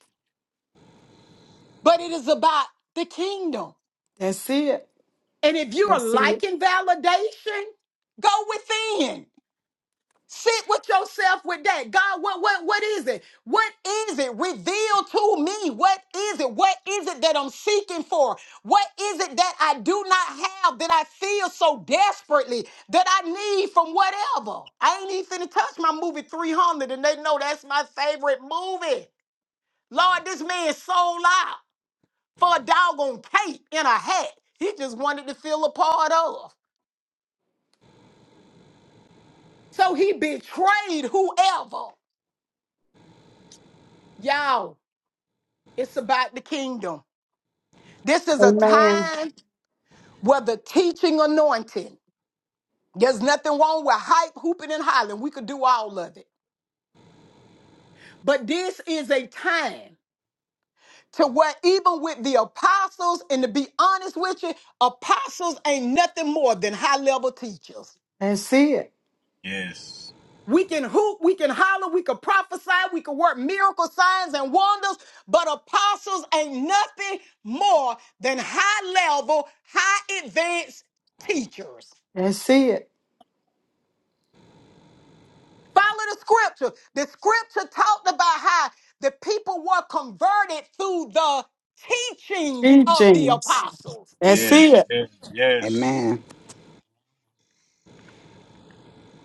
Speaker 8: but it is about the kingdom.
Speaker 1: That's it.
Speaker 8: And if you are liking validation, go within. Sit with yourself with that. God, what what what is it? What is it? Reveal to me. What is it? What is it that I'm seeking for? What is it that I do not have that I feel so desperately that I need from whatever? I ain't even finna touch my movie 300 and they know that's my favorite movie. Lord, this man sold out for a doggone cape in a hat. He just wanted to feel a part of. So he betrayed whoever. Y'all. It's about the kingdom. This is a time where the teaching anointing, there's nothing wrong with hype, hooping, and hollering. We could do all of it. But this is a time to where, even with the apostles, and to be honest with you, apostles ain't nothing more than high level teachers.
Speaker 1: That's it.
Speaker 7: yes.
Speaker 8: We can hoop, we can holler, we can prophesy, we can work miracle signs and wonders, but apostles ain't nothing more than high level, high advanced teachers.
Speaker 1: That's it.
Speaker 8: Follow the scripture. The scripture talked about how the people were converted through the teachings
Speaker 1: Jean
Speaker 8: of the
Speaker 1: Jeans.
Speaker 8: apostles.
Speaker 1: That's
Speaker 7: Yes,
Speaker 1: it.
Speaker 7: yes, yes.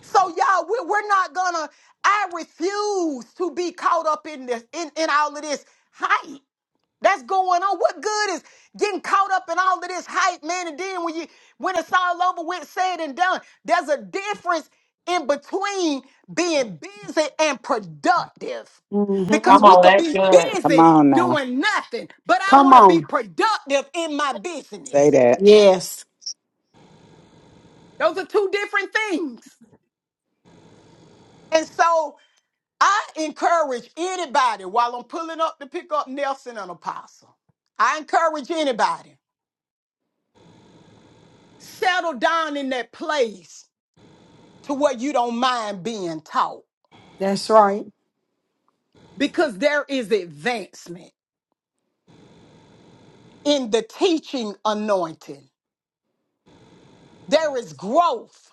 Speaker 8: So y'all, we- we're not gonna. I refuse to be caught up in this in, in all of this hype. that's going on. What good is getting caught up in all of this hype, man? And then when you when it's all over with, said and done, there's a difference in between being busy and productive.
Speaker 1: mm hmm
Speaker 8: Because
Speaker 3: Come
Speaker 8: we
Speaker 3: on.
Speaker 8: could
Speaker 3: That's
Speaker 8: be
Speaker 3: good.
Speaker 11: Come
Speaker 8: busy
Speaker 11: on now.
Speaker 8: doing nothing, but I
Speaker 1: Come
Speaker 8: want to be
Speaker 1: on.
Speaker 8: productive in my
Speaker 11: Say
Speaker 8: business.
Speaker 11: that.
Speaker 1: Yes.
Speaker 8: Those are two different things. And so I encourage anybody while I'm pulling up to pick up Nelson and Apostle. I encourage anybody. settle down in that place to where you don't mind being taught
Speaker 1: That's right.
Speaker 8: because there is advancement in the teaching anointing, there is growth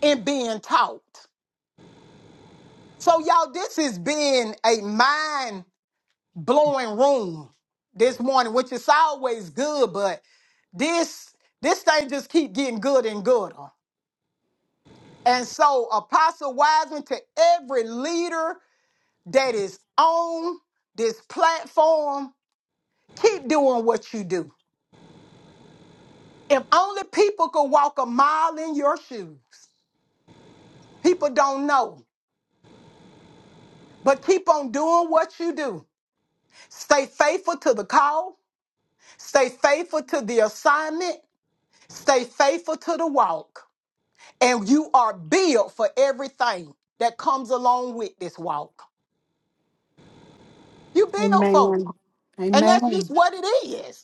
Speaker 8: in being taught. So, y'all, this has been a mind blowing room this morning, which is always good, but this this thing just keep getting good and gooder. And so, Apostle Wiseman, to every leader that is on this platform, Keep doing what you do. If only people could walk a mile in your shoes, people don't know. But keep on doing what you do. Stay faithful to the call, stay faithful to the assignment, stay faithful to the walk. And you are built for everything that comes along with this walk. You built for it. And that's just
Speaker 1: Amen.
Speaker 8: what it is.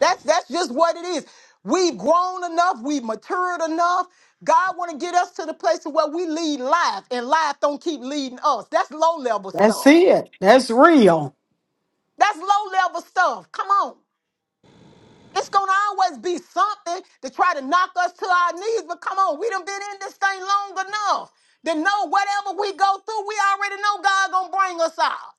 Speaker 8: That's that's just what it is. We've grown enough, we've matured enough. God want to get us to the place of where we lead life and life don't keep leading us. That's low level
Speaker 1: That's
Speaker 8: stuff.
Speaker 1: it. That's real.
Speaker 8: That's low level stuff. Come on. It's gonna always be something to try to knock us to our knees, but come on, we done been in this thing long enough to know whatever we go through, we already know God gonna bring us out.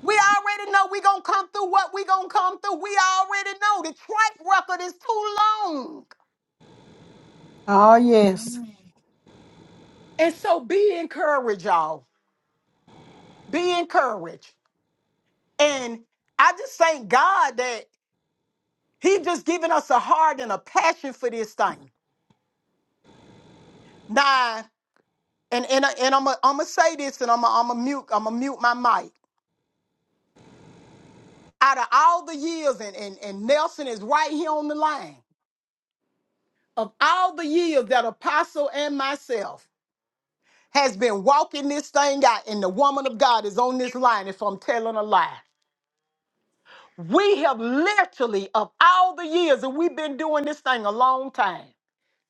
Speaker 8: We already know we gonna come through what we gonna come through. We already know the track record is too long.
Speaker 1: Oh, yes.
Speaker 8: And so be encouraged, y'all. Be encouraged. And I just thank God that He just giving us a heart and a passion for this thing. Now, and and, and I'm gonna I'm gonna say this, and I'm gonna I'm gonna mute I'm gonna mute my mic. Out of all the years, and, and and Nelson is right here on the line. Of all the years that Apostle and myself has been walking this thing out, and the woman of God is on this line. If I'm telling a lie, We have literally, of all the years that we've been doing this thing a long time,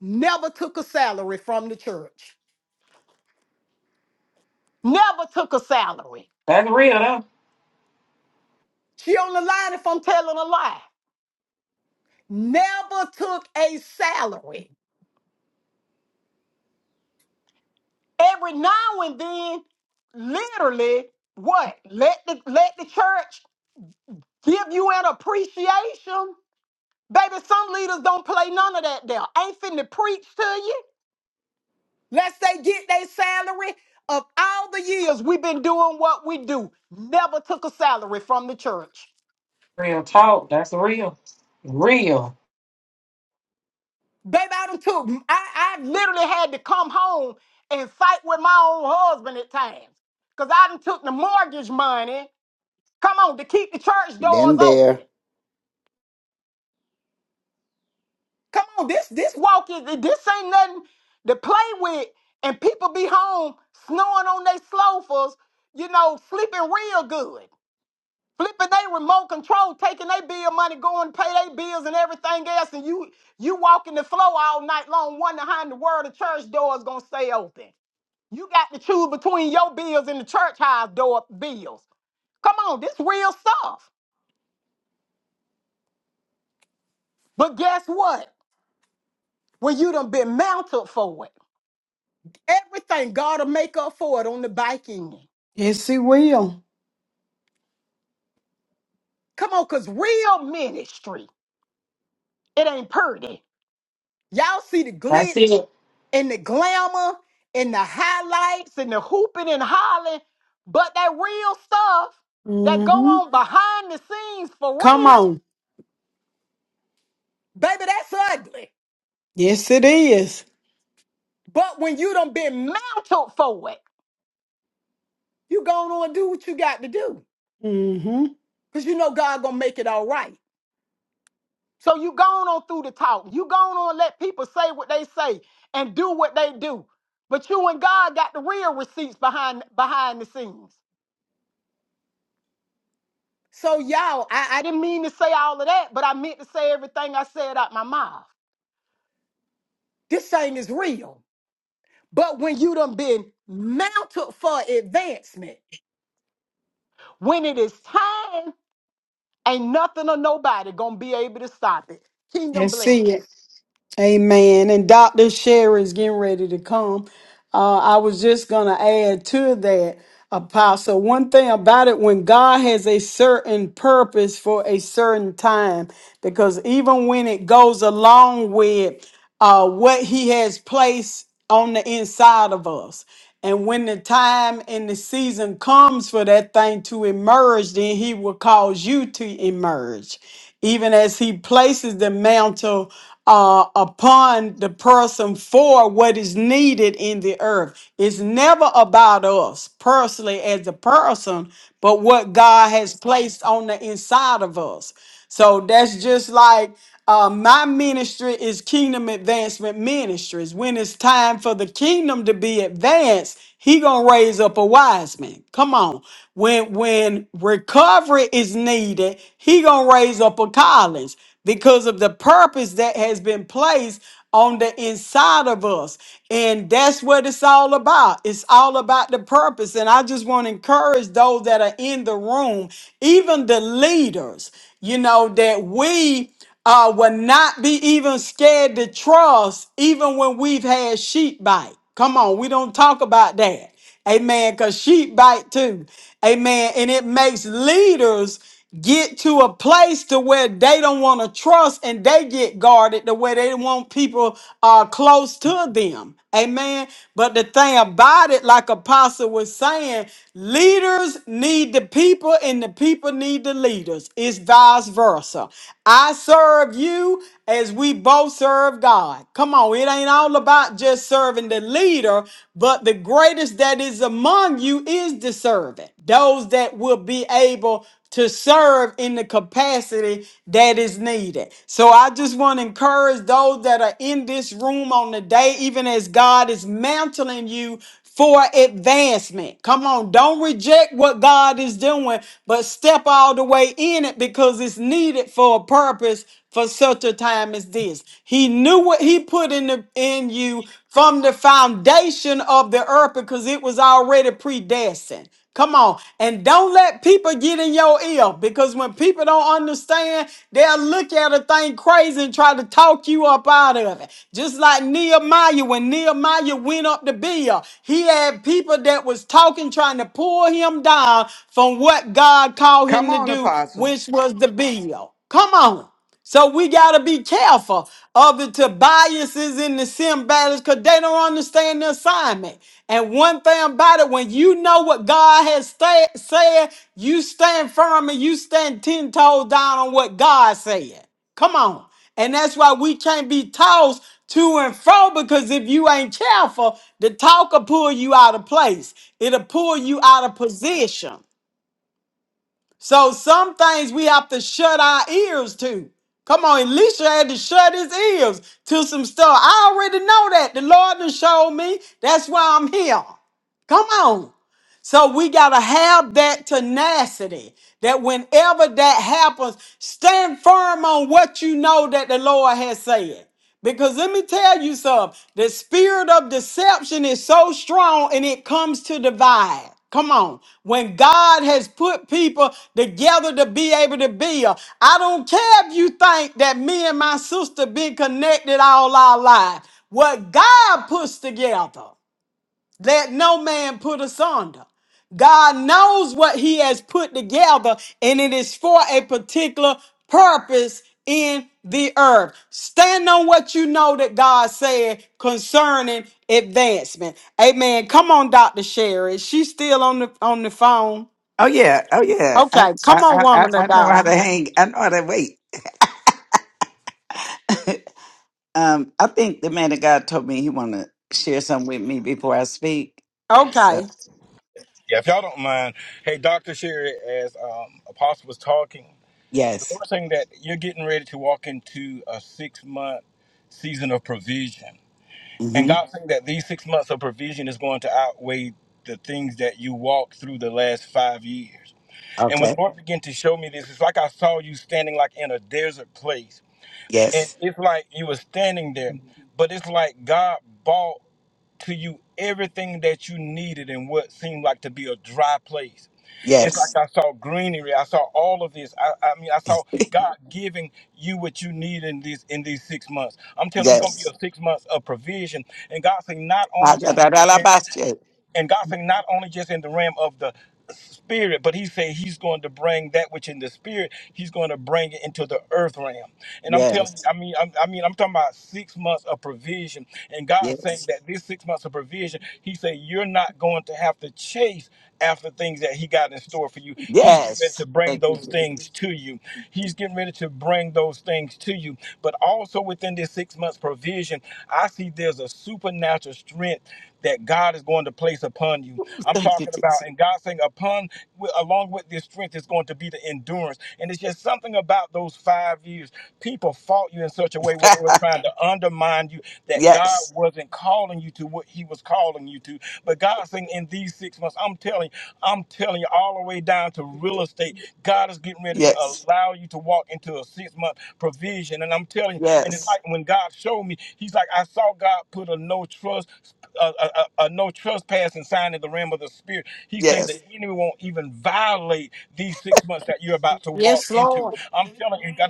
Speaker 8: never took a salary from the church. Never took a salary.
Speaker 3: That's real, though.
Speaker 8: She on the line if I'm telling a lie. Never took a salary. Every now and then, literally, what? Let the let the church give you an appreciation. Baby, some leaders don't play none of that there. Ain't finna preach to you. Lest they get their salary. Of all the years we've been doing what we do, never took a salary from the church.
Speaker 3: Real talk. That's real. Real.
Speaker 8: Baby, I done took, I, I literally had to come home and fight with my own husband at times. Because I done took the mortgage money, come on, to keep the church doors
Speaker 11: Been
Speaker 8: open.
Speaker 11: there.
Speaker 8: Come on, this this walk is, this ain't nothing to play with. And people be home snoring on their sofas, you know, sleeping real good. flipping they remote control, taking their bill money, going to pay their bills and everything else, and you you walking the floor all night long, wondering how in the world the church door is gonna stay open. You got to choose between your bills and the church house door bills. Come on, this real stuff. But guess what? When you done been mounted for it, everything gotta make up for it on the back end.
Speaker 1: Yes, it will.
Speaker 8: Come on, cause real ministry, it ain't pretty. Y'all see the
Speaker 3: That's
Speaker 8: glitz
Speaker 3: it.
Speaker 8: and the glamour and the highlights and the hooping and hollering, but that real stuff that
Speaker 1: mm
Speaker 8: go
Speaker 1: hmm
Speaker 8: on behind the scenes for
Speaker 1: Come
Speaker 8: real,
Speaker 1: on.
Speaker 8: baby, that's ugly.
Speaker 1: Yes, it is.
Speaker 8: But when you done been mounted for it, you going on and do what you got to do.
Speaker 1: Mm-hmm.
Speaker 8: Cause you know God gonna make it all right. So you going on through the talk. You going on and let people say what they say and do what they do. But you and God got the real receipts behind behind the scenes. So y'all, I, I didn't mean to say all of that, but I meant to say everything I said out my mouth. This thing is real. But when you done been mounted for advancement, when it is time, ain't nothing or nobody gonna be able to stop it. Kingdom
Speaker 1: That's it.
Speaker 8: blessings.
Speaker 1: Amen. And Dr. Sherry's getting ready to come. Uh, I was just going to add to that, Apostle. One thing about it, when God has a certain purpose for a certain time, because even when it goes along with uh, what He has placed on the inside of us, and when the time and the season comes for that thing to emerge, then He will cause you to emerge even as he places the mantle uh, upon the person for what is needed in the earth. It's never about us personally as a person, but what God has placed on the inside of us. So that's just like uh, my ministry is Kingdom Advancement Ministries. When it's time for the kingdom to be advanced, he gonna raise up a wise man. Come on. When when recovery is needed, he gonna raise up a Collins because of the purpose that has been placed on the inside of us. And that's what it's all about. It's all about the purpose. And I just want to encourage those that are in the room, even the leaders, you know, that we uh, will not be even scared to trust, even when we've had sheep bite. Come on, we don't talk about that. Amen. Because sheep bite too. Amen. And it makes leaders get to a place to where they don't want to trust and they get guarded the way they want people uh, close to them. Amen. But the thing about it, like Apostle was saying, leaders need the people and the people need the leaders. It's vice versa. I serve you as we both serve God. Come on, it ain't all about just serving serving the leader, but the greatest that is among you is the servant. Those that will be able to serve in the capacity that is needed. So I just want to encourage those that are in this room on the day, even as God is mantling you for advancement. Come on, don't reject what God is doing, but step all the way in it because it's needed for a purpose for such a time as this. He knew what he put in the, in you from the foundation of the earth because it was already predestined. Come on. And don't let people get in your ear because when people don't understand, they'll look at a thing crazy and try to talk you up out of it. Just like Nehemiah, when Nehemiah went up to Bill, he had people that was talking, trying to pull him down from what God called
Speaker 10: Come
Speaker 1: him to
Speaker 10: on,
Speaker 1: do,
Speaker 10: Apostle.
Speaker 1: which was the Bill. Come on. So we got to be careful of the Tobiases and the Simbadis because they don't understand the assignment. And one thing about it, when you know what God has sta- said, you stand firm and you stand 10 toes down on what God said. Come on. And that's why we can't be tossed to and fro because if you ain't careful, the talk will pull you out of place. It'll pull you out of position. So some things we have to shut our ears to. Come on, Elisha had to shut his ears to some stuff. I already know that. The Lord has showed me. That's why I'm here. Come on. So we got to have that tenacity that whenever that happens, stand firm on what you know that the Lord has said. Because let me tell you something the spirit of deception is so strong and it comes to divide. Come on. When God has put people together to be able to build, I don't care if you think that me and my sister been connected all our life. What God puts together. Let no man put asunder. God knows what he has put together, and it is for a particular purpose in the earth. Stand on what you know that God said concerning advancement. Amen. Come on, Dr. Sherry. She's still on the on the phone.
Speaker 11: Oh yeah. Oh yeah. I
Speaker 1: Okay, come
Speaker 11: I
Speaker 1: on,
Speaker 11: I, I
Speaker 1: woman of
Speaker 11: I know how
Speaker 1: God.
Speaker 11: to hang. I know how to wait. um, I think the man of God told me he wanna share something with me before I speak. So
Speaker 1: Okay.
Speaker 7: Yeah, if y'all don't mind, hey, Dr. Sherry, as um, Apostle was talking, the
Speaker 11: yes.
Speaker 7: Lord saying that you're getting ready to walk into a six month season of provision. And
Speaker 11: Mm-hmm.
Speaker 7: God saying that these six months of provision is going to outweigh the things that you walked through the last five years. And when
Speaker 11: Okay.
Speaker 7: the Lord began to show me this, it's like I saw you standing like in a desert place. And
Speaker 11: Yes.
Speaker 7: it's like you were standing there, but it's like God bought. to you everything that you needed in what seemed like to be a dry place. It's
Speaker 11: Yes.
Speaker 7: like I saw greenery. I saw all of this. I, I mean, I saw God giving you what you need in these in these six months. I'm telling you, it's gonna be
Speaker 11: Yes.
Speaker 7: a six months of provision. And God saying, not
Speaker 11: Ah,
Speaker 7: only
Speaker 11: da,
Speaker 7: just
Speaker 11: da, da, la, ba, shit.
Speaker 7: and God said not only just in the realm of the spirit, but He said He's going to bring that which in the spirit, He's going to bring it into the earth realm. And I'm telling you,
Speaker 11: Yes.
Speaker 7: I mean, I'm, I mean, I'm talking about six months of provision, and God saying
Speaker 11: Yes.
Speaker 7: that this six months of provision, He said you're not going to have to chase after things that He got in store for you. He's getting ready to
Speaker 11: Yes.
Speaker 7: bring
Speaker 11: Thank you,
Speaker 7: those things
Speaker 11: Jesus.
Speaker 7: to you. He's getting ready to bring those things to you. But also within this six months provision, I see there's a supernatural strength that God is going to place upon you.
Speaker 11: Ooh,
Speaker 7: I'm
Speaker 11: Thank you,
Speaker 7: talking about,
Speaker 11: Jesus.
Speaker 7: and God saying, upon, wi- along with this strength, is going to be the endurance. And it's just something about those five years. People fought you in such a way where they were trying to undermine you that God
Speaker 11: yes.
Speaker 7: wasn't calling you to what He was calling you to. But God saying, in these six months, I'm telling you, I'm telling you, all the way down to real estate, God is getting ready to
Speaker 11: Yes.
Speaker 7: allow you to walk into a six month abundant provision. And I'm telling you, and it's
Speaker 11: Yes.
Speaker 7: like when God showed me, He's like, I saw God put a no trust, a, a, a a no trespassing sign in the realm of the spirit. He say
Speaker 11: Yes.
Speaker 7: the enemy won't even violate these six months that you're about to walk
Speaker 1: Yes,
Speaker 7: into.
Speaker 1: Lord.
Speaker 7: I'm telling you, and God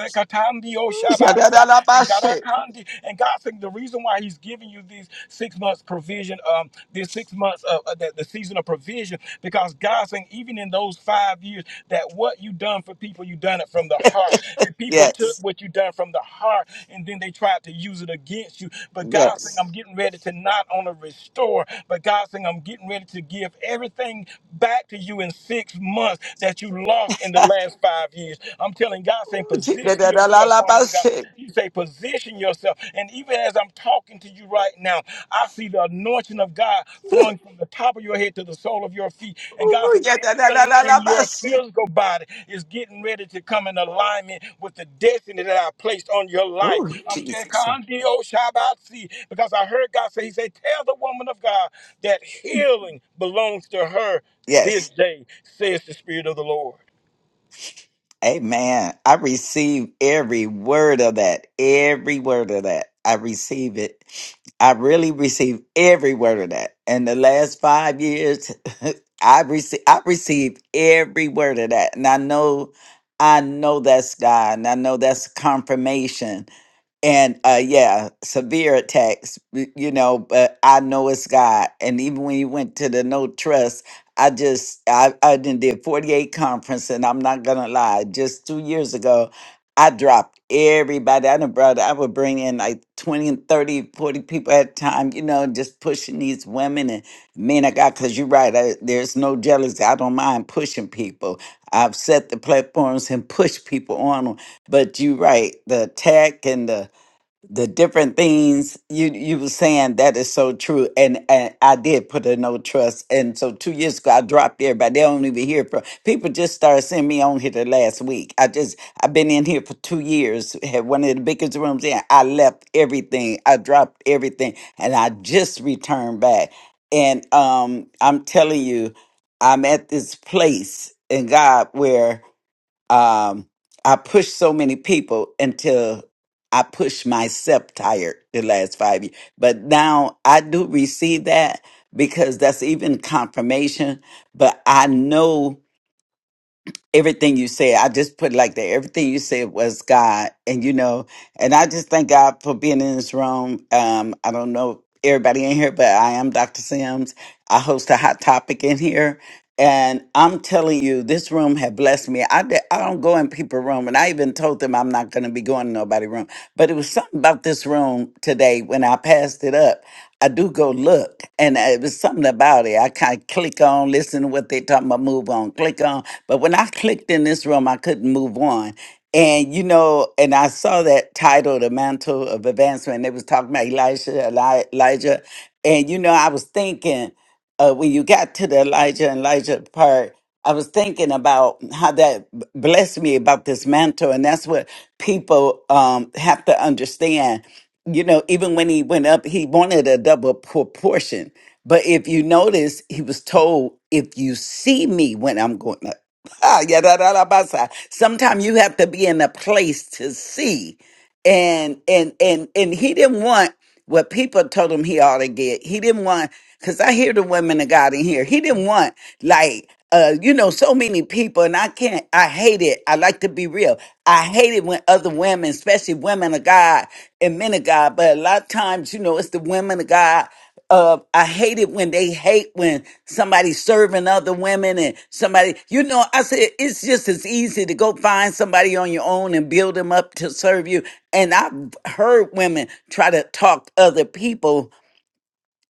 Speaker 7: and
Speaker 11: Shadadalabashe.
Speaker 7: Garakandi, and God saying the reason why He's giving you these six months provision, um, this six months of uh, the, the season of provision because God's saying, even in those five years, that what you done for people, you done it from the heart. And people took
Speaker 11: Yes,
Speaker 7: what you done from the heart and then they tried to use it against you. But God's saying, I'm
Speaker 11: yes.
Speaker 7: getting ready to not only restore, but God's saying, I'm getting ready to give everything back to you in six months that you lost in the last five years. I'm telling God saying,
Speaker 11: Ooh,
Speaker 7: position yourself, woman of God.
Speaker 11: jidadadalalabashe.
Speaker 7: You say, position yourself. Even as I'm talking to you right now, I see the anointing of God flowing from the top of your head to the sole of your feet. And God
Speaker 11: Ooh,
Speaker 7: saying everything in your
Speaker 11: yadadadalalalabashe.
Speaker 7: physical body is getting ready to come in alignment with the destiny that I placed on your life. I'm telling
Speaker 11: Jesus.
Speaker 7: Kandio Shabbatsi, because I heard God say, He said, Tell the woman of God that healing belongs to her this
Speaker 11: Yes.
Speaker 7: day, says the Spirit of the Lord.
Speaker 11: Amen. I receive every word of that. Every word of that. I receive it. I really receive every word of that. In the last five years, I receive I received every word of that. And I know I know that's God. And I know that's confirmation and uh yeah severe attacks y- you know but i know it's god and even when you went to the no trust i just i i done did 48 conference and i'm not gonna lie just two years ago i dropped everybody i done brought i would bring in like 20 and 30, 40 people at a time you know just pushing these women and men i got because you're right I, there's no jealousy i don't mind pushing people i've set the platforms and pushed people on them but you're right the attack and the the different things you you were saying that is so true and, and i did put a no trust and so two years ago i dropped everybody they don't even hear from people just started seeing me on here the last week i just i've been in here for two years had one of the biggest rooms in i left everything i dropped everything and i just returned back and um i'm telling you i'm at this place in god where um, I pushed so many people until I pushed myself tired the last five years. But now I do receive that because that's even confirmation. But I know everything you said. I just put it like that. Everything you said was God, and you know. And I just thank God for being in this room. Um, I don't know everybody in here, but I am Dr. Sims. I host a hot topic in here. And I'm telling you, this room had blessed me. I, did, I don't go in people's room, and I even told them I'm not going to be going to nobody's room. But it was something about this room today when I passed it up. I do go look, and uh, it was something about it. I kind of click on, listen to what they talking about, move on, click on. But when I clicked in this room, I couldn't move on. And you know, and I saw that title, The Mantle of Advancement. and They was talking about Elisha, Eli- Elijah. And you know, I was thinking uh, when you got to the Elijah and Elijah part, I was thinking about how that b- blessed me about this mantle. And that's what people um, have to understand. You know, even when he went up, he wanted a double proportion. But if you notice, he was told, if you see me when I'm going up. Sometimes you have to be in a place to see. And and and and he didn't want what people told him he ought to get. He didn't want because I hear the women of God in here. He didn't want like uh, you know, so many people, and I can't. I hate it. I like to be real. I hate it when other women, especially women of God and men of God, but a lot of times, you know, it's the women of God uh, I hate it when they hate when somebody's serving other women and somebody, you know, I said, it's just as easy to go find somebody on your own and build them up to serve you. And I've heard women try to talk other people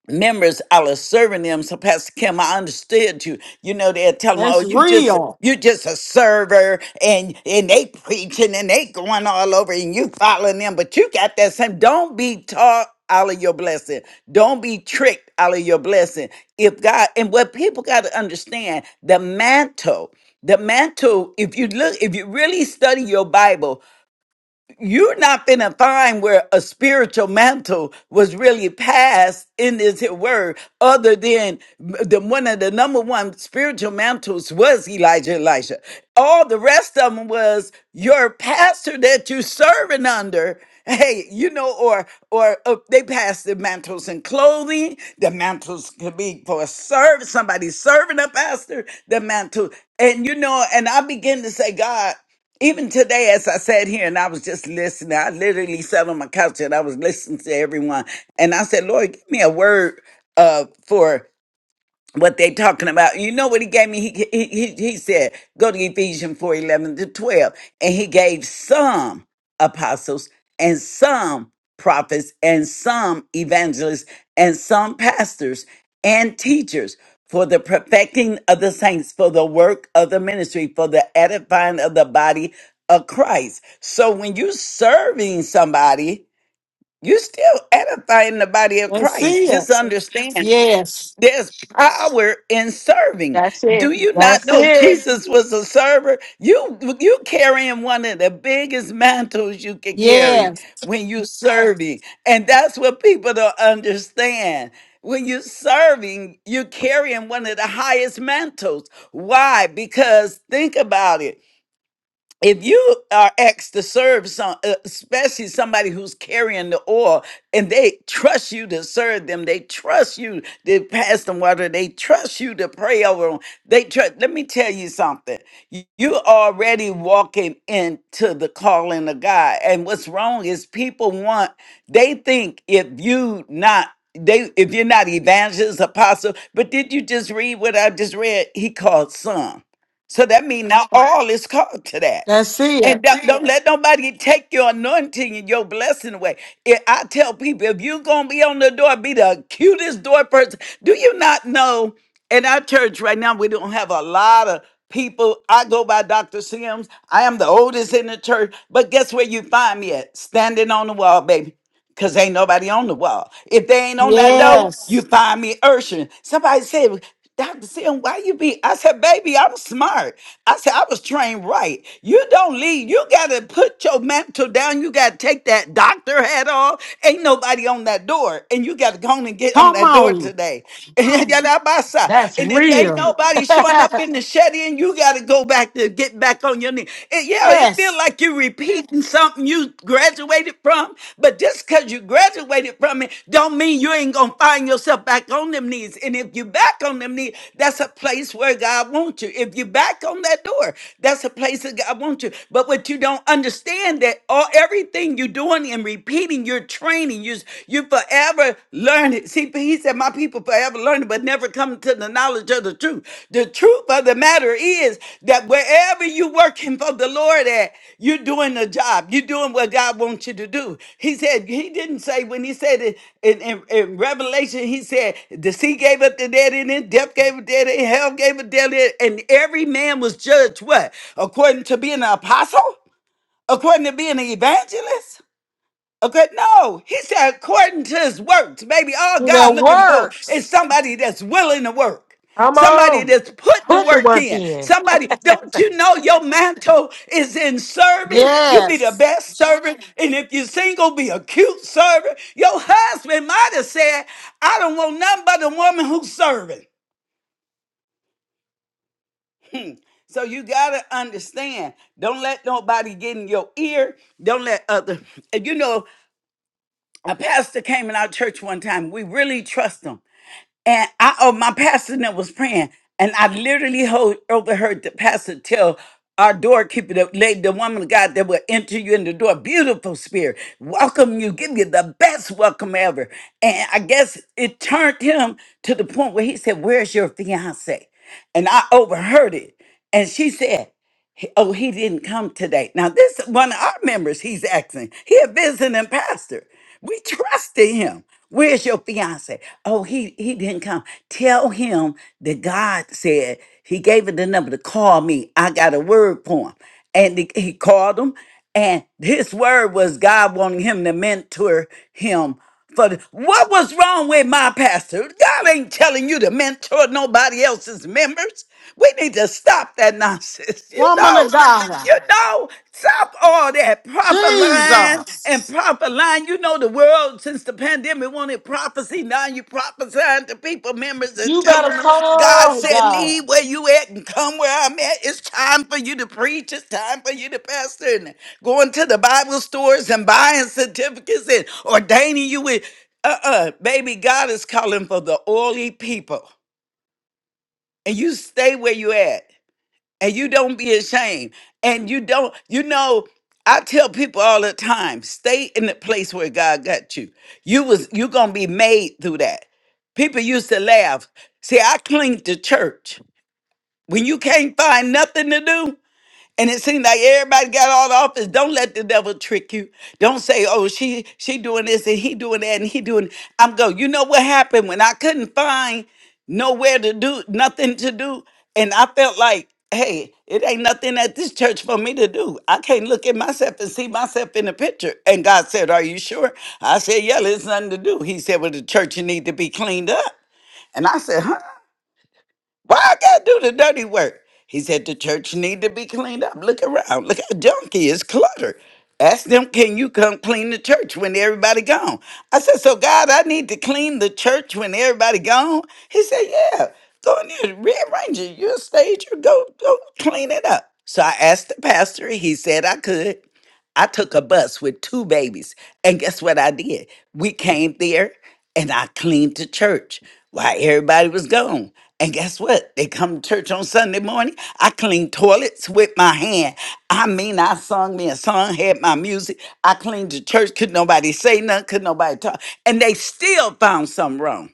Speaker 11: members I was serving them. So Pastor Kim, I understood you. You know, they'd tell them,
Speaker 1: That's
Speaker 11: oh, you just
Speaker 1: real.
Speaker 11: you just a server and and they preaching and they going all over and you following them, but you got that same. Don't be taught out of your blessing. Don't be tricked out of your blessing. If God and what people got to understand, the mantle, the mantle, if you look, if you really study your Bible, you're not finna find where a spiritual mantle was really passed in this here word, other than the one of the number one spiritual mantles was Elijah. Elisha. All the rest of them was your pastor that you serving under. Hey, you know, or or uh, they pass the mantles and clothing. The mantles could be for a servant, somebody serving a pastor. The mantle, and you know, and I begin to say, God. Even today, as I sat here and I was just listening, I literally sat on my couch and I was listening to everyone. And I said, Lord, give me a word uh, for what they talking about. You know what he gave me? He he he, he said, go to Ephesians four eleven to 12. And he gave some apostles and some prophets and some evangelists and some pastors and teachers for the perfecting of the saints, for the work of the ministry, for the edifying of the body of Christ. So when you're serving somebody, you're still edifying the body of
Speaker 1: That's
Speaker 11: Christ. Just
Speaker 1: it.
Speaker 11: understand.
Speaker 1: Yes.
Speaker 11: There's power in serving.
Speaker 3: That's
Speaker 11: Do
Speaker 3: it.
Speaker 11: you not
Speaker 3: That's
Speaker 11: know
Speaker 3: it.
Speaker 11: Jesus was a server? You you carrying one of the biggest mantles you can carry
Speaker 1: Yes.
Speaker 11: when you serving. And that's what people don't understand. When you're serving, you're carrying one of the highest mantles. Why? Because think about it if you are asked to serve some uh, especially somebody who's carrying the oil and they trust you to serve them they trust you to pass them water they trust you to pray over them they trust let me tell you something Y- you're already walking into the calling of god and what's wrong is people want they think if you not they if you're not evangelist apostle but did you just read what i just read he called some so that means not all is called to that
Speaker 1: That's it.
Speaker 11: and don't, don't let nobody take your anointing and your blessing away. If- I tell people, if you're going to be on the door, be the cutest door person. Do you not know? In our church right now, we don't have a lot of people. I go by Dr. Sims. I am the oldest in the church. But guess where you find me at? Standing on the wall, baby. Cause ain't nobody on the wall. If they ain't on that door,
Speaker 1: Yes.
Speaker 11: you find me urging. Somebody said, Dr. Sim, why you be? I said, baby, I'm smart. I said, I was trained right. You don't leave. You got to put your mantle down. You got to take that doctor hat off. Ain't nobody on that door. And you got to go on and get on
Speaker 1: Come
Speaker 11: that door
Speaker 1: on.
Speaker 11: today. And, yadabasa.
Speaker 3: That's
Speaker 11: and if ain't
Speaker 3: real.
Speaker 11: nobody showing up
Speaker 3: Come
Speaker 11: in the shed in, you got to go back to get back on your knee. It- yeah, it feel
Speaker 1: Yes.
Speaker 11: like you're repeating something you graduated from. But just because you graduated from it, don't mean you ain't gonna find yourself back on them knees. And if you back on them knees, that's a place where God wants you. If you back on that door, that's a place that God wants you. But what you don't understand that all everything you're doing and repeating, you're training, you you forever learning. See, but he said, My people forever learning, but never come to the knowledge of the truth. The truth of the matter is that wherever you're working for the Lord at, you're doing the job. You're doing what God wants you to do. He said, He didn't say, when He said it in, in, in Revelation, He said, the sea gave up the dead in it, death gave up dead in it, hell gave up dead in it, and every man was judged what? According to being an apostle? According to being an evangelist? Okay, no, he said according to his works, baby, all
Speaker 1: Do their
Speaker 11: God looking for
Speaker 1: works.
Speaker 11: is somebody that's willing to work, somebody
Speaker 3: on.
Speaker 11: that's putting the
Speaker 3: Put the
Speaker 11: work
Speaker 3: work
Speaker 11: in.
Speaker 3: in.
Speaker 11: Somebody, don't you know your mantle is in serving? You be the
Speaker 1: Yes.
Speaker 11: best servant, and if you're single, be a cute servant. Your husband might have said, "I don't want nothing but a woman who's serving." Hmm. So you gotta understand. Don't let nobody get in your ear. Don't let other. and You know. a pastor came in our church one time. We really trust him. And I, oh, my pastor that was praying, and I literally hold, overheard the pastor tell our doorkeeper, the lady, the woman of God that will enter you in the door, beautiful spirit, welcome you, give you the best welcome ever. And I guess it turned him to the point where he said, Where's your fiance? And I overheard it. And she said, he- Oh, he didn't come today. Now, this is one of our members, he's asking. He a visiting pastor. We trusted him. Where's your fiance? Oh, he, he didn't come. Tell him that God said he gave him the number to call me. I got a word for him. And he, he called him and his word was God wanting him to mentor him. For the- what was wrong with my pastor? God ain't telling you to mentor nobody else's members. We need to stop that nonsense. You
Speaker 1: Woman
Speaker 11: know,
Speaker 1: of God.
Speaker 11: you know, stop all that proper line
Speaker 1: Jesus.
Speaker 11: and proper line. You know, the world since the pandemic wanted prophecy. Now you prophesying to people, members, and
Speaker 3: You
Speaker 11: telling
Speaker 3: better
Speaker 11: them God
Speaker 3: talk,
Speaker 11: said,
Speaker 3: God.
Speaker 11: leave where you at and come where I'm at. It's time for you to preach. It's time for you to pastor and going to the Bible stores and buying certificates and ordaining you with uh-uh. Baby, God is calling for the oily people. And you stay where you at and you don't be ashamed and you don't you know i tell people all the time stay in the place where god got you you was you gonna be made through that people used to laugh see i cling to church when you can't find nothing to do and it seemed like everybody got all the office. Don't let the devil trick you. Don't say, "Oh, she she doing this and he doing that and he doing." I'm go. You know what happened when I couldn't find nowhere to do nothing to do, and I felt like, "Hey, it ain't nothing at this church for me to do. I can't look at myself and see myself in the picture." And God said, "Are you sure?" I said, "Yeah, there's nothing to do." He said, "Well, the church need to be cleaned up." And I said, huh? Why I gotta do the dirty work? He said the church need to be cleaned up. Look around. Look how junky is cluttered. Ask them, can you come clean the church when everybody gone? I said, so God, I need to clean the church when everybody gone. He said, yeah. Go in there, rearrange it. You're a stager. Go, go clean it up. So I asked the pastor. He said I could. I took a bus with two babies. And guess what I did? We came there and I cleaned the church while everybody was gone. And guess what? They come to church on Sunday morning. I cleaned toilets with my hand. I mean, I sung me a song, had my music. I cleaned the church. Could nobody say nothing? Could nobody talk? And they still found something wrong.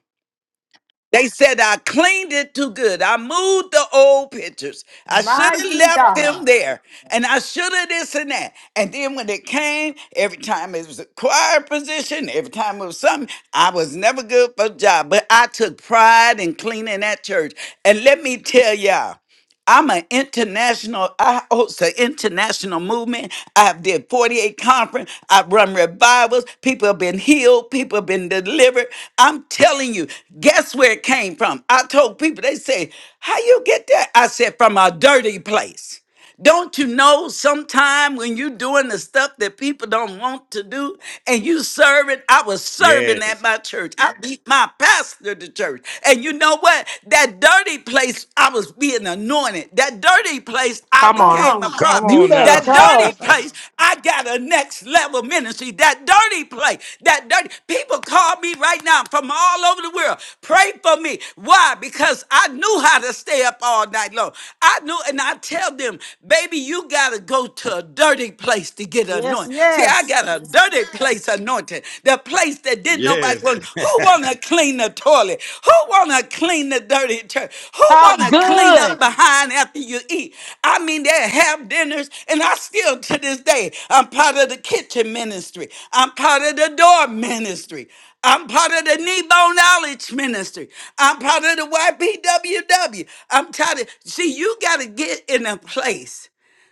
Speaker 11: They said I cleaned it too good. I moved the old pictures. I should have
Speaker 1: Mighty
Speaker 11: left them
Speaker 1: God.
Speaker 11: there. And I should have this and that. And then when it came, every time it was a choir position, every time it was something, I was never good for a job. But I took pride in cleaning that church. And let me tell y'all. I'm an international, I host an international movement. I've did 48 conference. I've run revivals. People have been healed. People have been delivered. I'm telling you, guess where it came from? I told people, they say, how you get that? I said, from a dirty place. Don't you know sometime when you doing the stuff that people don't want to do and you serving? I was serving at
Speaker 7: Yes.
Speaker 11: my church. I Yes. beat my pastor to church. And you know what? That dirty place, I was being anointed. That dirty place, I
Speaker 3: Come
Speaker 1: Come
Speaker 3: on.
Speaker 11: became a Come on.
Speaker 1: on.
Speaker 7: Come
Speaker 11: prophet.
Speaker 3: You
Speaker 7: on
Speaker 11: You
Speaker 3: better
Speaker 7: now.
Speaker 11: That better dirty
Speaker 3: talk.
Speaker 11: place, I got a next level ministry. That dirty place. That dirty people call me right now from all over the world. Pray for me. Why? Because I knew how to stay up all night long. I knew, and I tell them, baby, you gotta go to a dirty place to get
Speaker 1: Yes,
Speaker 11: anointed. See, I
Speaker 1: yes.
Speaker 11: got a dirty place anointed. The place that didn't nobody
Speaker 7: yes.
Speaker 11: want. Who wanna clean the toilet? Who wanna clean the dirty church? Who
Speaker 3: Talk
Speaker 11: want to clean up
Speaker 3: good.
Speaker 11: behind after you eat? I mean, they have dinners, and I still to this day, I'm part of the kitchen ministry. I'm part of the door ministry. I'm part of the Nebo Knowledge Ministry. I'm part of the YPWW. I'm tired of, see, you got to get in a place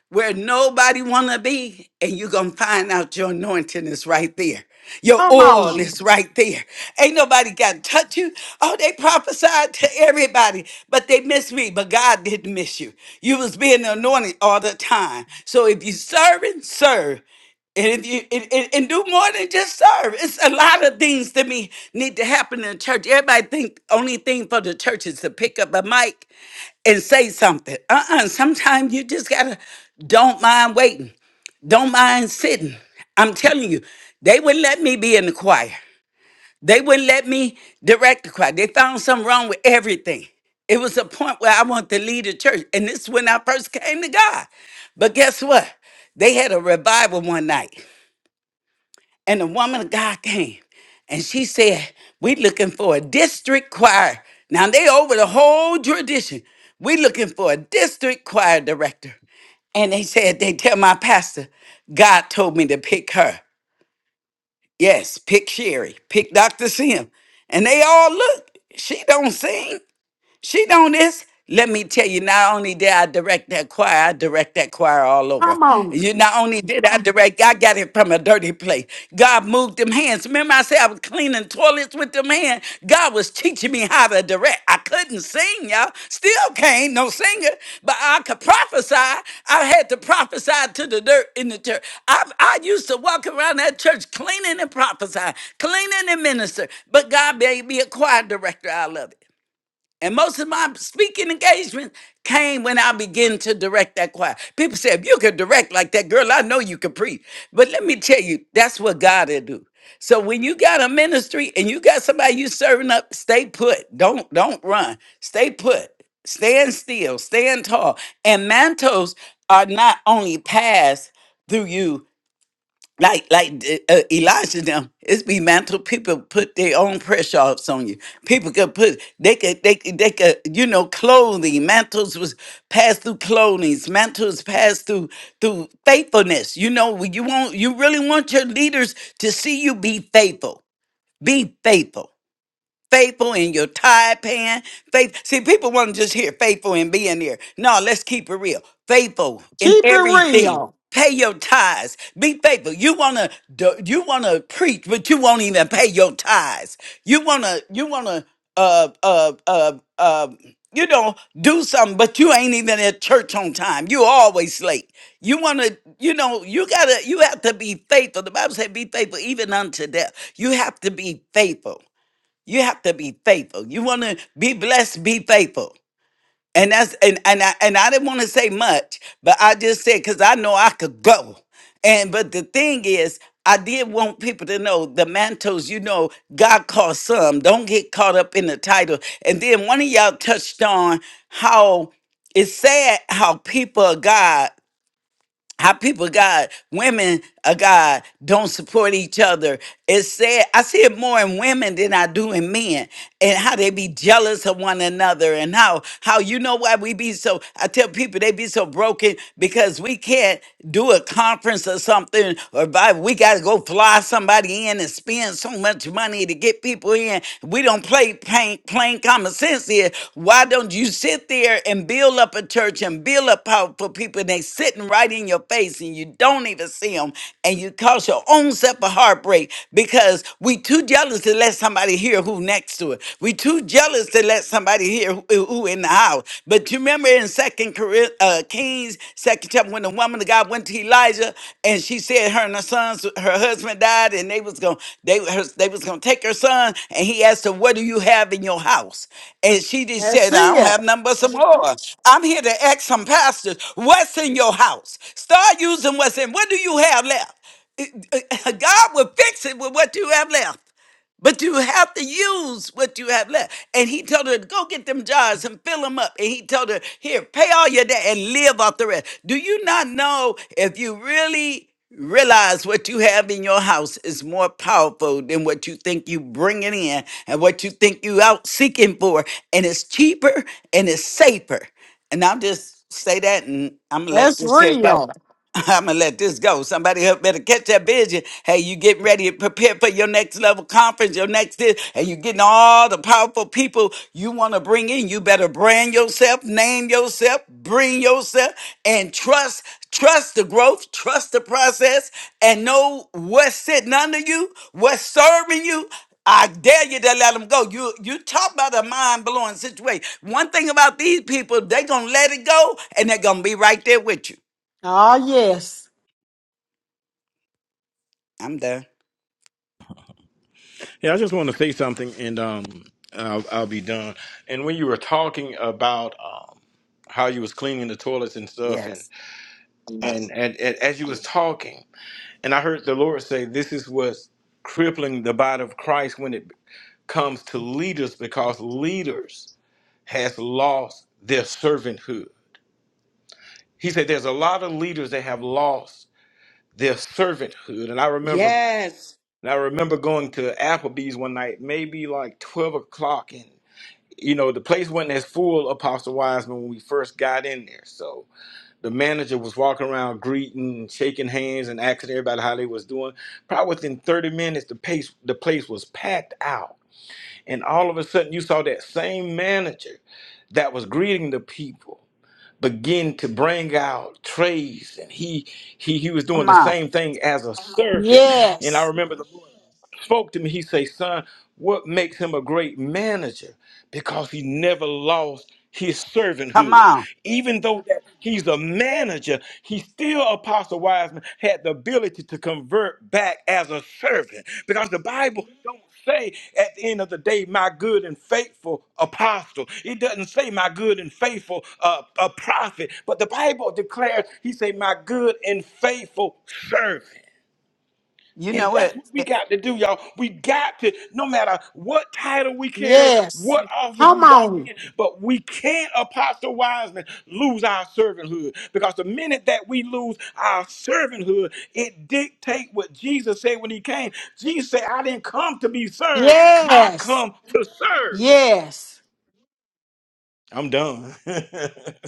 Speaker 11: where nobody want to be and you're going to find out your anointing is right there your
Speaker 1: Come on.
Speaker 11: oil is right there ain't nobody got to touch you oh they prophesied to everybody but they missed me but god didn't miss you you was being anointed all the time so if you serve and serve and if you and, and, and do more than just serve, it's a lot of things to me need to happen in the church. Everybody think only thing for the church is to pick up a mic and say something. Uh-uh. Sometimes you just gotta don't mind waiting. Don't mind sitting. I'm telling you, they wouldn't let me be in the choir. They wouldn't let me direct the choir. They found something wrong with everything. It was a point where I wanted to lead a church. And this is when I first came to God. But guess what? They had a revival one night. And the woman of God came and she said, We looking for a district choir. Now they over the whole tradition. We looking for a district choir director. And they said, they tell my pastor, God told me to pick her. Yes, pick Sherry, pick Dr. Sim. And they all look, she don't sing. She done this. Let me tell you, not only did I direct that choir, I direct that choir all over. You not only did I direct, I got it from a dirty place. God moved them hands. Remember, I said I was cleaning toilets with them hands. God was teaching me how to direct. I couldn't sing, y'all. Still can't, no singer, but I could prophesy. I had to prophesy to the dirt in the church. I, I used to walk around that church cleaning and prophesying, cleaning and minister. But God made me a choir director. I love it. And most of my speaking engagements came when I began to direct that choir. People said, if you could direct like that, girl, I know you could preach. But let me tell you, that's what God will do. So when you got a ministry and you got somebody you serving up, stay put. Don't don't run. Stay put. Stand still. Stand tall. And mantles are not only passed through you, like like uh, uh, Elijah them. It's be mantle. People put their own pressure offs on you. People could put they could they could, they could you know clothing mantles was passed through clothing. Mantles passed through through faithfulness. You know when you want you really want your leaders to see you be faithful. Be faithful faithful in your tie pan. Faith. See, people want to just hear faithful in being there. No, let's keep it real. Faithful in
Speaker 1: Keep it
Speaker 11: everything.
Speaker 1: real.
Speaker 11: Pay your tithes. Be faithful. You wanna do- you wanna preach, but you won't even pay your tithes. You wanna you wanna uh uh uh uh you know do something, but you ain't even at church on time. You always late. You wanna you know you gotta you have to be faithful. The Bible said be faithful even unto death. You have to be faithful. You have to be faithful. You want to be blessed, be faithful. And that's and and I and I didn't want to say much, but I just said because I know I could go. And but the thing is, I did want people to know the mantles, you know, God calls some. Don't get caught up in the title. And then one of y'all touched on how it's sad how people of God how people God, women of God don't support each other. It's sad. I see it more in women than I do in men. And how they be jealous of one another and how how you know why we be so I tell people they be so broken because we can't do a conference or something or by we gotta go fly somebody in and spend so much money to get people in. We don't play plain, plain common sense here. Why don't you sit there and build up a church and build up powerful people and they sitting right in your your face and you don't even see them and you cause your own self a heartbreak because we too jealous to let somebody hear who next to it. We too jealous to let somebody hear who, who in the house. But you remember in Second Cori- uh, Kings, second chapter, when the woman of God went to Elijah and she said her and her sons, her husband died, and they was gonna they her, they was gonna take her son, and he asked her, "What do you have in your house?" And she just
Speaker 1: That's
Speaker 11: said, "I don't
Speaker 1: it.
Speaker 11: have nothing but some oil. I'm here to ask some pastors, what's in your house?" Start using what's in. What do you have left? God will fix it with what you have left. But you have to use what you have left. And he told her, go get them jars and fill them up. And he told her, here, pay all your debt and live off the rest. Do you not know if you really realize what you have in your house is more powerful than what you think you bringing in and what you think you out seeking for. And it's cheaper and it's safer. And I'll just say that and I'm going to let
Speaker 1: That's
Speaker 11: this here go.
Speaker 1: real.
Speaker 11: I'm gonna let this go. Somebody help better catch that vision. Hey, you getting ready to prepare for your next level conference, your next this, and you getting all the powerful people you want to bring in. You better brand yourself, name yourself, bring yourself, and trust, trust the growth, trust the process, and know what's sitting under you, what's serving you. I dare you to let them go. You you talk about a mind blowing situation. One thing about these people, they gonna let it go, and they're gonna be right there with you.
Speaker 1: Oh, yes.
Speaker 11: I'm done.
Speaker 7: Yeah, I just want to say something, and um, I'll, I'll be done. And when you were talking about um, how you was cleaning the toilets and stuff, and
Speaker 11: Yes.
Speaker 7: and, and and as you was talking, and I heard the Lord say, "This is what's crippling the body of Christ when it comes to leaders, because leaders has lost their servanthood." He said, "There's a lot of leaders that have lost their servanthood," and I remember.
Speaker 10: Yes.
Speaker 7: And I remember going to Applebee's one night, maybe like twelve o'clock, you know, the place wasn't as full, Apostle Wiseman, when we first got in there. So the manager was walking around greeting, and shaking hands, and asking everybody how they was doing. Probably within 30 minutes, the pace, the place was packed out. And all of a sudden, you saw that same manager that was greeting the people begin to bring out trays and he he he was doing
Speaker 11: Come
Speaker 7: the
Speaker 11: on.
Speaker 7: same thing as a servant and i
Speaker 1: Yes.
Speaker 7: remember the lord spoke to me. He say, son, what makes him a great manager? Because he never lost his
Speaker 11: Come
Speaker 7: servanthood.
Speaker 11: on.
Speaker 7: Even though that he's a manager, he still, Apostle Wiseman, had the ability to convert back as a servant. Because the Bible don't say at the end of the day, my good and faithful apostle. It doesn't say my good and faithful uh, a prophet, but the Bible declares, he say, my good and faithful servant.
Speaker 11: You know
Speaker 7: And that's
Speaker 11: what?
Speaker 7: what we
Speaker 11: Eh,
Speaker 7: got to do, y'all. We got to, no matter what title we carry,
Speaker 1: Yes.
Speaker 7: what office we
Speaker 1: Come
Speaker 7: walk
Speaker 1: on.
Speaker 7: in, but we can't, Apostle Wiseman, lose our servanthood. Because the minute that we lose our servanthood, it dictates what Jesus said when he came. Jesus said, I didn't come to be served, I
Speaker 1: Yes.
Speaker 7: come to serve.
Speaker 1: Yes.
Speaker 7: I'm done. yep,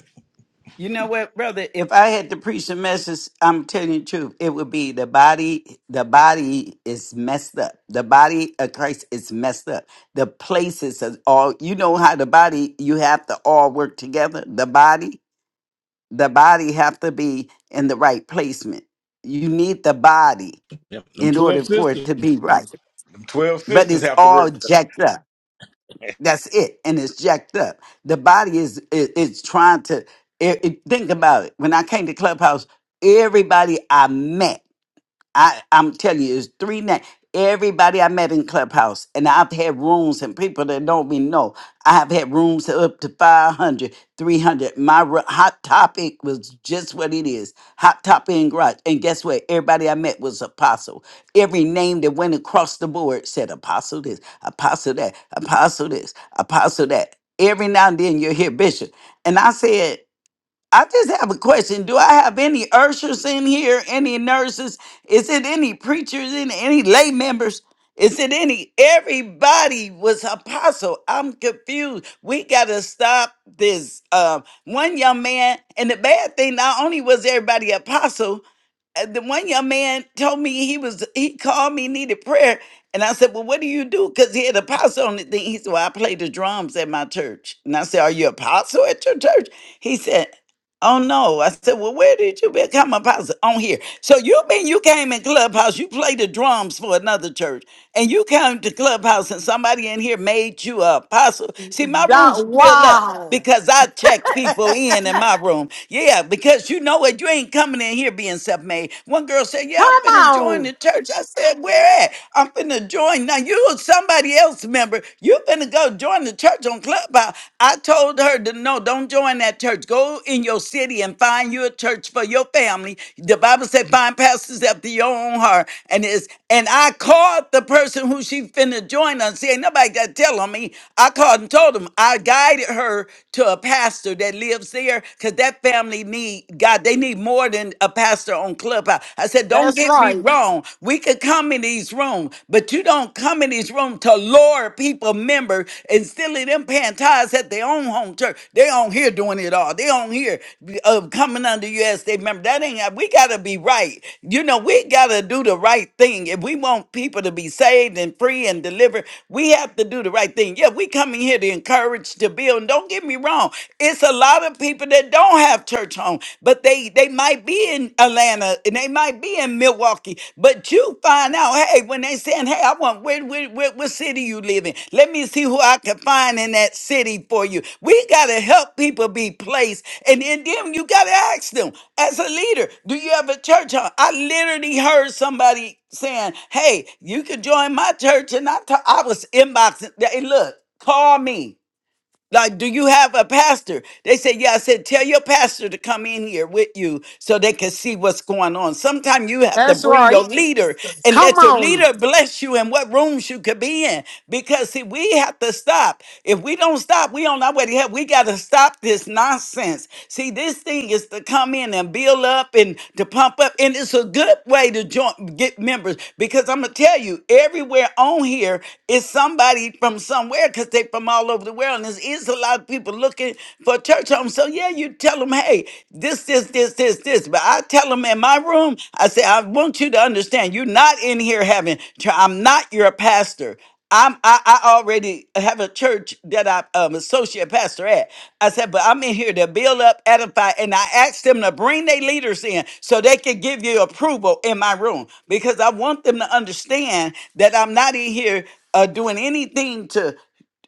Speaker 11: You know what, brother? If I had to preach a message, I'm telling you the truth. It would be the body, the body is messed up. The body of Christ is messed up. The places is all you know how the body you have to all work together. The body, the body have to be in the right placement. You need the body
Speaker 7: them
Speaker 11: in
Speaker 7: 12
Speaker 11: order for it
Speaker 7: sisters.
Speaker 11: to be
Speaker 7: them
Speaker 11: right.
Speaker 7: 12
Speaker 11: But
Speaker 7: sisters
Speaker 11: it's
Speaker 7: have to
Speaker 11: all
Speaker 7: work
Speaker 11: jacked up. That's it, and it's jacked up. The body is is, is trying to. It, it- think about it. When I came to Clubhouse, everybody I met. I I'm telling you, it's three nights. Everybody I met in Clubhouse, and I've had rooms and people that don't even know. I have had rooms up to 500, 300. My ru- hot topic was just what it is hot topic in garage. And guess what? Everybody I met was apostle. Every name that went across the board said apostle this, apostle that, apostle this, apostle that. Every now and then you'll hear bishop. And I said, I just have a question. Do I have any ushers in here? Any nurses? Is it any preachers? In any lay members? Is it any? Everybody was apostle. I'm confused. We gotta stop this. Um, one young man, and the bad thing, not only was everybody apostle, uh, the one young man told me he was he called me needed prayer and i said well what do you do because he had a apostle on the thing he said well i play the drums at my church and i said are you apostle at your church he said Oh no. I said, Well, where did you become a pastor? On here. So you mean you came in Clubhouse, you played the drums for another church, and you came to Clubhouse and somebody in here made you a apostle. See, my rooms
Speaker 1: That,
Speaker 11: are filled up
Speaker 1: wow.
Speaker 11: because I check people in in my room. Yeah, because you know what? You ain't coming in here being self-made. One girl said,
Speaker 1: Come
Speaker 11: Yeah, I'm finna join
Speaker 1: on.
Speaker 11: the church. I said, Where at? I'm finna join. Now you are somebody else member. You finna go join the church on Clubhouse. I told her to no, don't join that church. Go in your city and find you a church for your family. The Bible said find pastors after your own heart. And it's and I called the person who she finna join us. See, ain't nobody got to tell on me. I called and told him I guided her to a pastor that lives there because that family need God. They need more than a pastor on Clubhouse clubhouse. I said, don't
Speaker 1: That's
Speaker 11: get me
Speaker 1: right.
Speaker 11: wrong. We could come in these rooms, but you don't come in these rooms to lure people member and silly them paying tithes at their own home church. They on here doing it all. They on here uh, coming under you as they member. That ain't we gotta be right. You know, we gotta do the right thing. If we want people to be saved and free and delivered, we have to do the right thing. Yeah, we coming here to encourage, to build. And don't get me wrong, it's a lot of people that don't that don't have church home, but they they might be in Atlanta and they might be in Milwaukee. But you find out, hey, when they saying, hey, I want where where, where what city you live in? Let me see who I can find in that city for you. We gotta help people be placed, and, and then you gotta ask them as a leader, do you have a church home? I literally heard somebody saying, hey, you can join my church, and I ta- I was inboxing. Hey, look, call me. Like, do you have a pastor? They said, Yeah. I said, Tell your pastor to come in here with you so they can see what's going on. Sometimes you have to
Speaker 1: That's
Speaker 11: bring your
Speaker 1: right.
Speaker 11: leader and
Speaker 1: Come
Speaker 11: let your
Speaker 1: on.
Speaker 11: leader bless you in what rooms you could be in. Because, see, we have to stop. If we don't stop, we on our way to hell. We got to stop this nonsense. See, this thing is to come in and build up and to pump up. And it's a good way to join, get members. Because I'm going to tell you, everywhere on here is somebody from somewhere because they from all over over the world, and there is a lot of people looking for church homes. So yeah, you tell them, hey, this, this, this, this, this. But I tell them in my room, I say, I want you to understand, you're not in here having. chur- I'm not your pastor. I'm I, I already have a church that I'm um, associate pastor at. I said, but I'm in here to build up, edify, and I asked them to bring their leaders in so they could give you approval in my room because I want them to understand that I'm not in here uh, doing anything to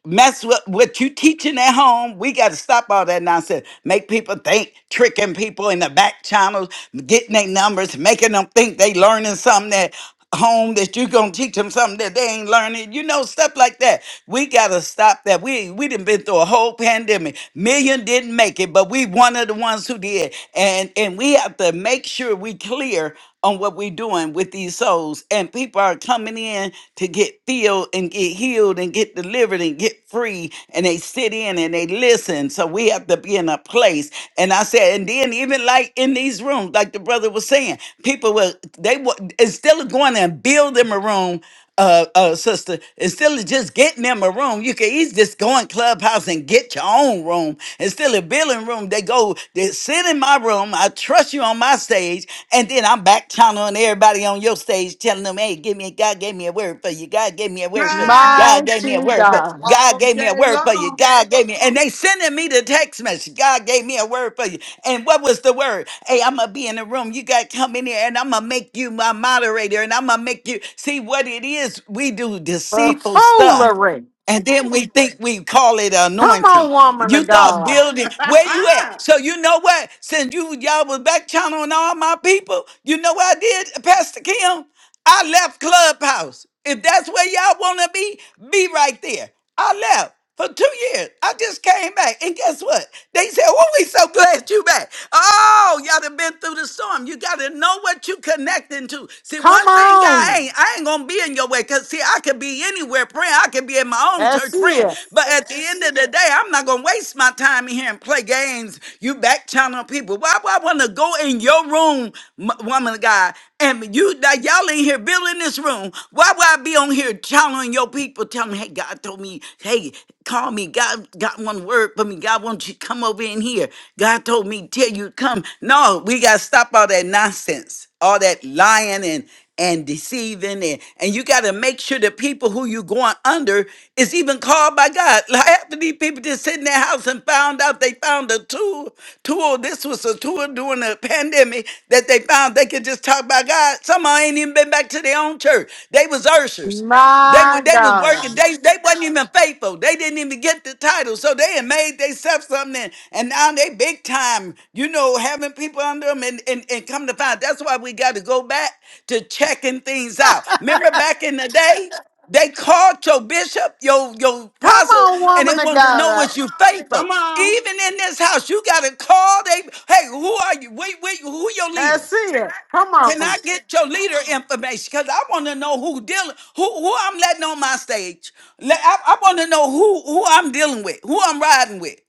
Speaker 11: mess with what you teaching at home. We got to stop all that nonsense. Make people think, tricking people in the back channels, getting their numbers, making them think they learning something at home that you gonna teach them something that they ain't learning. You know, stuff like that. We gotta stop that. We we done been through a whole pandemic. Million didn't make it, but we one of the ones who did. And and we have to make sure we clear on what we're doing with these souls. And people are coming in to get filled and get healed and get delivered and get free. And they sit in and they listen. So we have to be in a place. And I said, and then even like in these rooms, like the brother was saying, people will they will instead of going and building a room uh, uh, sister, instead of just getting them a room, you can easily just go in Clubhouse and get your own room. Instead of billing room, they go, they sit in my room. I trust you on my stage, and then I'm back channeling everybody on your stage, telling them, "Hey, give me God gave me a word for you. God gave me a word." word for you.
Speaker 10: God,
Speaker 11: God gave me a
Speaker 1: Mighty
Speaker 11: word for
Speaker 1: God.
Speaker 11: you. God
Speaker 10: all
Speaker 11: gave me
Speaker 10: day
Speaker 11: a word for you.
Speaker 10: long.
Speaker 11: God gave me, and they sending me the text message. God gave me a word for you. And what was the word? Hey, I'm gonna be in the room. You gotta come in here, and I'm gonna make you my moderator, and I'm gonna make you see what it is. We do deceitful stuff,
Speaker 1: Buffoolery.
Speaker 11: and then we think we call it
Speaker 1: Come on,
Speaker 11: anointing.
Speaker 1: woman
Speaker 11: You
Speaker 1: of
Speaker 11: thought
Speaker 1: God.
Speaker 11: building where you at? So you know what? Since you y'all was back channeling all my people, you know what I did, Pastor Kim? I left Clubhouse. If that's where y'all wanna be, be right there. I left for two years. I just came back. And guess what? They said, Oh, we so glad you back. Oh, y'all done been through the storm. You gotta know what you connecting to. See,
Speaker 1: Come
Speaker 11: one thing y'all
Speaker 1: on.
Speaker 11: ain't. I ain't gonna be in your way. Cause see, I could be anywhere praying. I could be in my own
Speaker 1: That's
Speaker 11: church praying.
Speaker 1: it.
Speaker 11: But at the end of the day, I'm not gonna waste my time in here and play games. You back channel people. Why would I wanna go in your room, m- woman of God, and you that y'all in here building this room? Why would I be on here channeling your people, telling them, hey, God told me, hey, call me. God got one word for me. God wants you to come over in here. God told me, tell you to come. No, we gotta stop all that nonsense all that lying and and deceiving and, and you got to make sure the people who you going under is even called by god like half of these people just sit in their house and found out they found a tool tool this was a tool during the pandemic that they found they could just talk by god some of 'em ain't even been back to their own church they was ushers they were
Speaker 1: My
Speaker 11: they was working.
Speaker 1: God.
Speaker 11: They they wasn't even faithful. They didn't even get the title. So they had made themselves something, and, and now they big time. You know, having people under them, and, and and come to find that's why we got to go back to checking things out. Remember back in the day, they called your bishop, your your
Speaker 1: Come
Speaker 11: apostle,
Speaker 1: on,
Speaker 11: and they
Speaker 1: woman of
Speaker 11: wanted to know
Speaker 1: God.
Speaker 11: was you faithful.
Speaker 10: come on.
Speaker 11: Even in this house, you got to call. They hey, who are you? Wait, wait, who your leader?
Speaker 1: That's it. Come
Speaker 11: Can I
Speaker 1: on.
Speaker 11: get your leader information? Because I want to know who dealing, who who I'm letting on my stage. Let, I, I want to know who who I'm dealing with, who I'm riding with.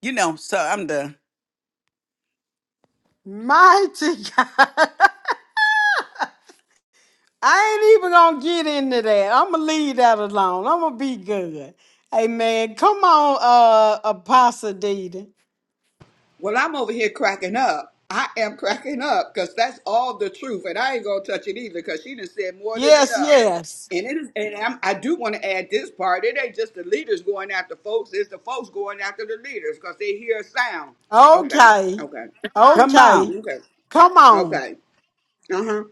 Speaker 11: You know. So I'm done.
Speaker 1: Mighty God. I ain't even gonna get into that. I'ma leave that alone. I'ma be good. Amen. Come on, uh Apostle Dita.
Speaker 10: Well, I'm over here cracking up. I am cracking up because that's all the truth, and I ain't gonna touch it either because she done said more than
Speaker 1: Yes,
Speaker 10: enough.
Speaker 1: yes.
Speaker 10: And it is, and I'm, I do want to add this part. It ain't just the leaders going after folks; it's the folks going after the leaders because they hear a sound. Okay,
Speaker 1: Okay.
Speaker 10: okay,
Speaker 11: Come on.
Speaker 1: Okay.
Speaker 10: okay,
Speaker 1: Come on.
Speaker 10: okay. Uh huh.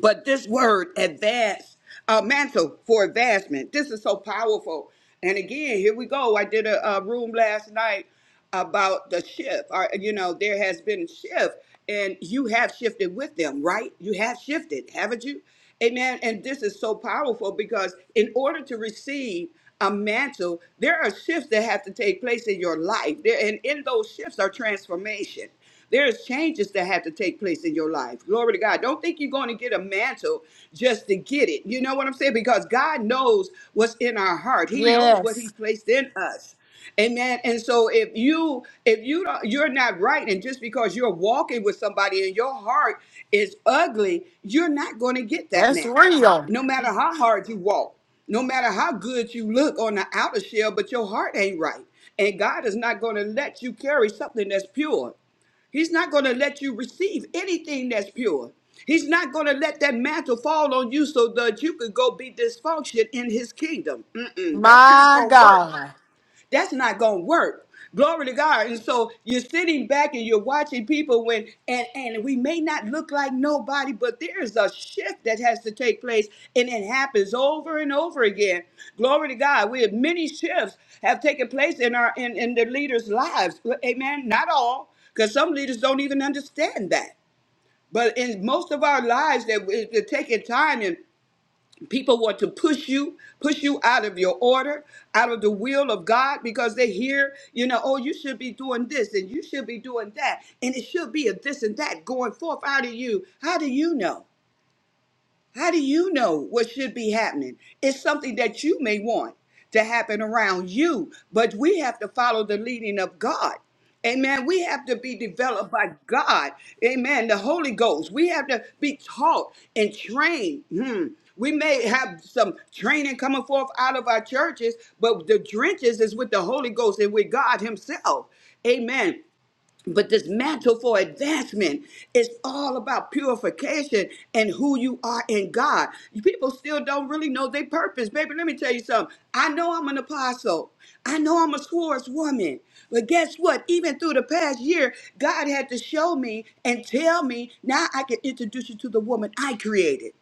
Speaker 10: But this word advance, uh, mantle for advancement, this is so powerful. And again, here we go. I did a, a room last night about the shift. Or, you know, there has been a shift, and you have shifted with them, right? You have shifted, haven't you? Amen. And this is so powerful because in order to receive a mantle, there are shifts that have to take place in your life. There, and in those shifts are transformation. There's changes that have to take place in your life. Glory to God. Don't think you're going to get a mantle just to get it. You know what I'm saying? Because God knows what's in our heart. He knows what he
Speaker 1: Yes,
Speaker 10: placed in us. Amen. And so if you if you don't, you're not right, and just because you're walking with somebody and your heart is ugly, you're not going to get that
Speaker 1: that's
Speaker 10: mantle.
Speaker 1: real.
Speaker 10: No matter how hard you walk, no matter how good you look on the outer shell, but your heart ain't right, and God is not going to let you carry something that's pure. He's not going to let you receive anything that's pure. He's not going to let that mantle fall on you so that you could go be dysfunction in his kingdom. Mm-mm, that's not
Speaker 1: My
Speaker 10: going to work.
Speaker 1: God.
Speaker 10: That's not gonna work. Glory to God. And so you're sitting back and you're watching people when and and we may not look like nobody, but there is a shift that has to take place and it happens over and over again. Glory to God. We have many shifts have taken place in our in, in the leaders' lives. Amen. Not all, because some leaders don't even understand that. But in most of our lives that we- it's taking time and People want to push you, push you out of your order, out of the will of God, because they hear, you know, oh, you should be doing this and you should be doing that. And it should be a this and that going forth out of you. How do you know? How do you know what should be happening? It's something that you may want to happen around you, but we have to follow the leading of God. Amen. We have to be developed by God. Amen. The Holy Ghost. We have to be taught and trained. Hmm. We may have some training coming forth out of our churches, but the drenches is with the Holy Ghost and with God Himself. Amen. But this mantle for advancement is all about purification and who you are in God. People still don't really know their purpose. Baby, let me tell you something. I know I'm an apostle. I know I'm a swordswoman. But guess what? Even through the past year, God had to show me and tell me now I can introduce you to the woman I created.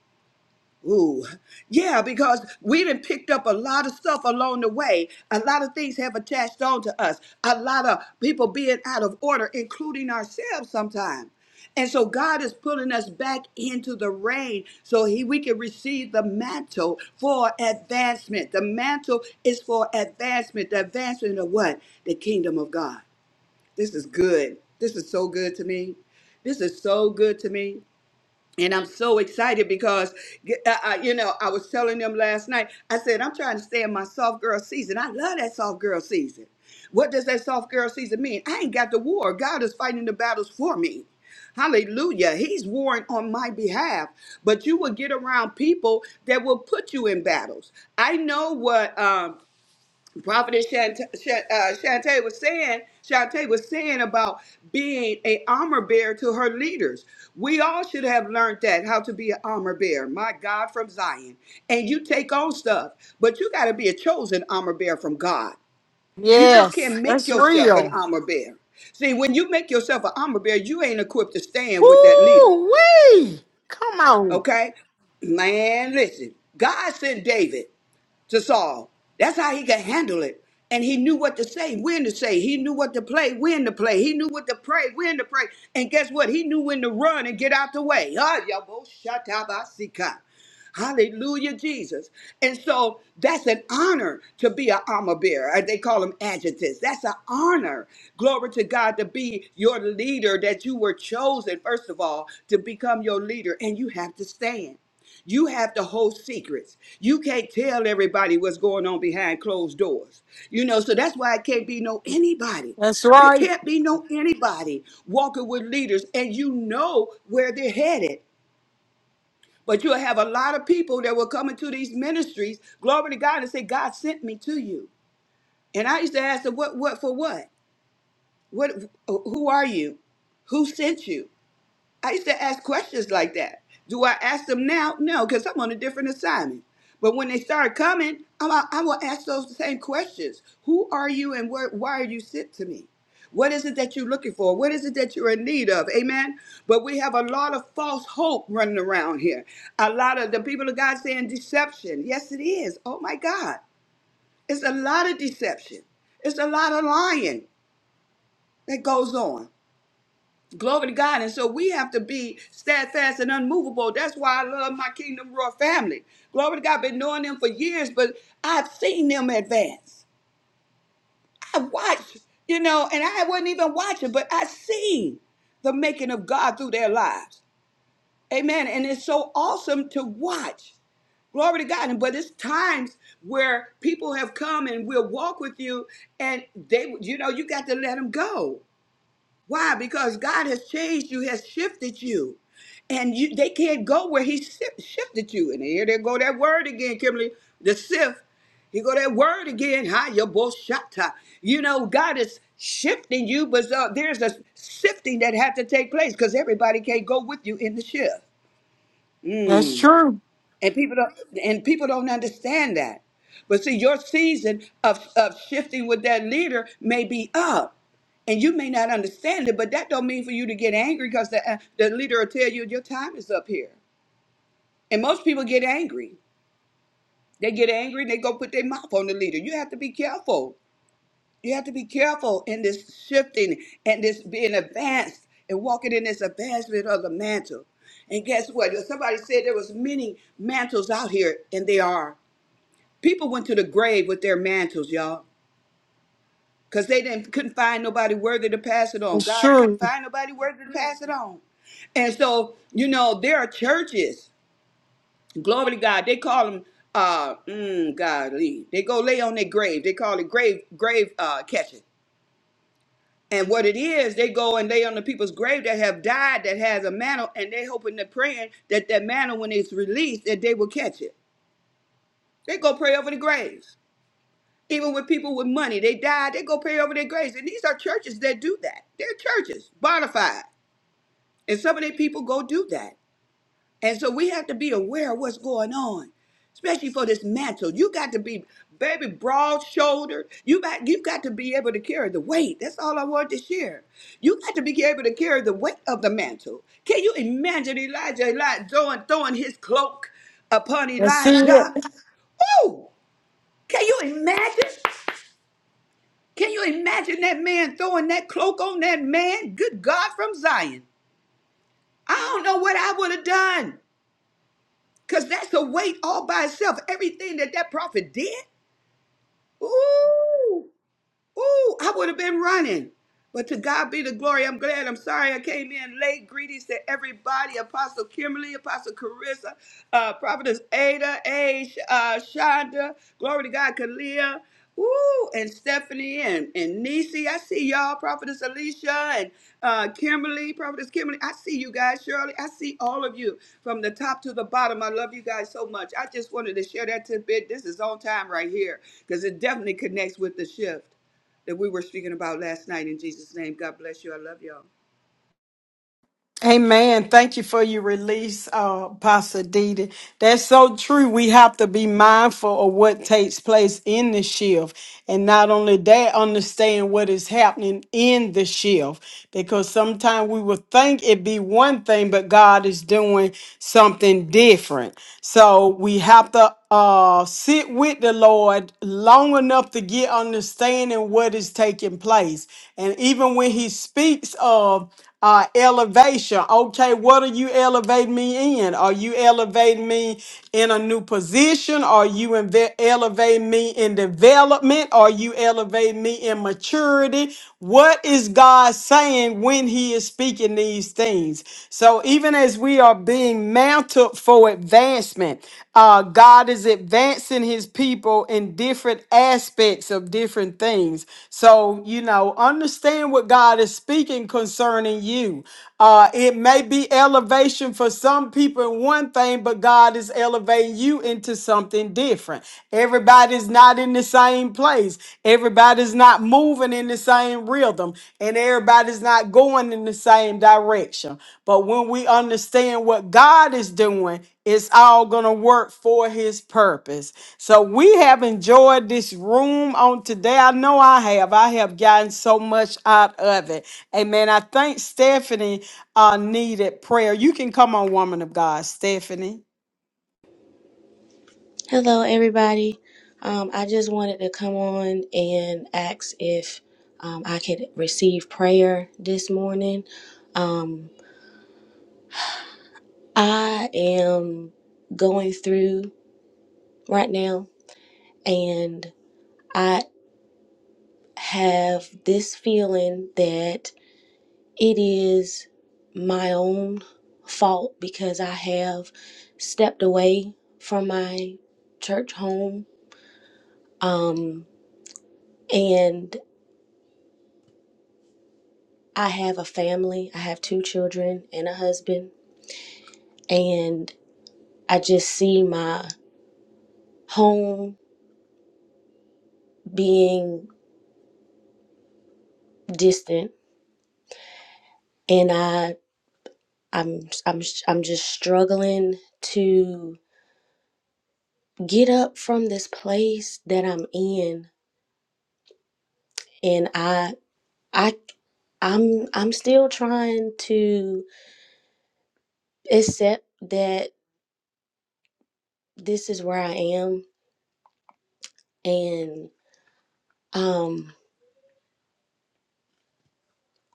Speaker 10: Ooh, yeah, because we done picked up a lot of stuff along the way. A lot of things have attached on to us. A lot of people being out of order, including ourselves sometimes. And so God is pulling us back into the rain so he, we can receive the mantle for advancement. The mantle is for advancement. The advancement of what? The kingdom of God. This is good. This is so good to me. This is so good to me. And I'm so excited because, uh, uh, you know, I was telling them last night, I said, I'm trying to stay in my soft girl season. I love that soft girl season. What does that soft girl season mean? I ain't got the war. God is fighting the battles for me. Hallelujah. He's warring on my behalf. But you will get around people that will put you in battles. I know what. Um, Prophetess Shante, Shan- uh, Shante was saying, Shante was saying about being a armor bearer to her leaders. We all should have learned that how to be an armor bearer. My God, from Zion, and you take on stuff, but you got to be a chosen armor bearer from God. You just
Speaker 1: Yes,
Speaker 10: can't make
Speaker 1: that's
Speaker 10: yourself an
Speaker 1: real.
Speaker 10: armor bearer. See, when you make yourself an armor bearer, you ain't equipped to stand with that leader.
Speaker 1: Woo wee. Come on.
Speaker 10: Okay, man, listen. God sent David to Saul. That's how he could handle it. And he knew what to say, when to say. He knew what to play, when to play. He knew what to pray, when to pray. And guess what? He knew when to run and get out the way. Ah, yabo shatabasika. Hallelujah, Jesus. And so that's an honor to be an armor bearer. Uh, They call them adjutants. That's an honor. Glory to God to be your leader, that you were chosen, first of all, to become your leader, and you have to stand. You have to hold secrets. You can't tell everybody what's going on behind closed doors. You know, so that's why it can't be no anybody.
Speaker 1: That's
Speaker 10: There
Speaker 1: right.
Speaker 10: can't be no anybody walking with leaders and you know where they're headed. But you'll have a lot of people that will come into these ministries, glory to God, and say, God sent me to you. And I used to ask them, what, what, for what? What, who are you? Who sent you? I used to ask questions like that. Do I ask them now? No, because I'm on a different assignment. But when they start coming, I'm, a- I will ask those same questions. Who are you and where, why are you sent to me? What is it that you're looking for? What is it that you're in need of? Amen. But we have a lot of false hope running around here. A lot of the people of God saying deception. Yes, it is. Oh my God. It's a lot of deception. It's a lot of lying that goes on. Glory to God. And so we have to be steadfast and unmovable. That's why I love my Kingdom Royal family. Glory to God. I've Been knowing them for years, but I've seen them advance. I watched, you know, and I wasn't even watching, but I seen the making of God through their lives. Amen. And it's so awesome to watch. Glory to God. And- But it's times where people have come and will walk with you, and they, you know, you got to let them go. Why? Because God has changed you, has shifted you. And you, they can't go where he shi- shifted you. And here they go that word again, Kimberly, the sift. He go that word again, hi, your boshata. You know, God is shifting you, but uh, there's a sifting that had to take place because everybody can't go with you in the shift. Mm.
Speaker 1: That's true.
Speaker 10: And people don't and people don't understand that. But see, your season of, of shifting with that leader may be up. And you may not understand it, but that don't mean for you to get angry because the, uh, the leader will tell you your time is up here. And most people get angry. They get angry and they go put their mouth on the leader. You have to be careful. You have to be careful in this shifting and this being advanced and walking in this advancement of the mantle. And guess what? Somebody said there was many mantles out here, and they are. People went to the grave with their mantles, y'all, because they didn't couldn't find nobody worthy to pass it on.
Speaker 1: That's
Speaker 10: God couldn't
Speaker 1: true.
Speaker 10: find nobody worthy to pass it on. And so, you know, there are churches. Glory to God. They call them uh mm, godly. They go lay on their grave. They call it grave grave uh catching. And what it is, they go and lay on the people's grave that have died that has a mantle, and they hoping they're praying that that mantle, when it's released, that they will catch it. They go pray over the graves. Even with people with money, they die. they go pay over their graves. And these are churches that do that. They're churches, bona fide. And some of their people go do that. And so we have to be aware of what's going on, especially for this mantle. You got to be, baby, broad shouldered. You got, you got to be able to carry the weight. That's all I want to share. You got to be able to carry the weight of the mantle. Can you imagine Elijah, Elijah throwing, throwing his cloak upon
Speaker 1: That's it.
Speaker 10: Elijah? Woo! Can you imagine? Can you imagine that man throwing that cloak on that man? Good God from Zion. I don't know what I would have done because that's a weight all by itself. Everything that that prophet did. Ooh. Ooh, I would have been running. But to God be the glory. I'm glad. I'm sorry I came in late. Greetings to everybody. Apostle Kimberly, Apostle Carissa, uh, Prophetess Ada, A, Sh- uh, Shonda, glory to God, Kalia, ooh, and Stephanie and, and Nisi. I see y'all, Prophetess Alicia and uh, Kimberly, Prophetess Kimberly. I see you guys, Shirley. I see all of you from the top to the bottom. I love you guys so much. I just wanted to share that tidbit. This is on time right here because it definitely connects with the shift that we were speaking about last night. In Jesus' name, God bless you. I love y'all.
Speaker 1: Amen. Thank you for your release, uh, Pastor Didi. That's so true. We have to be mindful of what takes place in the shift. And not only that, understand what is happening in the shift. Because sometimes we will think it be one thing, but God is doing something different. So we have to uh, sit with the Lord long enough to get understanding what is taking place. And even when he speaks of uh, elevation. Okay, what are you elevating me in? Are you elevating me in a new position? Are you inve- elevating me in development? Are you elevating me in maturity? What is God saying when He is speaking these things? So, even as we are being mounted for advancement, advancement. Uh, God is advancing his people in different aspects of different things. So, you know, understand what God is speaking concerning you. Uh, it may be elevation for some people in one thing, but God is elevating you into something different. Everybody's not in the same place everybody's not moving in the same rhythm and everybody's not going in the same direction. But when we understand what God is doing, it's all going to work for his purpose. So we have enjoyed this room on today. I know I have. I have gotten so much out of it. Amen. I think Stephanie uh, needed prayer. You can come on, woman of God, Stephanie.
Speaker 12: Hello, everybody. Um, I just wanted to come on and ask if um, I could receive prayer this morning. Um, I am going through right now, and I have this feeling that it is my own fault because I have stepped away from my church home. Um, and I have a family, I have two children and a husband, and I just see my home being distant and I I'm I'm I'm just struggling to get up from this place that I'm in and I I I'm I'm still trying to accept that this is where I am and um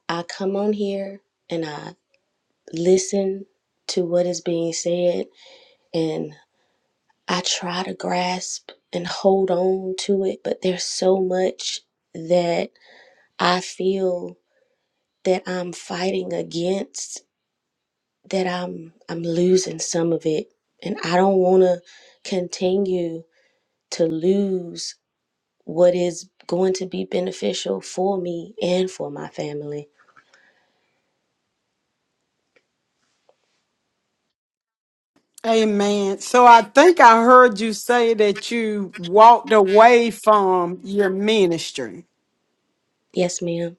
Speaker 12: I come on here and I listen to what is being said and I try to grasp and hold on to it, but there's so much that I feel that I'm fighting against that I'm I'm losing some of it and I don't want to continue to lose what is going to be beneficial for me and for my family.
Speaker 1: Amen. So I think I heard you say that you walked away from your ministry.
Speaker 12: Yes, ma'am.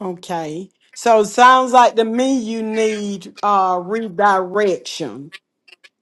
Speaker 1: Okay. So it sounds like to me you need uh redirection.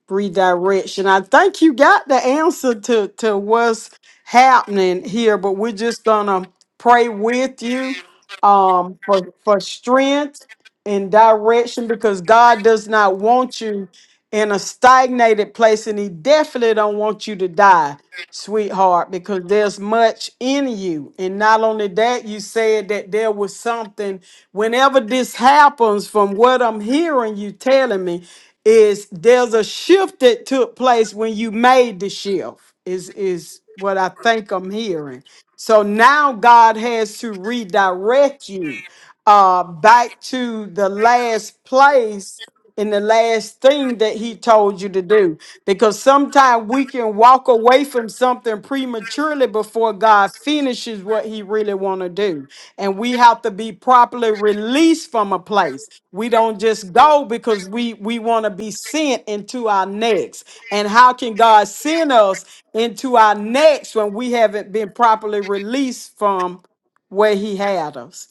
Speaker 1: redirection. I think you got the answer to, to what's happening here, but we're just gonna pray with you um for for strength and direction because God does not want you in a stagnated place and he definitely don't want you to die sweetheart, because there's much in you. And not only that, you said that there was something, whenever this happens, from what I'm hearing you telling me, is there's a shift that took place when you made the shift, is is what I think I'm hearing. So now God has to redirect you uh, back to the last place and the last thing that he told you to do. Because sometimes we can walk away from something prematurely before God finishes what he really want to do. And we have to be properly released from a place. We don't just go because we, we want to be sent into our next. And how can God send us into our next when we haven't been properly released from where he had us?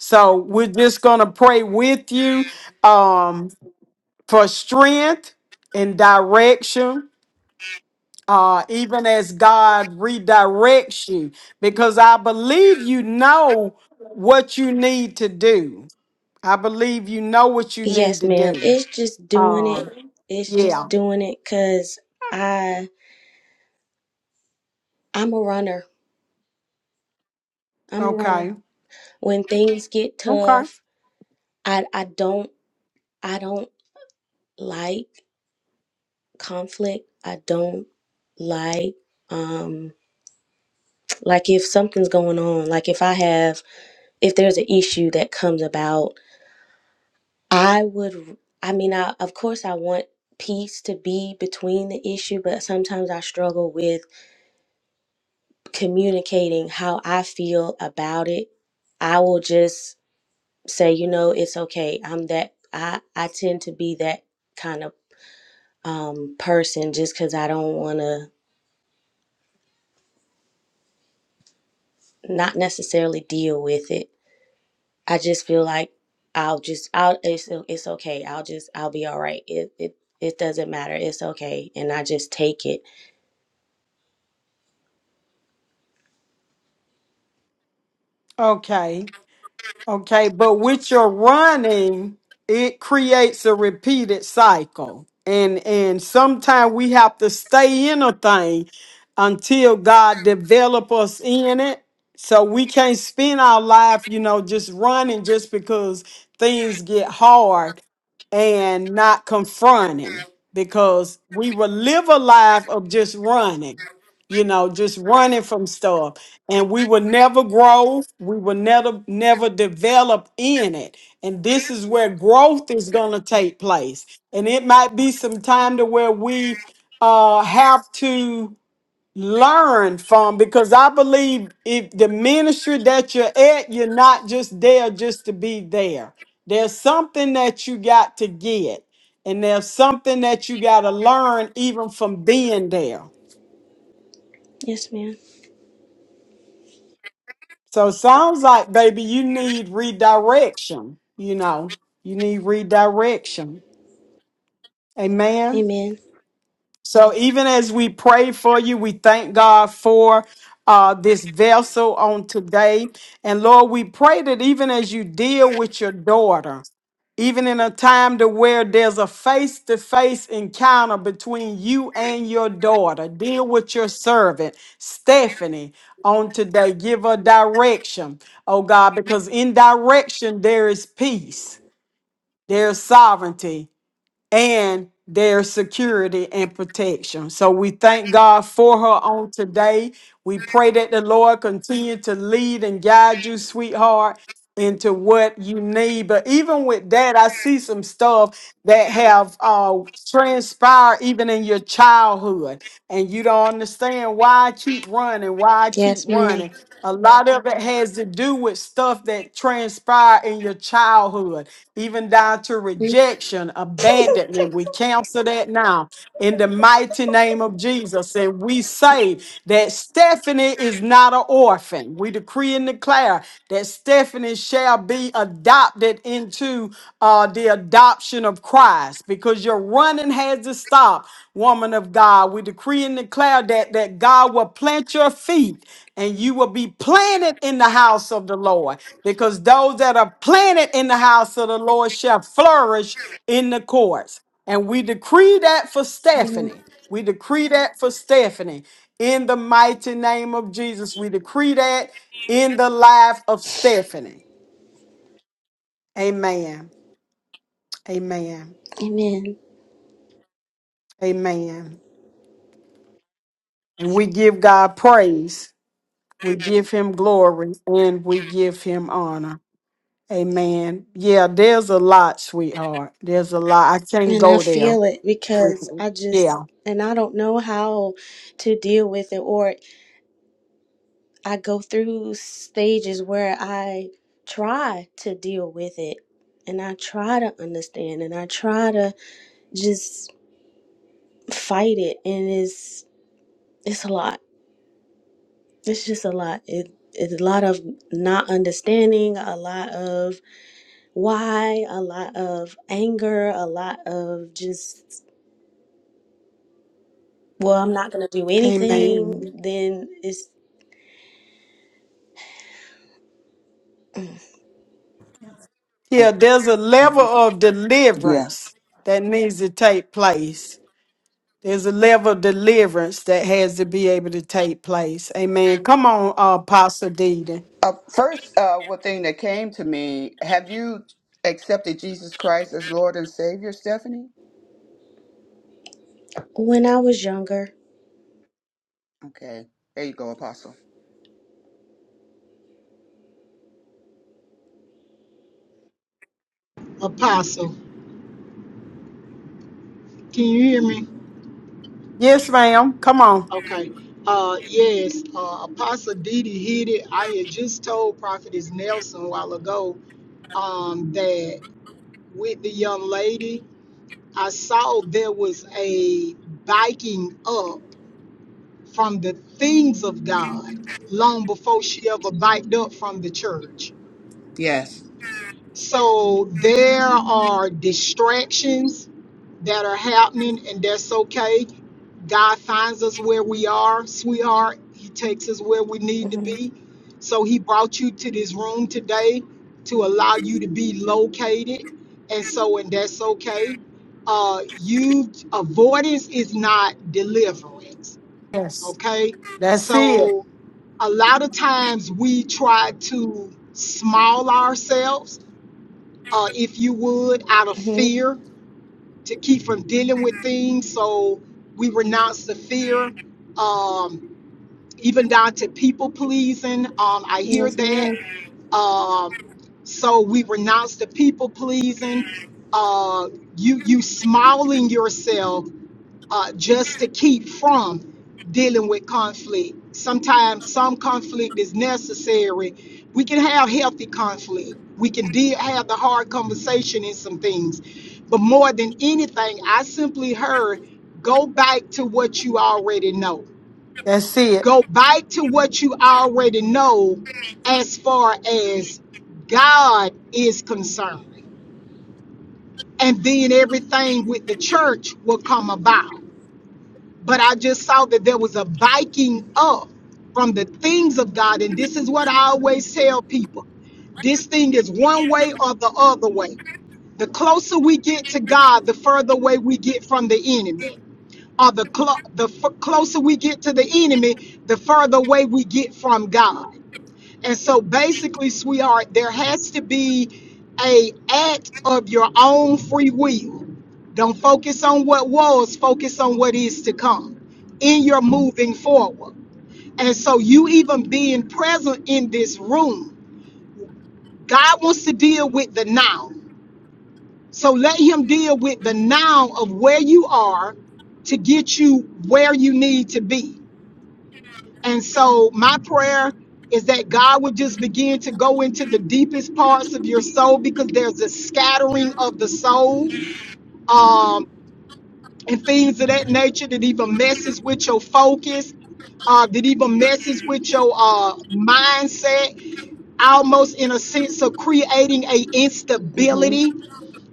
Speaker 1: So we're just going to pray with you um, for strength and direction, uh, even as God redirects you, because I believe you know what you need to do. I believe you know what you need
Speaker 12: Yes,
Speaker 1: to
Speaker 12: ma'am.
Speaker 1: do.
Speaker 12: It's just doing it. It's
Speaker 1: Yeah.
Speaker 12: just doing it cuz I I'm a runner. I'm a runner.
Speaker 1: Okay.
Speaker 12: When things get
Speaker 1: Okay.
Speaker 12: tough, I I don't I don't like conflict. I don't like um like if something's going on, like if I have if there's an issue that comes about, I would I mean I of course I want peace to be between the issue, but sometimes I struggle with communicating how I feel about it. I will just say, you know, it's okay. I'm that I I tend to be that kind of um person just cuz I don't want to not necessarily deal with it. I just feel like I'll just I'll it's it's okay. I'll just I'll be all right. It it it doesn't matter. It's okay. And I just take it.
Speaker 1: Okay. Okay, but with your running, it creates a repeated cycle. And and sometimes we have to stay in a thing until God develop us in it. So we can't spend our life, you know, just running just because things get hard and not confronting because we will live a life of just running, you know, just running from stuff and we will never grow we will never never develop in it and this is where growth is going to take place and it might be some time to where we uh have to learn from because i believe if the ministry that you're at you're not just there just to be there there's something that you got to get and there's something that you got to learn even from being there
Speaker 12: Yes, ma'am.
Speaker 1: So it sounds like, baby, you need redirection. You know, you need redirection. Amen.
Speaker 12: Amen.
Speaker 1: So even as we pray for you, we thank God for uh, this vessel on today. And Lord, we pray that even as you deal with your daughter, even in a time to where there's a face-to-face encounter between you and your daughter deal with your servant stephanie on today give her direction oh god because in direction there is peace there's sovereignty and their security and protection. So we thank God for her on today. We pray that the Lord continue to lead and guide you, sweetheart, into what you need. But even with that, I see some stuff that have uh, transpired even in your childhood, and you don't understand why I keep running, why I keep
Speaker 12: Yes, ma'am.
Speaker 1: running. A lot of it has to do with stuff that transpired in your childhood, even down to rejection, abandonment. We counsel that now in the mighty name of Jesus. And we say that Stephanie is not an orphan. We decree and declare that Stephanie shall be adopted into uh, the adoption of Christ because your running has to stop, woman of God. We decree and declare that, that God will plant your feet and you will be planted in the house of the Lord because those that are planted in the house of the Lord shall flourish in the courts. And we decree that for
Speaker 12: Mhm.
Speaker 1: Stephanie. We decree that for Stephanie. In the mighty name of Jesus, we decree that in the life of Stephanie. Amen. Amen.
Speaker 12: Amen.
Speaker 1: Amen. And we give God praise. We give him glory and we give him honor. Amen. Yeah, there's a lot, sweetheart. There's a lot. I can't
Speaker 12: And I
Speaker 1: go there.
Speaker 12: feel it because I just
Speaker 1: Yeah.
Speaker 12: and I don't know how to deal with it or. I go through stages where I try to deal with it and I try to understand and I try to just fight it and it's it's a lot. It's just a lot. It it's a lot of not understanding, a lot of why, a lot of anger, a lot of just well, I'm not gonna do
Speaker 1: Amen.
Speaker 12: anything. Then it's
Speaker 10: Oh,
Speaker 1: Yeah, there's a level
Speaker 10: mhm.
Speaker 1: of
Speaker 10: Yeah.
Speaker 1: deliverance that needs to take place. There's a level of deliverance that has to be able to take place. Amen. Come on, uh, Apostle Deedon.
Speaker 10: Uh, first, uh, one thing that came to me: Have you accepted Jesus Christ as Lord and Savior, Stephanie?
Speaker 12: when I was younger.
Speaker 10: Okay, there you go, Apostle.
Speaker 8: Apostle, can you hear me?
Speaker 1: Yes, ma'am. Come on.
Speaker 8: Okay. Uh, yes, uh, Apostle Didi hit it. I had just told Prophetess Nelson a while ago um, that with the young lady I saw there was a biking up from the things of God long before she ever biked up from the church.
Speaker 10: Yes.
Speaker 8: So there are distractions that are happening, and that's okay God finds us where we are, sweetheart. He takes us where we need to
Speaker 12: hmm
Speaker 8: be. So he brought you to this room today to allow you to be located. And so, and that's okay. Uh, you avoidance is not deliverance.
Speaker 1: Yes.
Speaker 8: Okay.
Speaker 1: That's it.
Speaker 8: So a lot of times we try to small ourselves, uh, if you would, out of
Speaker 12: hmm
Speaker 8: fear to keep from dealing with things. So we renounce the fear, um, even down to people pleasing. Um, I hear
Speaker 12: Yes,
Speaker 8: that.
Speaker 12: madam
Speaker 8: Um, so we renounce the people pleasing. Uh, you you smiling yourself uh, just to keep from dealing with conflict. Sometimes some conflict is necessary. We can have healthy conflict. We can deal, have the hard conversation in some things. But more than anything, I simply heard go back to what you already know.
Speaker 1: That's it.
Speaker 8: Go back to what you already know as far as God is concerned. And then everything with the church will come about but I just saw that there was a biking up from the things of God. And this is what I always tell people this thing is one way or the other way. The closer we get to God, the further away we get from the enemy. Or the, clo- the f- closer we get to the enemy, the further away we get from God. And so basically, sweetheart, there has to be a act of your own free will. Don't focus on what was, focus on what is to come in your moving forward. And so you even being present in this room, God wants to deal with the now. So let him deal with the now of where you are to get you where you need to be. And so my prayer is that God would just begin to go into the deepest parts of your soul because there's a scattering of the soul um, and things of that nature that even messes with your focus, uh, that even messes with your uh, mindset, almost in a sense of creating a
Speaker 12: Mm-hmm.
Speaker 8: instability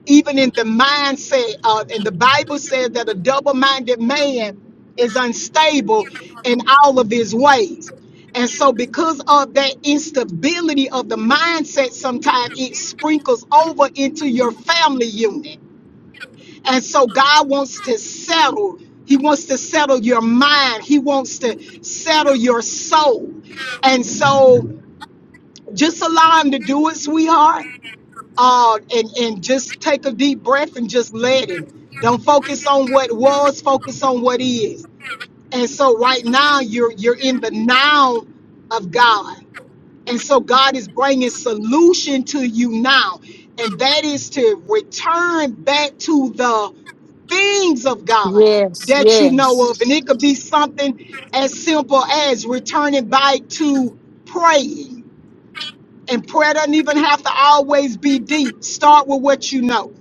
Speaker 8: even in the mindset of, and the Bible says that a double minded man is unstable in all of his ways. And so, because of that instability of the mindset, sometimes it sprinkles over into your family unit. And so, God wants to settle. He wants to settle your mind. He wants to settle your soul. And so, just allow Him to do it, sweetheart uh, and and just take a deep breath and just let him. Don't focus on what was, focus on what is. And so right now you're you're in the now of God, and so God is bringing solution to you now, and that is to return back to the things of God that you know of, and it could be something as simple as returning back to praying and prayer doesn't even have to always be deep. Start with what you know.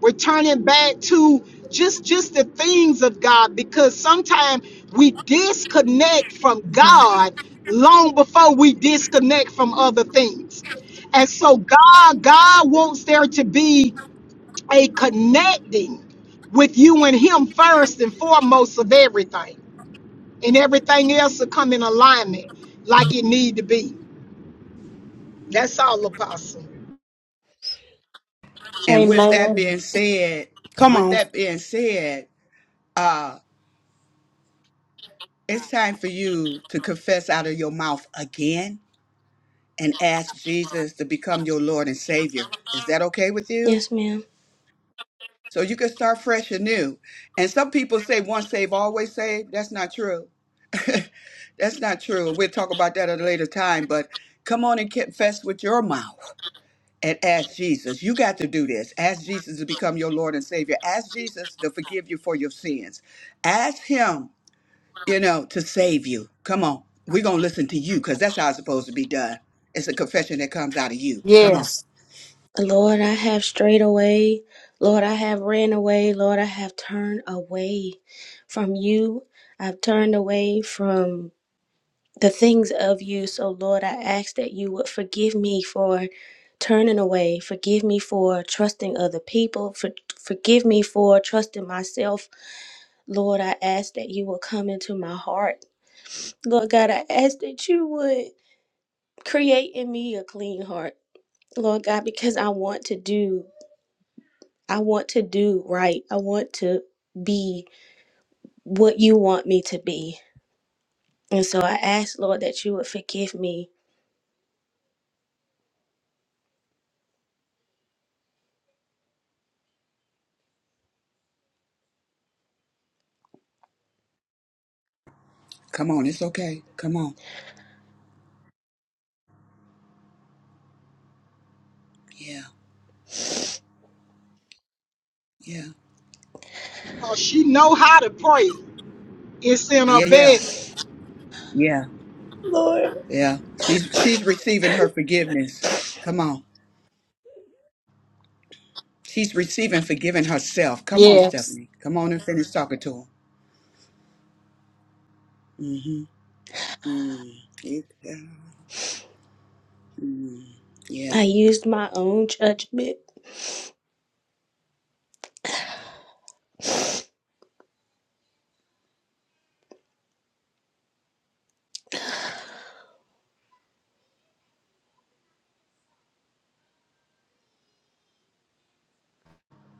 Speaker 8: Returning back to just just the things of God because sometimes we disconnect from
Speaker 12: mm-hmm.
Speaker 8: God long before we disconnect from other things. And so God God wants there to be a connecting with you and him first and foremost of everything. And everything else will come in alignment like it need to be. That's all apostle.
Speaker 10: And with that being said,
Speaker 1: Come
Speaker 10: with
Speaker 1: on.
Speaker 10: that being said, uh, it's time for you to confess out of your mouth again and ask Jesus to become your Lord and Savior. Is that okay with you?
Speaker 12: Yes, ma'am.
Speaker 10: So you can start fresh and new. And some people say once saved, always saved. That's not true. That's not true. We'll talk about that at a later time. But come on and confess with your mouth and ask Jesus. You got to do this. Ask Jesus to become your Lord and Savior. Ask Jesus to forgive you for your sins. Ask Him, you know, to save you. Come on. We're going to listen to you because that's how it's supposed to be done. It's a confession that comes out of you. Come on.
Speaker 1: Yes.
Speaker 12: Lord, I have strayed away. Lord, I have ran away. Lord, I have turned away from you. I've turned away from the things of you. So, Lord, I ask that you would forgive me for turning away. Forgive me for trusting other people. For, forgive me for trusting myself. Lord, I ask that you will come into my heart. Lord God, I ask that you would create in me a clean heart. Lord God, because I want to do I want to do right. I want to be what you want me to be. And so I ask, Lord, that you would forgive me.
Speaker 10: Come on. It's okay. Come on. Yeah. Yeah.
Speaker 8: 'Cause she know how to pray. It's in her
Speaker 10: Yeah. Yeah.
Speaker 8: belly.
Speaker 10: Yeah.
Speaker 12: Lord,
Speaker 10: Yeah, she's she's receiving her
Speaker 12: I
Speaker 10: forgiveness. Come on, she's receiving forgiving herself. Come on,
Speaker 1: Yes.
Speaker 10: Stephanie. Come on and finish talking to him. hmm Mm. Yeah. Mm. yeah,
Speaker 12: used my own judgment.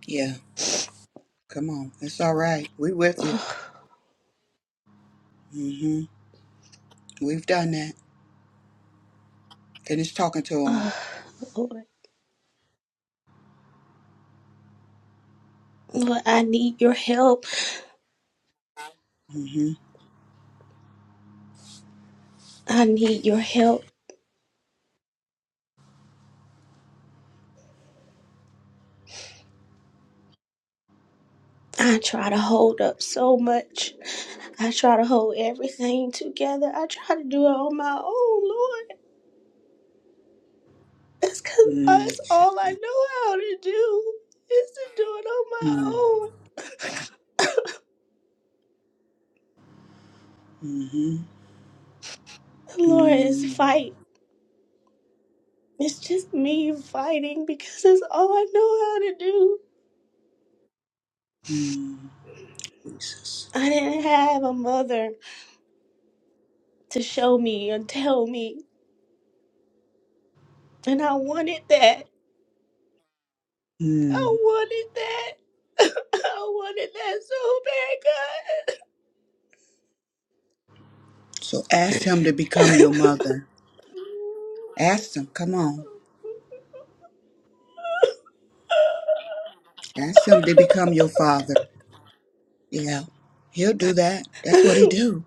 Speaker 10: yeah. Come on, it's all right. We with you. hmm We've done that. Finish talking to
Speaker 12: Lord, Lord, I need your help.
Speaker 10: him.
Speaker 12: I need your help. I try to hold up so much. I try to hold everything together. I try to do it on my own, Lord. That's because
Speaker 10: hmm Mm.
Speaker 12: that's all I know how to do is to do it on
Speaker 10: Mm.
Speaker 12: my own.
Speaker 10: hmm
Speaker 12: Lord, it's
Speaker 10: Mm.
Speaker 12: fight. It's just me fighting because that's all I know how to do.
Speaker 10: Mm. Jesus.
Speaker 12: I didn't have a mother to show me and tell me, and I wanted that. I
Speaker 10: Mm.
Speaker 12: wanted that. I wanted that so bad,
Speaker 10: So ask him to become your
Speaker 12: God.
Speaker 10: mother. Ask him. Come on. Ask him to become your father. Yeah, he'll do that. That's what he do.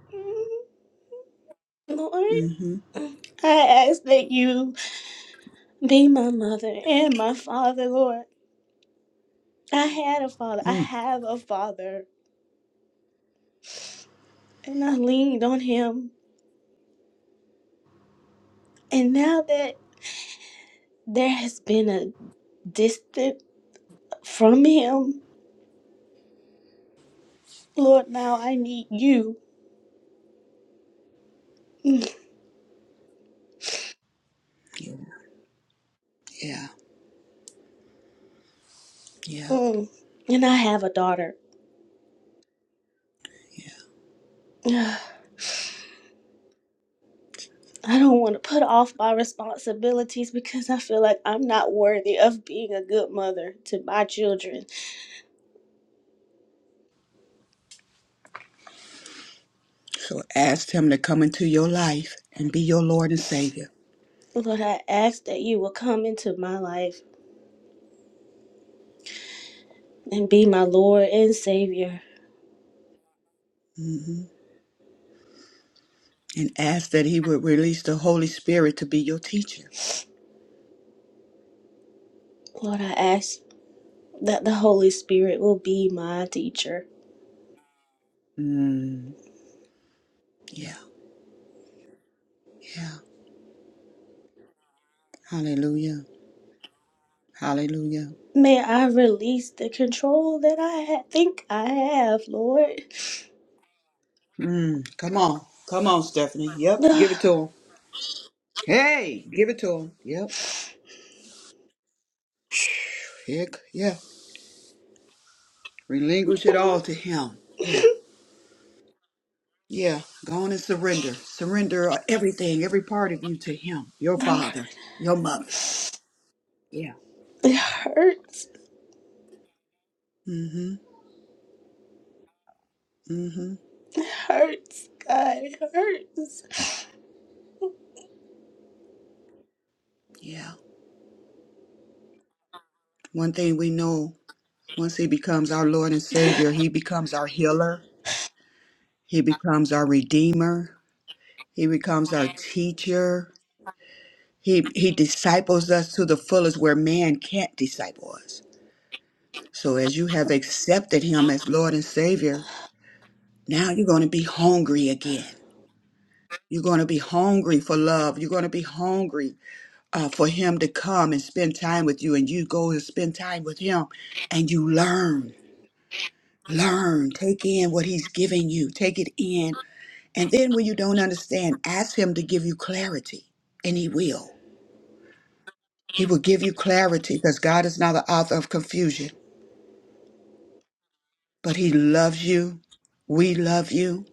Speaker 12: Lord,
Speaker 10: Mm-hmm.
Speaker 12: I ask that you be my mother and my father, Lord. I had a father. I
Speaker 10: Mm.
Speaker 12: have a father. And I leaned on him. And now that there has been a distance from him, Lord, now I need you. Mm.
Speaker 10: Yeah, yeah, yeah.
Speaker 12: mm. And I have a daughter.
Speaker 10: yeah.
Speaker 12: Ugh, I don't want to put off my responsibilities because I feel like I'm not worthy of being a good mother to my children.
Speaker 10: So ask him to come into your life and be your Lord and Savior.
Speaker 12: Lord, I ask that you will come into my life and be my Lord and Savior.
Speaker 10: Mm hmm And ask that he would release the Holy Spirit to be your teacher.
Speaker 12: Lord, I ask that the Holy Spirit will be my teacher.
Speaker 10: Mm. Yeah, yeah. Hallelujah. Hallelujah.
Speaker 12: May I release the control that I ha- think I have, Lord.
Speaker 10: Mm. Come on. Come on, Stephanie. Yep,
Speaker 12: Lord,
Speaker 10: give it to him. Hey, give it to him. Yep. Pick. Yeah. Relinquish it all to him. Yeah. Yeah, go on and surrender. Surrender everything, every part of you to Him, your
Speaker 12: Lord,
Speaker 10: father, your mother. Yeah.
Speaker 12: it hurts.
Speaker 10: Mm hmm. Mm hmm.
Speaker 12: It hurts, God. It hurts.
Speaker 10: Yeah. One thing we know once He becomes our Lord and Savior, He becomes our healer, He becomes our Redeemer, He becomes our teacher. He, he disciples us to the fullest where man can't disciple us. So, as you have accepted Him as Lord and Savior, now you're going to be hungry again. You're going to be hungry for love. You're going to be hungry uh, for Him to come and spend time with you. And you go and spend time with Him and you learn, learn, take in what He's giving you, take it in. And then when you don't understand, ask Him to give you clarity, and He will. He will give you clarity because God is not the author of confusion, but He loves you. We love you,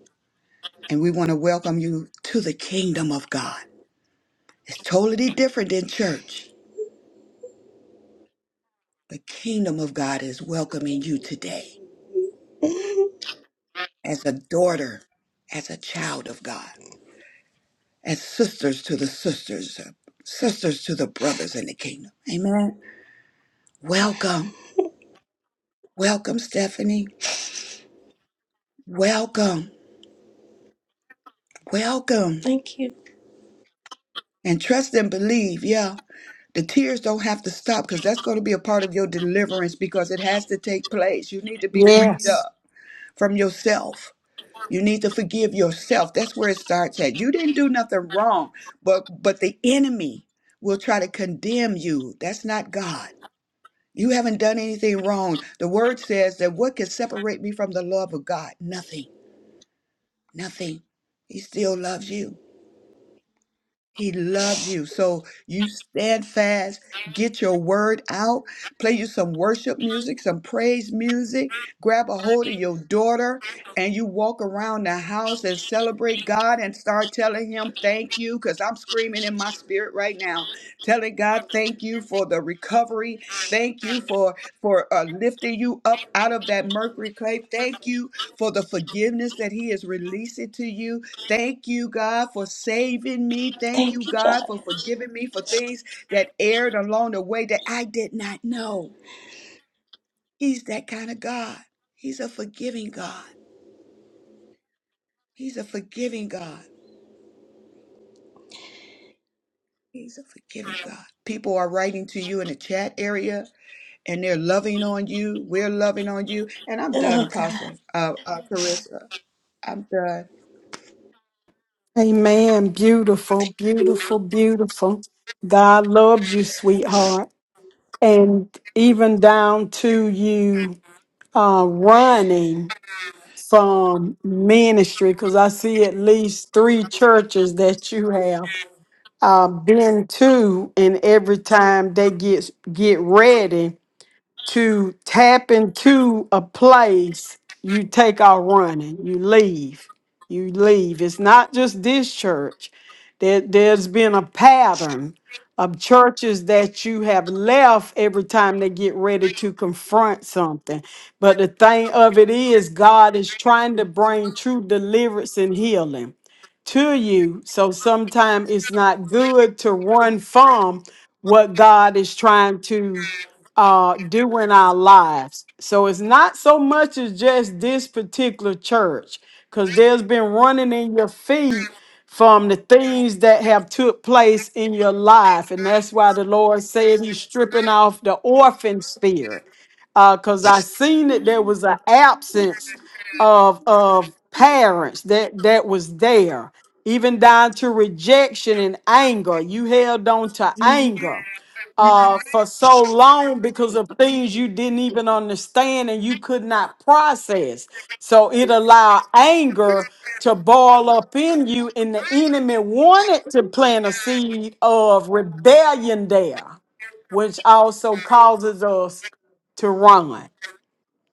Speaker 10: and we want to welcome you to the kingdom of God. It's totally different than church. The kingdom of God is welcoming you today as a daughter, as a child of God, as sisters to the sisters, uh, sisters to the brothers in the kingdom. Amen. Welcome. Welcome, Stephanie. Welcome. Welcome.
Speaker 12: Thank you.
Speaker 10: And trust and believe. Yeah. The tears don't have to stop because that's going to be a part of your deliverance because it has to take place. You need to be freed Mhm.
Speaker 1: Yes.
Speaker 10: up from yourself You need to forgive yourself. That's where it starts at. You didn't do nothing wrong, but but the enemy will try to condemn you. That's not God. You haven't done anything wrong. The word says that what can separate me from the love of God? Nothing. Nothing. He still loves you. He loves you. So you stand fast, get your word out, play you some worship music, some praise music, grab a hold of your daughter, and you walk around the house and celebrate God and start telling Him thank you. Because I'm screaming in my spirit right now, telling God thank you for the recovery. Thank you for, for uh, lifting you up out of that mercury clay. Thank you for the forgiveness that He is releasing to you. Thank you, God, for saving me. Thank you,
Speaker 12: Thank you,
Speaker 10: God,
Speaker 12: God.
Speaker 10: for forgiving me for things that erred along the way that I did not know. He's that kind of God. He's a forgiving God. He's a forgiving God. He's a forgiving God. People are writing to you in the chat area and they're loving on you. We're loving on you. And I'm done,
Speaker 12: Oh, God.
Speaker 10: Apostle uh, uh, Carissa. I'm done.
Speaker 1: Amen. Beautiful, beautiful, beautiful. God loves you, sweetheart. And even down to you uh, running some ministry because I see at least three churches that you have uh, been to, and every time they get get ready to tap into a place you take out running you leave you leave it's not just this church there, there's been a pattern of churches that you have left every time they get ready to confront something but the thing of it is god is trying to bring true deliverance and healing to you so sometimes it's not good to run from what god is trying to uh do in our lives. So it's not so much as just this particular church, because there's been running in your feet from the things that have took place in your life. And that's why the Lord said he's stripping off the orphan spirit. because I seen that there was an absence of of parents that that was there, even down to rejection and anger. You held on to anger uh, for so long because of things you didn't even understand and you could not process. So it allowed anger to boil up in you, and the enemy wanted to plant a seed of rebellion there, which also causes us to run.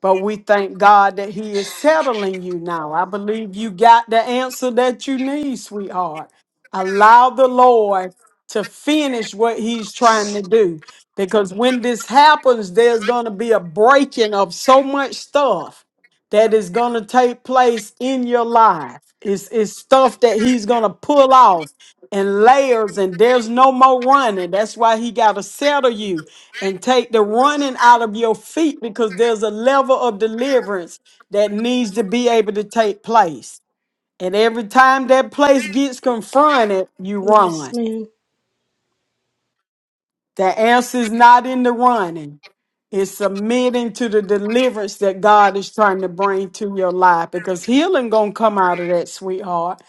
Speaker 1: But we thank God that He is settling you now. I believe you got the answer that you need, sweetheart. Allow the Lord to finish what He's trying to do. Because when this happens, there's going to be a breaking of so much stuff that is going to take place in your life. It's, it's stuff that He's going to pull off and layers, and there's no more running. That's why he got to settle you and take the running out of your feet because there's a level of deliverance that needs to be able to take place. And every time that place gets confronted, you
Speaker 12: Yes,
Speaker 1: run.
Speaker 12: ma'am.
Speaker 1: The answer is not in the running. It's submitting to the deliverance that God is trying to bring to your life because healing gonna come out of that, sweetheart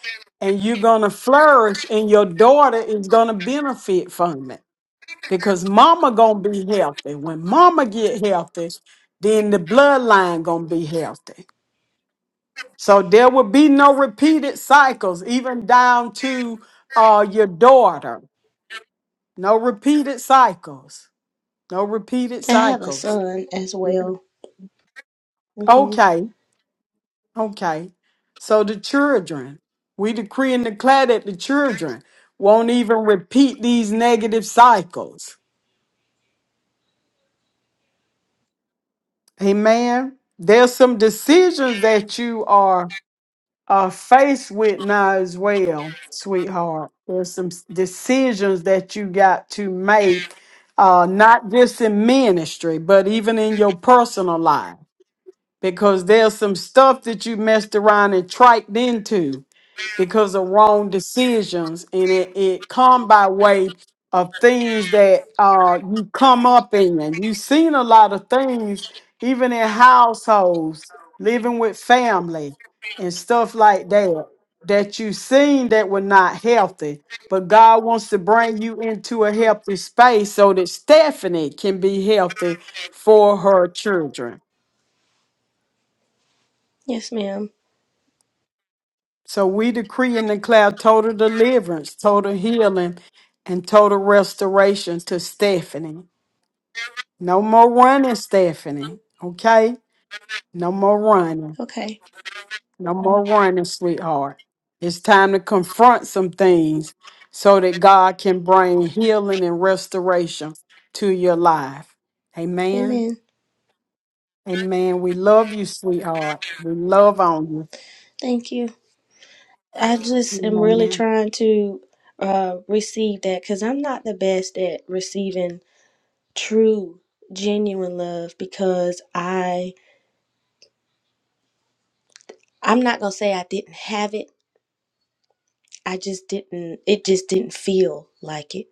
Speaker 1: and you're going to flourish and your daughter is going to benefit from it because mama gonna be healthy. When mama get healthy, then the bloodline gonna be healthy. So there will be no repeated cycles, even down to uh your daughter. No repeated cycles. No repeated
Speaker 12: I have a
Speaker 1: cycles.
Speaker 12: son as well. hmm
Speaker 1: Okay, okay. So the children, we decree and declare that the children won't even repeat these negative cycles. Amen. There's some decisions that you are uh, faced with now as well, sweetheart. There's some s- decisions that you got to make, uh, not just in ministry, but even in your personal life because there's some stuff that you messed around and triked into because of wrong decisions and it, it come by way of things that uh you come up in and you've seen a lot of things even in households living with family and stuff like that that you've seen that were not healthy but god wants to bring you into a healthy space so that stephanie can be healthy for her children
Speaker 12: Yes, ma'am.
Speaker 1: So we decree and declare total deliverance, total healing, and total restoration to Stephanie. No more running, Stephanie. Okay? No more running.
Speaker 12: Okay.
Speaker 1: No more running, sweetheart. It's time to confront some things so that God can bring healing and restoration to your life. Amen.
Speaker 12: Amen.
Speaker 1: Amen. We love you, sweetheart. We love on you.
Speaker 12: Thank you. I just am really
Speaker 1: Amen.
Speaker 12: trying to uh, receive that because I'm not the best at receiving true, genuine love because I I'm not gonna say I didn't have it. I just didn't. It just didn't feel like it,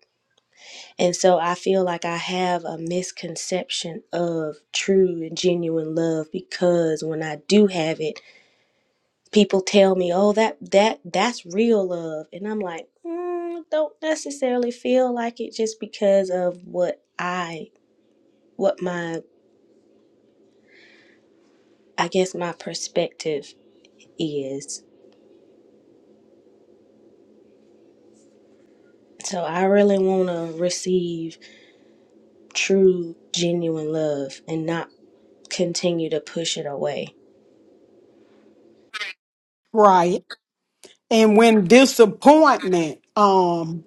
Speaker 12: and so I feel like I have a misconception of true and genuine love because when I do have it. people tell me, "Oh, that that that's real love," and I'm like, mm, don't necessarily feel like it just because of what I, what my, I guess my perspective is. So I really want to receive true, genuine love and not continue to push it away.
Speaker 1: Right. And when disappointment um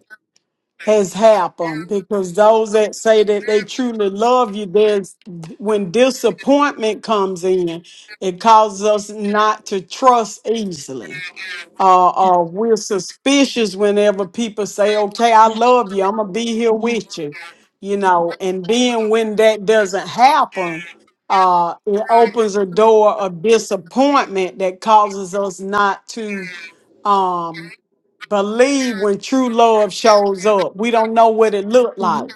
Speaker 1: has happened because those that say that they truly love you there's when disappointment comes in it causes us not to trust easily uh,
Speaker 12: Yeah,
Speaker 1: uh we're suspicious whenever people say okay i
Speaker 12: yeah,
Speaker 1: love you i'm gonna be here
Speaker 12: yeah.
Speaker 1: with you you know and then when that doesn't happen uh it opens a door of disappointment that causes us not to um believe when true love shows up. We don't know what it looked
Speaker 12: Mm-hmm.
Speaker 1: like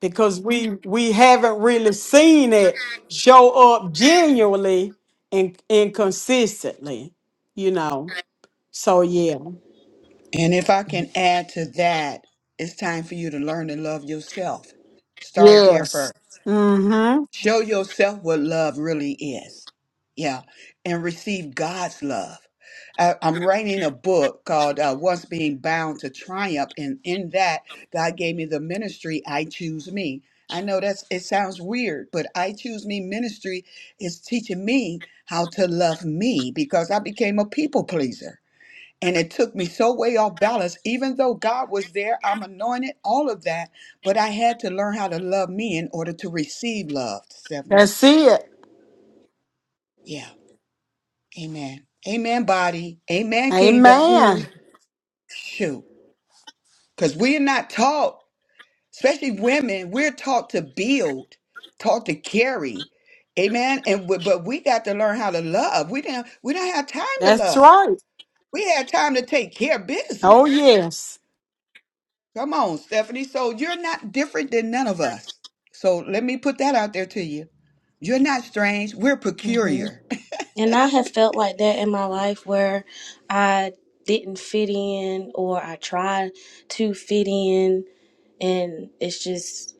Speaker 1: because we we haven't really seen it show up genuinely and and consistently, you know. So yeah.
Speaker 10: And if I can add to that, it's time for you to learn to love yourself. Start
Speaker 1: Yeah.
Speaker 10: there first.
Speaker 1: Mm-hmm.
Speaker 10: Show yourself what love really is. Yeah. And receive God's love. I, I'm writing a book called uh, Once Being Bound to Triumph. And in that, God gave me the ministry, I Choose Me. I know that's it sounds weird, but I Choose Me ministry is teaching me how to love me because I became a people pleaser. And it took me so way off balance, even though God was there, I'm anointed, all of that. But I had to learn how to love me in order to receive love, Stephanie.
Speaker 1: That's it.
Speaker 10: Yeah. Amen. Amen, body. Amen, kingdom.
Speaker 1: Amen.
Speaker 10: Shoot. Because we're not taught, especially women, we're taught to build, taught to carry. Amen. And we- but we got to learn how to love. We didn't we don't have time to
Speaker 1: That's
Speaker 10: love.
Speaker 1: right.
Speaker 10: We had time to take care of
Speaker 1: Oh
Speaker 10: business.
Speaker 1: yes.
Speaker 10: Come on, Stephanie. So you're not different than none of us. So let me put that out there to you. You're not strange. We're
Speaker 12: hmm
Speaker 10: peculiar.
Speaker 12: And I have felt like that in my life where I didn't fit in or I tried to fit in and it's just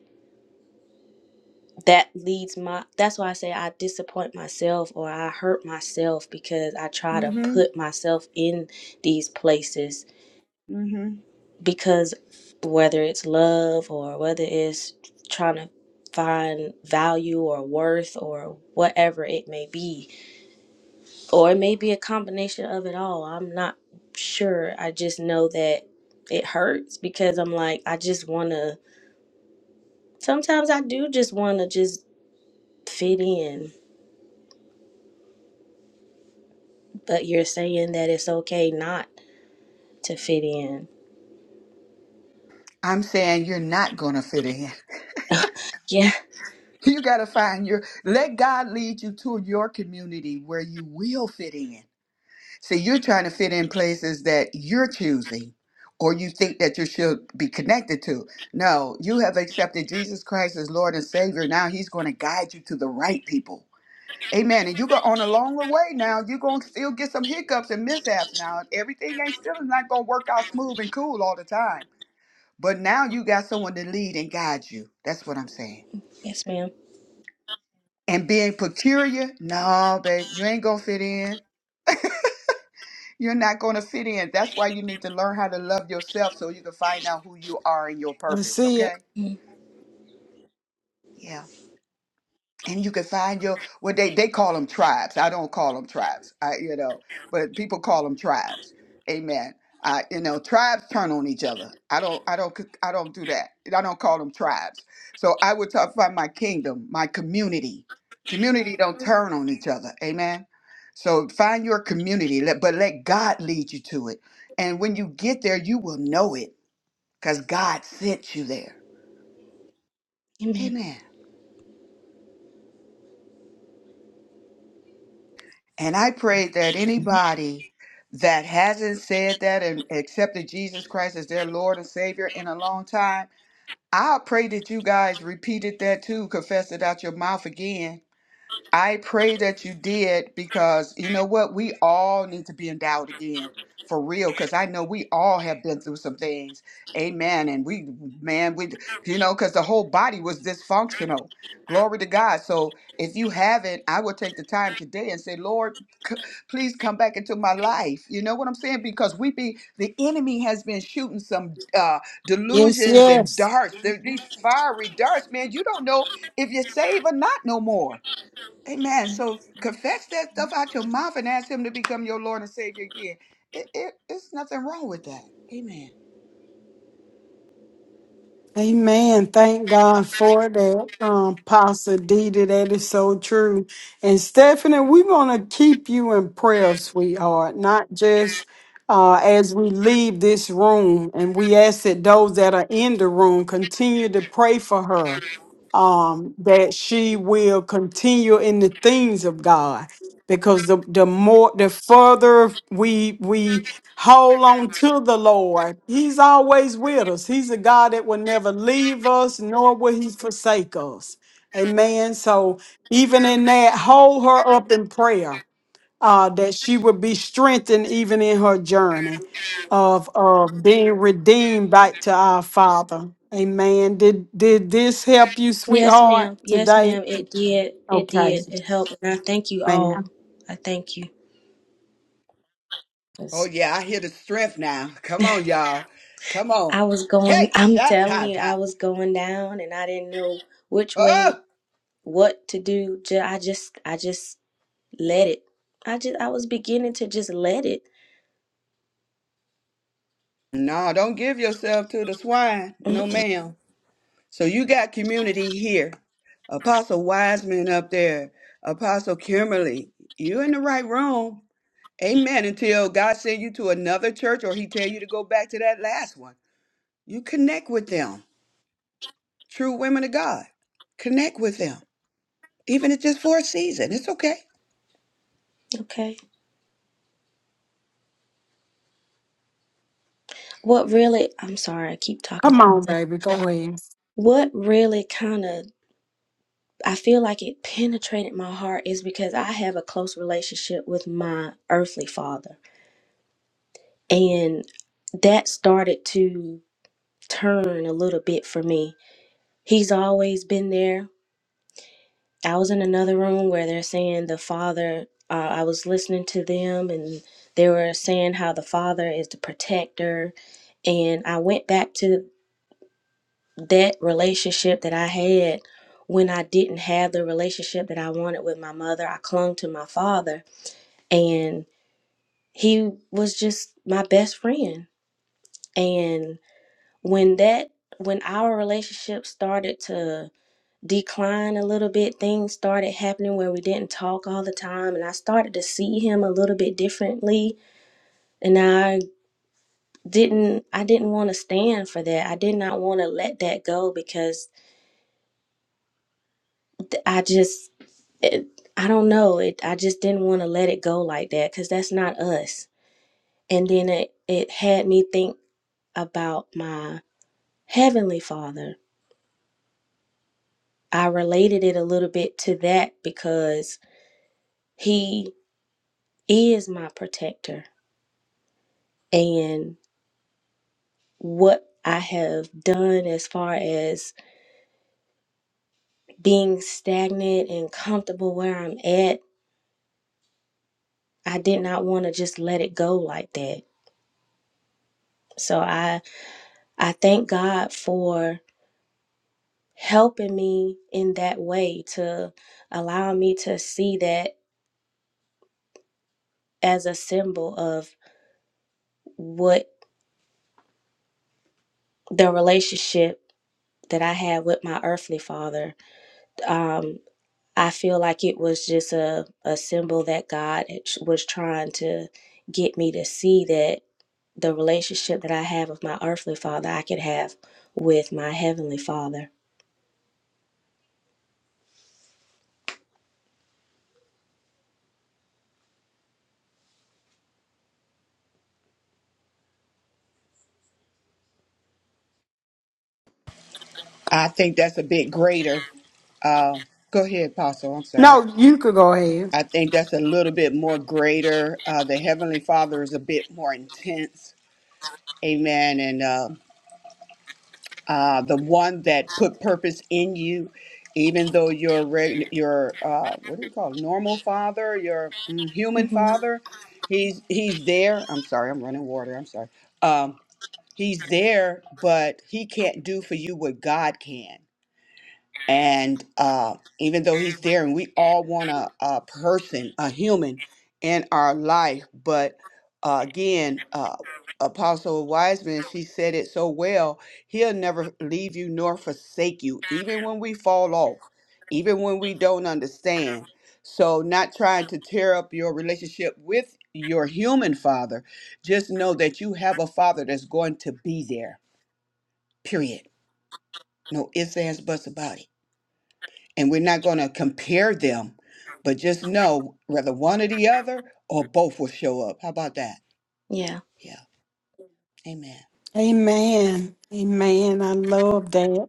Speaker 12: that leads my that's why i say i disappoint myself or i hurt myself because i try to
Speaker 10: hmm
Speaker 12: put myself in these places
Speaker 10: hmm
Speaker 12: because whether it's love or whether it's trying to find value or worth or whatever it may be or it may be a combination of it all i'm not sure i just know that it hurts because i'm like i just want to sometimes i do just want to just fit in But you're saying that it's okay not to fit in.
Speaker 10: I'm saying you're not going to fit in.
Speaker 12: Yeah.
Speaker 10: You got to find your, let God lead you to your community where you will fit in. See, you're trying to fit in places that you're choosing or you think that you should be connected to. No, you have accepted Jesus Christ as Lord and Savior. Now He's going to guide you to the right people Amen. And you go on a longer way now. You're gonna still get some hiccups and mishaps now. Everything ain't still not gonna work out smooth and cool all the time. But now you got someone to lead and guide you. That's what I'm saying.
Speaker 12: Yes, ma'am.
Speaker 10: And being peculiar, no, babe, you ain't gonna fit in. You're not gonna fit in. That's why you need to learn how to love yourself so you can find out who you are and your
Speaker 1: That's
Speaker 10: purpose.
Speaker 1: it.
Speaker 10: Okay?
Speaker 12: Mm,
Speaker 10: Yeah. and you can find your what they they call them tribes. I don't call them tribes. I you know, but people call them tribes. Amen. I you know, tribes turn on each other. I don't I don't I don't do that. I don't call them tribes. So I would talk about my kingdom, my community. Community don't turn on each other. Amen. So find your community, let, but let God lead you to it. And when you get there, you will know it because God sent you there.
Speaker 12: Amen.
Speaker 10: Amen. And I pray that anybody that hasn't said that and accepted Jesus Christ as their Lord and Savior in a long time, I pray that you guys repeated that too, confessed it out your mouth again I pray that you did because you know what? We all need to be endowed again for real because I know we all have been through some things. Amen. And we, man, we, you know, because the whole body was dysfunctional. Glory to God. So if you haven't, I will take the time today and say, Lord, c- please come back into my life. You know what I'm saying? Because we be, the enemy has been shooting some uh,
Speaker 1: Yes,
Speaker 10: delusions and
Speaker 1: yes.
Speaker 10: darts, There- these fiery darts, man. You don't know if you're saved or not no more. Amen. So confess that stuff out your mouth and ask Him to become your Lord and Savior again. It, it, it's nothing wrong with that. Amen.
Speaker 1: Amen. Thank God for that, um, Pastor Didi. That is so true. And Stephanie, we're going to keep you in prayer, sweetheart, not just uh, as we leave this room. And we ask that those that are in the room continue to pray for her, um, that she will continue in the things of God. Because the, the more, the further we, we, Hold on to the Lord. He's always with us. He's a God that will never leave us, nor will he forsake us. Amen. So even in that, hold her up in prayer, uh, that she would be strengthened even in her journey of of being redeemed back to our Father. Amen. Did did this help you,
Speaker 12: Yes,
Speaker 1: sweetheart,
Speaker 12: ma'am. Yes,
Speaker 1: today?
Speaker 12: ma'am. It did. It
Speaker 1: Okay,
Speaker 12: did. It helped. And I thank you all.
Speaker 1: ma'am.
Speaker 12: I thank you.
Speaker 10: Oh
Speaker 12: 'Cause
Speaker 10: yeah, I hear the strength now. Come on, y'all. Come on.
Speaker 12: I was going,
Speaker 10: Hey,
Speaker 12: I'm
Speaker 10: shot
Speaker 12: telling
Speaker 10: top
Speaker 12: you, I
Speaker 10: top.
Speaker 12: was going down and I didn't know which
Speaker 10: Oh
Speaker 12: way, what to do. Ju- I just, I just let it. I just, I was beginning to just let it.
Speaker 10: no, don't give yourself to the swine.
Speaker 12: Mm,
Speaker 10: No ma'am. So you got community here. Apostle Wiseman up there. Apostle Kimberly. You in the right room. Amen. Until God send you to another church or he tell you to go back to that last one. You connect with them. True women of God. Connect with them. Even if just for a season. It's okay.
Speaker 12: Okay. What really, I'm sorry, I keep talking.
Speaker 1: Come on,
Speaker 12: But
Speaker 1: baby. Go ahead.
Speaker 12: What really kind of I feel like it penetrated my heart is because I have a close relationship with my earthly father. And that started to turn a little bit for me. He's always been there. I was in another room where they're saying the father, uh, I was listening to them and they were saying how the father is the protector. And I went back to that relationship that I had when I didn't have the relationship that I wanted with my mother. I clung to my father and he was just my best friend and when that when our relationship started to decline a little bit things started happening where we didn't talk all the time and I started to see him a little bit differently and I didn't I didn't want to stand for that. I did not want to let that go because th- I just it, I don't know, it I just didn't want to let it go like that cuz that's not us. And then it it had me think about my Heavenly Father, I related it a little bit to that because He is my protector. And what I have done as far as being stagnant and comfortable where I'm at, I did not want to just let it go like that. So I I thank God for helping me in that way to allow me to see that as a symbol of what the relationship that I had with my earthly father. Um, I feel like it was just a, a symbol that God was trying to get me to see that the relationship that I have with my earthly father, I could have with my heavenly father.
Speaker 10: I think that's a bit greater. Uh, go ahead, Apostle. I'm sorry.
Speaker 1: No, you could go ahead.
Speaker 10: I think that's a little bit more greater. Uh, the Heavenly Father is a bit more intense. Amen. And uh, uh, the one that put purpose in you, even though your reg- your uh, what do we call it? normal father, your mm, human
Speaker 12: hmm
Speaker 10: father, he's he's there. I'm sorry. I'm running water. I'm sorry. Um, he's there, but he can't do for you what God can. And uh, even though he's there, and we all want a, a person, a human in our life, but uh, again, uh, Apostle Wiseman, she said it so well. He'll never leave you nor forsake you, even when we fall off, even when we don't understand. So, not trying to tear up your relationship with your human father, just know that you have a father that's going to be there period. No ifs, ands, buts about it. And we're not going to compare them, but just know whether one or the other or both will show up. How about that?
Speaker 12: Yeah.
Speaker 10: Yeah. Amen.
Speaker 1: Amen. Amen. I love that.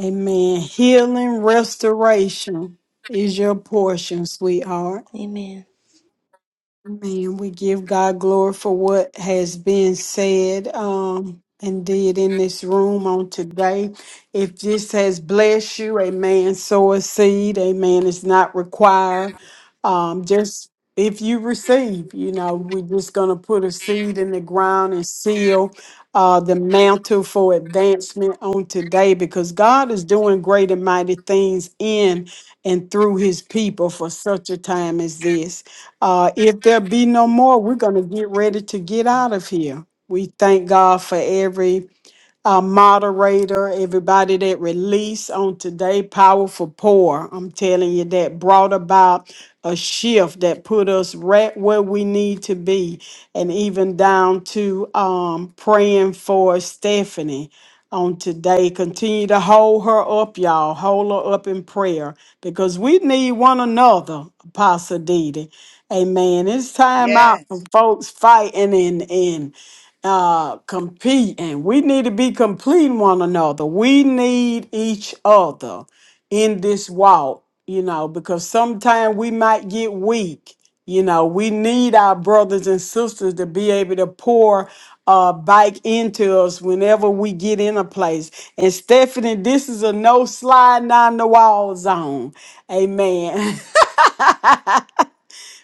Speaker 1: Amen. Healing, restoration is your portion, sweetheart.
Speaker 12: Amen.
Speaker 1: Man, we give God glory for what has been said um, and did in this room on today. If this has blessed you, amen, sow a seed, amen, it's not required. Um, just if you receive, you know, we're just going to put a seed in the ground and seal uh, the mantle for advancement on today because God is doing great and mighty things in and through his people for such a time as this. Uh, if there be no more, we're going to get ready to get out of here. We thank God for every our moderator, everybody that released on today, powerful pour. I'm telling you, that brought about a shift that put us right where we need to be, and even down to um, praying for Stephanie on today. Continue to hold her up, y'all. Hold her up in prayer because we need one another, Apostle Didi. Amen. It's time out
Speaker 10: Yes.
Speaker 1: for folks fighting and, and uh competing. We need to be completing one another. We need each other in this walk, you know, because sometimes we might get weak. You know, we need our brothers and sisters to be able to pour uh back into us whenever we get in a place. And Stephanie, this is a no slide down the wall zone. Amen.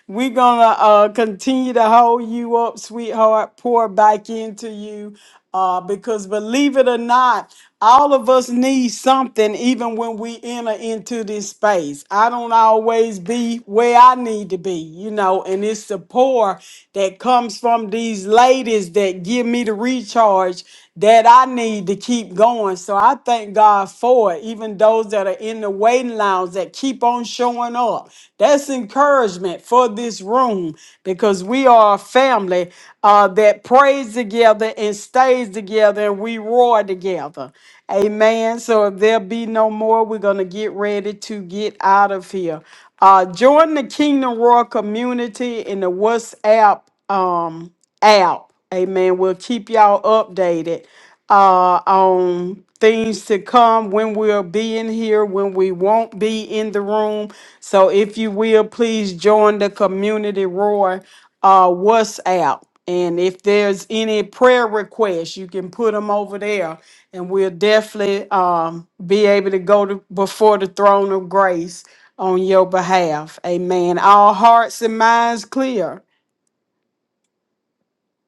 Speaker 1: We're gonna uh, continue to hold you up, sweetheart. Pour back into you, uh, because believe it or not, all of us need something, even when we enter into this space. I don't always be where I need to be, you know, and it's the pour that comes from these ladies that give me the recharge that I need to keep going. So I thank God for it. Even those that are in the waiting lounge that keep on showing up. That's encouragement for this room because we are a family uh, that prays together and stays together and we roar together. Amen. So if there be no more, we're going to get ready to get out of here. Uh, join the Kingdom Royal community in the WhatsApp. Um, app. Amen. We'll keep y'all updated uh, on things to come when we'll be in here, when we won't be in the room. So if you will, please join the community roar uh, WhatsApp. And if there's any prayer requests, you can put them over there, and we'll definitely um, be able to go to, before the throne of grace on your behalf. Amen. All hearts and minds clear.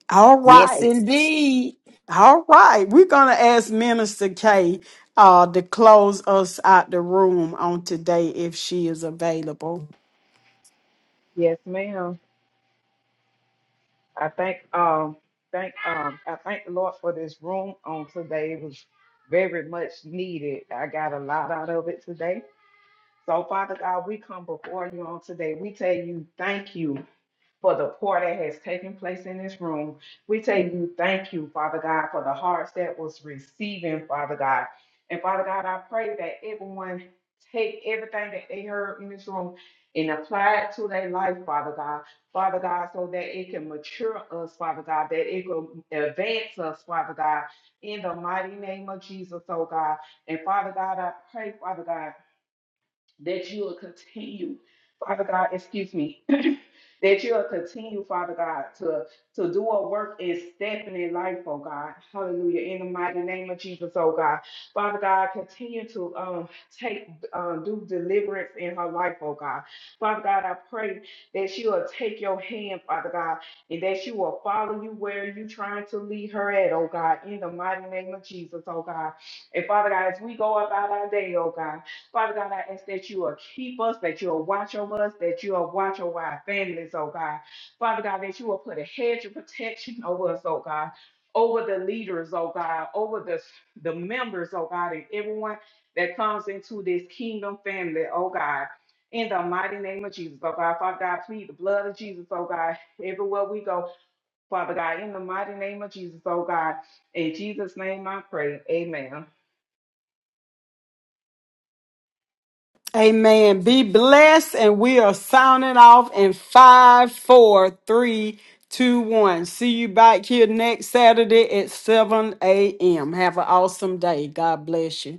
Speaker 1: All
Speaker 2: Yes,
Speaker 1: right.
Speaker 2: indeed.
Speaker 1: All right, we're gonna ask Minister K uh to close us out the room on today if she is available.
Speaker 4: Yes, ma'am. I thank um thank um I thank the Lord for this room on today. It was very much needed. I got a lot out of it today. So Father God, we come before you on today. We tell you thank you. for the pour that has taken place in this room. We tell you thank you, Father God, for the hearts that was receiving, Father God. And Father God, I pray that everyone take everything that they heard in this room and apply it to their life, Father God. Father God, so that it can mature us, Father God, that it will advance us, Father God, in the mighty name of Jesus, oh God. And Father God, I pray, Father God that you will continue, Father God, excuse me, that you will continue, Father God, to, to do a work and step in their life, oh God. Hallelujah. In the mighty name of Jesus, oh God. Father God, continue to um take um do deliverance in her life, oh God. Father God, I pray that you will take your hand, Father God, and that you will follow you where you are trying to lead her at, oh God, in the mighty name of Jesus, oh God. And Father God, as we go about our day, oh God. Father God, I ask that you will keep us, that you will watch over us, that you will watch over our families, oh God. Father God, that you will put a hedge of protection over us, oh God, over the leaders, oh God, over the, the members, oh God, and everyone that comes into this kingdom family, oh God. In the mighty name of Jesus, oh God, Father God, plead the blood of Jesus, oh God, everywhere we go, Father God, in the mighty name of Jesus, oh God, in Jesus' name I pray, amen.
Speaker 1: Amen. Be blessed, and we are signing off in five, four, three, two, one. See you back here next Saturday at 7 a.m. Have an awesome day. God bless you.